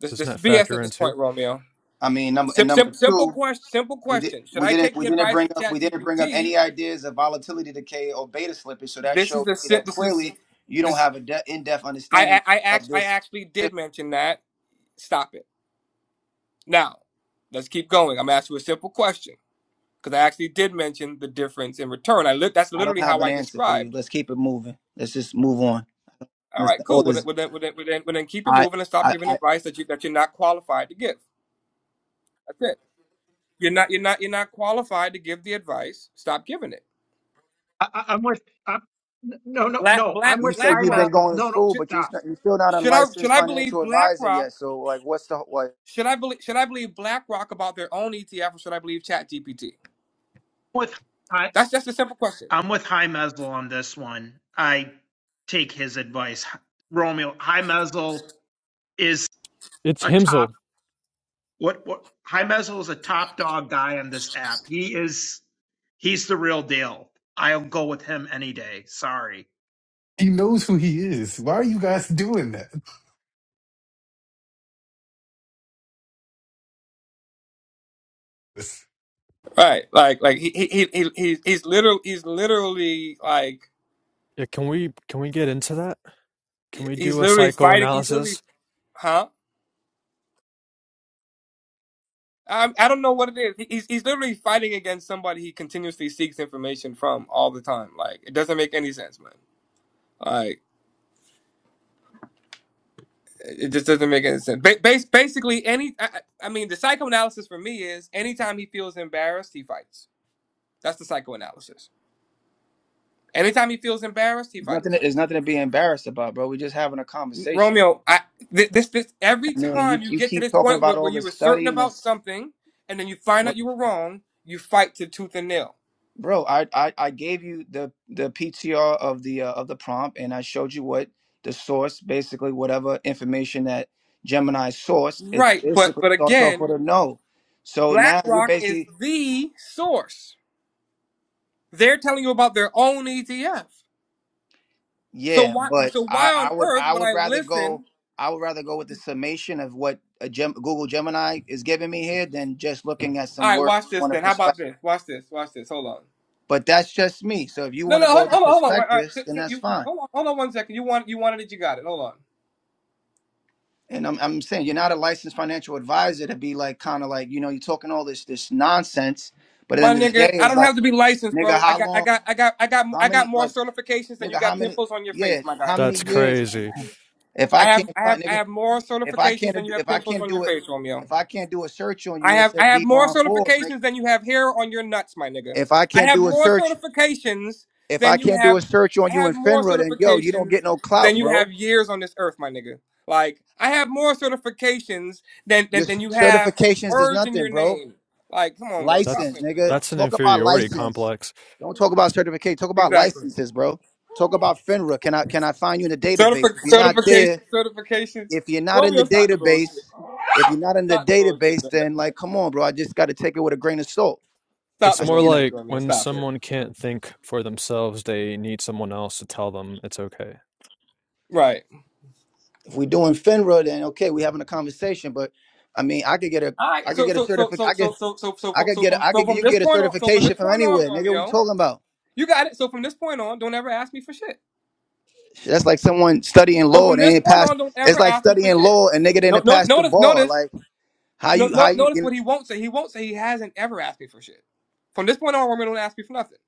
Speaker 7: This
Speaker 9: Doesn't
Speaker 7: this
Speaker 9: that
Speaker 7: is BS
Speaker 9: factor
Speaker 7: at
Speaker 9: in
Speaker 7: this
Speaker 9: too?
Speaker 7: point, Romeo.
Speaker 6: I mean, number and
Speaker 7: Sim, sim,
Speaker 6: number
Speaker 7: simple
Speaker 6: two.
Speaker 7: question. Simple
Speaker 6: We did.
Speaker 7: question. Should
Speaker 6: We
Speaker 7: I
Speaker 6: didn't.
Speaker 7: take the
Speaker 6: We didn't
Speaker 7: advice
Speaker 6: bring
Speaker 7: of
Speaker 6: up. We didn't bring up
Speaker 7: ChatGPT?
Speaker 6: any ideas of volatility decay or beta slippage. So that
Speaker 7: This is
Speaker 6: shows
Speaker 7: the
Speaker 6: me
Speaker 7: sim-
Speaker 6: that
Speaker 7: this is
Speaker 6: clearly you don't
Speaker 7: this.
Speaker 6: have a de- in-depth
Speaker 7: I I
Speaker 6: understanding
Speaker 7: I,
Speaker 6: of
Speaker 7: act, I
Speaker 6: this.
Speaker 7: actually did mention that. Stop it now. Let's keep going. I'm asking you a simple question because I actually did mention the difference in return. I li- that's
Speaker 6: I don't
Speaker 7: literally
Speaker 6: have
Speaker 7: how
Speaker 6: an
Speaker 7: I
Speaker 6: answer for you.
Speaker 7: described.
Speaker 6: Let's keep it moving. Let's just move on.
Speaker 7: All
Speaker 6: Let's
Speaker 7: right,
Speaker 6: all
Speaker 7: cool. Well, then,
Speaker 6: this.
Speaker 7: well, then, well, then, well, then well, then keep it
Speaker 6: I.
Speaker 7: moving and stop
Speaker 6: I.
Speaker 7: giving
Speaker 6: I
Speaker 7: advice that you that you're not qualified to give. That's it. You're not you're not you're not qualified to give the advice. Stop giving it.
Speaker 5: I, I, I'm with. I'm, no, no,
Speaker 7: Black
Speaker 5: no.
Speaker 7: Black
Speaker 5: I'm
Speaker 6: you
Speaker 5: with
Speaker 6: said
Speaker 5: High
Speaker 6: you've been
Speaker 7: BlackRock
Speaker 5: Mesmer.
Speaker 6: going to
Speaker 5: No, no.
Speaker 6: school,
Speaker 7: should,
Speaker 6: but you s-
Speaker 5: Stop.
Speaker 6: you still not a
Speaker 7: should I should
Speaker 6: licensed
Speaker 7: I believe
Speaker 6: financial advisor
Speaker 7: BlackRock?
Speaker 6: yet. So like, what's the like?
Speaker 7: Should I believe should I believe BlackRock about their own ETF or should I believe ChatGPT?
Speaker 5: With I,
Speaker 7: That's just a simple question.
Speaker 5: I'm with High Mesel on this one. I take his advice. Romeo High Mesel is
Speaker 9: It's
Speaker 5: a top
Speaker 9: Himzel.
Speaker 5: what what High Mesel is a top dog guy on this app. He is he's the real deal. I'll go with him any day. Sorry.
Speaker 4: He knows who he's doing.
Speaker 7: Right. Like like he he he, he he's he's literally he's literally like
Speaker 9: Yeah, can we can we get into that? Can we
Speaker 7: he's
Speaker 9: do a
Speaker 7: literally fighting he's literally
Speaker 9: psychoanalysis?
Speaker 7: huh? Um, I don't know what it is. He- He's he's literally fighting against somebody he continuously seeks information from all the time. Like it doesn't make any sense, man. Like. It just doesn't make any sense. Ba- bas- basically, any I, I mean, the psychoanalysis for me is anytime he feels embarrassed, he fights. That's the psychoanalysis. Anytime he feels embarrassed, he
Speaker 6: There's nothing.
Speaker 7: fights.
Speaker 6: There's nothing to be embarrassed about, bro. We're just having a conversation.
Speaker 7: Romeo, I thi- this this every
Speaker 6: I mean, you
Speaker 7: time you
Speaker 6: you
Speaker 7: get to
Speaker 6: keep
Speaker 7: this
Speaker 6: talking
Speaker 7: point
Speaker 6: about
Speaker 7: where, where
Speaker 6: all
Speaker 7: you
Speaker 6: this
Speaker 7: were certain
Speaker 6: studying and
Speaker 7: about something, and then you find out you were wrong, you fight to tooth and nail.
Speaker 6: Bro, I, I I gave you the the PTR of the uh, of the prompt, and I showed you what the source, basically whatever information that Gemini sourced. It
Speaker 7: Right, but
Speaker 6: basically
Speaker 7: but
Speaker 6: starts off
Speaker 7: again,
Speaker 6: with a no. So now you're
Speaker 7: BlackRock is
Speaker 6: basically
Speaker 7: the source. They're telling you about their own ETF. So
Speaker 6: yeah,
Speaker 7: why
Speaker 6: but
Speaker 7: so why
Speaker 6: I
Speaker 7: on
Speaker 6: I would
Speaker 7: earth
Speaker 6: I
Speaker 7: would
Speaker 6: would
Speaker 7: I
Speaker 6: rather go
Speaker 7: listen
Speaker 6: I would rather go with the summation of what a Gem, Google Gemini is giving me here than just looking at
Speaker 7: All
Speaker 6: some
Speaker 7: right,
Speaker 6: words
Speaker 7: watch this
Speaker 6: on a
Speaker 7: then. How about
Speaker 6: perspective.
Speaker 7: this? Watch this. Watch this. Hold on.
Speaker 6: But that's just me. So if you
Speaker 7: No,
Speaker 6: want to
Speaker 7: no,
Speaker 6: go
Speaker 7: hold,
Speaker 6: with the
Speaker 7: hold on, hold on. Wait, All right,
Speaker 6: perspectives,
Speaker 7: sit,
Speaker 6: then
Speaker 7: sit,
Speaker 6: that's
Speaker 7: you,
Speaker 6: fine.
Speaker 7: hold on, hold on one second. You want, you wanted it, you got it. Hold on,
Speaker 6: And I'm, I'm saying you're not a licensed financial advisor to be like kind of like you know you're talking all this this nonsense, but at the
Speaker 7: my
Speaker 6: end of the
Speaker 7: nigga.
Speaker 6: day,
Speaker 7: I
Speaker 6: it's
Speaker 7: don't
Speaker 6: like
Speaker 7: have to be licensed,
Speaker 6: nigga,
Speaker 7: bro. I
Speaker 6: how
Speaker 7: got, I
Speaker 6: long?
Speaker 7: got, I got, I got,
Speaker 6: How
Speaker 7: I got
Speaker 6: many?
Speaker 7: more
Speaker 6: Like
Speaker 7: certifications than you
Speaker 6: nigga, how
Speaker 7: got
Speaker 6: many?
Speaker 7: pimples on your face,
Speaker 6: Yeah,
Speaker 7: my guy.
Speaker 6: how many
Speaker 9: That's
Speaker 6: years?
Speaker 9: crazy.
Speaker 6: If
Speaker 7: I
Speaker 6: I
Speaker 7: have,
Speaker 6: can't
Speaker 7: I have,
Speaker 6: find
Speaker 7: I
Speaker 6: nigga,
Speaker 7: have more
Speaker 6: if I
Speaker 7: certifications
Speaker 6: can't
Speaker 7: than you have
Speaker 6: if I
Speaker 7: pimples
Speaker 6: can't
Speaker 7: on your
Speaker 6: do it,
Speaker 7: face, Romeo.
Speaker 6: if I can't do a search on you
Speaker 7: I
Speaker 6: that
Speaker 7: have
Speaker 6: says
Speaker 7: I have more
Speaker 6: Devon Forbes, nigga,
Speaker 7: certifications than you have hair on your nuts, my nigga.
Speaker 6: if I
Speaker 7: I
Speaker 6: can't
Speaker 7: have
Speaker 6: do a
Speaker 7: more
Speaker 6: search,
Speaker 7: certifications
Speaker 6: if I
Speaker 7: than you
Speaker 6: can't do
Speaker 7: have.
Speaker 6: a search on
Speaker 7: I
Speaker 6: you
Speaker 7: have
Speaker 6: in
Speaker 7: more
Speaker 6: FINRA, then yo, you don't
Speaker 7: certifications
Speaker 6: get no clout,
Speaker 7: than you
Speaker 6: bro.
Speaker 7: have years on this earth, my nigga. Like I have more certifications than than,
Speaker 6: Your
Speaker 7: than you have
Speaker 6: certifications is
Speaker 7: words in
Speaker 6: nothing,
Speaker 7: your
Speaker 6: bro.
Speaker 7: name. Like, come on, bro, stop
Speaker 6: License,
Speaker 9: That's
Speaker 7: playing with me,
Speaker 6: nigga.
Speaker 7: bro.
Speaker 9: that's an
Speaker 6: Talk about
Speaker 9: inferiority
Speaker 6: license.
Speaker 9: complex.
Speaker 6: Don't talk about certificate. Talk about
Speaker 7: Exactly.
Speaker 6: licenses, bro. Talk about FINRA. Can I can I find you in the database?
Speaker 7: Certific
Speaker 6: If you're not
Speaker 7: certification
Speaker 6: there,
Speaker 7: certifications.
Speaker 6: if you're not in the
Speaker 7: Romeo, stop the bullshit.
Speaker 6: database, if you're not in the
Speaker 7: Stop the bullshit,
Speaker 6: database,
Speaker 7: man.
Speaker 6: then like, come on, bro. I just got to take it with a grain of salt.
Speaker 7: Stop
Speaker 9: It's
Speaker 6: I,
Speaker 7: the
Speaker 9: more
Speaker 6: you know,
Speaker 7: bullshit,
Speaker 9: like
Speaker 7: Romeo.
Speaker 9: when
Speaker 7: Stop it.
Speaker 9: someone can't think for themselves, they need someone else to tell them it's okay.
Speaker 7: Right.
Speaker 6: if we're doing FINRA, then okay, we're having a conversation. But I mean, I could get a,
Speaker 7: All right.
Speaker 6: I could
Speaker 7: So
Speaker 6: get a
Speaker 7: so so
Speaker 6: certificate.
Speaker 7: so
Speaker 6: I
Speaker 7: so
Speaker 6: could,
Speaker 7: so so so
Speaker 6: I
Speaker 7: fro-
Speaker 6: could
Speaker 7: so
Speaker 6: get, a,
Speaker 7: from
Speaker 6: I
Speaker 7: so
Speaker 6: could,
Speaker 7: from
Speaker 6: you could
Speaker 7: this
Speaker 6: get a
Speaker 7: point on so from
Speaker 6: certification
Speaker 7: this
Speaker 6: from
Speaker 7: point on,
Speaker 6: anywhere, nigga. What you
Speaker 7: Romeo,
Speaker 6: talking about?
Speaker 7: you got it. So from this point on, don't ever ask me for shit.
Speaker 6: That's like someone studying
Speaker 7: So
Speaker 6: law
Speaker 7: from
Speaker 6: and
Speaker 7: this
Speaker 6: they ain't
Speaker 7: point
Speaker 6: pass.
Speaker 7: on, don't
Speaker 6: It's
Speaker 7: ever
Speaker 6: like
Speaker 7: ask me for
Speaker 6: studying
Speaker 7: shit.
Speaker 6: law and nigga
Speaker 7: No
Speaker 6: didn't
Speaker 7: no
Speaker 6: pass the
Speaker 7: notice
Speaker 6: bar.
Speaker 7: notice
Speaker 6: Like how
Speaker 7: no,
Speaker 6: you how
Speaker 7: no
Speaker 6: you.
Speaker 7: notice
Speaker 6: you
Speaker 7: what he won't say. He won't say he hasn't ever asked me for shit. From this point on, Romeo, don't ask me for nothing.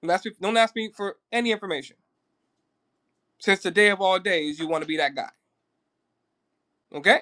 Speaker 7: Don't ask me, don't ask me for any information. Since the day of all days, you want to be that guy. Okay?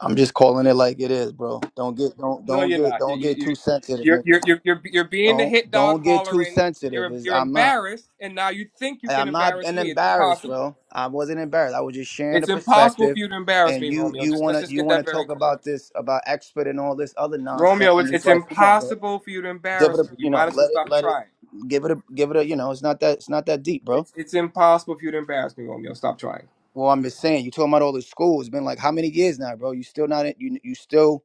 Speaker 6: I'm just calling it like it is, bro. Don't get don't
Speaker 7: No,
Speaker 6: don't
Speaker 7: you're
Speaker 6: get
Speaker 7: not. You,
Speaker 6: don't
Speaker 7: you,
Speaker 6: get too
Speaker 7: you,
Speaker 6: sensitive,
Speaker 7: you're,
Speaker 6: nigga.
Speaker 7: you're, you're, you're, you're being the
Speaker 6: Don't
Speaker 7: hit dog
Speaker 6: don't get too
Speaker 7: hollering.
Speaker 6: sensitive.
Speaker 7: You're,
Speaker 6: Is
Speaker 7: you're
Speaker 6: I'm not
Speaker 7: embarrassed, and now you think you
Speaker 6: I-
Speaker 7: can
Speaker 6: I'm not
Speaker 7: embarrass
Speaker 6: an
Speaker 7: me. It's
Speaker 6: embarrassed,
Speaker 7: impossible.
Speaker 6: bro. I wasn't embarrassed. I was just sharing the
Speaker 7: It's impossible for
Speaker 6: perspective,
Speaker 7: you to embarrass me,
Speaker 6: and you
Speaker 7: Romeo.
Speaker 6: you
Speaker 7: Just let's
Speaker 6: wanna
Speaker 7: just
Speaker 6: you
Speaker 7: get that
Speaker 6: wanna
Speaker 7: very
Speaker 6: talk
Speaker 7: clear.
Speaker 6: about this about expert and all this other nonsense,
Speaker 7: Romeo,
Speaker 6: and
Speaker 7: it's,
Speaker 6: it's
Speaker 7: it's
Speaker 6: like, come on, bro.
Speaker 7: impossible for you to
Speaker 6: Give it
Speaker 7: embarrass
Speaker 6: a
Speaker 7: me.
Speaker 6: you
Speaker 7: You
Speaker 6: know
Speaker 7: might as well
Speaker 6: let it
Speaker 7: stop
Speaker 6: let it
Speaker 7: trying.
Speaker 6: give it a give it a you know it's not that it's not that deep, bro.
Speaker 7: It's, it's impossible for you to embarrass me, Romeo. Stop trying.
Speaker 6: Well, I'm just saying, you talking about all the school. It's been like how many years now, bro? You still not in- you you still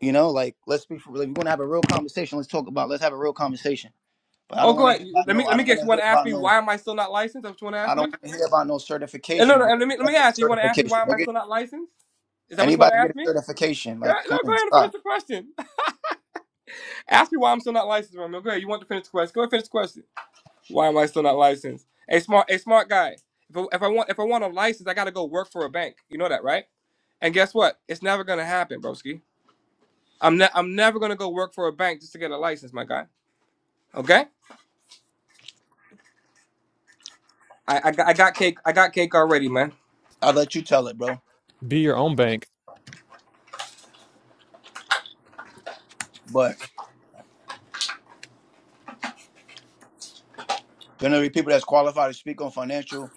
Speaker 6: you know like let's be for like, we're gonna have a real conversation. Let's talk about let's have a real conversation. But I
Speaker 7: Oh,
Speaker 6: don't
Speaker 7: go
Speaker 6: want to
Speaker 7: ahead.
Speaker 6: hear
Speaker 7: You-
Speaker 6: about
Speaker 7: Let
Speaker 6: no.
Speaker 7: me let
Speaker 6: I
Speaker 7: me
Speaker 6: don't
Speaker 7: guess.
Speaker 6: want
Speaker 7: You
Speaker 6: to
Speaker 7: want
Speaker 6: hear
Speaker 7: to ask
Speaker 6: about
Speaker 7: me
Speaker 6: no.
Speaker 7: why am I still not licensed? Is that what you want to ask
Speaker 6: I don't
Speaker 7: me?
Speaker 6: want to hear about no
Speaker 7: And no,
Speaker 6: certification,
Speaker 7: no.
Speaker 6: bro.
Speaker 7: And let me let me
Speaker 6: Anybody get a
Speaker 7: ask. You want to ask me why
Speaker 6: certification,
Speaker 7: am I
Speaker 6: nigga?
Speaker 7: still not licensed? Is that what you want to
Speaker 6: Anybody get
Speaker 7: ask
Speaker 6: a
Speaker 7: me?
Speaker 6: certification?
Speaker 7: Go,
Speaker 6: Like,
Speaker 7: no,
Speaker 6: come
Speaker 7: go
Speaker 6: on,
Speaker 7: ahead and finish
Speaker 6: stop.
Speaker 7: the question. Ask me why I'm still not licensed, Romeo. Go ahead. You want to finish the question? Go ahead, finish the question. Why am I still not licensed? A smart, a smart guy. If I, if I want, if I want a license, I got to go work for a bank. You know that, right? And guess what? It's never gonna happen, broski. I'm ne- I'm never gonna go work for a bank just to get a license, my guy. Okay? I, I, got, I got cake. I got cake already, man.
Speaker 6: I'll let you tell it, bro.
Speaker 9: Be your own bank.
Speaker 6: But generally, people that's qualified to speak on financial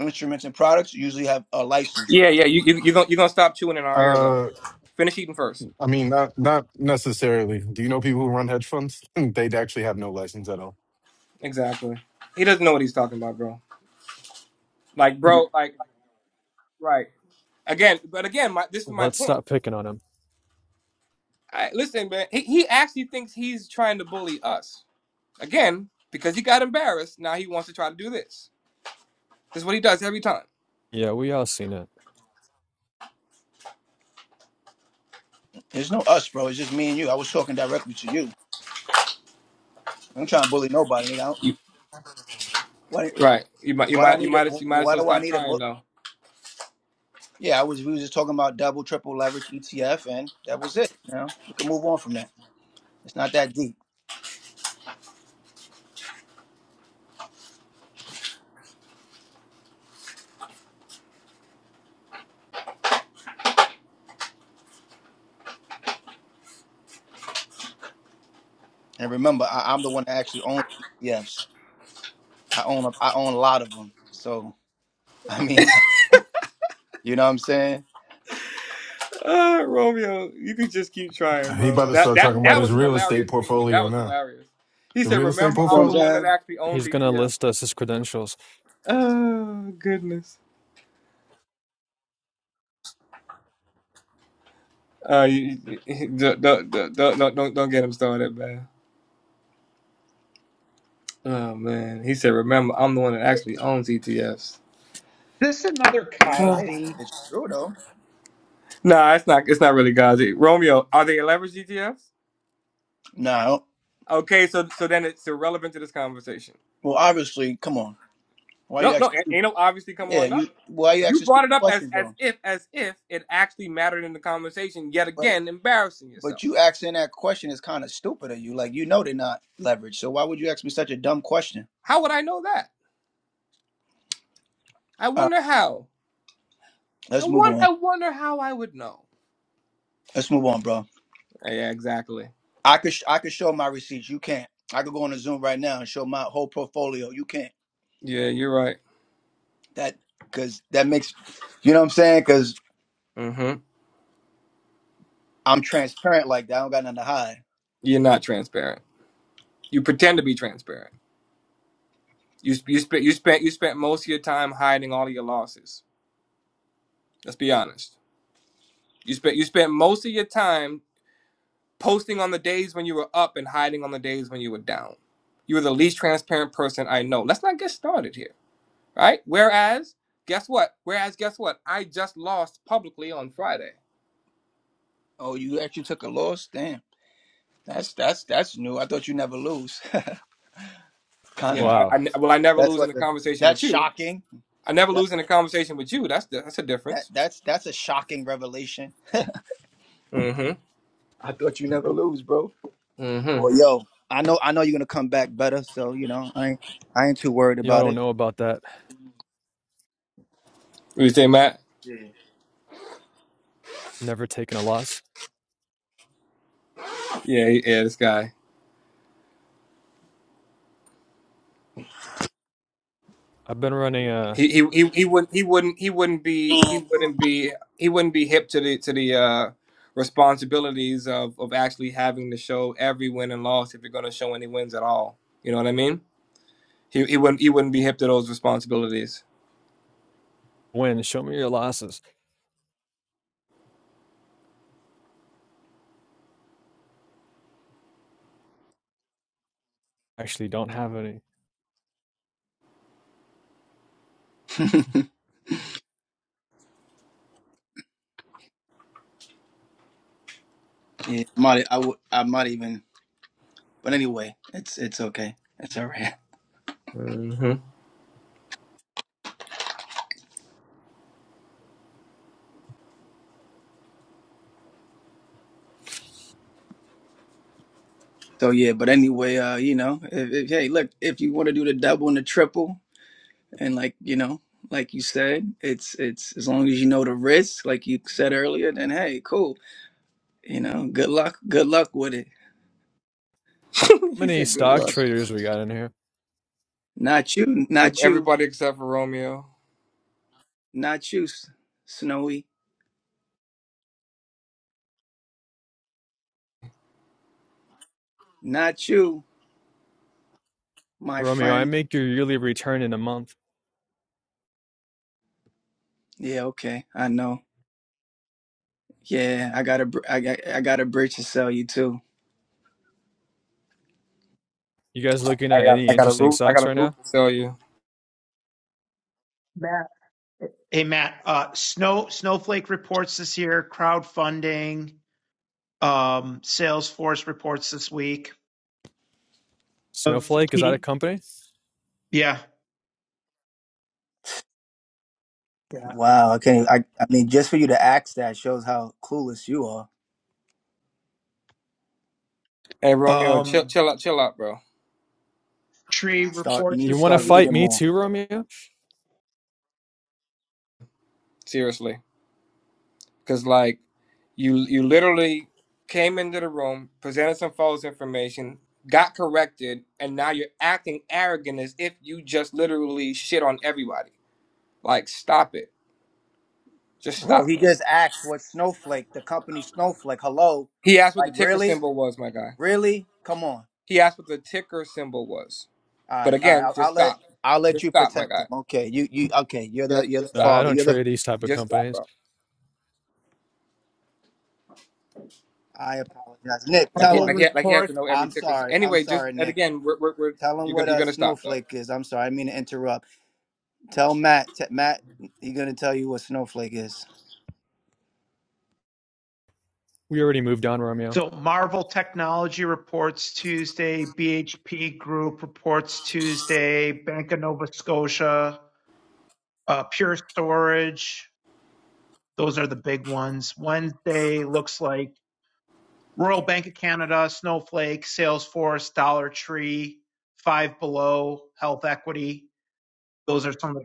Speaker 6: instruments and products usually have a license.
Speaker 7: Yeah, yeah. You you you gonna you gonna stop chewing in our air though.
Speaker 4: Uh,
Speaker 7: Finish eating first.
Speaker 4: I mean, not not necessarily. Do you know people who run hedge funds? they actually have no license at all.
Speaker 7: Exactly. He doesn't know what he's talking about, bro. Like, bro, like, like right. Again, but again, my, this is my
Speaker 9: Let's
Speaker 7: point.
Speaker 9: stop picking on him.
Speaker 7: I, listen, man, he, he actually thinks he's trying to bully us. Again, because he got embarrassed, now he wants to try to do this. This is what he does every time.
Speaker 9: Yeah, we all seen it.
Speaker 6: There's no us, bro. It's just me and you. I was talking directly to you. I'm trying to bully nobody, nigga. I don't,
Speaker 7: You,
Speaker 6: what?
Speaker 7: right. You might you
Speaker 6: What I
Speaker 7: might you
Speaker 6: need a
Speaker 7: might you might as
Speaker 6: what
Speaker 7: well
Speaker 6: do I
Speaker 7: stop
Speaker 6: need a
Speaker 7: trying
Speaker 6: book?
Speaker 7: though.
Speaker 6: Yeah, I was we was just talking about double triple leverage ETF, and that was it. You know, we can move on from that. It's not that deep. And remember, I, I'm the one that actually owns ETFs. I own a, I own a lot of them. So I mean, you know what I'm saying?
Speaker 7: Uh, Romeo, you can just keep trying,
Speaker 4: He
Speaker 7: bro.
Speaker 4: about to
Speaker 7: That
Speaker 4: start
Speaker 6: You
Speaker 7: that
Speaker 4: talking about
Speaker 6: know,
Speaker 7: that
Speaker 4: his
Speaker 7: was a
Speaker 4: real estate
Speaker 7: hilarious statement. That
Speaker 4: portfolio
Speaker 7: was
Speaker 4: now.
Speaker 7: hilarious. He
Speaker 4: The
Speaker 7: said,
Speaker 4: real estate
Speaker 7: "Remember,
Speaker 6: you know what
Speaker 7: I'm
Speaker 6: I'm
Speaker 7: the
Speaker 4: portfolio?
Speaker 7: one that
Speaker 6: saying?
Speaker 7: actually owns
Speaker 9: He's gonna
Speaker 7: ETF."
Speaker 9: list us his credentials.
Speaker 7: Oh goodness. Uh, you, you, don't, don't, don't, don't, don't don't get him started, man. Oh man, he said, "Remember, I'm the one that actually owns ETFs."
Speaker 5: This is another
Speaker 6: I mean, hey,
Speaker 5: Cosby.
Speaker 6: it's true though.
Speaker 7: No, it's not. It's not really Gazi. Romeo, are they leverage ETFs?
Speaker 6: No, I don't-
Speaker 7: Okay, so so then it's irrelevant to this conversation.
Speaker 6: well, obviously, come on. Why
Speaker 7: No,
Speaker 6: you
Speaker 7: no,
Speaker 6: asking?
Speaker 7: ain't
Speaker 6: Stupid?
Speaker 7: no obviously come
Speaker 6: Yeah,
Speaker 7: on nothing.
Speaker 6: you why you
Speaker 7: You
Speaker 6: asking
Speaker 7: brought
Speaker 6: stupid
Speaker 7: it up as
Speaker 6: questions,
Speaker 7: as
Speaker 6: John?
Speaker 7: if as if it actually mattered in the conversation. Yet
Speaker 6: But
Speaker 7: again, embarrassing
Speaker 6: but
Speaker 7: yourself.
Speaker 6: you asking that question is kind of stupid of you. Like you know they're not leveraged. So why would you ask me such a dumb question?
Speaker 7: How would I know that? I
Speaker 6: All right,
Speaker 7: wonder how. I
Speaker 6: let's move
Speaker 7: want.
Speaker 6: on.
Speaker 7: I wonder how I would know.
Speaker 6: Let's move on, bro.
Speaker 7: Yeah, yeah, exactly.
Speaker 6: I could sh- I could show my receipts. You can't. I could go on a Zoom right now and show my whole portfolio. You can't.
Speaker 7: Yeah, you're right.
Speaker 6: That because that makes you know what I'm saying. Because
Speaker 7: Mm-hmm.
Speaker 6: I'm transparent like that. I don't got nothing to hide.
Speaker 7: You're not transparent. You pretend to be transparent. You you spent you spent you spent most of your time hiding all of your losses. Let's be honest. You spent you spent most of your time posting on the days when you were up and hiding on the days when you were down. You were the least transparent person I know. Let's not get started here, right? Whereas, guess what? Whereas, guess what? I just lost publicly on Friday.
Speaker 6: Oh, you actually took a loss. Damn. That's that's that's new. I thought you never lose. kind of.
Speaker 7: Yeah, I, I
Speaker 9: Wow,
Speaker 7: well, I never
Speaker 6: That's
Speaker 7: lose in
Speaker 6: like
Speaker 7: a
Speaker 6: a,
Speaker 7: conversation
Speaker 6: that's
Speaker 7: with you.
Speaker 6: shocking.
Speaker 7: I never
Speaker 6: That
Speaker 7: lose in a conversation with you. That's the, that's a
Speaker 6: that
Speaker 7: difference.
Speaker 6: that's that's a shocking revelation.
Speaker 7: Mm-hmm.
Speaker 6: I thought you never lose, bro.
Speaker 7: Mm-hmm.
Speaker 6: Well, yo, I know I know you're gonna come back better. So you know I ain't I ain't too worried
Speaker 9: y'all
Speaker 6: about
Speaker 9: don't
Speaker 6: it.
Speaker 9: know about that.
Speaker 7: What do you say, Matt?
Speaker 9: Never taken a loss.
Speaker 7: Yeah, yeah, this guy.
Speaker 9: I've been running a
Speaker 7: He he he he wouldn't he wouldn't he wouldn't be he
Speaker 6: Yeah.
Speaker 7: wouldn't be he wouldn't be hip to the to the uh responsibilities of of actually having to show every win and loss if you're going to show any wins at all. You know what I mean? He he wouldn't he wouldn't be hip to those responsibilities.
Speaker 9: win. Show me your losses. Actually, don't have any.
Speaker 6: yeah, might I would I might even, but anyway, it's it's okay, it's all right.
Speaker 7: hmm
Speaker 6: So yeah, but anyway, uh, you know, if, if hey, look, if you want to do the double and the triple, and like you know, like you said, it's it's as long as you know the risk, like you said earlier, then hey, cool, you know, good luck, good luck with it.
Speaker 9: How
Speaker 7: he
Speaker 9: many
Speaker 7: said good
Speaker 9: stock
Speaker 7: luck.
Speaker 9: traders we got in here?
Speaker 6: Not you,
Speaker 7: Every-
Speaker 6: not you,
Speaker 7: Everybody except for Romeo.
Speaker 6: not you, S- Snowy, not you, my
Speaker 9: Romeo, I
Speaker 6: friend.
Speaker 9: make your yearly return in a month.
Speaker 6: Yeah, okay, I know. Yeah, I got a, br- I got, I got a bridge to sell you too.
Speaker 9: You guys looking
Speaker 7: I
Speaker 9: at
Speaker 7: got
Speaker 9: any
Speaker 7: I got a
Speaker 9: interesting
Speaker 7: roof I got
Speaker 9: stocks
Speaker 7: a
Speaker 9: right
Speaker 7: roof
Speaker 9: now?
Speaker 7: to sell you.
Speaker 5: Hey Matt, uh, Snow Snowflake reports this year, crowdfunding, um, Salesforce reports this week of
Speaker 9: Snowflake is that a
Speaker 5: TD.
Speaker 9: company?
Speaker 5: Yeah, yeah.
Speaker 6: Wow. Okay. I, I mean, just for you to ask that shows how clueless you are.
Speaker 7: Hey Romeo, chill
Speaker 5: Um,
Speaker 7: chill out chill out, bro.
Speaker 5: Tree
Speaker 6: Start. You
Speaker 5: reports
Speaker 6: need
Speaker 9: You
Speaker 6: to
Speaker 5: this
Speaker 9: want to
Speaker 6: start
Speaker 5: week.
Speaker 9: fight
Speaker 6: reading
Speaker 9: me
Speaker 6: more,
Speaker 9: too, Romeo?
Speaker 7: Seriously. Cause like you you literally came into the room, presented some false information, got corrected, and now you're acting arrogant as if you just literally shit on everybody. Like stop it. Just
Speaker 6: bro.
Speaker 7: stop.
Speaker 6: He just asked what Snowflake, the company Snowflake. Hello,
Speaker 7: He asked what
Speaker 6: like
Speaker 7: the ticker
Speaker 6: really,
Speaker 7: symbol was, my guy.
Speaker 6: really? Come on.
Speaker 7: He asked what the ticker symbol was.
Speaker 6: All
Speaker 7: But
Speaker 6: right. All right.
Speaker 7: again,
Speaker 6: I'll,
Speaker 7: just
Speaker 6: I'll let
Speaker 7: stop.
Speaker 6: I'll let
Speaker 7: Just
Speaker 6: you
Speaker 7: stop, my
Speaker 6: protect him.
Speaker 7: guy.
Speaker 6: Okay. You you okay? You're the
Speaker 7: Just
Speaker 6: you're the
Speaker 7: just
Speaker 9: Uh,
Speaker 7: stop.
Speaker 9: I
Speaker 6: father.
Speaker 9: don't
Speaker 6: You're the.
Speaker 9: trade these type of
Speaker 7: Just stop,
Speaker 9: companies.
Speaker 7: bro.
Speaker 6: I apologize, Nick.
Speaker 7: Like he
Speaker 6: Tell
Speaker 5: Marvel
Speaker 7: like
Speaker 6: him.
Speaker 7: he like he has to
Speaker 5: reports.
Speaker 7: know every
Speaker 6: I'm
Speaker 7: ticker. sy-
Speaker 6: sorry. I'm
Speaker 7: Anyway, just
Speaker 6: sorry,
Speaker 7: and
Speaker 6: Nick.
Speaker 7: again, we're, we're, we're
Speaker 6: Tell him
Speaker 7: you're
Speaker 6: what
Speaker 7: gonna you're
Speaker 6: a
Speaker 7: gonna stop though.
Speaker 6: snowflake is. I'm sorry. I didn't mean to interrupt. Tell Matt. T- Matt, he's gonna tell you what snowflake is.
Speaker 9: We already moved on, Romeo.
Speaker 5: So Marvel Technology reports Tuesday. BHP Group reports Tuesday. Bank of Nova Scotia, uh, Pure Storage. Those are the big ones. Wednesday looks like. Royal Bank of Canada, Snowflake, Salesforce, Dollar Tree, Five Below, Health Equity. Those are some of the.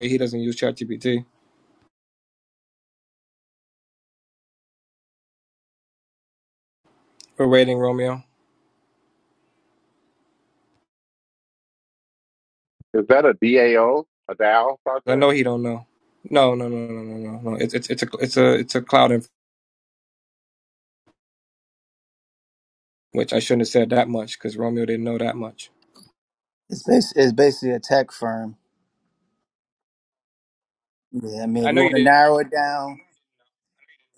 Speaker 7: He doesn't use ChatGPT. We're waiting, Romeo.
Speaker 1: Is that a DAO, a O, a D A O
Speaker 7: I
Speaker 1: project?
Speaker 7: know he don't know. No, no, no, no, no, no, no. It's it's it's a it's a it's a cloud in which I shouldn't have said that much because Romeo didn't know that much.
Speaker 6: It's, bas- it's basically a tech firm Yeah, I mean,
Speaker 7: I
Speaker 6: if you
Speaker 7: know you
Speaker 6: want to
Speaker 7: did.
Speaker 6: narrow it down,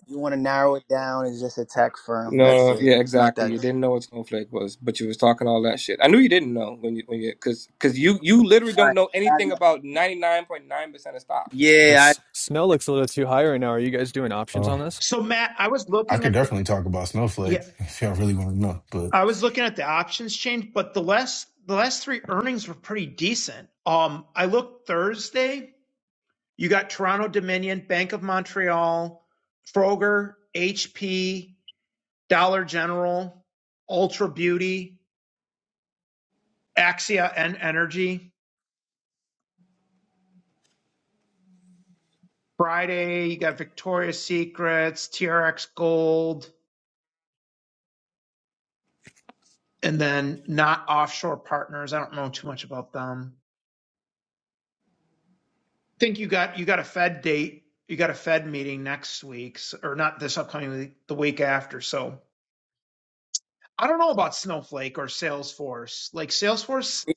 Speaker 6: if you want to narrow it down, it's just a tech firm.
Speaker 7: not
Speaker 6: That's
Speaker 7: No,
Speaker 6: it.
Speaker 7: yeah,
Speaker 6: It's not
Speaker 7: exactly.
Speaker 6: that deep.
Speaker 7: You didn't know what snowflake was, but you was talking all that shit. I knew you didn't know when you when you because because you you literally
Speaker 6: All
Speaker 7: don't
Speaker 6: right.
Speaker 7: know
Speaker 6: I
Speaker 7: anything
Speaker 6: know.
Speaker 7: about ninety nine point nine percent of stocks.
Speaker 6: Yeah,
Speaker 9: That's Snell looks a little too high right now. Are you guys doing options
Speaker 4: Uh,
Speaker 9: on this?
Speaker 5: So Matt, I was
Speaker 4: I
Speaker 5: looking
Speaker 4: could
Speaker 5: at the
Speaker 4: definitely talk about Snowflake
Speaker 5: yeah,
Speaker 4: if y'all really want to know, but.
Speaker 5: I was looking at the options change, but the last the last three earnings were pretty decent. Um, I looked Thursday. You got Toronto Dominion, Bank of Montreal, Froger, HP, Dollar General, Ultra Beauty, Axia, and Energy. Friday, you got Victoria's Secrets, TRX Gold, and then not offshore partners. I don't know too much about them. I think you got you got a Fed date. You got a Fed meeting next week, or not this upcoming week, the week after. So I don't know about Snowflake or Salesforce. Like Salesforce,
Speaker 6: I,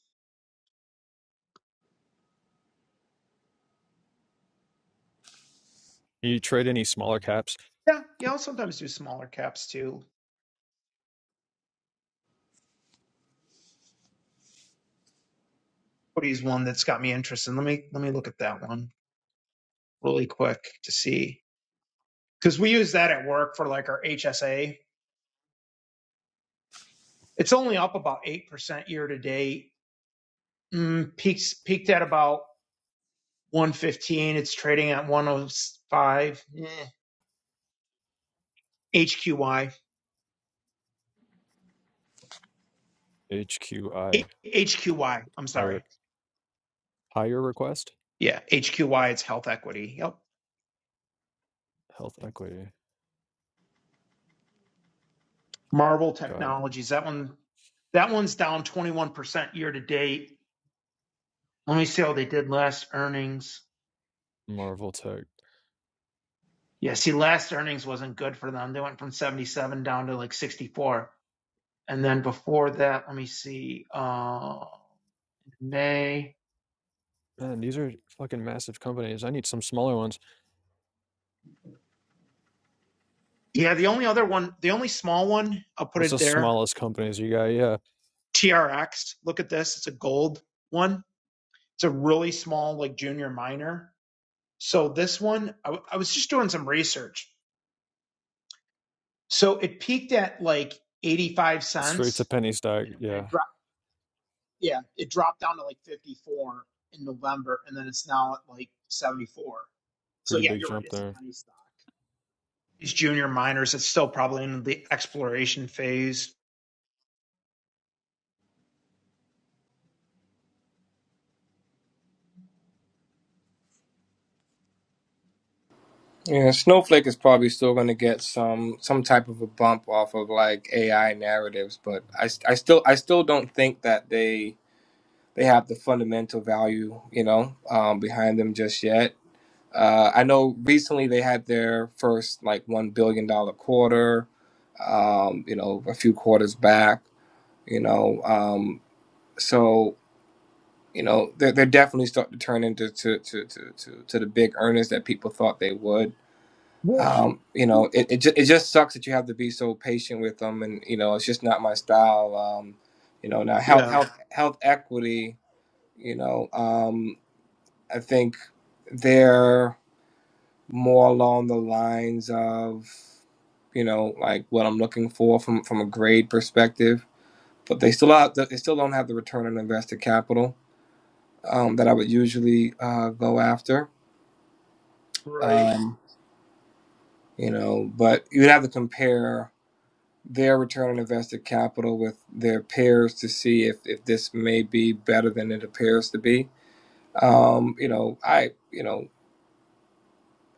Speaker 9: You trade any smaller caps?
Speaker 5: yeah, yeah, I'll sometimes do smaller caps too. Cody's one that's got me interested. Let me let me look at that one really quick to see because we use that at work for like our HSA It's only up about 8% year to date. Mm, peaks, peaked at about 115. It's trading at 105. Eh, HQY. H-
Speaker 9: HQI,
Speaker 5: HQY. I'm
Speaker 9: hire
Speaker 5: sorry.
Speaker 9: hire request?
Speaker 5: Yeah, HQY. It's health equity. Yep.
Speaker 9: Health Equity.
Speaker 5: Marvel
Speaker 9: Got it.
Speaker 5: Technologies. That one. That one's down 21% year to date. Let me see how they did last earnings.
Speaker 9: Marvel Tech.
Speaker 5: Yeah, see, last earnings wasn't good for them. They went from 77 down to like 64. And then before that, let me see. Uh, May.
Speaker 9: Man, these are fucking massive companies. I need some smaller ones.
Speaker 5: Yeah, the only other one, the only small one, I'll put
Speaker 9: What's
Speaker 5: it
Speaker 9: the
Speaker 5: there.
Speaker 9: smallest companies you got? Yeah,
Speaker 5: TRX. Look at this. It's a gold one. It's a really small, like junior minor. So this one, I, w- I was just doing some research. So it peaked at like 85
Speaker 9: straight to
Speaker 5: cents
Speaker 9: penny stock.
Speaker 5: and, it, and
Speaker 9: Yeah,
Speaker 5: it dropped. Yeah, it dropped down to like 54 in November and then it's now at like 74. So
Speaker 9: pretty
Speaker 5: yeah,
Speaker 9: big
Speaker 5: you're right.
Speaker 9: jump
Speaker 5: It's a
Speaker 9: there.
Speaker 5: penny stock. These junior minors, it's still probably in the exploration phase.
Speaker 7: Yeah, snowflake is probably still going to get some some type of a bump off of like AI narratives, but I I still I still don't think that they they have the fundamental value, you know, um, behind them just yet. Uh, I know recently they had their first like one billion dollar quarter, um, you know, a few quarters back, you know, um, so you know they're, they're definitely starting to turn into to to, to, to to the big earners that people thought they would.
Speaker 5: Well,
Speaker 7: Um, you know, it it, ju- it just sucks that you have to be so patient with them, and you know, it's just not my style. Um, you know, now health
Speaker 5: yeah,
Speaker 7: health health equity you know. Um, I think they're more along the lines of, you know, like what I'm looking for from from a grade perspective. But they still have, they still don't have the return on invested capital um, that I would usually uh, go after.
Speaker 5: right.
Speaker 7: Um, you know, but you'd have to compare their return on invested capital with their peers to see if, if this may be better than it appears to be. Um, you know, I you know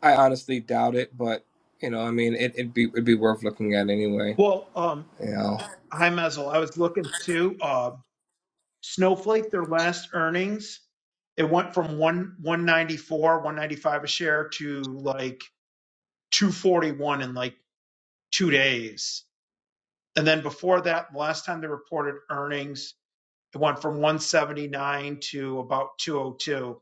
Speaker 7: I honestly doubt it, but you know, I mean, it, it'd be it'd be worth looking at anyway.
Speaker 5: Well, um,
Speaker 7: You know,
Speaker 5: hi, Mezel. I was looking to uh, Snowflake, their last earnings, it went from one 194, 195 a share to like 241 in like two days. And then before that, last time they reported earnings, it went from 179 to about 202.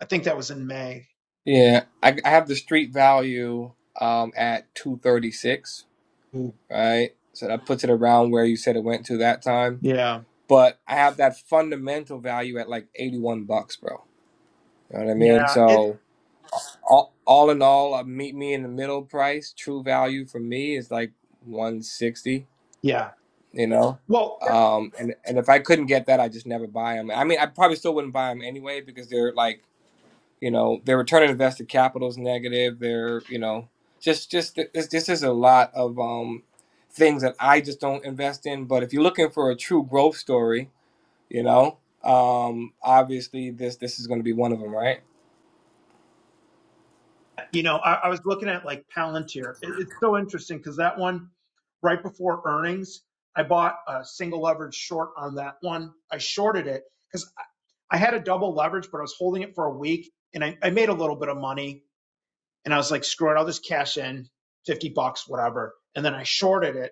Speaker 5: I think that was in May.
Speaker 7: yeah, I, I have the street value um at two thirty six,
Speaker 5: Ooh.
Speaker 7: right? So that puts it around where you said it went to that time.
Speaker 5: Yeah.
Speaker 7: But I have that fundamental value at like eighty one bucks, bro. You know what I mean?
Speaker 5: Yeah. It,
Speaker 7: So all all in all, uh, meet me in the middle price. True value for me is like one sixty.
Speaker 5: yeah.
Speaker 7: you know.
Speaker 5: Well,
Speaker 7: Um, and and if I couldn't get that, I just never buy them. I mean, I probably still wouldn't buy them anyway because they're like, you know, their return on invested capital is negative. They're, you know, just just th- this this is a lot of um things that I just don't invest in. But if you're looking for a true growth story, you know, um, obviously this this is going to be one of them, right?
Speaker 5: You know, I, I was looking at like Palantir. It- it's so interesting because that one, right before earnings, I bought a single leverage short on that one. I shorted it because I had a double leverage, but I was holding it for a week and I, I made a little bit of money. And I was like, screw it, I'll just cash in 50 bucks, whatever. And then I shorted it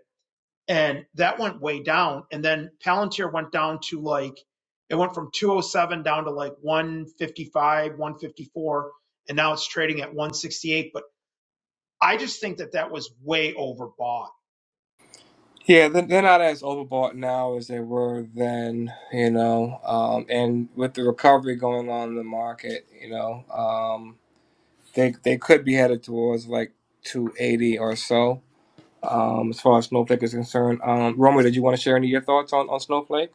Speaker 5: and that went way down. And then Palantir went down to like, it went from 207 down to like 155, 154 and now it's trading at 168. but I just think that that was way overbought.
Speaker 7: Yeah, they're, they're not as overbought now as they were then, you know, um, and with the recovery going on in the market, you know. um, They they could be headed towards like 280 or so. Um, as far as Snowflake is concerned, um, Romeo, did you want to share any of your thoughts on, on Snowflake?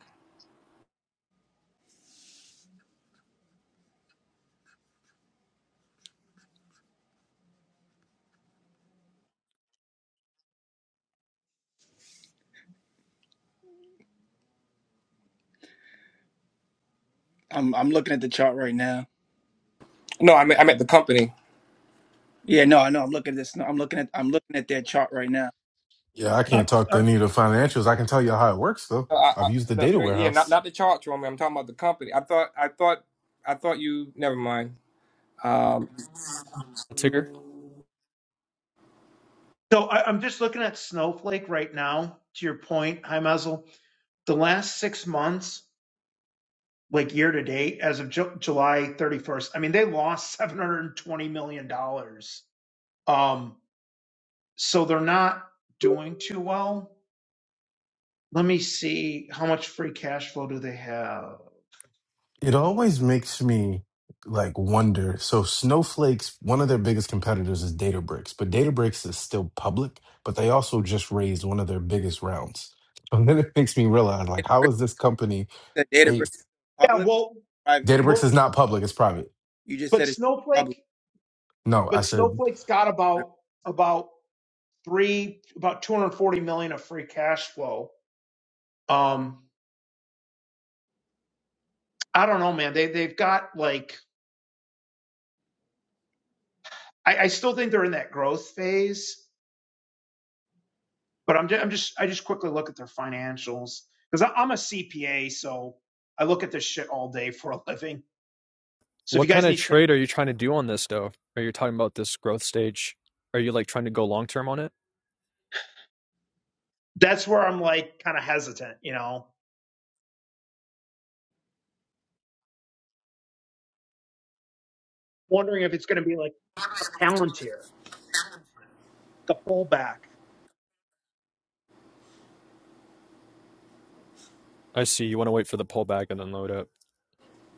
Speaker 6: I'm I'm looking at the chart right now.
Speaker 7: No, I mean I meant the company.
Speaker 6: Yeah, no, I know. I'm looking at this. No, I'm looking at I'm looking at their chart right now.
Speaker 4: Yeah, I
Speaker 5: Uh,
Speaker 4: can't talk to
Speaker 5: Uh,
Speaker 4: any of the financials. I can tell you how it works though.
Speaker 7: I,
Speaker 4: I've
Speaker 7: I,
Speaker 4: used the
Speaker 7: no,
Speaker 4: data
Speaker 7: yeah, not
Speaker 4: warehouse.
Speaker 7: not the charts, Romeo. I'm talking about the company. I thought I thought I thought you. Never mind. Um,
Speaker 9: Ticker?
Speaker 5: So I, I'm just looking at Snowflake right now. To your point, hi Mazel. The last six months, like year to date, as of Ju- July 31st, I mean they lost 720 million dollars. Um, so they're not doing too well. Let me see how much free cash flow do they have?
Speaker 4: It always makes me like wonder. So Snowflake's one of their biggest competitors is Databricks, but Databricks is still public, but they also just raised one of their biggest rounds. And then it makes me realize like how
Speaker 6: Databricks
Speaker 4: is this company
Speaker 6: said
Speaker 4: a
Speaker 6: Databricks
Speaker 5: Yeah,
Speaker 6: public,
Speaker 5: well,
Speaker 6: private.
Speaker 4: Databricks
Speaker 5: well,
Speaker 4: is not public, it's private.
Speaker 6: You just
Speaker 5: but
Speaker 6: said it's public.
Speaker 5: Snowflake,
Speaker 4: No, I
Speaker 5: but
Speaker 4: said
Speaker 5: Snowflake's got
Speaker 6: right?
Speaker 5: about about three about 240 million of free cash flow um i don't know man they they've got like i, I still think they're in that growth phase but i'm just, i'm just i just quickly look at their financials because i'm a cpa so i look at this shit all day for a living so if you
Speaker 9: What kind
Speaker 5: guys
Speaker 9: of
Speaker 5: need
Speaker 9: trade are you trying to do on this though? Are you talking about this growth stage? Are you like trying to go long term on it?
Speaker 5: that's where i'm like kind of hesitant you know wondering if it's going to be like a palantir the pullback
Speaker 9: I see. You want to wait for the pullback and then load up.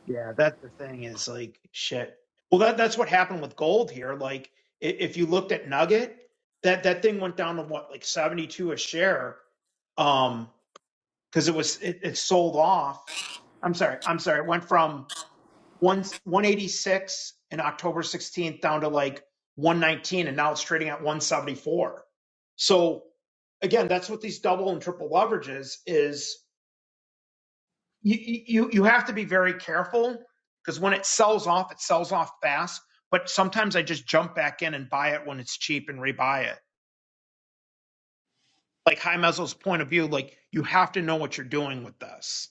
Speaker 5: Yeah, that's the thing is like shit. Well, that that's what happened with gold here. Like i- if you looked at Nugget, that that thing went down to what like 72 a share um because it was it, it sold off. I'm sorry. I'm sorry. It went from one 186 in October 16th down to like 119 and now it's trading at 174. So again, that's what these double and triple leverages is you you you have to be very careful because when it sells off, it sells off fast. But sometimes I just jump back in and buy it when it's cheap and rebuy it. Like High Mezzo's point of view, like you have to know what you're doing with this.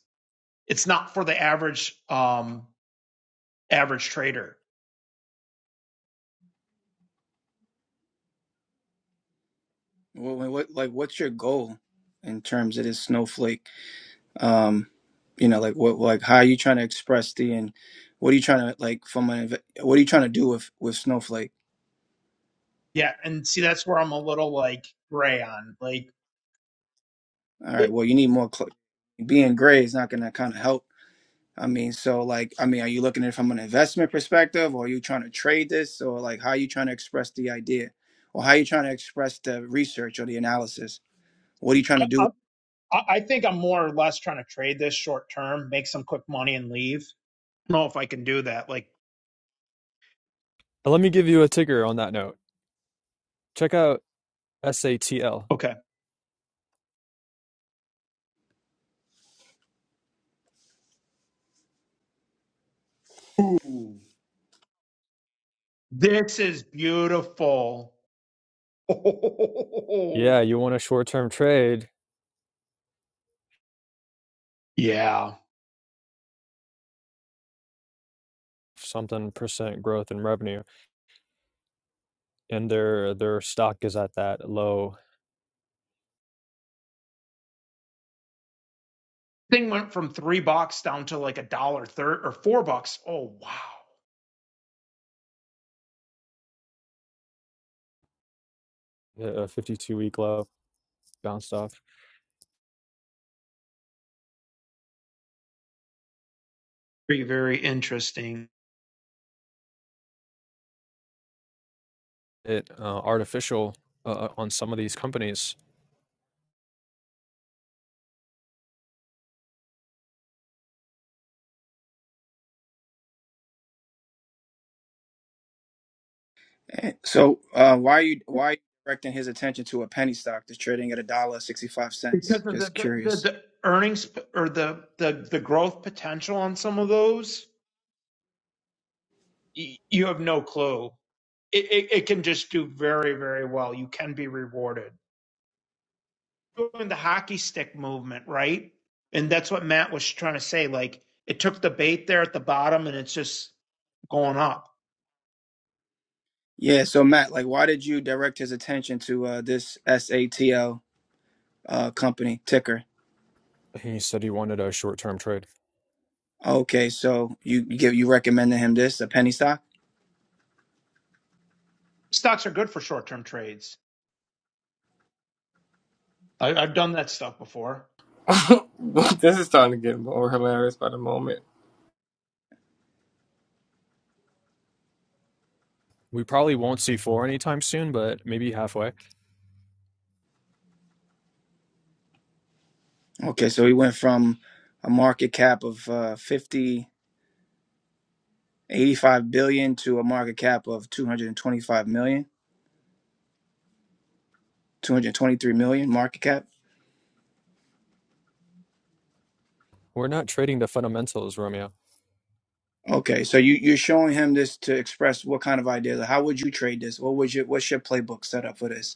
Speaker 5: It's not for the average um average trader.
Speaker 6: What, what like what's your goal in terms of this snowflake? Um, you know, like what like how are you trying to express the and what are you trying to like from an what are you trying to do with with snowflake?
Speaker 5: Yeah, and see that's where I'm a little like gray on. Like
Speaker 6: All right.
Speaker 5: it,
Speaker 6: Well, you need more. Cl- being gray is not going to kind of help. I mean, so like, I mean, are you looking at it from an investment perspective, or are you trying to trade this, or like, how are you trying to express the idea, or how are you trying to express the research or the analysis? What are you trying to
Speaker 5: I,
Speaker 6: do?
Speaker 5: I, I think I'm more or less trying to trade this short term, make some quick money, and leave. I don't know if I can do that. Like
Speaker 9: Uh, Let me give you a ticker on that note. Check out SATL.
Speaker 5: okay. Ooh. This is beautiful. Oh,
Speaker 9: Yeah, you want a short term trade.
Speaker 5: yeah.
Speaker 9: something percent growth in revenue, and their their stock is at that low,
Speaker 5: Thing went from three bucks down to like a dollar third or four bucks. Oh wow.
Speaker 9: uh, a 52-week low, bounced off
Speaker 5: Very, very interesting.
Speaker 9: it, uh, artificial uh, uh, on some of these companies.
Speaker 6: And so, uh, why are you why are you directing his attention to a penny stock that's trading at a dollar sixty five cents?
Speaker 5: Because of the
Speaker 6: Just
Speaker 5: the, the,
Speaker 6: curious.
Speaker 5: the earnings or the, the the growth potential on some of those, y- you have no clue. It, it, it can just do very, very well. You can be rewarded. doing the hockey stick movement, right? And that's what Matt was trying to say. Like it took the bait there at the bottom and it's just going up.
Speaker 6: Yeah. So Matt, like, why did you direct his attention to uh, this SATL uh, company ticker?
Speaker 9: He said he wanted a short-term trade.
Speaker 6: Okay, so you you give you recommended him this a penny stock?
Speaker 5: Stocks are good for short term trades. I, I've done that stuff before.
Speaker 7: this is starting to get more hilarious by the moment.
Speaker 9: We probably won't see four anytime soon, but maybe halfway.
Speaker 6: Okay, so he went from a market cap of uh 50 eighty-five billion to a market cap of two hundred twenty five million, two hundred twenty three million market cap.
Speaker 9: We're not trading the fundamentals, Romeo.
Speaker 6: Okay, so you you're showing him this to express what kind of idea? How would you trade this? What would your what's your playbook set up for this?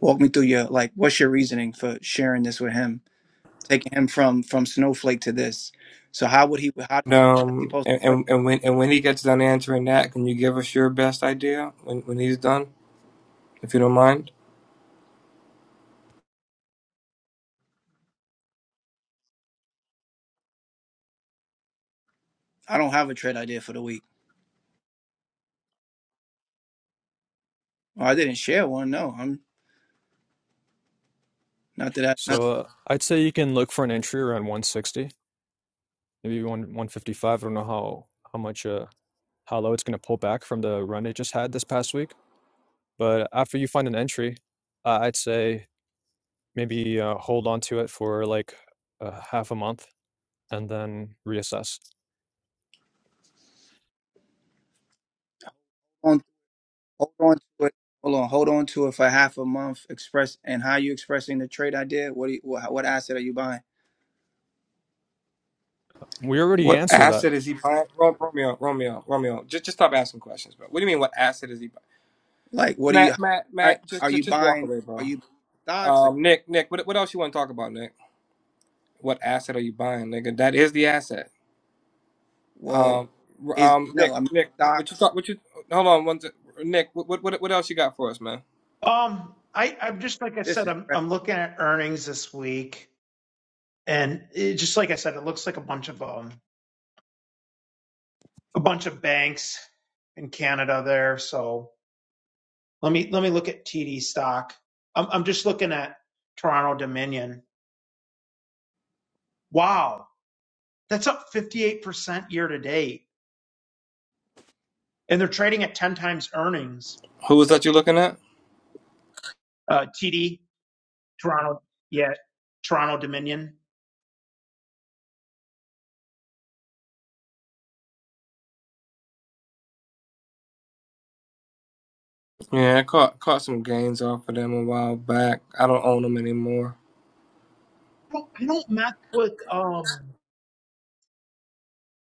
Speaker 6: Walk me through your like what's your reasoning for sharing this with him? Taking him from from snowflake to this. So how would he how does he
Speaker 7: Um,
Speaker 6: post
Speaker 7: and, and and when and when he gets done answering that, can you give us your best idea when when he's done, if you don't mind?
Speaker 6: I don't have a trade idea for the week. Well, I didn't share one. No, I'm not that. I, not that
Speaker 9: So uh, I'd say you can look for an entry around 160, maybe one 155. I don't know how how much uh, how low it's going to pull back from the run it just had this past week. But after you find an entry, uh, I'd say Maybe, uh, hold on to it for, like, uh, half a month and then reassess.
Speaker 6: on, hold on to it. Hold on, hold on to it for half a month. Express and how you expressing the trade idea? What do you, what, what asset are you buying?
Speaker 9: We already
Speaker 7: What
Speaker 9: answered that.
Speaker 7: asset is he buying? Ro- Romeo, Romeo, Romeo. Just, just stop asking questions, bro. What do you mean? What asset is he buying?
Speaker 6: Like, what do you?
Speaker 7: Matt, Matt,
Speaker 6: Are,
Speaker 7: Matt. Just,
Speaker 6: are
Speaker 7: just,
Speaker 6: you
Speaker 7: just walk
Speaker 6: buying?
Speaker 7: away,
Speaker 6: Are
Speaker 7: bro.
Speaker 6: you buying stocks? Like,
Speaker 7: Um, Nick, Nick. What, what else you want to talk about, Nick? What asset are you buying, nigga? That is the asset.
Speaker 6: Well,
Speaker 7: Um, r-
Speaker 6: is
Speaker 7: um,
Speaker 6: no.
Speaker 7: Nick,
Speaker 6: I mean,
Speaker 7: Nick. What you
Speaker 6: stocks.
Speaker 7: thought? What you? Hold on, one. sec. Nick, what, what, what, what else you got for us, man?
Speaker 5: Um, I, I'm just like I
Speaker 6: This
Speaker 5: said,
Speaker 6: is
Speaker 5: I'm
Speaker 6: right.
Speaker 5: I'm looking at earnings this week, and it, just like I said, it looks like a bunch of um a bunch of banks in Canada there. So let me let me look at TD stock. I'm I'm just looking at Toronto Dominion. Wow, That's up 58% year to date. And they're trading at 10 times earnings.
Speaker 7: Who was that you looking at?
Speaker 5: Uh, TD, Toronto, yeah, Toronto Dominion.
Speaker 7: Yeah, I caught caught some gains off of them a while back. I don't own them anymore.
Speaker 5: I don't, I don't mess with, um,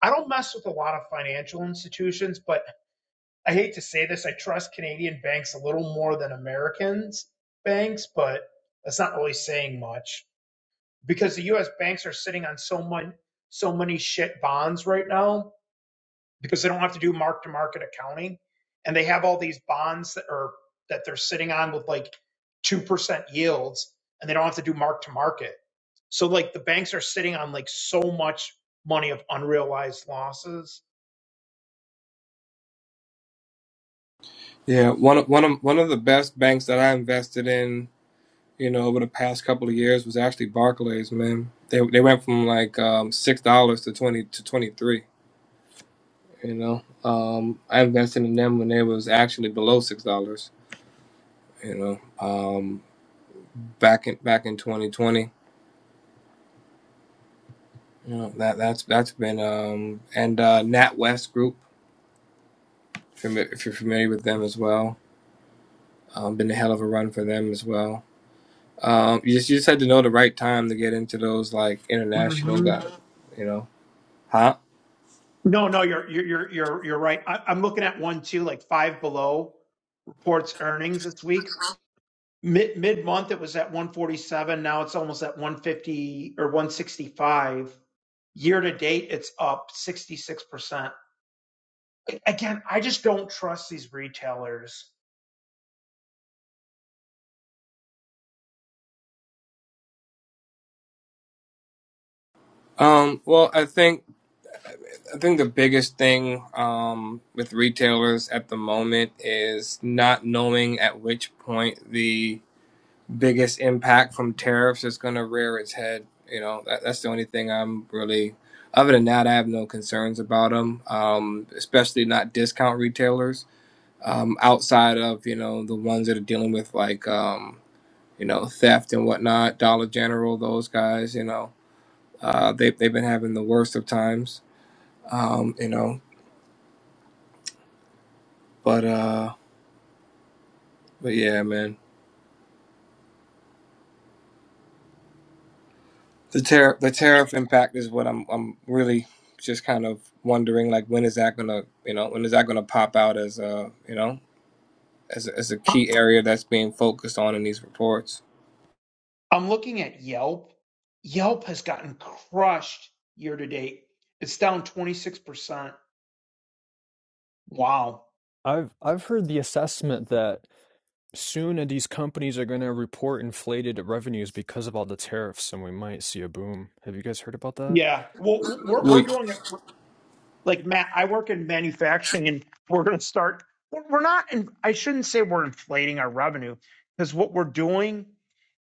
Speaker 5: I don't mess with a lot of financial institutions, but I hate to say this. I trust Canadian banks a little more than Americans banks, but that's not really saying much because the U.S. banks are sitting on so much, so many shit bonds right now because they don't have to do mark to market accounting and they have all these bonds that are that they're sitting on with like 2% yields and they don't have to do mark to market so like the banks are sitting on like so much money of unrealized losses
Speaker 7: Yeah, one of one of one of the best banks that I invested in you know, over the past couple of years was actually Barclays, man. They they went from like um, six dollars to twenty to twenty three. You know, um, I invested in them when they was actually below six dollars. You know, um, back in back in twenty twenty. You know that that's that's been um, and uh, NatWest Group. fami- If you're familiar with them as well, um, been a hell of a run for them as well. Um, you just you just had to know the right time to get into those like international
Speaker 5: hmm
Speaker 7: guys. You know, huh?
Speaker 5: no no you're you're you're you're, you're right I, i'm looking at one too like five below reports earnings this week Mid mid month it was at 147. Now it's almost at 150 or 165. Year to date, it's up 66%. Again, I just don't trust these retailers.
Speaker 7: Um, well, I think I think the biggest thing um, with retailers at the moment is not knowing at which point the biggest impact from tariffs is going to rear its head. You know, that, that's the only thing I'm really, other than that, I have no concerns about them, um, especially not discount retailers um, outside of, you know, the ones that are dealing with like, um, you know, theft and whatnot, Dollar General, those guys, you know, uh, they, they've been having the worst of times um, you know. But uh, but yeah, man, the tariff the tariff impact is what I'm I'm really just kind of wondering like when is that gonna you know when is that gonna pop out as a you know as a, as a key area that's being focused on in these reports.
Speaker 5: I'm looking at Yelp. Yelp has gotten crushed year to date. It's down 26%. Wow.
Speaker 9: I've I've heard the assessment that soon uh, these companies are gonna report inflated revenues because of all the tariffs, and we might see a boom. Have you guys heard about that?
Speaker 5: Yeah. Well, we're,
Speaker 7: Well,
Speaker 5: we're doing it like Matt. I work in manufacturing and we're going to start. We're we're not, in, I shouldn't say we're inflating our revenue because what we're doing.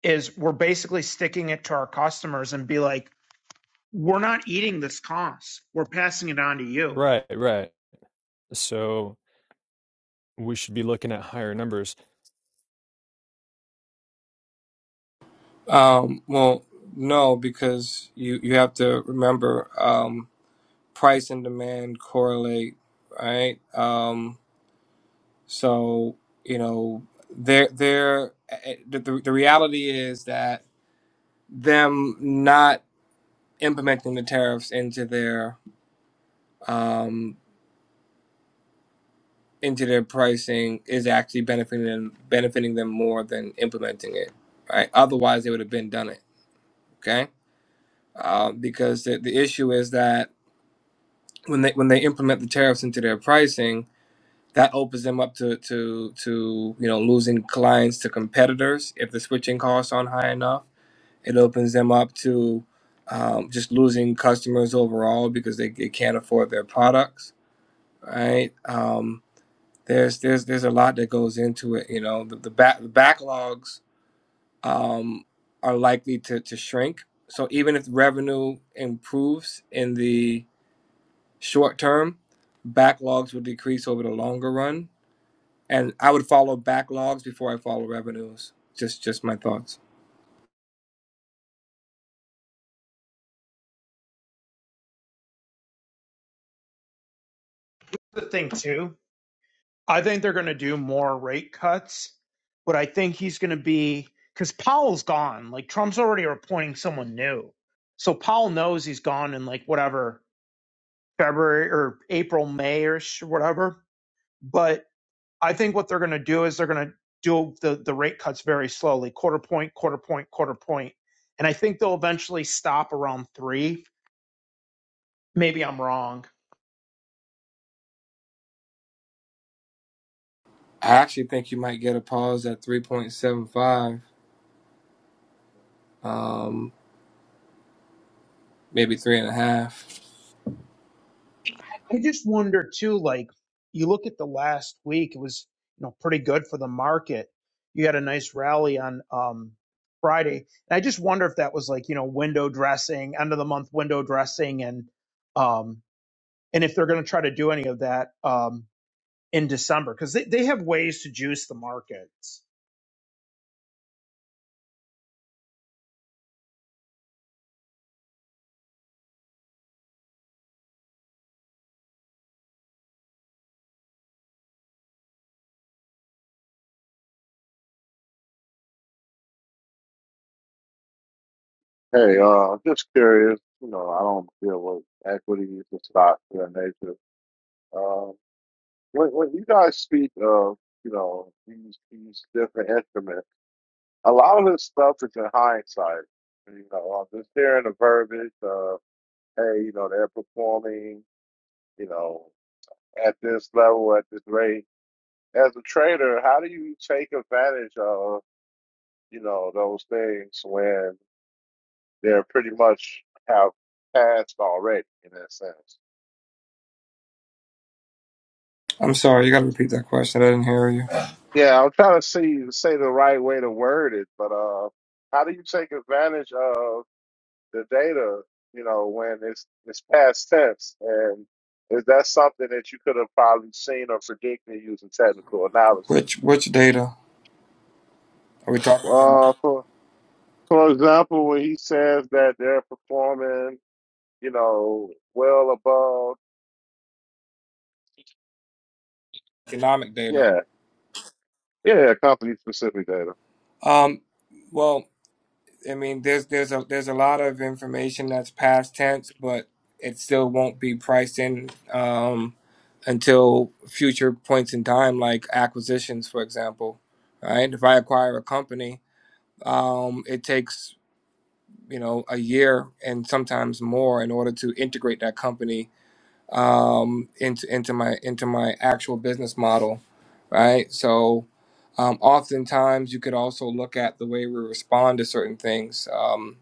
Speaker 5: is we're basically sticking it to our customers and be like, we're not eating this cost. We're passing it on to you.
Speaker 9: Right, right. So we should be looking at higher numbers.
Speaker 7: um, well, no, because you you have to remember um, price and demand correlate, right? Um, so you know they're they're eh, eh, the, the the reality is that them not implementing the tariffs into their um, into their pricing is actually benefiting them benefiting them more than implementing it. Right? Otherwise, they would have been done it. Okay, uh, because the, the issue is that when they when they implement the tariffs into their pricing, that opens them up to to to you know losing clients to competitors if the switching costs aren't high enough. It opens them up to um, just losing customers overall because they, they can't afford their products, right? Um, there's there's there's a lot that goes into it. You know, the the, back, the backlogs um, are likely to, to shrink. So even if revenue improves in the short term, backlogs will decrease over the longer run. And I would follow backlogs before I follow revenues. Just just my thoughts.
Speaker 5: The thing too, I think they're going to do more rate cuts, but I think he's going to be because Powell's gone. Like Trump's already appointing someone new, so Powell knows he's gone in like whatever February or April, May or whatever. But I think what they're going to do is they're going to do the, the rate cuts very slowly, quarter point, quarter point, quarter point. And I think they'll eventually stop around three. Maybe I'm wrong.
Speaker 7: I actually think you might get a pause at three point seven five, um, maybe three and a half.
Speaker 5: I just wonder too, like you look at the last week, it was, you know, pretty good for the market. You had a nice rally on um, Friday. And I just wonder if that was like, you know, window dressing, end of the month window dressing and um and if they're going to try to do any of that um in December because they, they have ways to juice the markets
Speaker 1: Hey, uh, just curious. You know, I don't deal with equities and stocks of that nature. Um, when, when you guys speak of, you know, these these different instruments, a lot of this stuff is in hindsight. You know, I'm just hearing the verbiage of, hey, you know, they're performing, you know, at this level, at this rate. As a trader, how do you take advantage of, you know, those things when they're pretty much have passed already in that sense.
Speaker 7: I'm sorry, you got to repeat that question. I didn't hear you.
Speaker 1: Yeah, I'm trying to see say the right way to word it, but uh, how do you take advantage of the data? You know, when it's it's past tense, and is that something that you could have probably seen or predicted using technical analysis?
Speaker 7: Which which data are we talking about?
Speaker 1: Uh, for for example, when he says that they're performing, you know, well above,
Speaker 7: economic data.
Speaker 1: yeah, yeah, company specific data.
Speaker 7: Um, well, I mean, there's there's a there's a lot of information that's past tense, but it still won't be priced in um, until future points in time, like acquisitions, for example. Right? If I acquire a company, um, it takes you know a year and sometimes more in order to integrate that company um, into into my into my actual business model, right? So, um, oftentimes you could also look at the way we respond to certain things. Um,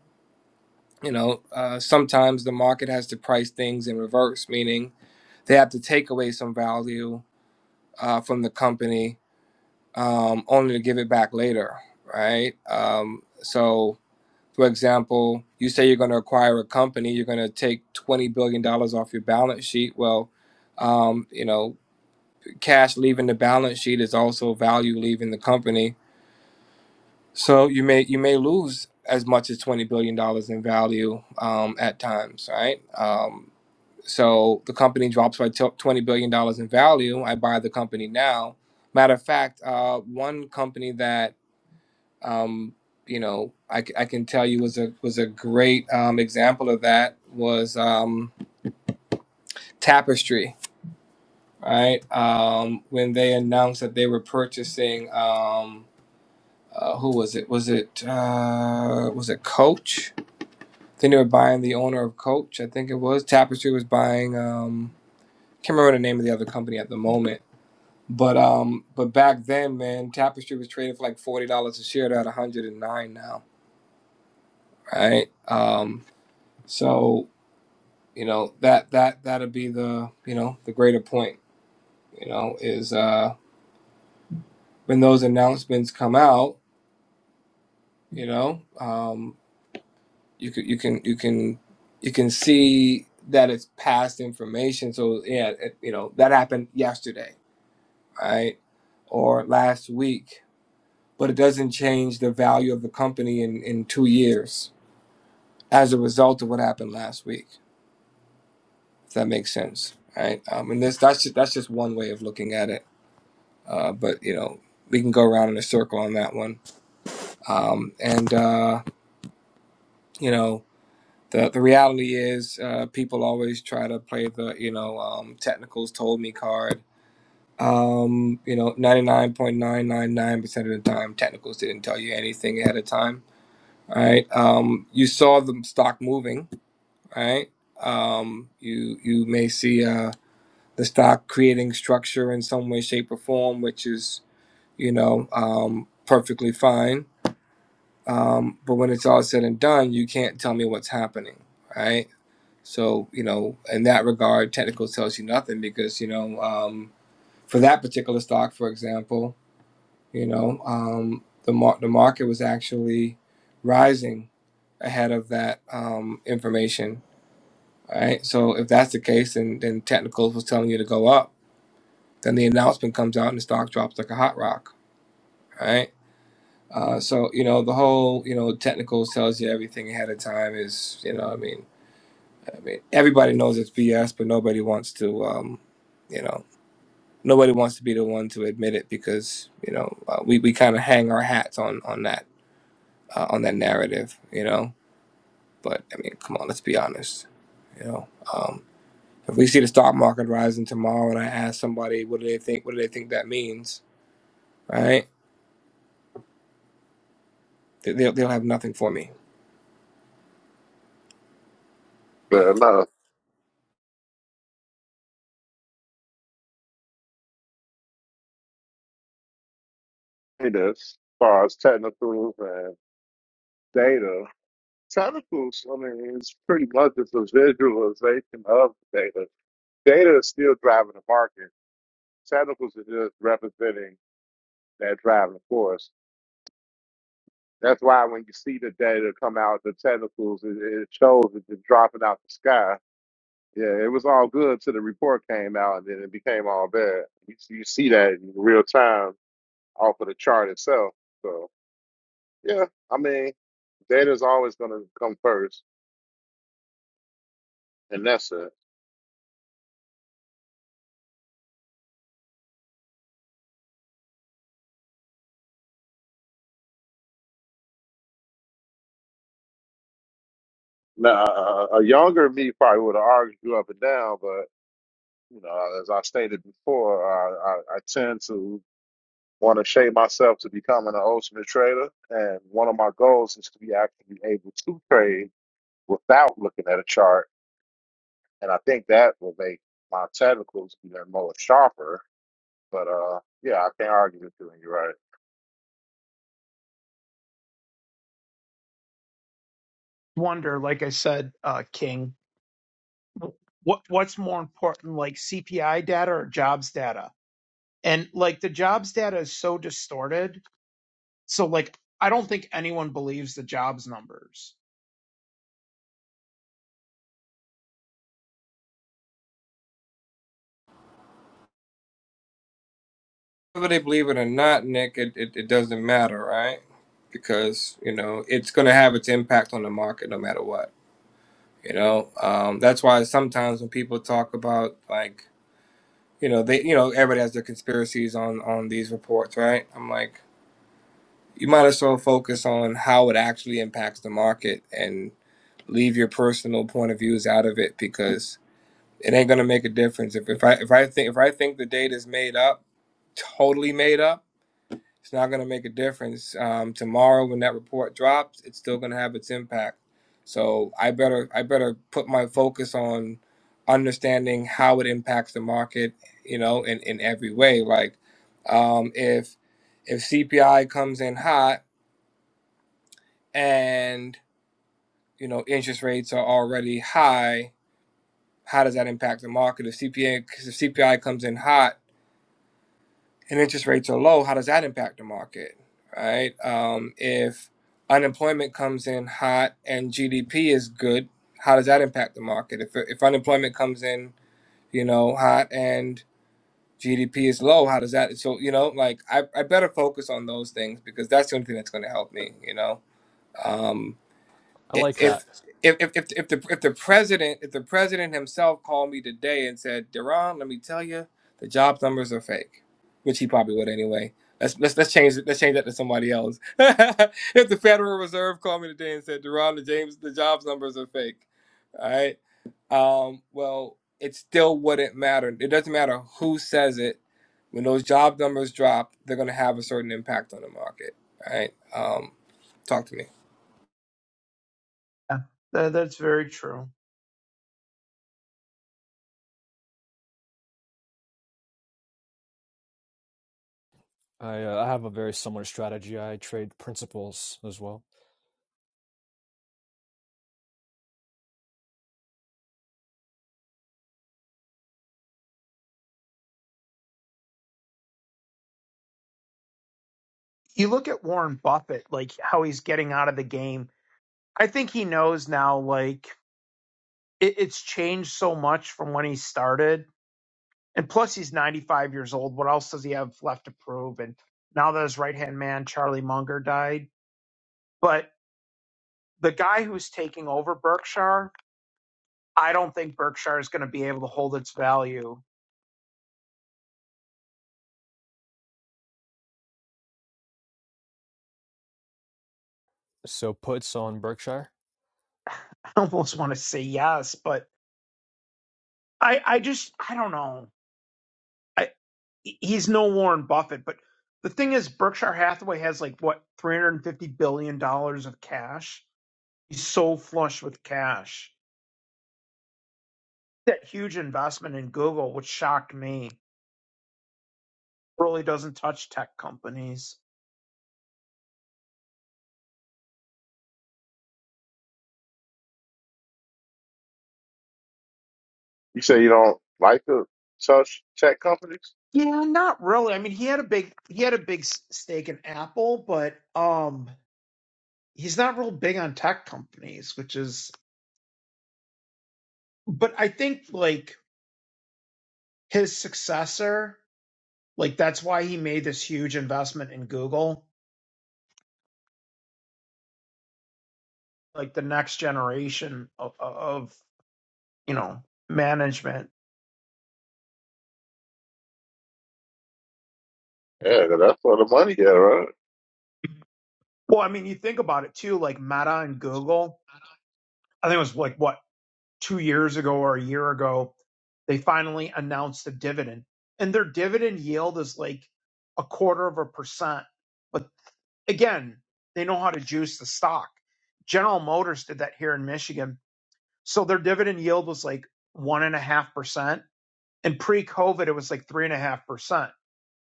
Speaker 7: you know, uh, sometimes the market has to price things in reverse, meaning they have to take away some value uh, from the company um, only to give it back later, right? Um, so. For example, you say you're going to acquire a company, you're going to take $20 billion dollars off your balance sheet. Well, um, you know, cash leaving the balance sheet is also value leaving the company. So you may you may lose as much as twenty billion dollars in value um, at times, right? Um, so the company drops by twenty billion dollars in value. I buy the company now. Matter of fact, uh, one company that um, you know I, c- I can tell you was a was a great um, example of that was um, Tapestry, right? Um, when they announced that they were purchasing. Um, uh, who was it? Was it uh, was it Coach? I think they were buying the owner of Coach. I think it was Tapestry was buying. Um, can't remember the name of the other company at the moment. But um, but back then, man, Tapestry was trading for like forty dollars a share. They're at one hundred and nine now, right? Um, so you know that that that'll be the you know the greater point. You know is uh, when those announcements come out. You know. Um, you can you can you can you can see that it's past information so yeah it, you know that happened yesterday right or last week but it doesn't change the value of the company in in two years as a result of what happened last week if that makes sense right um, and this that's just that's just one way of looking at it uh, but you know we can go around in a circle on that one um, and uh, you know the the reality is uh, people always try to play the you know um, technicals told me card. Um, you know, ninety nine point nine nine nine percent of the time, technicals didn't tell you anything ahead of time. Right? Um, you saw the stock moving. Right? Um, you you may see uh, the stock creating structure in some way, shape, or form, which is you know um, perfectly fine. Um, but when it's all said and done, you can't tell me what's happening right? So, you know, in that regard, technical tells you nothing because, you know, um, for that particular stock, for example, you know, um, the, mar- the market was actually rising ahead of that um, information. Right. So if that's the case, then, then technicals was telling you to go up. Then the announcement comes out and the stock drops like a hot rock. Right. Uh, so you know the whole you know technicals tells you everything ahead of time is you know I mean I mean everybody knows it's BS but nobody wants to um, you know nobody wants to be the one to admit it because you know uh, we, we kind of hang our hats on on that uh, on that narrative you know but i mean come on let's be honest you know um, if we see the stock market rising tomorrow and i ask somebody what do they think what do they think that means right They- they'll, they'll have nothing for me
Speaker 1: But no. data as far as technicals and data. Technicals, I mean, it's pretty much just a visualization of data. Data is still driving the market. Technicals are just representing that driving force. That's why when you see the data come out, the technicals, it, it shows it just dropping out the sky. Yeah, it was all good till the report came out, and then it became all bad. You, you see that in real time off of the chart itself. So yeah, I mean, data is always going to come first and that's it. Now, a, a younger me probably would have argued you up and down, but you know, as I stated before, I, I, I tend to want to shape myself to becoming an ultimate trader, and one of my goals is to be actually able to trade without looking at a chart, and I think that will make my technicals even more sharper. But uh, yeah, I can't argue with you, and you're right.
Speaker 5: wonder, like I said, uh, King, what what's more important, like CPI data or jobs data? And like the jobs data is so distorted, so like I don't think anyone believes the jobs numbers.
Speaker 7: whether they believe it or not nick it, it, it doesn't matter right because you know it's going to have its impact on the market no matter what you know um, that's why sometimes when people talk about like you know they you know everybody has their conspiracies on on these reports right i'm like you might as well focus on how it actually impacts the market and leave your personal point of views out of it because it ain't going to make a difference if, if i if i think if i think the data is made up totally made up it's not going to make a difference. Um, tomorrow, when that report drops, it's still going to have its impact. So I better I better put my focus on understanding how it impacts the market, you know, in, in every way. Like um, if if CPI comes in hot and you know interest rates are already high, how does that impact the market? If CPI if CPI comes in hot and interest rates are low, how does that impact the market, right? Um, if unemployment comes in hot and GDP is good, how does that impact the market? If, if unemployment comes in, you know, hot and GDP is low, how does that? So, you know, like I, I better focus on those things because that's the only thing that's going to help me, you know? Um,
Speaker 9: I like
Speaker 7: if
Speaker 9: that.
Speaker 7: if if if if the if the president if the president himself called me today and said, Duran, let me tell you, the job numbers are fake, which he probably would anyway. Let's let's let's change let's change that to somebody else. if the Federal Reserve called me today and said, Duran, the James the jobs numbers are fake, all right, um, well, it still wouldn't matter. It doesn't matter who says it. When those job numbers drop, they're going to have a certain impact on the market. All right, um, talk to me.
Speaker 5: Yeah, tha- that's very true.
Speaker 9: I, uh, I have a very similar strategy. I trade principals as well.
Speaker 5: You look at Warren Buffett, like how he's getting out of the game. I think he knows now, like it, it's changed so much from when he started. And plus, he's 95 years old. What else does he have left to prove? And now that his right hand man, Charlie Munger, died. But the guy who's taking over Berkshire, I don't think Berkshire is going to be able to hold its value.
Speaker 9: So puts on Berkshire.
Speaker 5: I almost want to say yes, but I, I just, I don't know. I, he's no Warren Buffett, but the thing is, Berkshire Hathaway has like what $350 billion dollars of cash. He's so flush with cash. That huge investment in Google, which shocked me, really doesn't touch tech companies.
Speaker 1: You say you don't like the such tech companies?
Speaker 5: Yeah, not really. I mean, he had a big he had a big stake in Apple, but um he's not real big on tech companies, which is, but I think like his successor, like that's why he made this huge investment in Google, like the next generation of, of you know, management.
Speaker 1: Yeah, 'cause that's where the money at, right?
Speaker 5: Well, I mean, you think about it too, like Meta and Google, I think it was like what, two years ago or a year ago, they finally announced the dividend and their dividend yield is like a quarter of a percent again, they know how to juice the stock. General Motors did that here in Michigan. So their dividend yield was like one and a half percent. And pre COVID, it was like three and a half percent.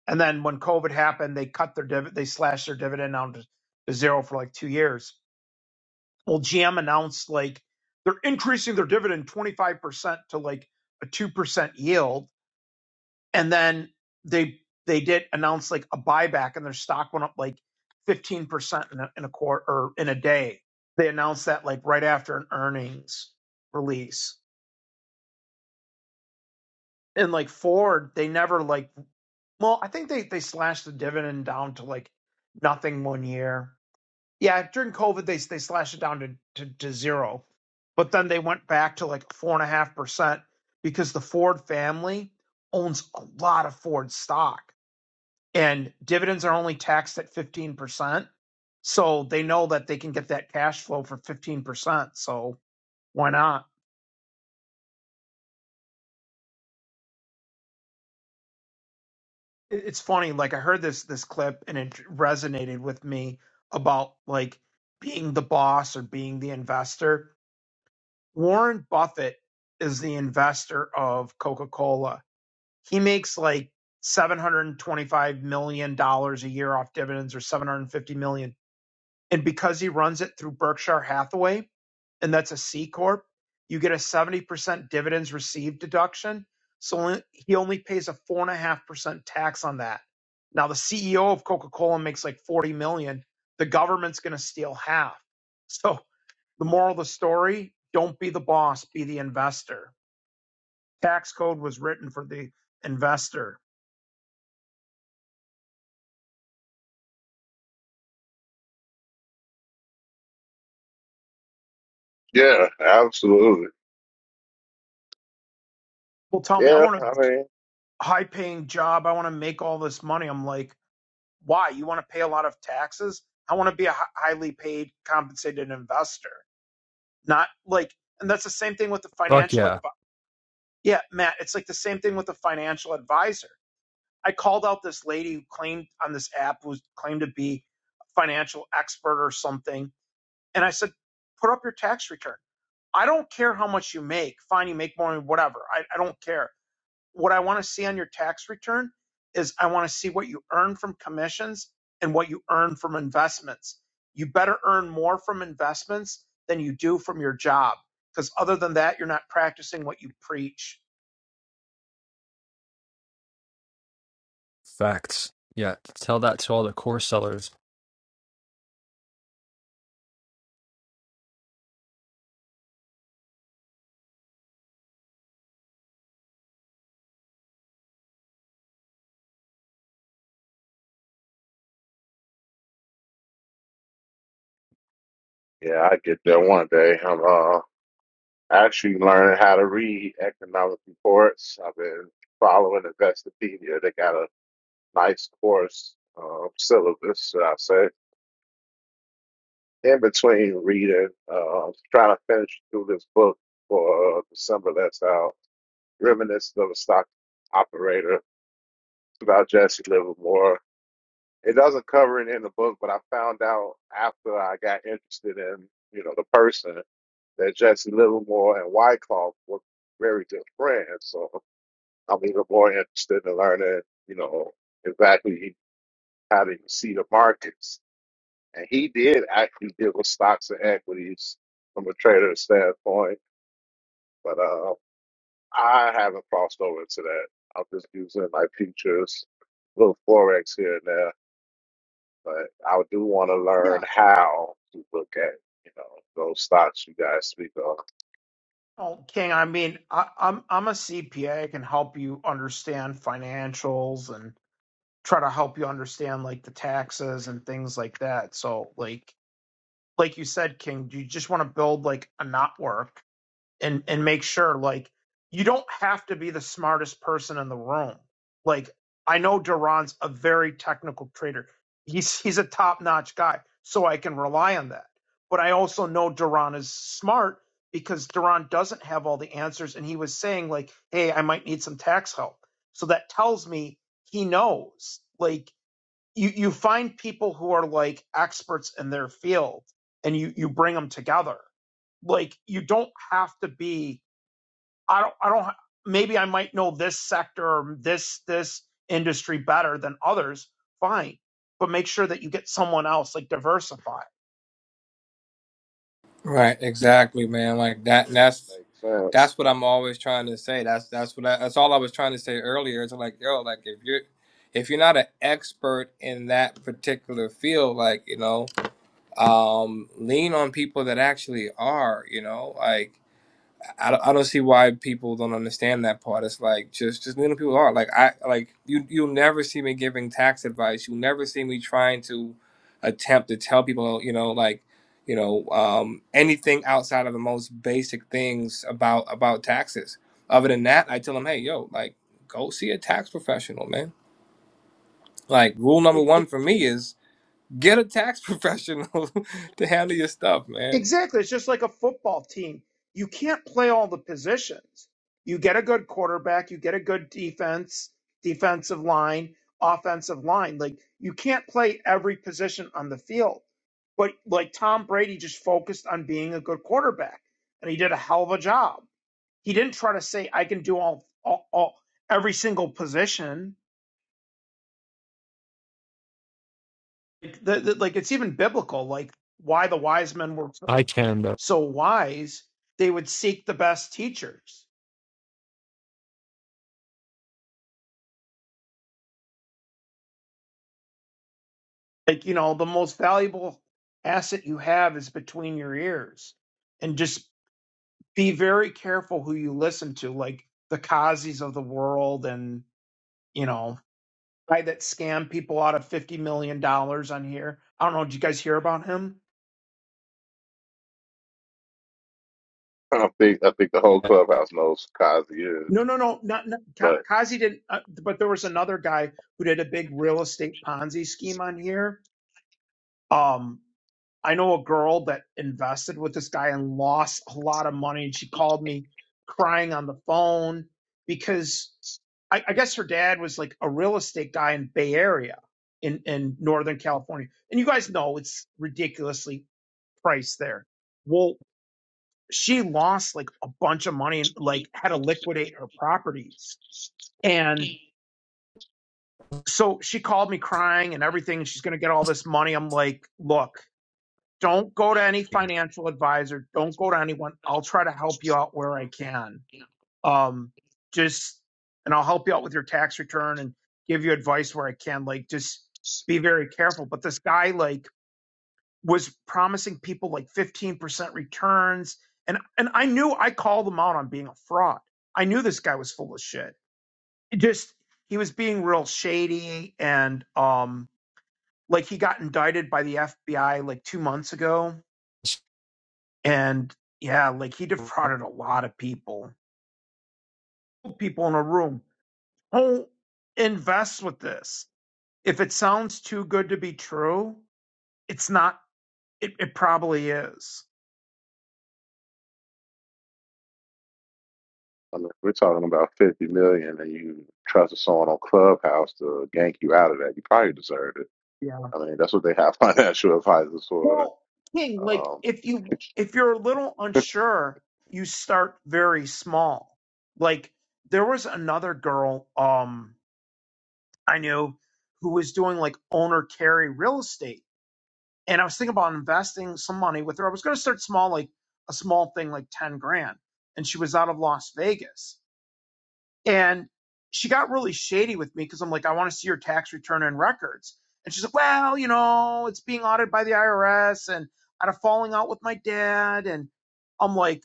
Speaker 5: And then when COVID happened, they cut their dividend, they slashed their dividend down to, to zero for like two years. Well, GM announced like they're increasing their dividend 25% to like a 2% yield and then they they did announce like a buyback and their stock went up like 15% in a, in a quarter or in a day they announced that like right after an earnings release and like ford they never like well i think they they slashed the dividend down to like nothing one year yeah during covid they they slashed it down to to, to zero but then they went back to like four and a half percent because the ford family owns a lot of ford stock and dividends are only taxed at 15%. So they know that they can get that cash flow for 15%. So why not? It's funny. Like I heard this, this clip and it resonated with me about like being the boss or being the investor. Warren Buffett is the investor of Coca-Cola. He makes like $725 million dollars a year off dividends or 750 million. dollars. And because he runs it through Berkshire Hathaway, and that's a C corp, you get a 70% dividends received deduction. So only, he only pays a four and a half percent tax on that. Now the CEO of Coca Cola makes like 40 million. The government's going to steal half. So the moral of the story: don't be the boss, be the investor. Tax code was written for the investor.
Speaker 1: Yeah, absolutely.
Speaker 5: People tell me, I
Speaker 1: Yeah,
Speaker 5: want
Speaker 1: I
Speaker 5: a
Speaker 1: mean,
Speaker 5: high-paying job. I want to make all this money. I'm like, why? You want to pay a lot of taxes? I want to be a hi- highly paid, compensated investor. not like and that's the same thing with the
Speaker 9: Fuck
Speaker 5: financial
Speaker 9: yeah.
Speaker 5: advi- yeah matt it's like the same thing with the financial advisor i called out this lady who claimed on this app who claimed to be a financial expert or something and i said put up your tax return i don't care how much you make fine you make more whatever i, I don't care what I want to see on your tax return is I want to see what you earn from commissions and what you earn from investments. You better earn more from investments than you do from your job because other than that, you're not practicing what you preach.
Speaker 9: Facts. Yeah, tell that to all the course sellers.
Speaker 1: yeah, I get there one day. I'm uh, actually learning how to read economic reports. I've been following Investopedia. They got a nice course uh, syllabus, should I say, in between reading. Uh, I'm trying to finish through this book for uh, December that's out. Reminiscent of a Stock Operator about Jesse Livermore. It doesn't cover it in the book, but I found out after I got interested in, you know, the person that Jesse Livermore and Wyckoff were very good friends. So I'm even more interested in learning, you know, exactly how to see the markets. And he did actually deal with stocks and equities from a trader standpoint, but uh, I haven't crossed over to that. I'm just using my futures, little forex here and there. but I do want to learn
Speaker 5: Yeah.
Speaker 1: how to look at you know those stocks you guys speak of.
Speaker 5: Oh, King, I mean, I, I'm I'm a CPA. I can help you understand financials and try to help you understand like the taxes and things like that. So, like like you said, King, you just want to build like a network and and make sure like you don't have to be the smartest person in the room. Like I know Duran's a very technical trader. He's he's a top-notch guy, so I can rely on that. But I also know Duran is smart because Duran doesn't have all the answers and he was saying like, "Hey, I might need some tax help." So that tells me he knows. Like you you find people who are like experts in their field and you you bring them together like you don't have to be i don't i don't ha- maybe i might know this sector or this this industry better than others fine but make sure that you get someone else like diversify
Speaker 7: Right, exactly, man. Like that. and That's
Speaker 1: Makes sense.
Speaker 7: that's what I'm always trying to say. That's that's what I, that's all I was trying to say earlier. It's like yo, like if you're if you're not an expert in that particular field, like you know, um, lean on people that actually are. You know, like I don't, I don't see why people don't understand that part. It's like just just little people are like I like you you'll never see me giving tax advice. You'll never see me trying to attempt to tell people you know like you know um, anything outside of the most basic things about about taxes. Other than that, I tell them, hey yo, like go see a tax professional, man. Like rule number one for me is get a tax professional to handle your stuff, man.
Speaker 5: Exactly. It's just like a football team. You can't play all the positions. You get a good quarterback, you get a good defense, defensive line, offensive line. Like you can't play every position on the field. But like Tom Brady just focused on being a good quarterback and he did a hell of a job. He didn't try to say I can do all all, all every single position. Like, the, the, like it's even biblical like why the wise men were so
Speaker 9: I can, but
Speaker 5: so wise, they would seek the best teachers like you know the most valuable asset you have is between your ears and just be very careful who you listen to like the Kazis of the world and you know guy that scammed people out of 50 million dollars on here i don't know did you guys hear about him
Speaker 1: I think I think the whole clubhouse knows Cosby is,
Speaker 5: no no no not, not Ka-
Speaker 1: but
Speaker 5: Kazi didn't uh, but there was another guy who did a big real estate ponzi scheme on here Um, I know a girl that invested with this guy and lost a lot of money, and she called me crying on the phone because I, I guess her dad was like a real estate guy in Bay Area in in Northern California, and you guys know it's ridiculously priced there. Well, she lost like a bunch of money and like had to liquidate her properties, and so she called me crying and everything. and She's gonna get all this money. I'm like, look. Don't go to any financial advisor. Don't go to anyone. I'll try to help you out where I can. Um, just, and I'll help you out with your tax return and give you advice where I can. Like, just be very careful. But this guy, like, was promising people like 15% returns. And, and I knew I called him out on being a fraud. I knew this guy was full of shit. It just, he was being real shady and, um, like he got indicted by the FBI like two months ago And yeah, like he defrauded a lot of people. People in a room. Don't invest with this. If it sounds too good to be true, it's not it, it probably is.
Speaker 1: I mean, if we're talking about fifty million, and you trust someone on Clubhouse to gank you out of that. You probably deserved it.
Speaker 5: Yeah.
Speaker 1: I mean, that's what they have financial advisors for.
Speaker 5: Well, King, like
Speaker 1: Um,
Speaker 5: if you if you're a little unsure, you start very small. Like there was another girl um I knew who was doing like owner carry real estate And I was thinking about investing some money with her. I was going to start small, like a small thing, like 10 grand. And she was out of Las Vegas. And she got really shady with me because I'm like, I want to see your tax return and records. And she's like, well, you know, it's being audited by the IRS and I had a falling out with my dad. And I'm like,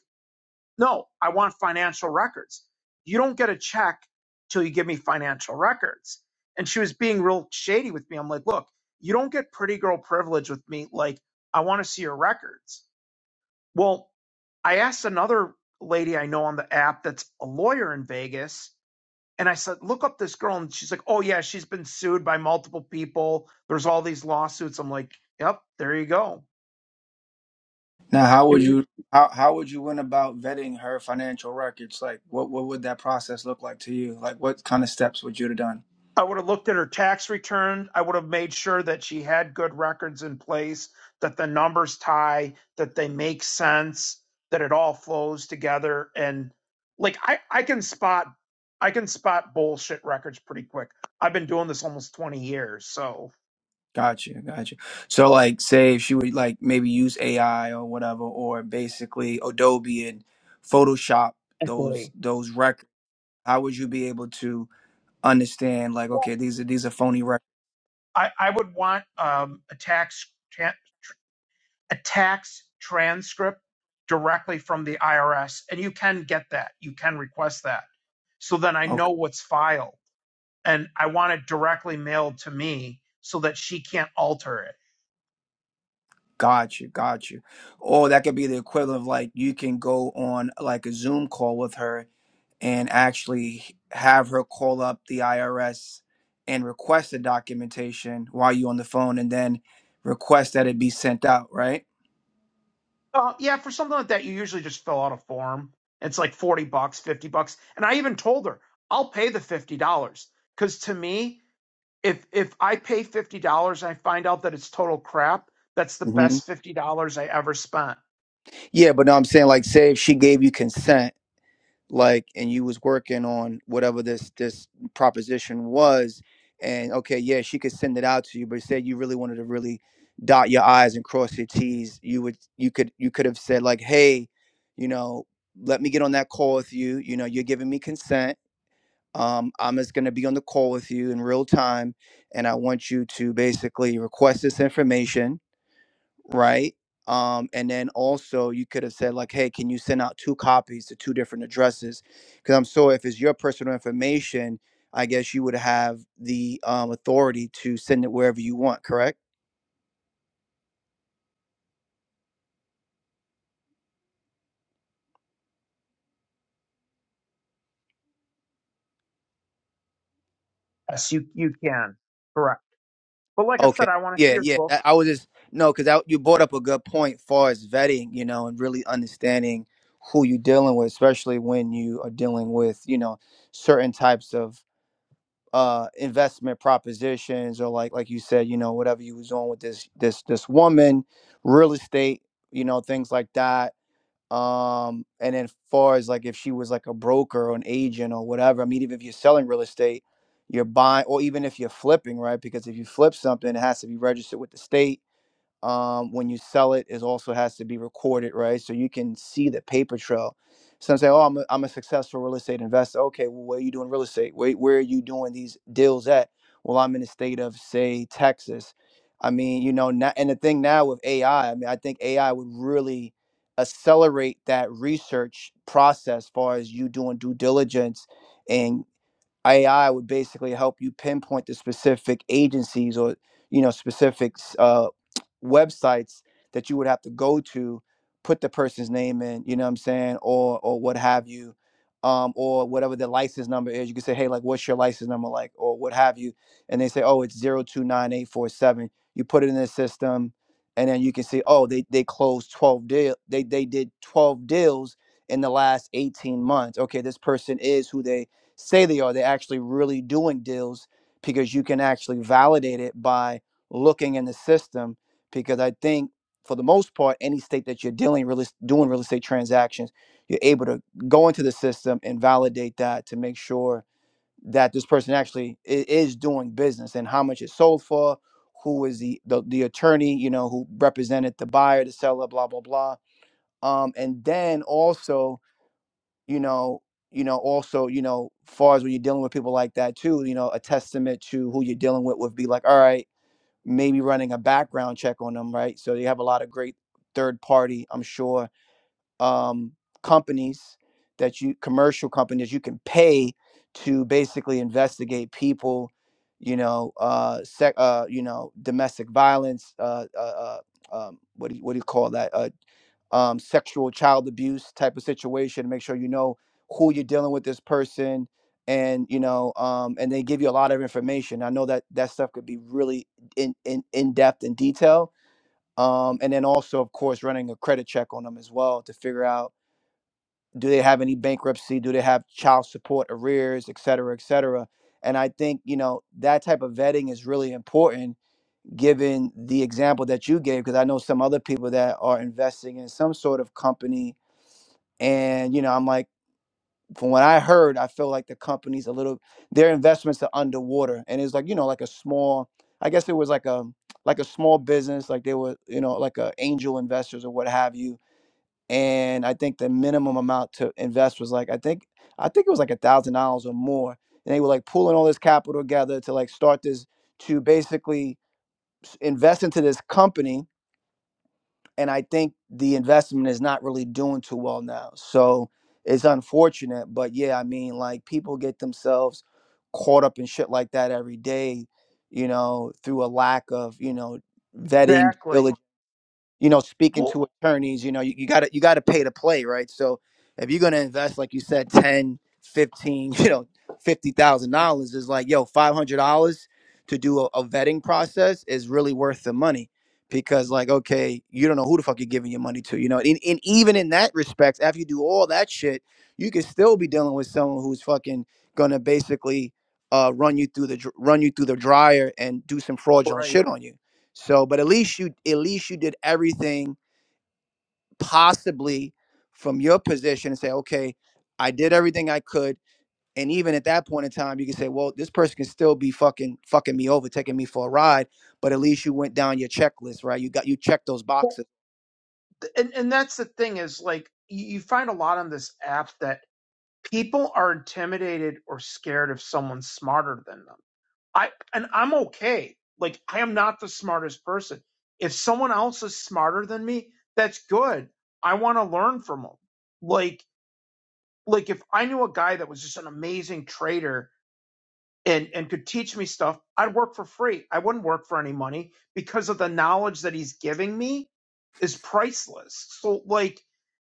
Speaker 5: no, I want financial records. You don't get a check till you give me financial records. And she was being real shady with me. I'm like, look, you don't get pretty girl privilege with me. Like, I want to see your records. Well, I asked another lady I know on the app that's a lawyer in Vegas. And I said, look up this girl. And she's like, oh, yeah, she's been sued by multiple people. There's all these lawsuits. I'm like, yep, there you go
Speaker 6: now. How would
Speaker 5: Do
Speaker 6: you? How how would you went about vetting her financial records? Like, what what would that process look like to you? Like, what kind of steps would you have done?
Speaker 5: I would have looked at her tax return. I would have made sure that she had good records in place, that the numbers tie, that they make sense, that it all flows together. And like I, I can spot I can spot bullshit records pretty quick. I've been doing this almost 20 years. So
Speaker 6: Gotcha, gotcha. So, like, say if she would like maybe use AI or whatever, or basically Adobe and Photoshop those
Speaker 5: Wait,
Speaker 6: those records, how would you be able to understand like, okay, these are these are phony records?
Speaker 5: I, I would want um, a tax tran- a tax transcript directly from the IRS. And you can get that. You can request that. So then I know
Speaker 6: Okay,
Speaker 5: what's filed and I want it directly mailed to me so that she can't alter it.
Speaker 6: gotcha, gotcha. Or that could be the equivalent of like you can go on like a Zoom call with her and actually have her call up the IRS and request the documentation while you're on the phone, and then request that it be sent out, right?
Speaker 5: Uh, yeah, for something like that, you usually just fill out a form. It's like 40 bucks, 50 bucks. And I even told her, I'll pay the $50. Because to me, if if I pay $50 and I find out that it's total crap, that's the best $50 I ever spent.
Speaker 6: Yeah, but no, I'm saying like, say if she gave you consent, like, and you was working on whatever this this proposition was, and okay, yeah, she could send it out to you, but say you really wanted to really dot your I's and cross your T's, you would you could you could have said like, hey, you know, let me get on that call with you. You know, you're giving me consent. Um, I'm just gonna be on the call with you in real time, and I want you to basically request this information right? Um, and then also you could have said like, hey, can you send out two copies to two different addresses? Because I'm sure if it's your personal information, I guess you would have the um, authority to send it wherever you want, correct?
Speaker 5: Yes, you, you can. Correct. But like I said,
Speaker 6: Okay,
Speaker 5: I want to see
Speaker 6: yeah,
Speaker 5: her
Speaker 6: yeah. I,
Speaker 5: books.
Speaker 6: I was just no, because you brought up a good point far as vetting, you know, and really understanding who you're dealing with, especially when you are dealing with, you know, certain types of uh investment propositions or like like you said you know whatever you was doing with this this this woman real estate you know things like that um and then far as like if she was like a broker or an agent or whatever i mean even if you're selling real estate you're buying or even if you're flipping right because if you flip something it has to be registered with the state um, when you sell it is also has to be recorded, right? So you can see the paper trail. Some say, "Oh, I'm a, I'm a successful real estate investor." Okay, well, where are you doing real estate? Where where are you doing these deals at? Well, I'm in the state of say Texas. I mean, you know, now, and the thing now with AI, I I mean, I think AI would really accelerate that research process, as far as you doing due diligence and. AI would basically help you pinpoint the specific agencies or you know specific uh, websites that you would have to go to, put the person's name in, you know what I'm saying, or or what have you, um, or whatever the license number is. You can say, hey, like, what's your license number like, or what have you, and they say, oh, it's zero two nine eight four seven. You put it in the system, and then you can see, oh, they they closed twelve deal, they they did twelve deals in the last 18 months. Okay, this person is who they say they are. They're actually really doing deals because you can actually validate it by looking in the system. Because I think for the most part, any state that you're dealing really doing real estate transactions, you're able to go into the system and validate that to make sure that this person actually i- is doing business and how much it sold for, who is the, the the attorney, you know, who represented the buyer, the seller, blah blah blah. Um, and then also you know, you know, also, you know, far as when you're dealing with people like that too, you know, a testament to who you're dealing with would be like, all right, maybe running a background check on them, right? So you have a lot of great third party, I'm sure, um, companies that you commercial companies you can pay to basically investigate people, you know, uh, sec, uh, you know, domestic violence, uh, uh, uh um, what do you, what do you call that? Uh, um, sexual child abuse type of situation. to Make sure you know who you're dealing with this person, and you know, um, and they give you a lot of information. I know that that stuff could be really in in, in depth and detail. Um, and then also, of course, running a credit check on them as well to figure out do they have any bankruptcy, do they have child support arrears, et cetera, et cetera. And I think you know that type of vetting is really important, given the example that you gave, because I know some other people that are investing in some sort of company and, you know, I'm like, from what I heard, I feel like the company's a little, their investments are underwater. And it's like, you know, like a small, I guess it was like a, like a small business, like they were, you know, like a angel investors or what have you. And I think the minimum amount to invest was like, I think, I think it was like a thousand dollars or more. And they were like pulling all this capital together to like start this, to basically s- invest into this company and I think the investment is not really doing too well now. So it's unfortunate, but yeah, I mean, like people get themselves caught up in shit like that every day, you know, through a lack of, you know, vetting, diligence,
Speaker 5: Exactly.
Speaker 6: you know, speaking
Speaker 5: Well,
Speaker 6: to attorneys, you know, you, you gotta you gotta pay to play, right? So if you're gonna invest, like you said, 10, 15, you know, fifty thousand dollars is like, yo, five hundred dollars to do a, a vetting process is really worth the money. Because like, okay, you don't know who the fuck you're giving your money to, you know. And, and even in that respect, after you do all that shit, you could still be dealing with someone who's fucking gonna basically uh, run you through the dr- run you through the dryer and do some fraudulent
Speaker 5: right.
Speaker 6: shit on you. So, but at least you at least you did everything possibly from your position and say, okay, I did everything I could. And even at that point in time, you can say, well, this person can still be fucking fucking me over, taking me for a ride. But at least you went down your checklist, right? You got you checked those
Speaker 5: Well,
Speaker 6: boxes
Speaker 5: and, and that's the thing is like, you you find a lot on this app that people are intimidated or scared if someone's smarter than them. I and I'm okay. Like I am not the smartest person. If someone else is smarter than me, that's good. I want to learn from them. Like like if I knew a guy that was just an amazing trader and and could teach me stuff, I'd work for free. I wouldn't work for any money because of the knowledge that he's giving me is priceless. So like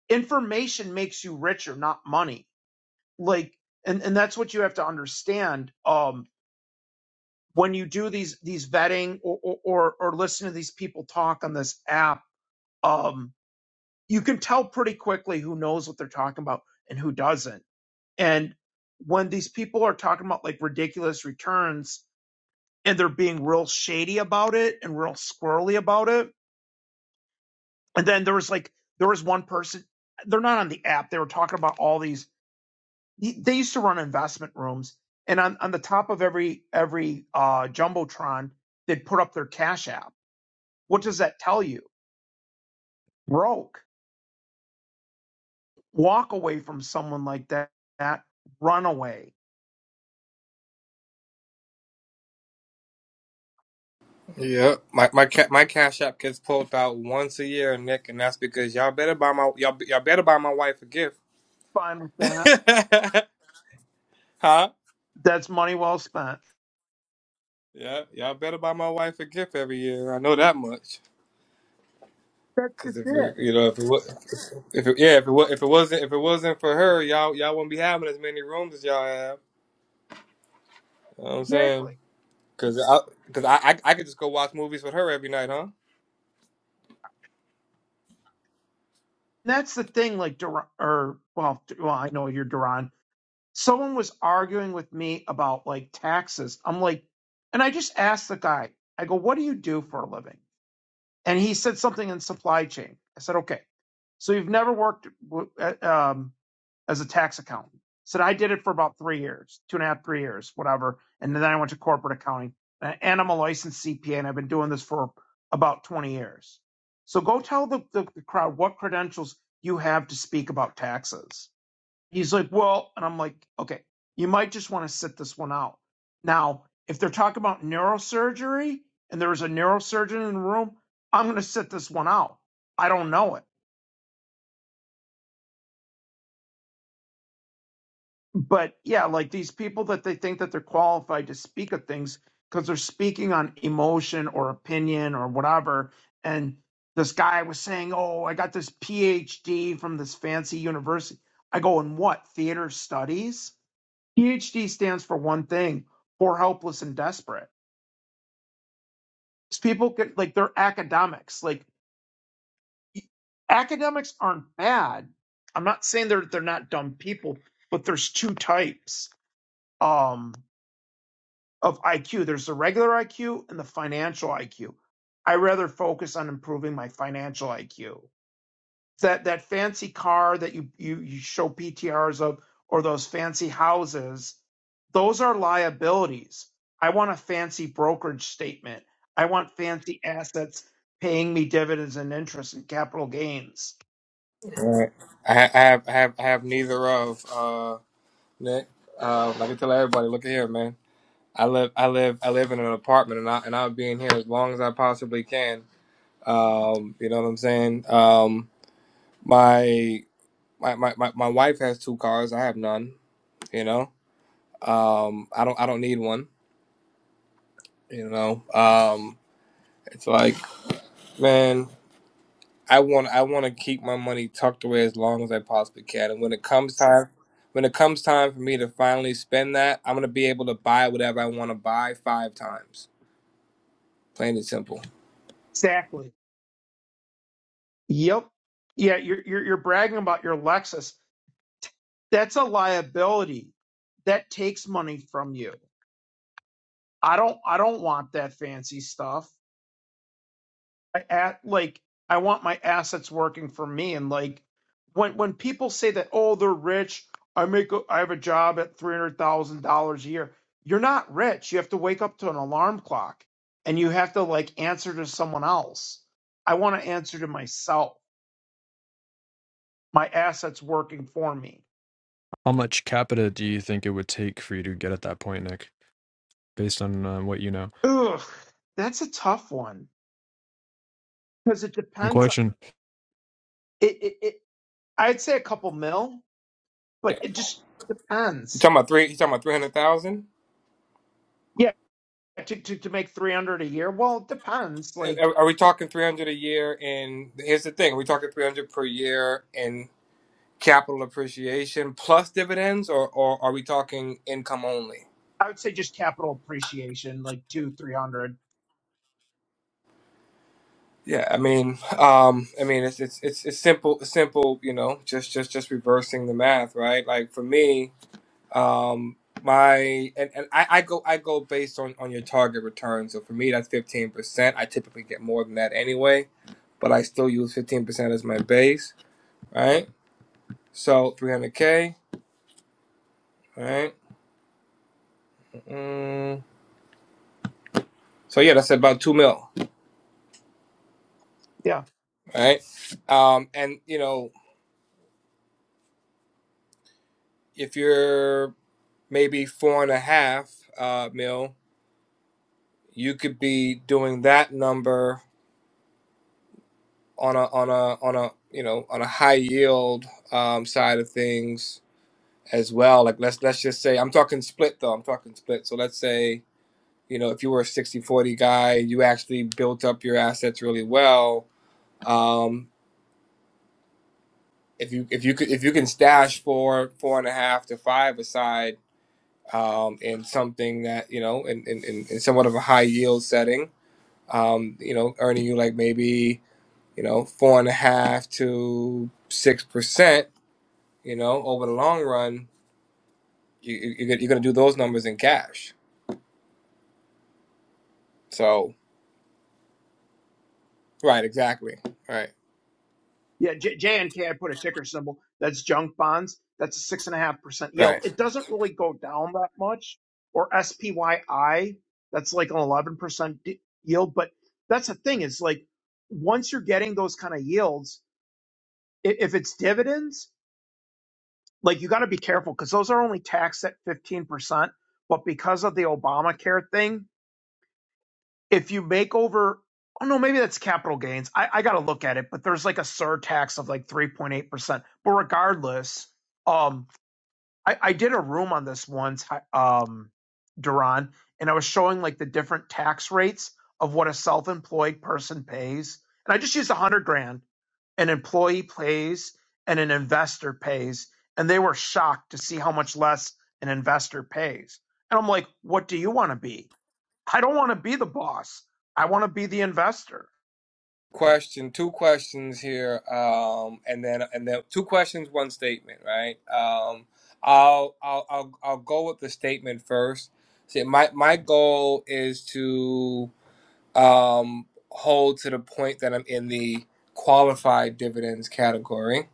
Speaker 5: information makes you richer, not money like and and that's what you have to understand um when you do these these vetting or or or listen to these people talk on this app um you can tell pretty quickly who knows what they're talking about and who doesn't and when these people are talking about like ridiculous returns and they're being real shady about it and real squirrely about it and then there was like there was one person they're not on the app they were talking about all these he- they used to run investment rooms and on, on the top of every every uh jumbotron they'd put up their cash app what does that tell you broke walk away from someone like that that run away
Speaker 7: Yeah, my my ca- my cash app gets pulled out once a year, Nick, and that's because y'all better buy my y'all y'all better buy my wife a gift,
Speaker 5: fine with that
Speaker 7: huh?
Speaker 5: that's money well spent
Speaker 7: Yeah, y'all better buy my wife a gift every year. I know that much.
Speaker 5: that's
Speaker 7: Cause
Speaker 5: just
Speaker 7: if
Speaker 5: it
Speaker 7: it, you know if it was if it, yeah if it was if it wasn't if it wasn't for her, y'all y'all wouldn't be having as many rooms as y'all have. You know what I'm saying?
Speaker 5: exactly
Speaker 7: Cause I cause I, I I could just go watch movies with her every night, huh?
Speaker 5: that's the thing like Dur- or well, well i know you're duran someone was arguing with me about like taxes i'm like and i just asked the guy i go what do you do for a living and he said something in supply chain. I said, okay. So you've never worked w- at, um, as a tax accountant. I Said I did it for about three years, two and a half, three years, whatever. And then I went to corporate accounting, uh, and I'm a licensed CPA, and I've been doing this for about 20 years. So go tell the, the, the crowd what credentials you have to speak about taxes. He's like, well, and I'm like, okay, you might just want to sit this one out. Now, if they're talking about neurosurgery and there was a neurosurgeon in the room, I'm going to sit this one out. I don't know it. But yeah, like these people that they think that they're qualified to speak of things because they're speaking on emotion or opinion or whatever. And this guy was saying, oh, I got this PhD from this fancy university. I go, in what? Theater studies? PhD stands for one thing: poor, helpless, and desperate. These people get like they're academics. Like academics aren't bad. I'm not saying they're they're not dumb people, but there's two types um, of IQ. There's the regular IQ and the financial IQ. I rather focus on improving my financial IQ that that fancy car that you you you show PTRs of or those fancy houses, those are liabilities. I want a fancy brokerage statement. I want fancy assets paying me dividends and interest and capital gains.
Speaker 7: Right. I, ha- I have I have I have neither of uh Nick. Um, I can tell everybody, look at here, man. I live, I live, I live in an apartment, and I and I'll be in here as long as I possibly can. Um, you know what I'm saying? Um, my, my my my my wife has two cars. I have none. You know, um, I don't I don't need one. You know, um, it's like man, I want I want to keep my money tucked away as long as I possibly can. And when it comes time, when it comes time for me to finally spend that, I'm gonna be able to buy whatever I want to buy five times. Plain and simple.
Speaker 5: Exactly. Yep. Yeah, you're you're, you're bragging about your Lexus. That's a liability. That takes money from you. I don't I don't want that fancy stuff. I at like I want my assets working for me and like when when people say that oh they're rich I make a, I have a job at three hundred thousand dollars a year you're not rich you have to wake up to an alarm clock and you have to like answer to someone else I want to answer to myself my assets working for me
Speaker 9: How much capita do you think it would take for you to get at that point, Nick? Based on uh, what you know.
Speaker 5: ugh that's a tough one because it
Speaker 9: Good
Speaker 5: depends on,
Speaker 9: question.
Speaker 5: it, it it I'd say a couple mil but it just
Speaker 7: You
Speaker 5: depends
Speaker 7: talking about three? You talking about three hundred thousand?
Speaker 5: Yeah. to, to, to make 300 a year well it depends like
Speaker 7: Are, are we talking 300 a year? And here's the thing: are we talking 300 per year in capital appreciation plus dividends, or, or are we talking income only?
Speaker 5: i would say just capital appreciation like two 300
Speaker 7: Yeah, I mean, um, I mean, it's it's it's, it's simple, it's simple. You know, just just just reversing the math, right? Like for me, um, my and, and I, I go I go based on on your target return. So for me, that's 15 percent. I typically get more than that anyway, but I still use 15 percent as my base, right? So 300k. All right. Mm, so yeah, that's about two mil.
Speaker 5: yeah
Speaker 7: right? Um, and you know, if you're maybe four and a half uh, mil, you could be doing that number on a on a on a you know on a high yield um, side of things as well. Like let's let's just say I'm talking split though. I'm talking split. So let's say you know if you were a sixty forty guy, you actually built up your assets really well. Um. if you if you could if you can stash four four and a half to five aside um, in something that you know in, in, in somewhat of a high yield setting um, you know earning you like maybe you know four and a half to six percent you know over the long run you, you you're gonna do those numbers in cash so right exactly right
Speaker 5: yeah J- jnk i put a ticker symbol that's junk bonds that's a six and a half percent
Speaker 7: right
Speaker 5: yield it doesn't really go down that much or spyi that's like an 11 percent d- yield but that's the thing is like once you're getting those kind of yields i- if it's dividends like you got to be careful because those are only taxed at 15 percent but because of the obamacare thing if you make over oh no maybe that's capital gains i, I gotta look at it but there's like a surtax of like 3.8% but regardless um i, I did a room on this once um duran and i was showing like the different tax rates of what a self-employed person pays and i just used a hundred grand an employee pays and an investor pays and they were shocked to see how much less an investor pays and i'm like what do you want to be I don't want to be the boss. I want to be the investor.
Speaker 7: question two questions here um and then and then two questions one statement right um i'll i'll i'll, I'll go with the statement first See, my my goal is to um hold to the point that i'm in the qualified dividends category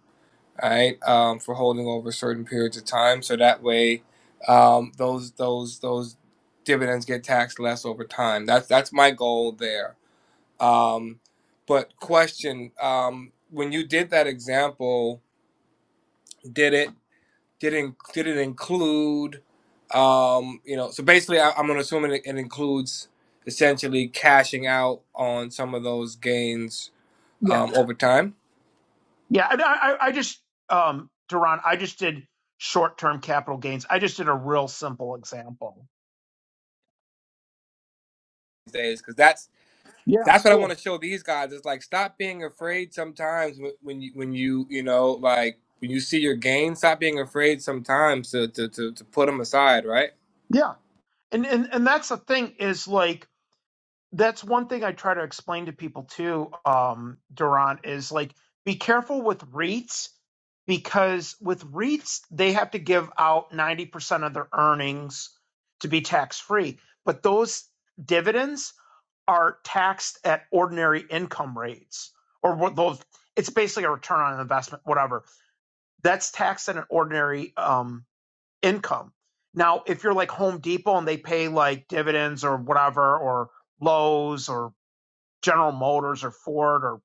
Speaker 7: right um for holding over certain periods of time so that way um those those those dividends get taxed less over time that's that's my goal there um, but question: um, When you did that example, did it did it, did it include? Um, you know, so basically, I, I'm gonna assume it, it includes essentially cashing out on some of those gains
Speaker 5: Yeah.
Speaker 7: um, over time
Speaker 5: Yeah. And I, I I just, um, Duran, I just did short term capital gains. I just did a real simple example.
Speaker 7: these days, because that's
Speaker 5: Yeah.
Speaker 7: that's what I want
Speaker 5: Cool.
Speaker 7: to show these guys. It's like stop being afraid sometimes when when you when you you know like when you see your gains, stop being afraid sometimes to to to, to put them aside, right?
Speaker 5: Yeah. And, and, and that's the thing is like, that's one thing I try to explain to people too, um, Duran, is like, be careful with REITs because with REITs, they have to give out 90% of their earnings to be tax free. But those dividends, are taxed at ordinary income rates or what those it's basically a return on investment whatever that's taxed at an ordinary um, income now if you're like home depot and they pay like dividends or whatever or lowes or General Motors or Ford or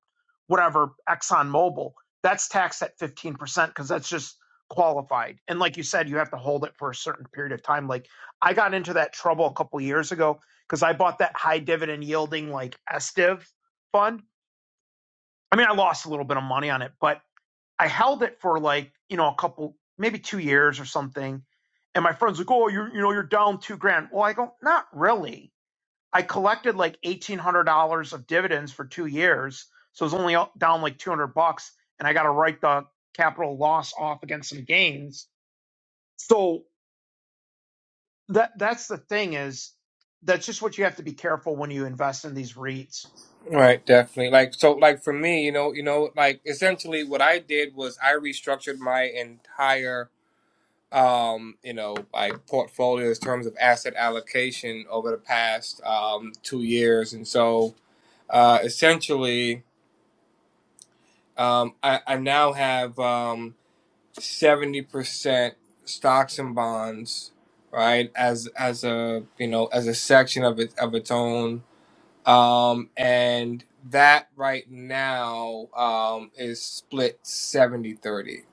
Speaker 5: whatever, ExxonMobil, that's taxed at 15% because that's just qualified. And like you said, you have to hold it for a certain period of time. Like I got into that trouble a couple of years ago because I bought that high dividend yielding like SDIV fund. I mean, I lost a little bit of money on it, but I held it for like, you know, a couple, maybe two years or something. And my friend's like, oh, you're, you know, you're down two grand. Well, I go, not really I collected like eighteen hundred dollars of dividends for two years, so it was only down like two hundred bucks, and I got to write the capital loss off against some gains. So that that's the thing is that's just what you have to be careful when you invest in these REITs.
Speaker 7: Right, definitely. Like so like for me, you know, you know, like essentially what I did was I restructured my entire um, you know, like portfolio in terms of asset allocation over the past um 2 years and so uh essentially um I I now have um 70% stocks and bonds, right? As as a, you know, as a section of it of its own Um, and that right now um, is split 70 30,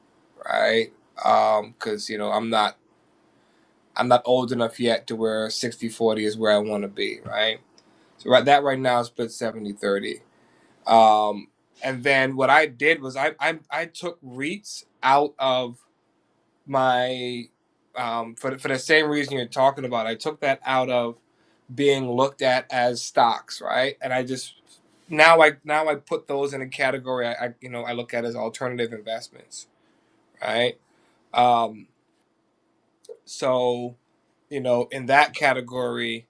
Speaker 7: right? Um, cuz you know, I'm not I'm not old enough yet to where 60 40 is where I want to be, right? So right that right now is split 70 30. Um, and then what I did was I I I took REITs out of my um, for for the same reason you're talking about. I took that out of being looked at as stocks, right? And I just now I now I put those in a category I, I you know I look at as alternative investments, right? Um, so you know in that category,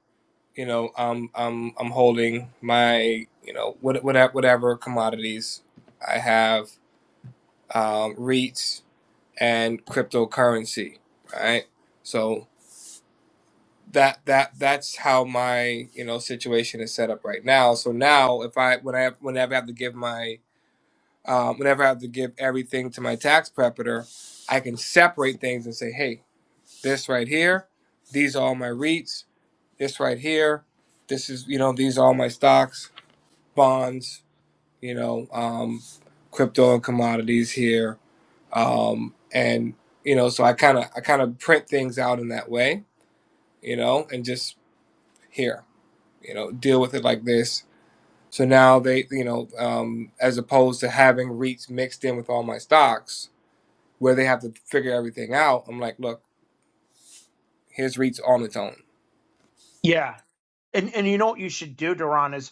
Speaker 7: you know um, I'm I'm holding my you know what whatever, whatever commodities I have, um, REITs and cryptocurrency, right? So that that that's how my you know situation is set up right now. So now if I when I have, whenever I have to give my um, whenever I have to give everything to my tax preparator, I can separate things and say, hey, this right here, these are all my REITs. This right here, this is you know these are all my stocks, bonds, you know, um, crypto and commodities here, um, and you know so I kind of I kind of print things out in that way, you know, and just here. you know, deal with it like this. So now they, you know, um, as opposed to having REITs mixed in with all my stocks, where they have to figure everything out. I'm like, look, here's REITs on its own.
Speaker 5: Yeah. And and you know what you should do, Duran, is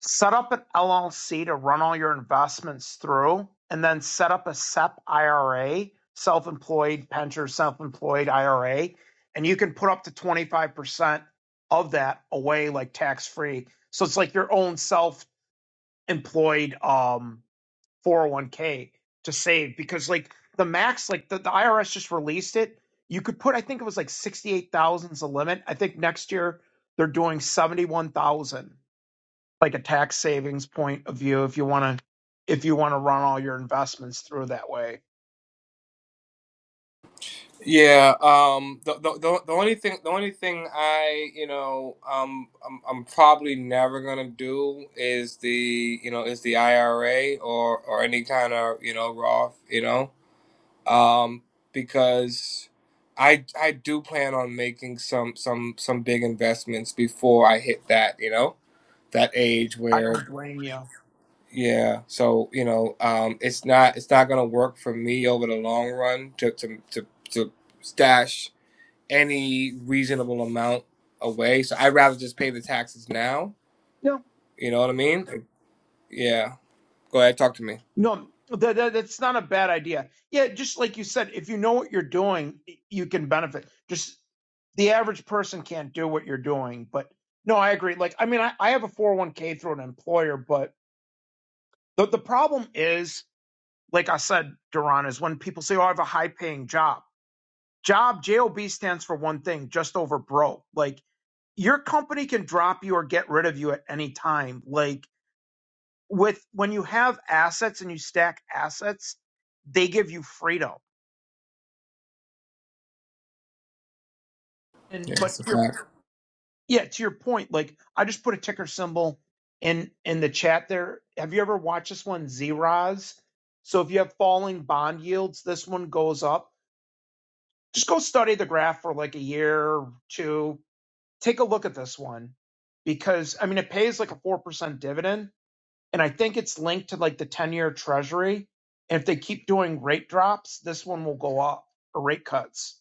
Speaker 5: set up an LLC to run all your investments through, and then set up a SEP IRA, self-employed pension, self-employed IRA, and you can put up to 25% of that away like tax-free. So it's like your own self-employed um, 401k to save because like the max like the, the irs just released it you could put i think it was like 68000 is the limit i think next year they're doing 71000 like a tax savings point of view if you want to if you want to run all your investments through that way
Speaker 7: Yeah. Um. The, the, the, the only thing the only thing I you know um I'm, I'm probably never gonna do is the you know is the IRA or or any kind of you know Roth you know um, because I I do plan on making some some some big investments before I hit that you know that age
Speaker 5: i don't
Speaker 7: where
Speaker 5: blame you
Speaker 7: yeah so you know um, it's not it's not gonna work for me over the long run to to to, to stash any reasonable amount away so I'd rather just pay the taxes now
Speaker 5: no.
Speaker 7: you know what I mean Like, yeah go ahead talk to me
Speaker 5: No, that, that that's not a bad idea. Yeah, just like you said, if you know what you're doing, you can benefit. Just the average person can't do what you're doing, but no, I agree. Like, I mean, I, I have a 401k through an employer, but the, the problem is, like I said, Duran, is when people say, Oh, I have a high paying job. Job, JOB stands for one thing, just over broke. Like, your company can drop you or get rid of you at any time. Like, with when you have assets and you stack assets, they give you freedom.
Speaker 7: yeah
Speaker 5: And but
Speaker 7: it's a
Speaker 5: your
Speaker 7: fact.
Speaker 5: yeah, to your point, like I just put a ticker symbol in in the chat there. Have you ever watched this one, Zeros? So if you have falling bond yields, this one goes up. Just go study the graph for like a year or two. Take a look at this one because I mean it pays like a four percent dividend and I think it's linked to like the 10 year treasury. And if they keep doing rate drops, this one will go up or rate cuts.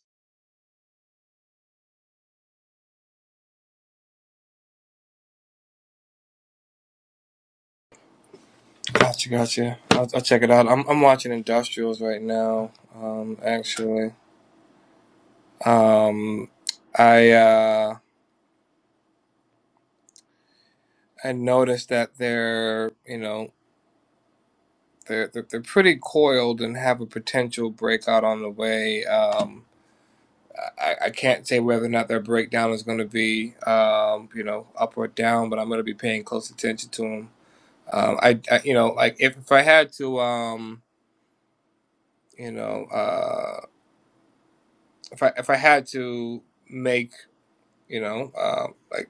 Speaker 7: Gotcha, gotcha. I'll, I'll check it out. I'm I'm watching Industrials right now. Um, actually, um, I uh, I noticed that they're you know they're they're, they're pretty coiled and have a potential breakout on the way. Um, I, I can't say whether or not their breakdown is going to be um, you know up or down, but I'm going to be paying close attention to them. Um, I, I you know like if if I had to um you know uh if I if I had to make you know uh, like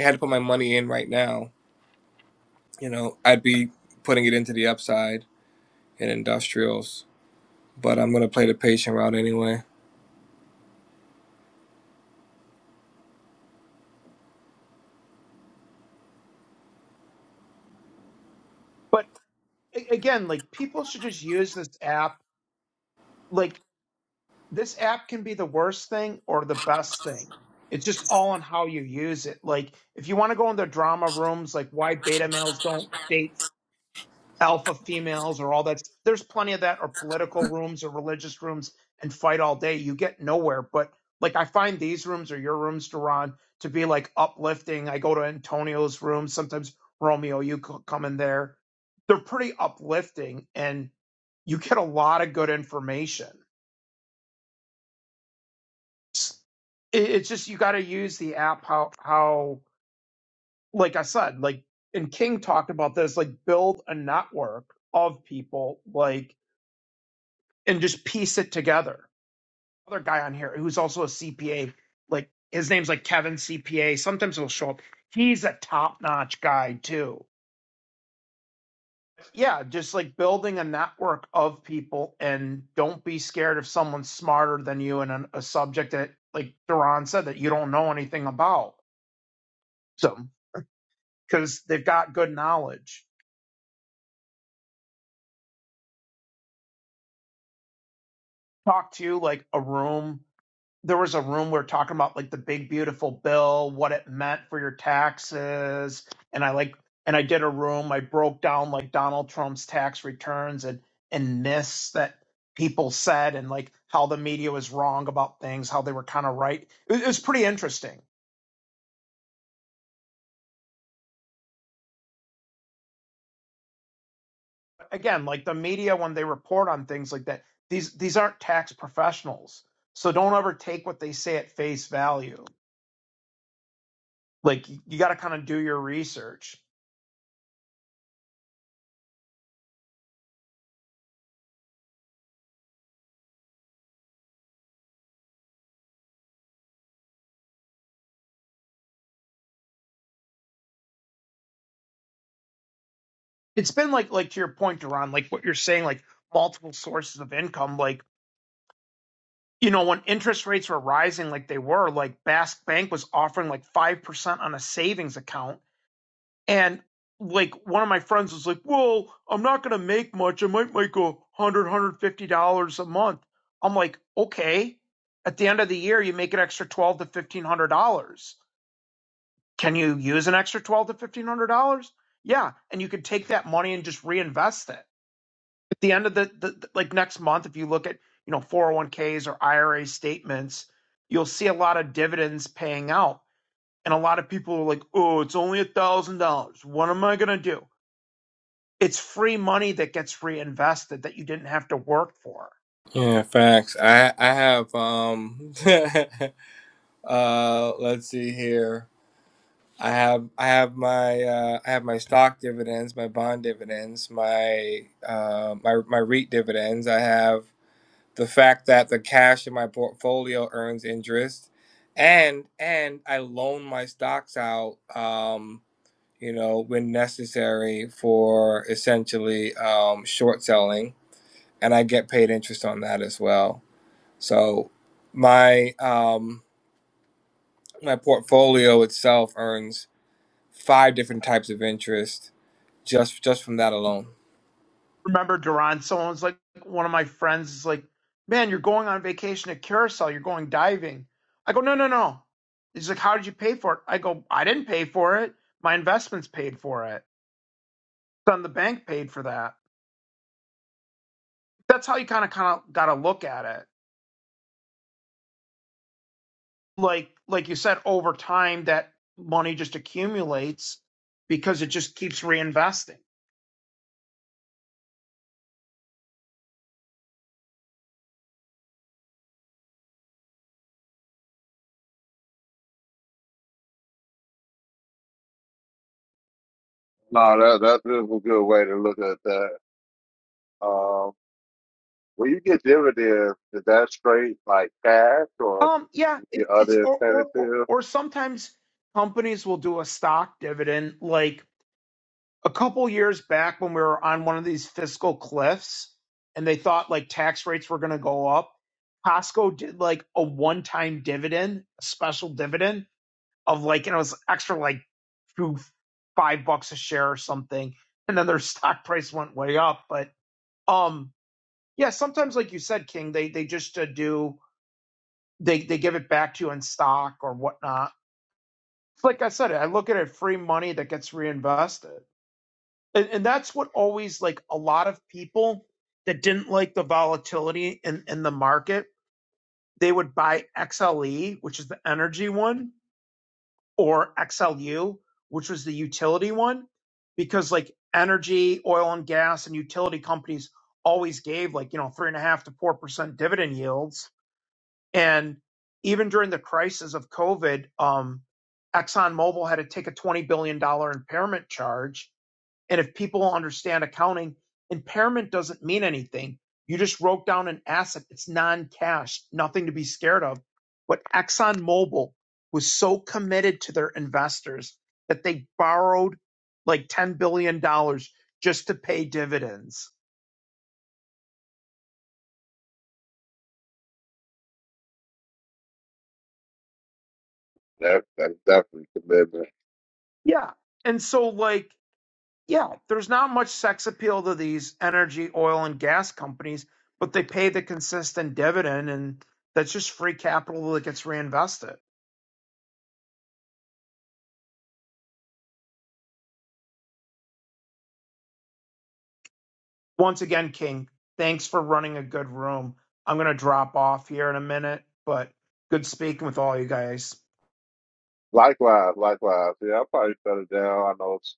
Speaker 7: I had to put my money in right now you know i'd be putting it into the upside in industrials but i'm gonna play the patient route anyway
Speaker 5: But a- again, like people should just use this app. Like this app can be the worst thing or the best thing. It's just all on how you use it. Like if you want to go into drama rooms, like why beta males don't date alpha females or all that. There's plenty of that, or political rooms or religious rooms, and fight all day. You get nowhere. But like I find these rooms or your rooms, Duran, to be like uplifting. I go to Antonio's room sometimes. Romeo, you c- come in there. They're pretty uplifting, and you get a lot of good information. S- it- It's just you got to use the app how how like I said like and King talked about this like build a network of people like and just piece it together other guy on here who's also a CPA. Like his name's like Kevin CPA. Sometimes he'll show up. He's a top notch guy too. Yeah, just like building a network of people, and don't be scared if someone's smarter than you in a, a subject that, like Duran said, that you don't know anything about. So because they've got good knowledge, talk to you like a room. there was a room we were talking about like the big beautiful bill, what it meant for your taxes, and I like and I did a room. I broke down like Donald Trump's tax returns and and myths that people said and like how the media was wrong about things, how they were kind of right. It, was- it was pretty interesting. Again, like the media when they report on things like that, these these aren't tax professionals, so don't ever take what they say at face value. Like you got to kind of do your research it's been like like to your point, Duran, like what you're saying, like multiple sources of income. Like, you know, when interest rates were rising like they were, like Basque Bank was offering like five percent on a savings account. And like one of my friends was like, Well, I'm not gonna make much. I might make a hundred, hundred fifty dollars a month. I'm like, okay. At the end of the year you make an extra twelve to fifteen hundred dollars. Can you use an extra twelve to fifteen hundred dollars? Yeah. And you could take that money and just reinvest it At the end of the, the the- like next month if you look at you know 401ks or ira statements you'll see a lot of dividends paying out and a lot of people are like oh it's only a thousand dollars what am i going to do it's free money that gets reinvested that you didn't have to work for
Speaker 7: yeah facts i i have um uh let's see here i have i have my uh i have my stock dividends my bond dividends my uh my my reit dividends i have the fact that the cash in my portfolio earns interest and and i loan my stocks out um you know when necessary for essentially um short selling and i get paid interest on that as well so my um my portfolio itself earns five different types of interest just just from that alone
Speaker 5: remember duran someone's like one of my friends is like man you're going on vacation to curacao you're going diving i go no no no he's like how did you pay for it i go i didn't pay for it my investments paid for it then the bank paid for that that's how you kind of kind of got to look at it. Like like you said, over time that money just accumulates because it just keeps reinvesting.
Speaker 1: no, that that is a good way to look at that. Um, when you get dividends, is that straight like cash, or
Speaker 5: Um, yeah,
Speaker 1: you
Speaker 5: it,
Speaker 1: get
Speaker 5: it's
Speaker 1: other
Speaker 5: or, or or
Speaker 1: incentives?
Speaker 5: or sometimes companies will do a stock dividend. Like a couple years back when we were on one of these fiscal cliffs, and they thought like tax rates were going to go up. Costco did like a one-time dividend, a special dividend, of like, and it was extra like two, five bucks a share or something. And then their stock price went way up. But um, yeah, sometimes like you said, King, they they just uh, do they they give it back to you in stock or whatnot. Like I said, I look at it free money that gets reinvested, and, and that's what always like a lot of people that didn't like the volatility in in the market, they would buy XLE, which is the energy one, or XLU, which was the utility one, because like energy, oil and gas, and utility companies always gave like, you know, three and a half to 4% dividend yields. And even during the crisis of COVID, um, ExxonMobil had to take a $20 billion dollars impairment charge and if people understand accounting, impairment doesn't mean anything. You just wrote down an asset. It's non-cash, nothing to be scared of. But ExxonMobil was so committed to their investors that they borrowed like $10 billion dollars just to pay dividends.
Speaker 1: That that's definitely commitment.
Speaker 5: Yeah. And so like, yeah, there's not much sex appeal to these energy, oil, and gas companies, but they pay the consistent dividend and that's just free capital that gets reinvested. Once again, King, thanks for running a good room. I'm going to drop off here in a minute, but good speaking with all you guys.
Speaker 1: Likewise, likewise. Yeah, I'll probably shut it down. I know it's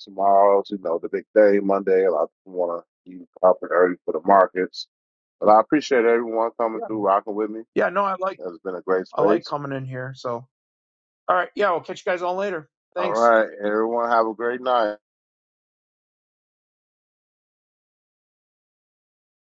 Speaker 1: tomorrow's, you know, the big day, Monday. A lot of people want to be up and early for the markets. But I appreciate everyone coming
Speaker 5: Yeah.
Speaker 1: through, rocking with me.
Speaker 5: Yeah, no, I like
Speaker 1: It's been a great
Speaker 5: I like
Speaker 1: space.
Speaker 5: coming in here. So, all right. Yeah, we'll catch you guys all later.
Speaker 1: All
Speaker 5: Thanks.
Speaker 1: right, everyone, have a great night.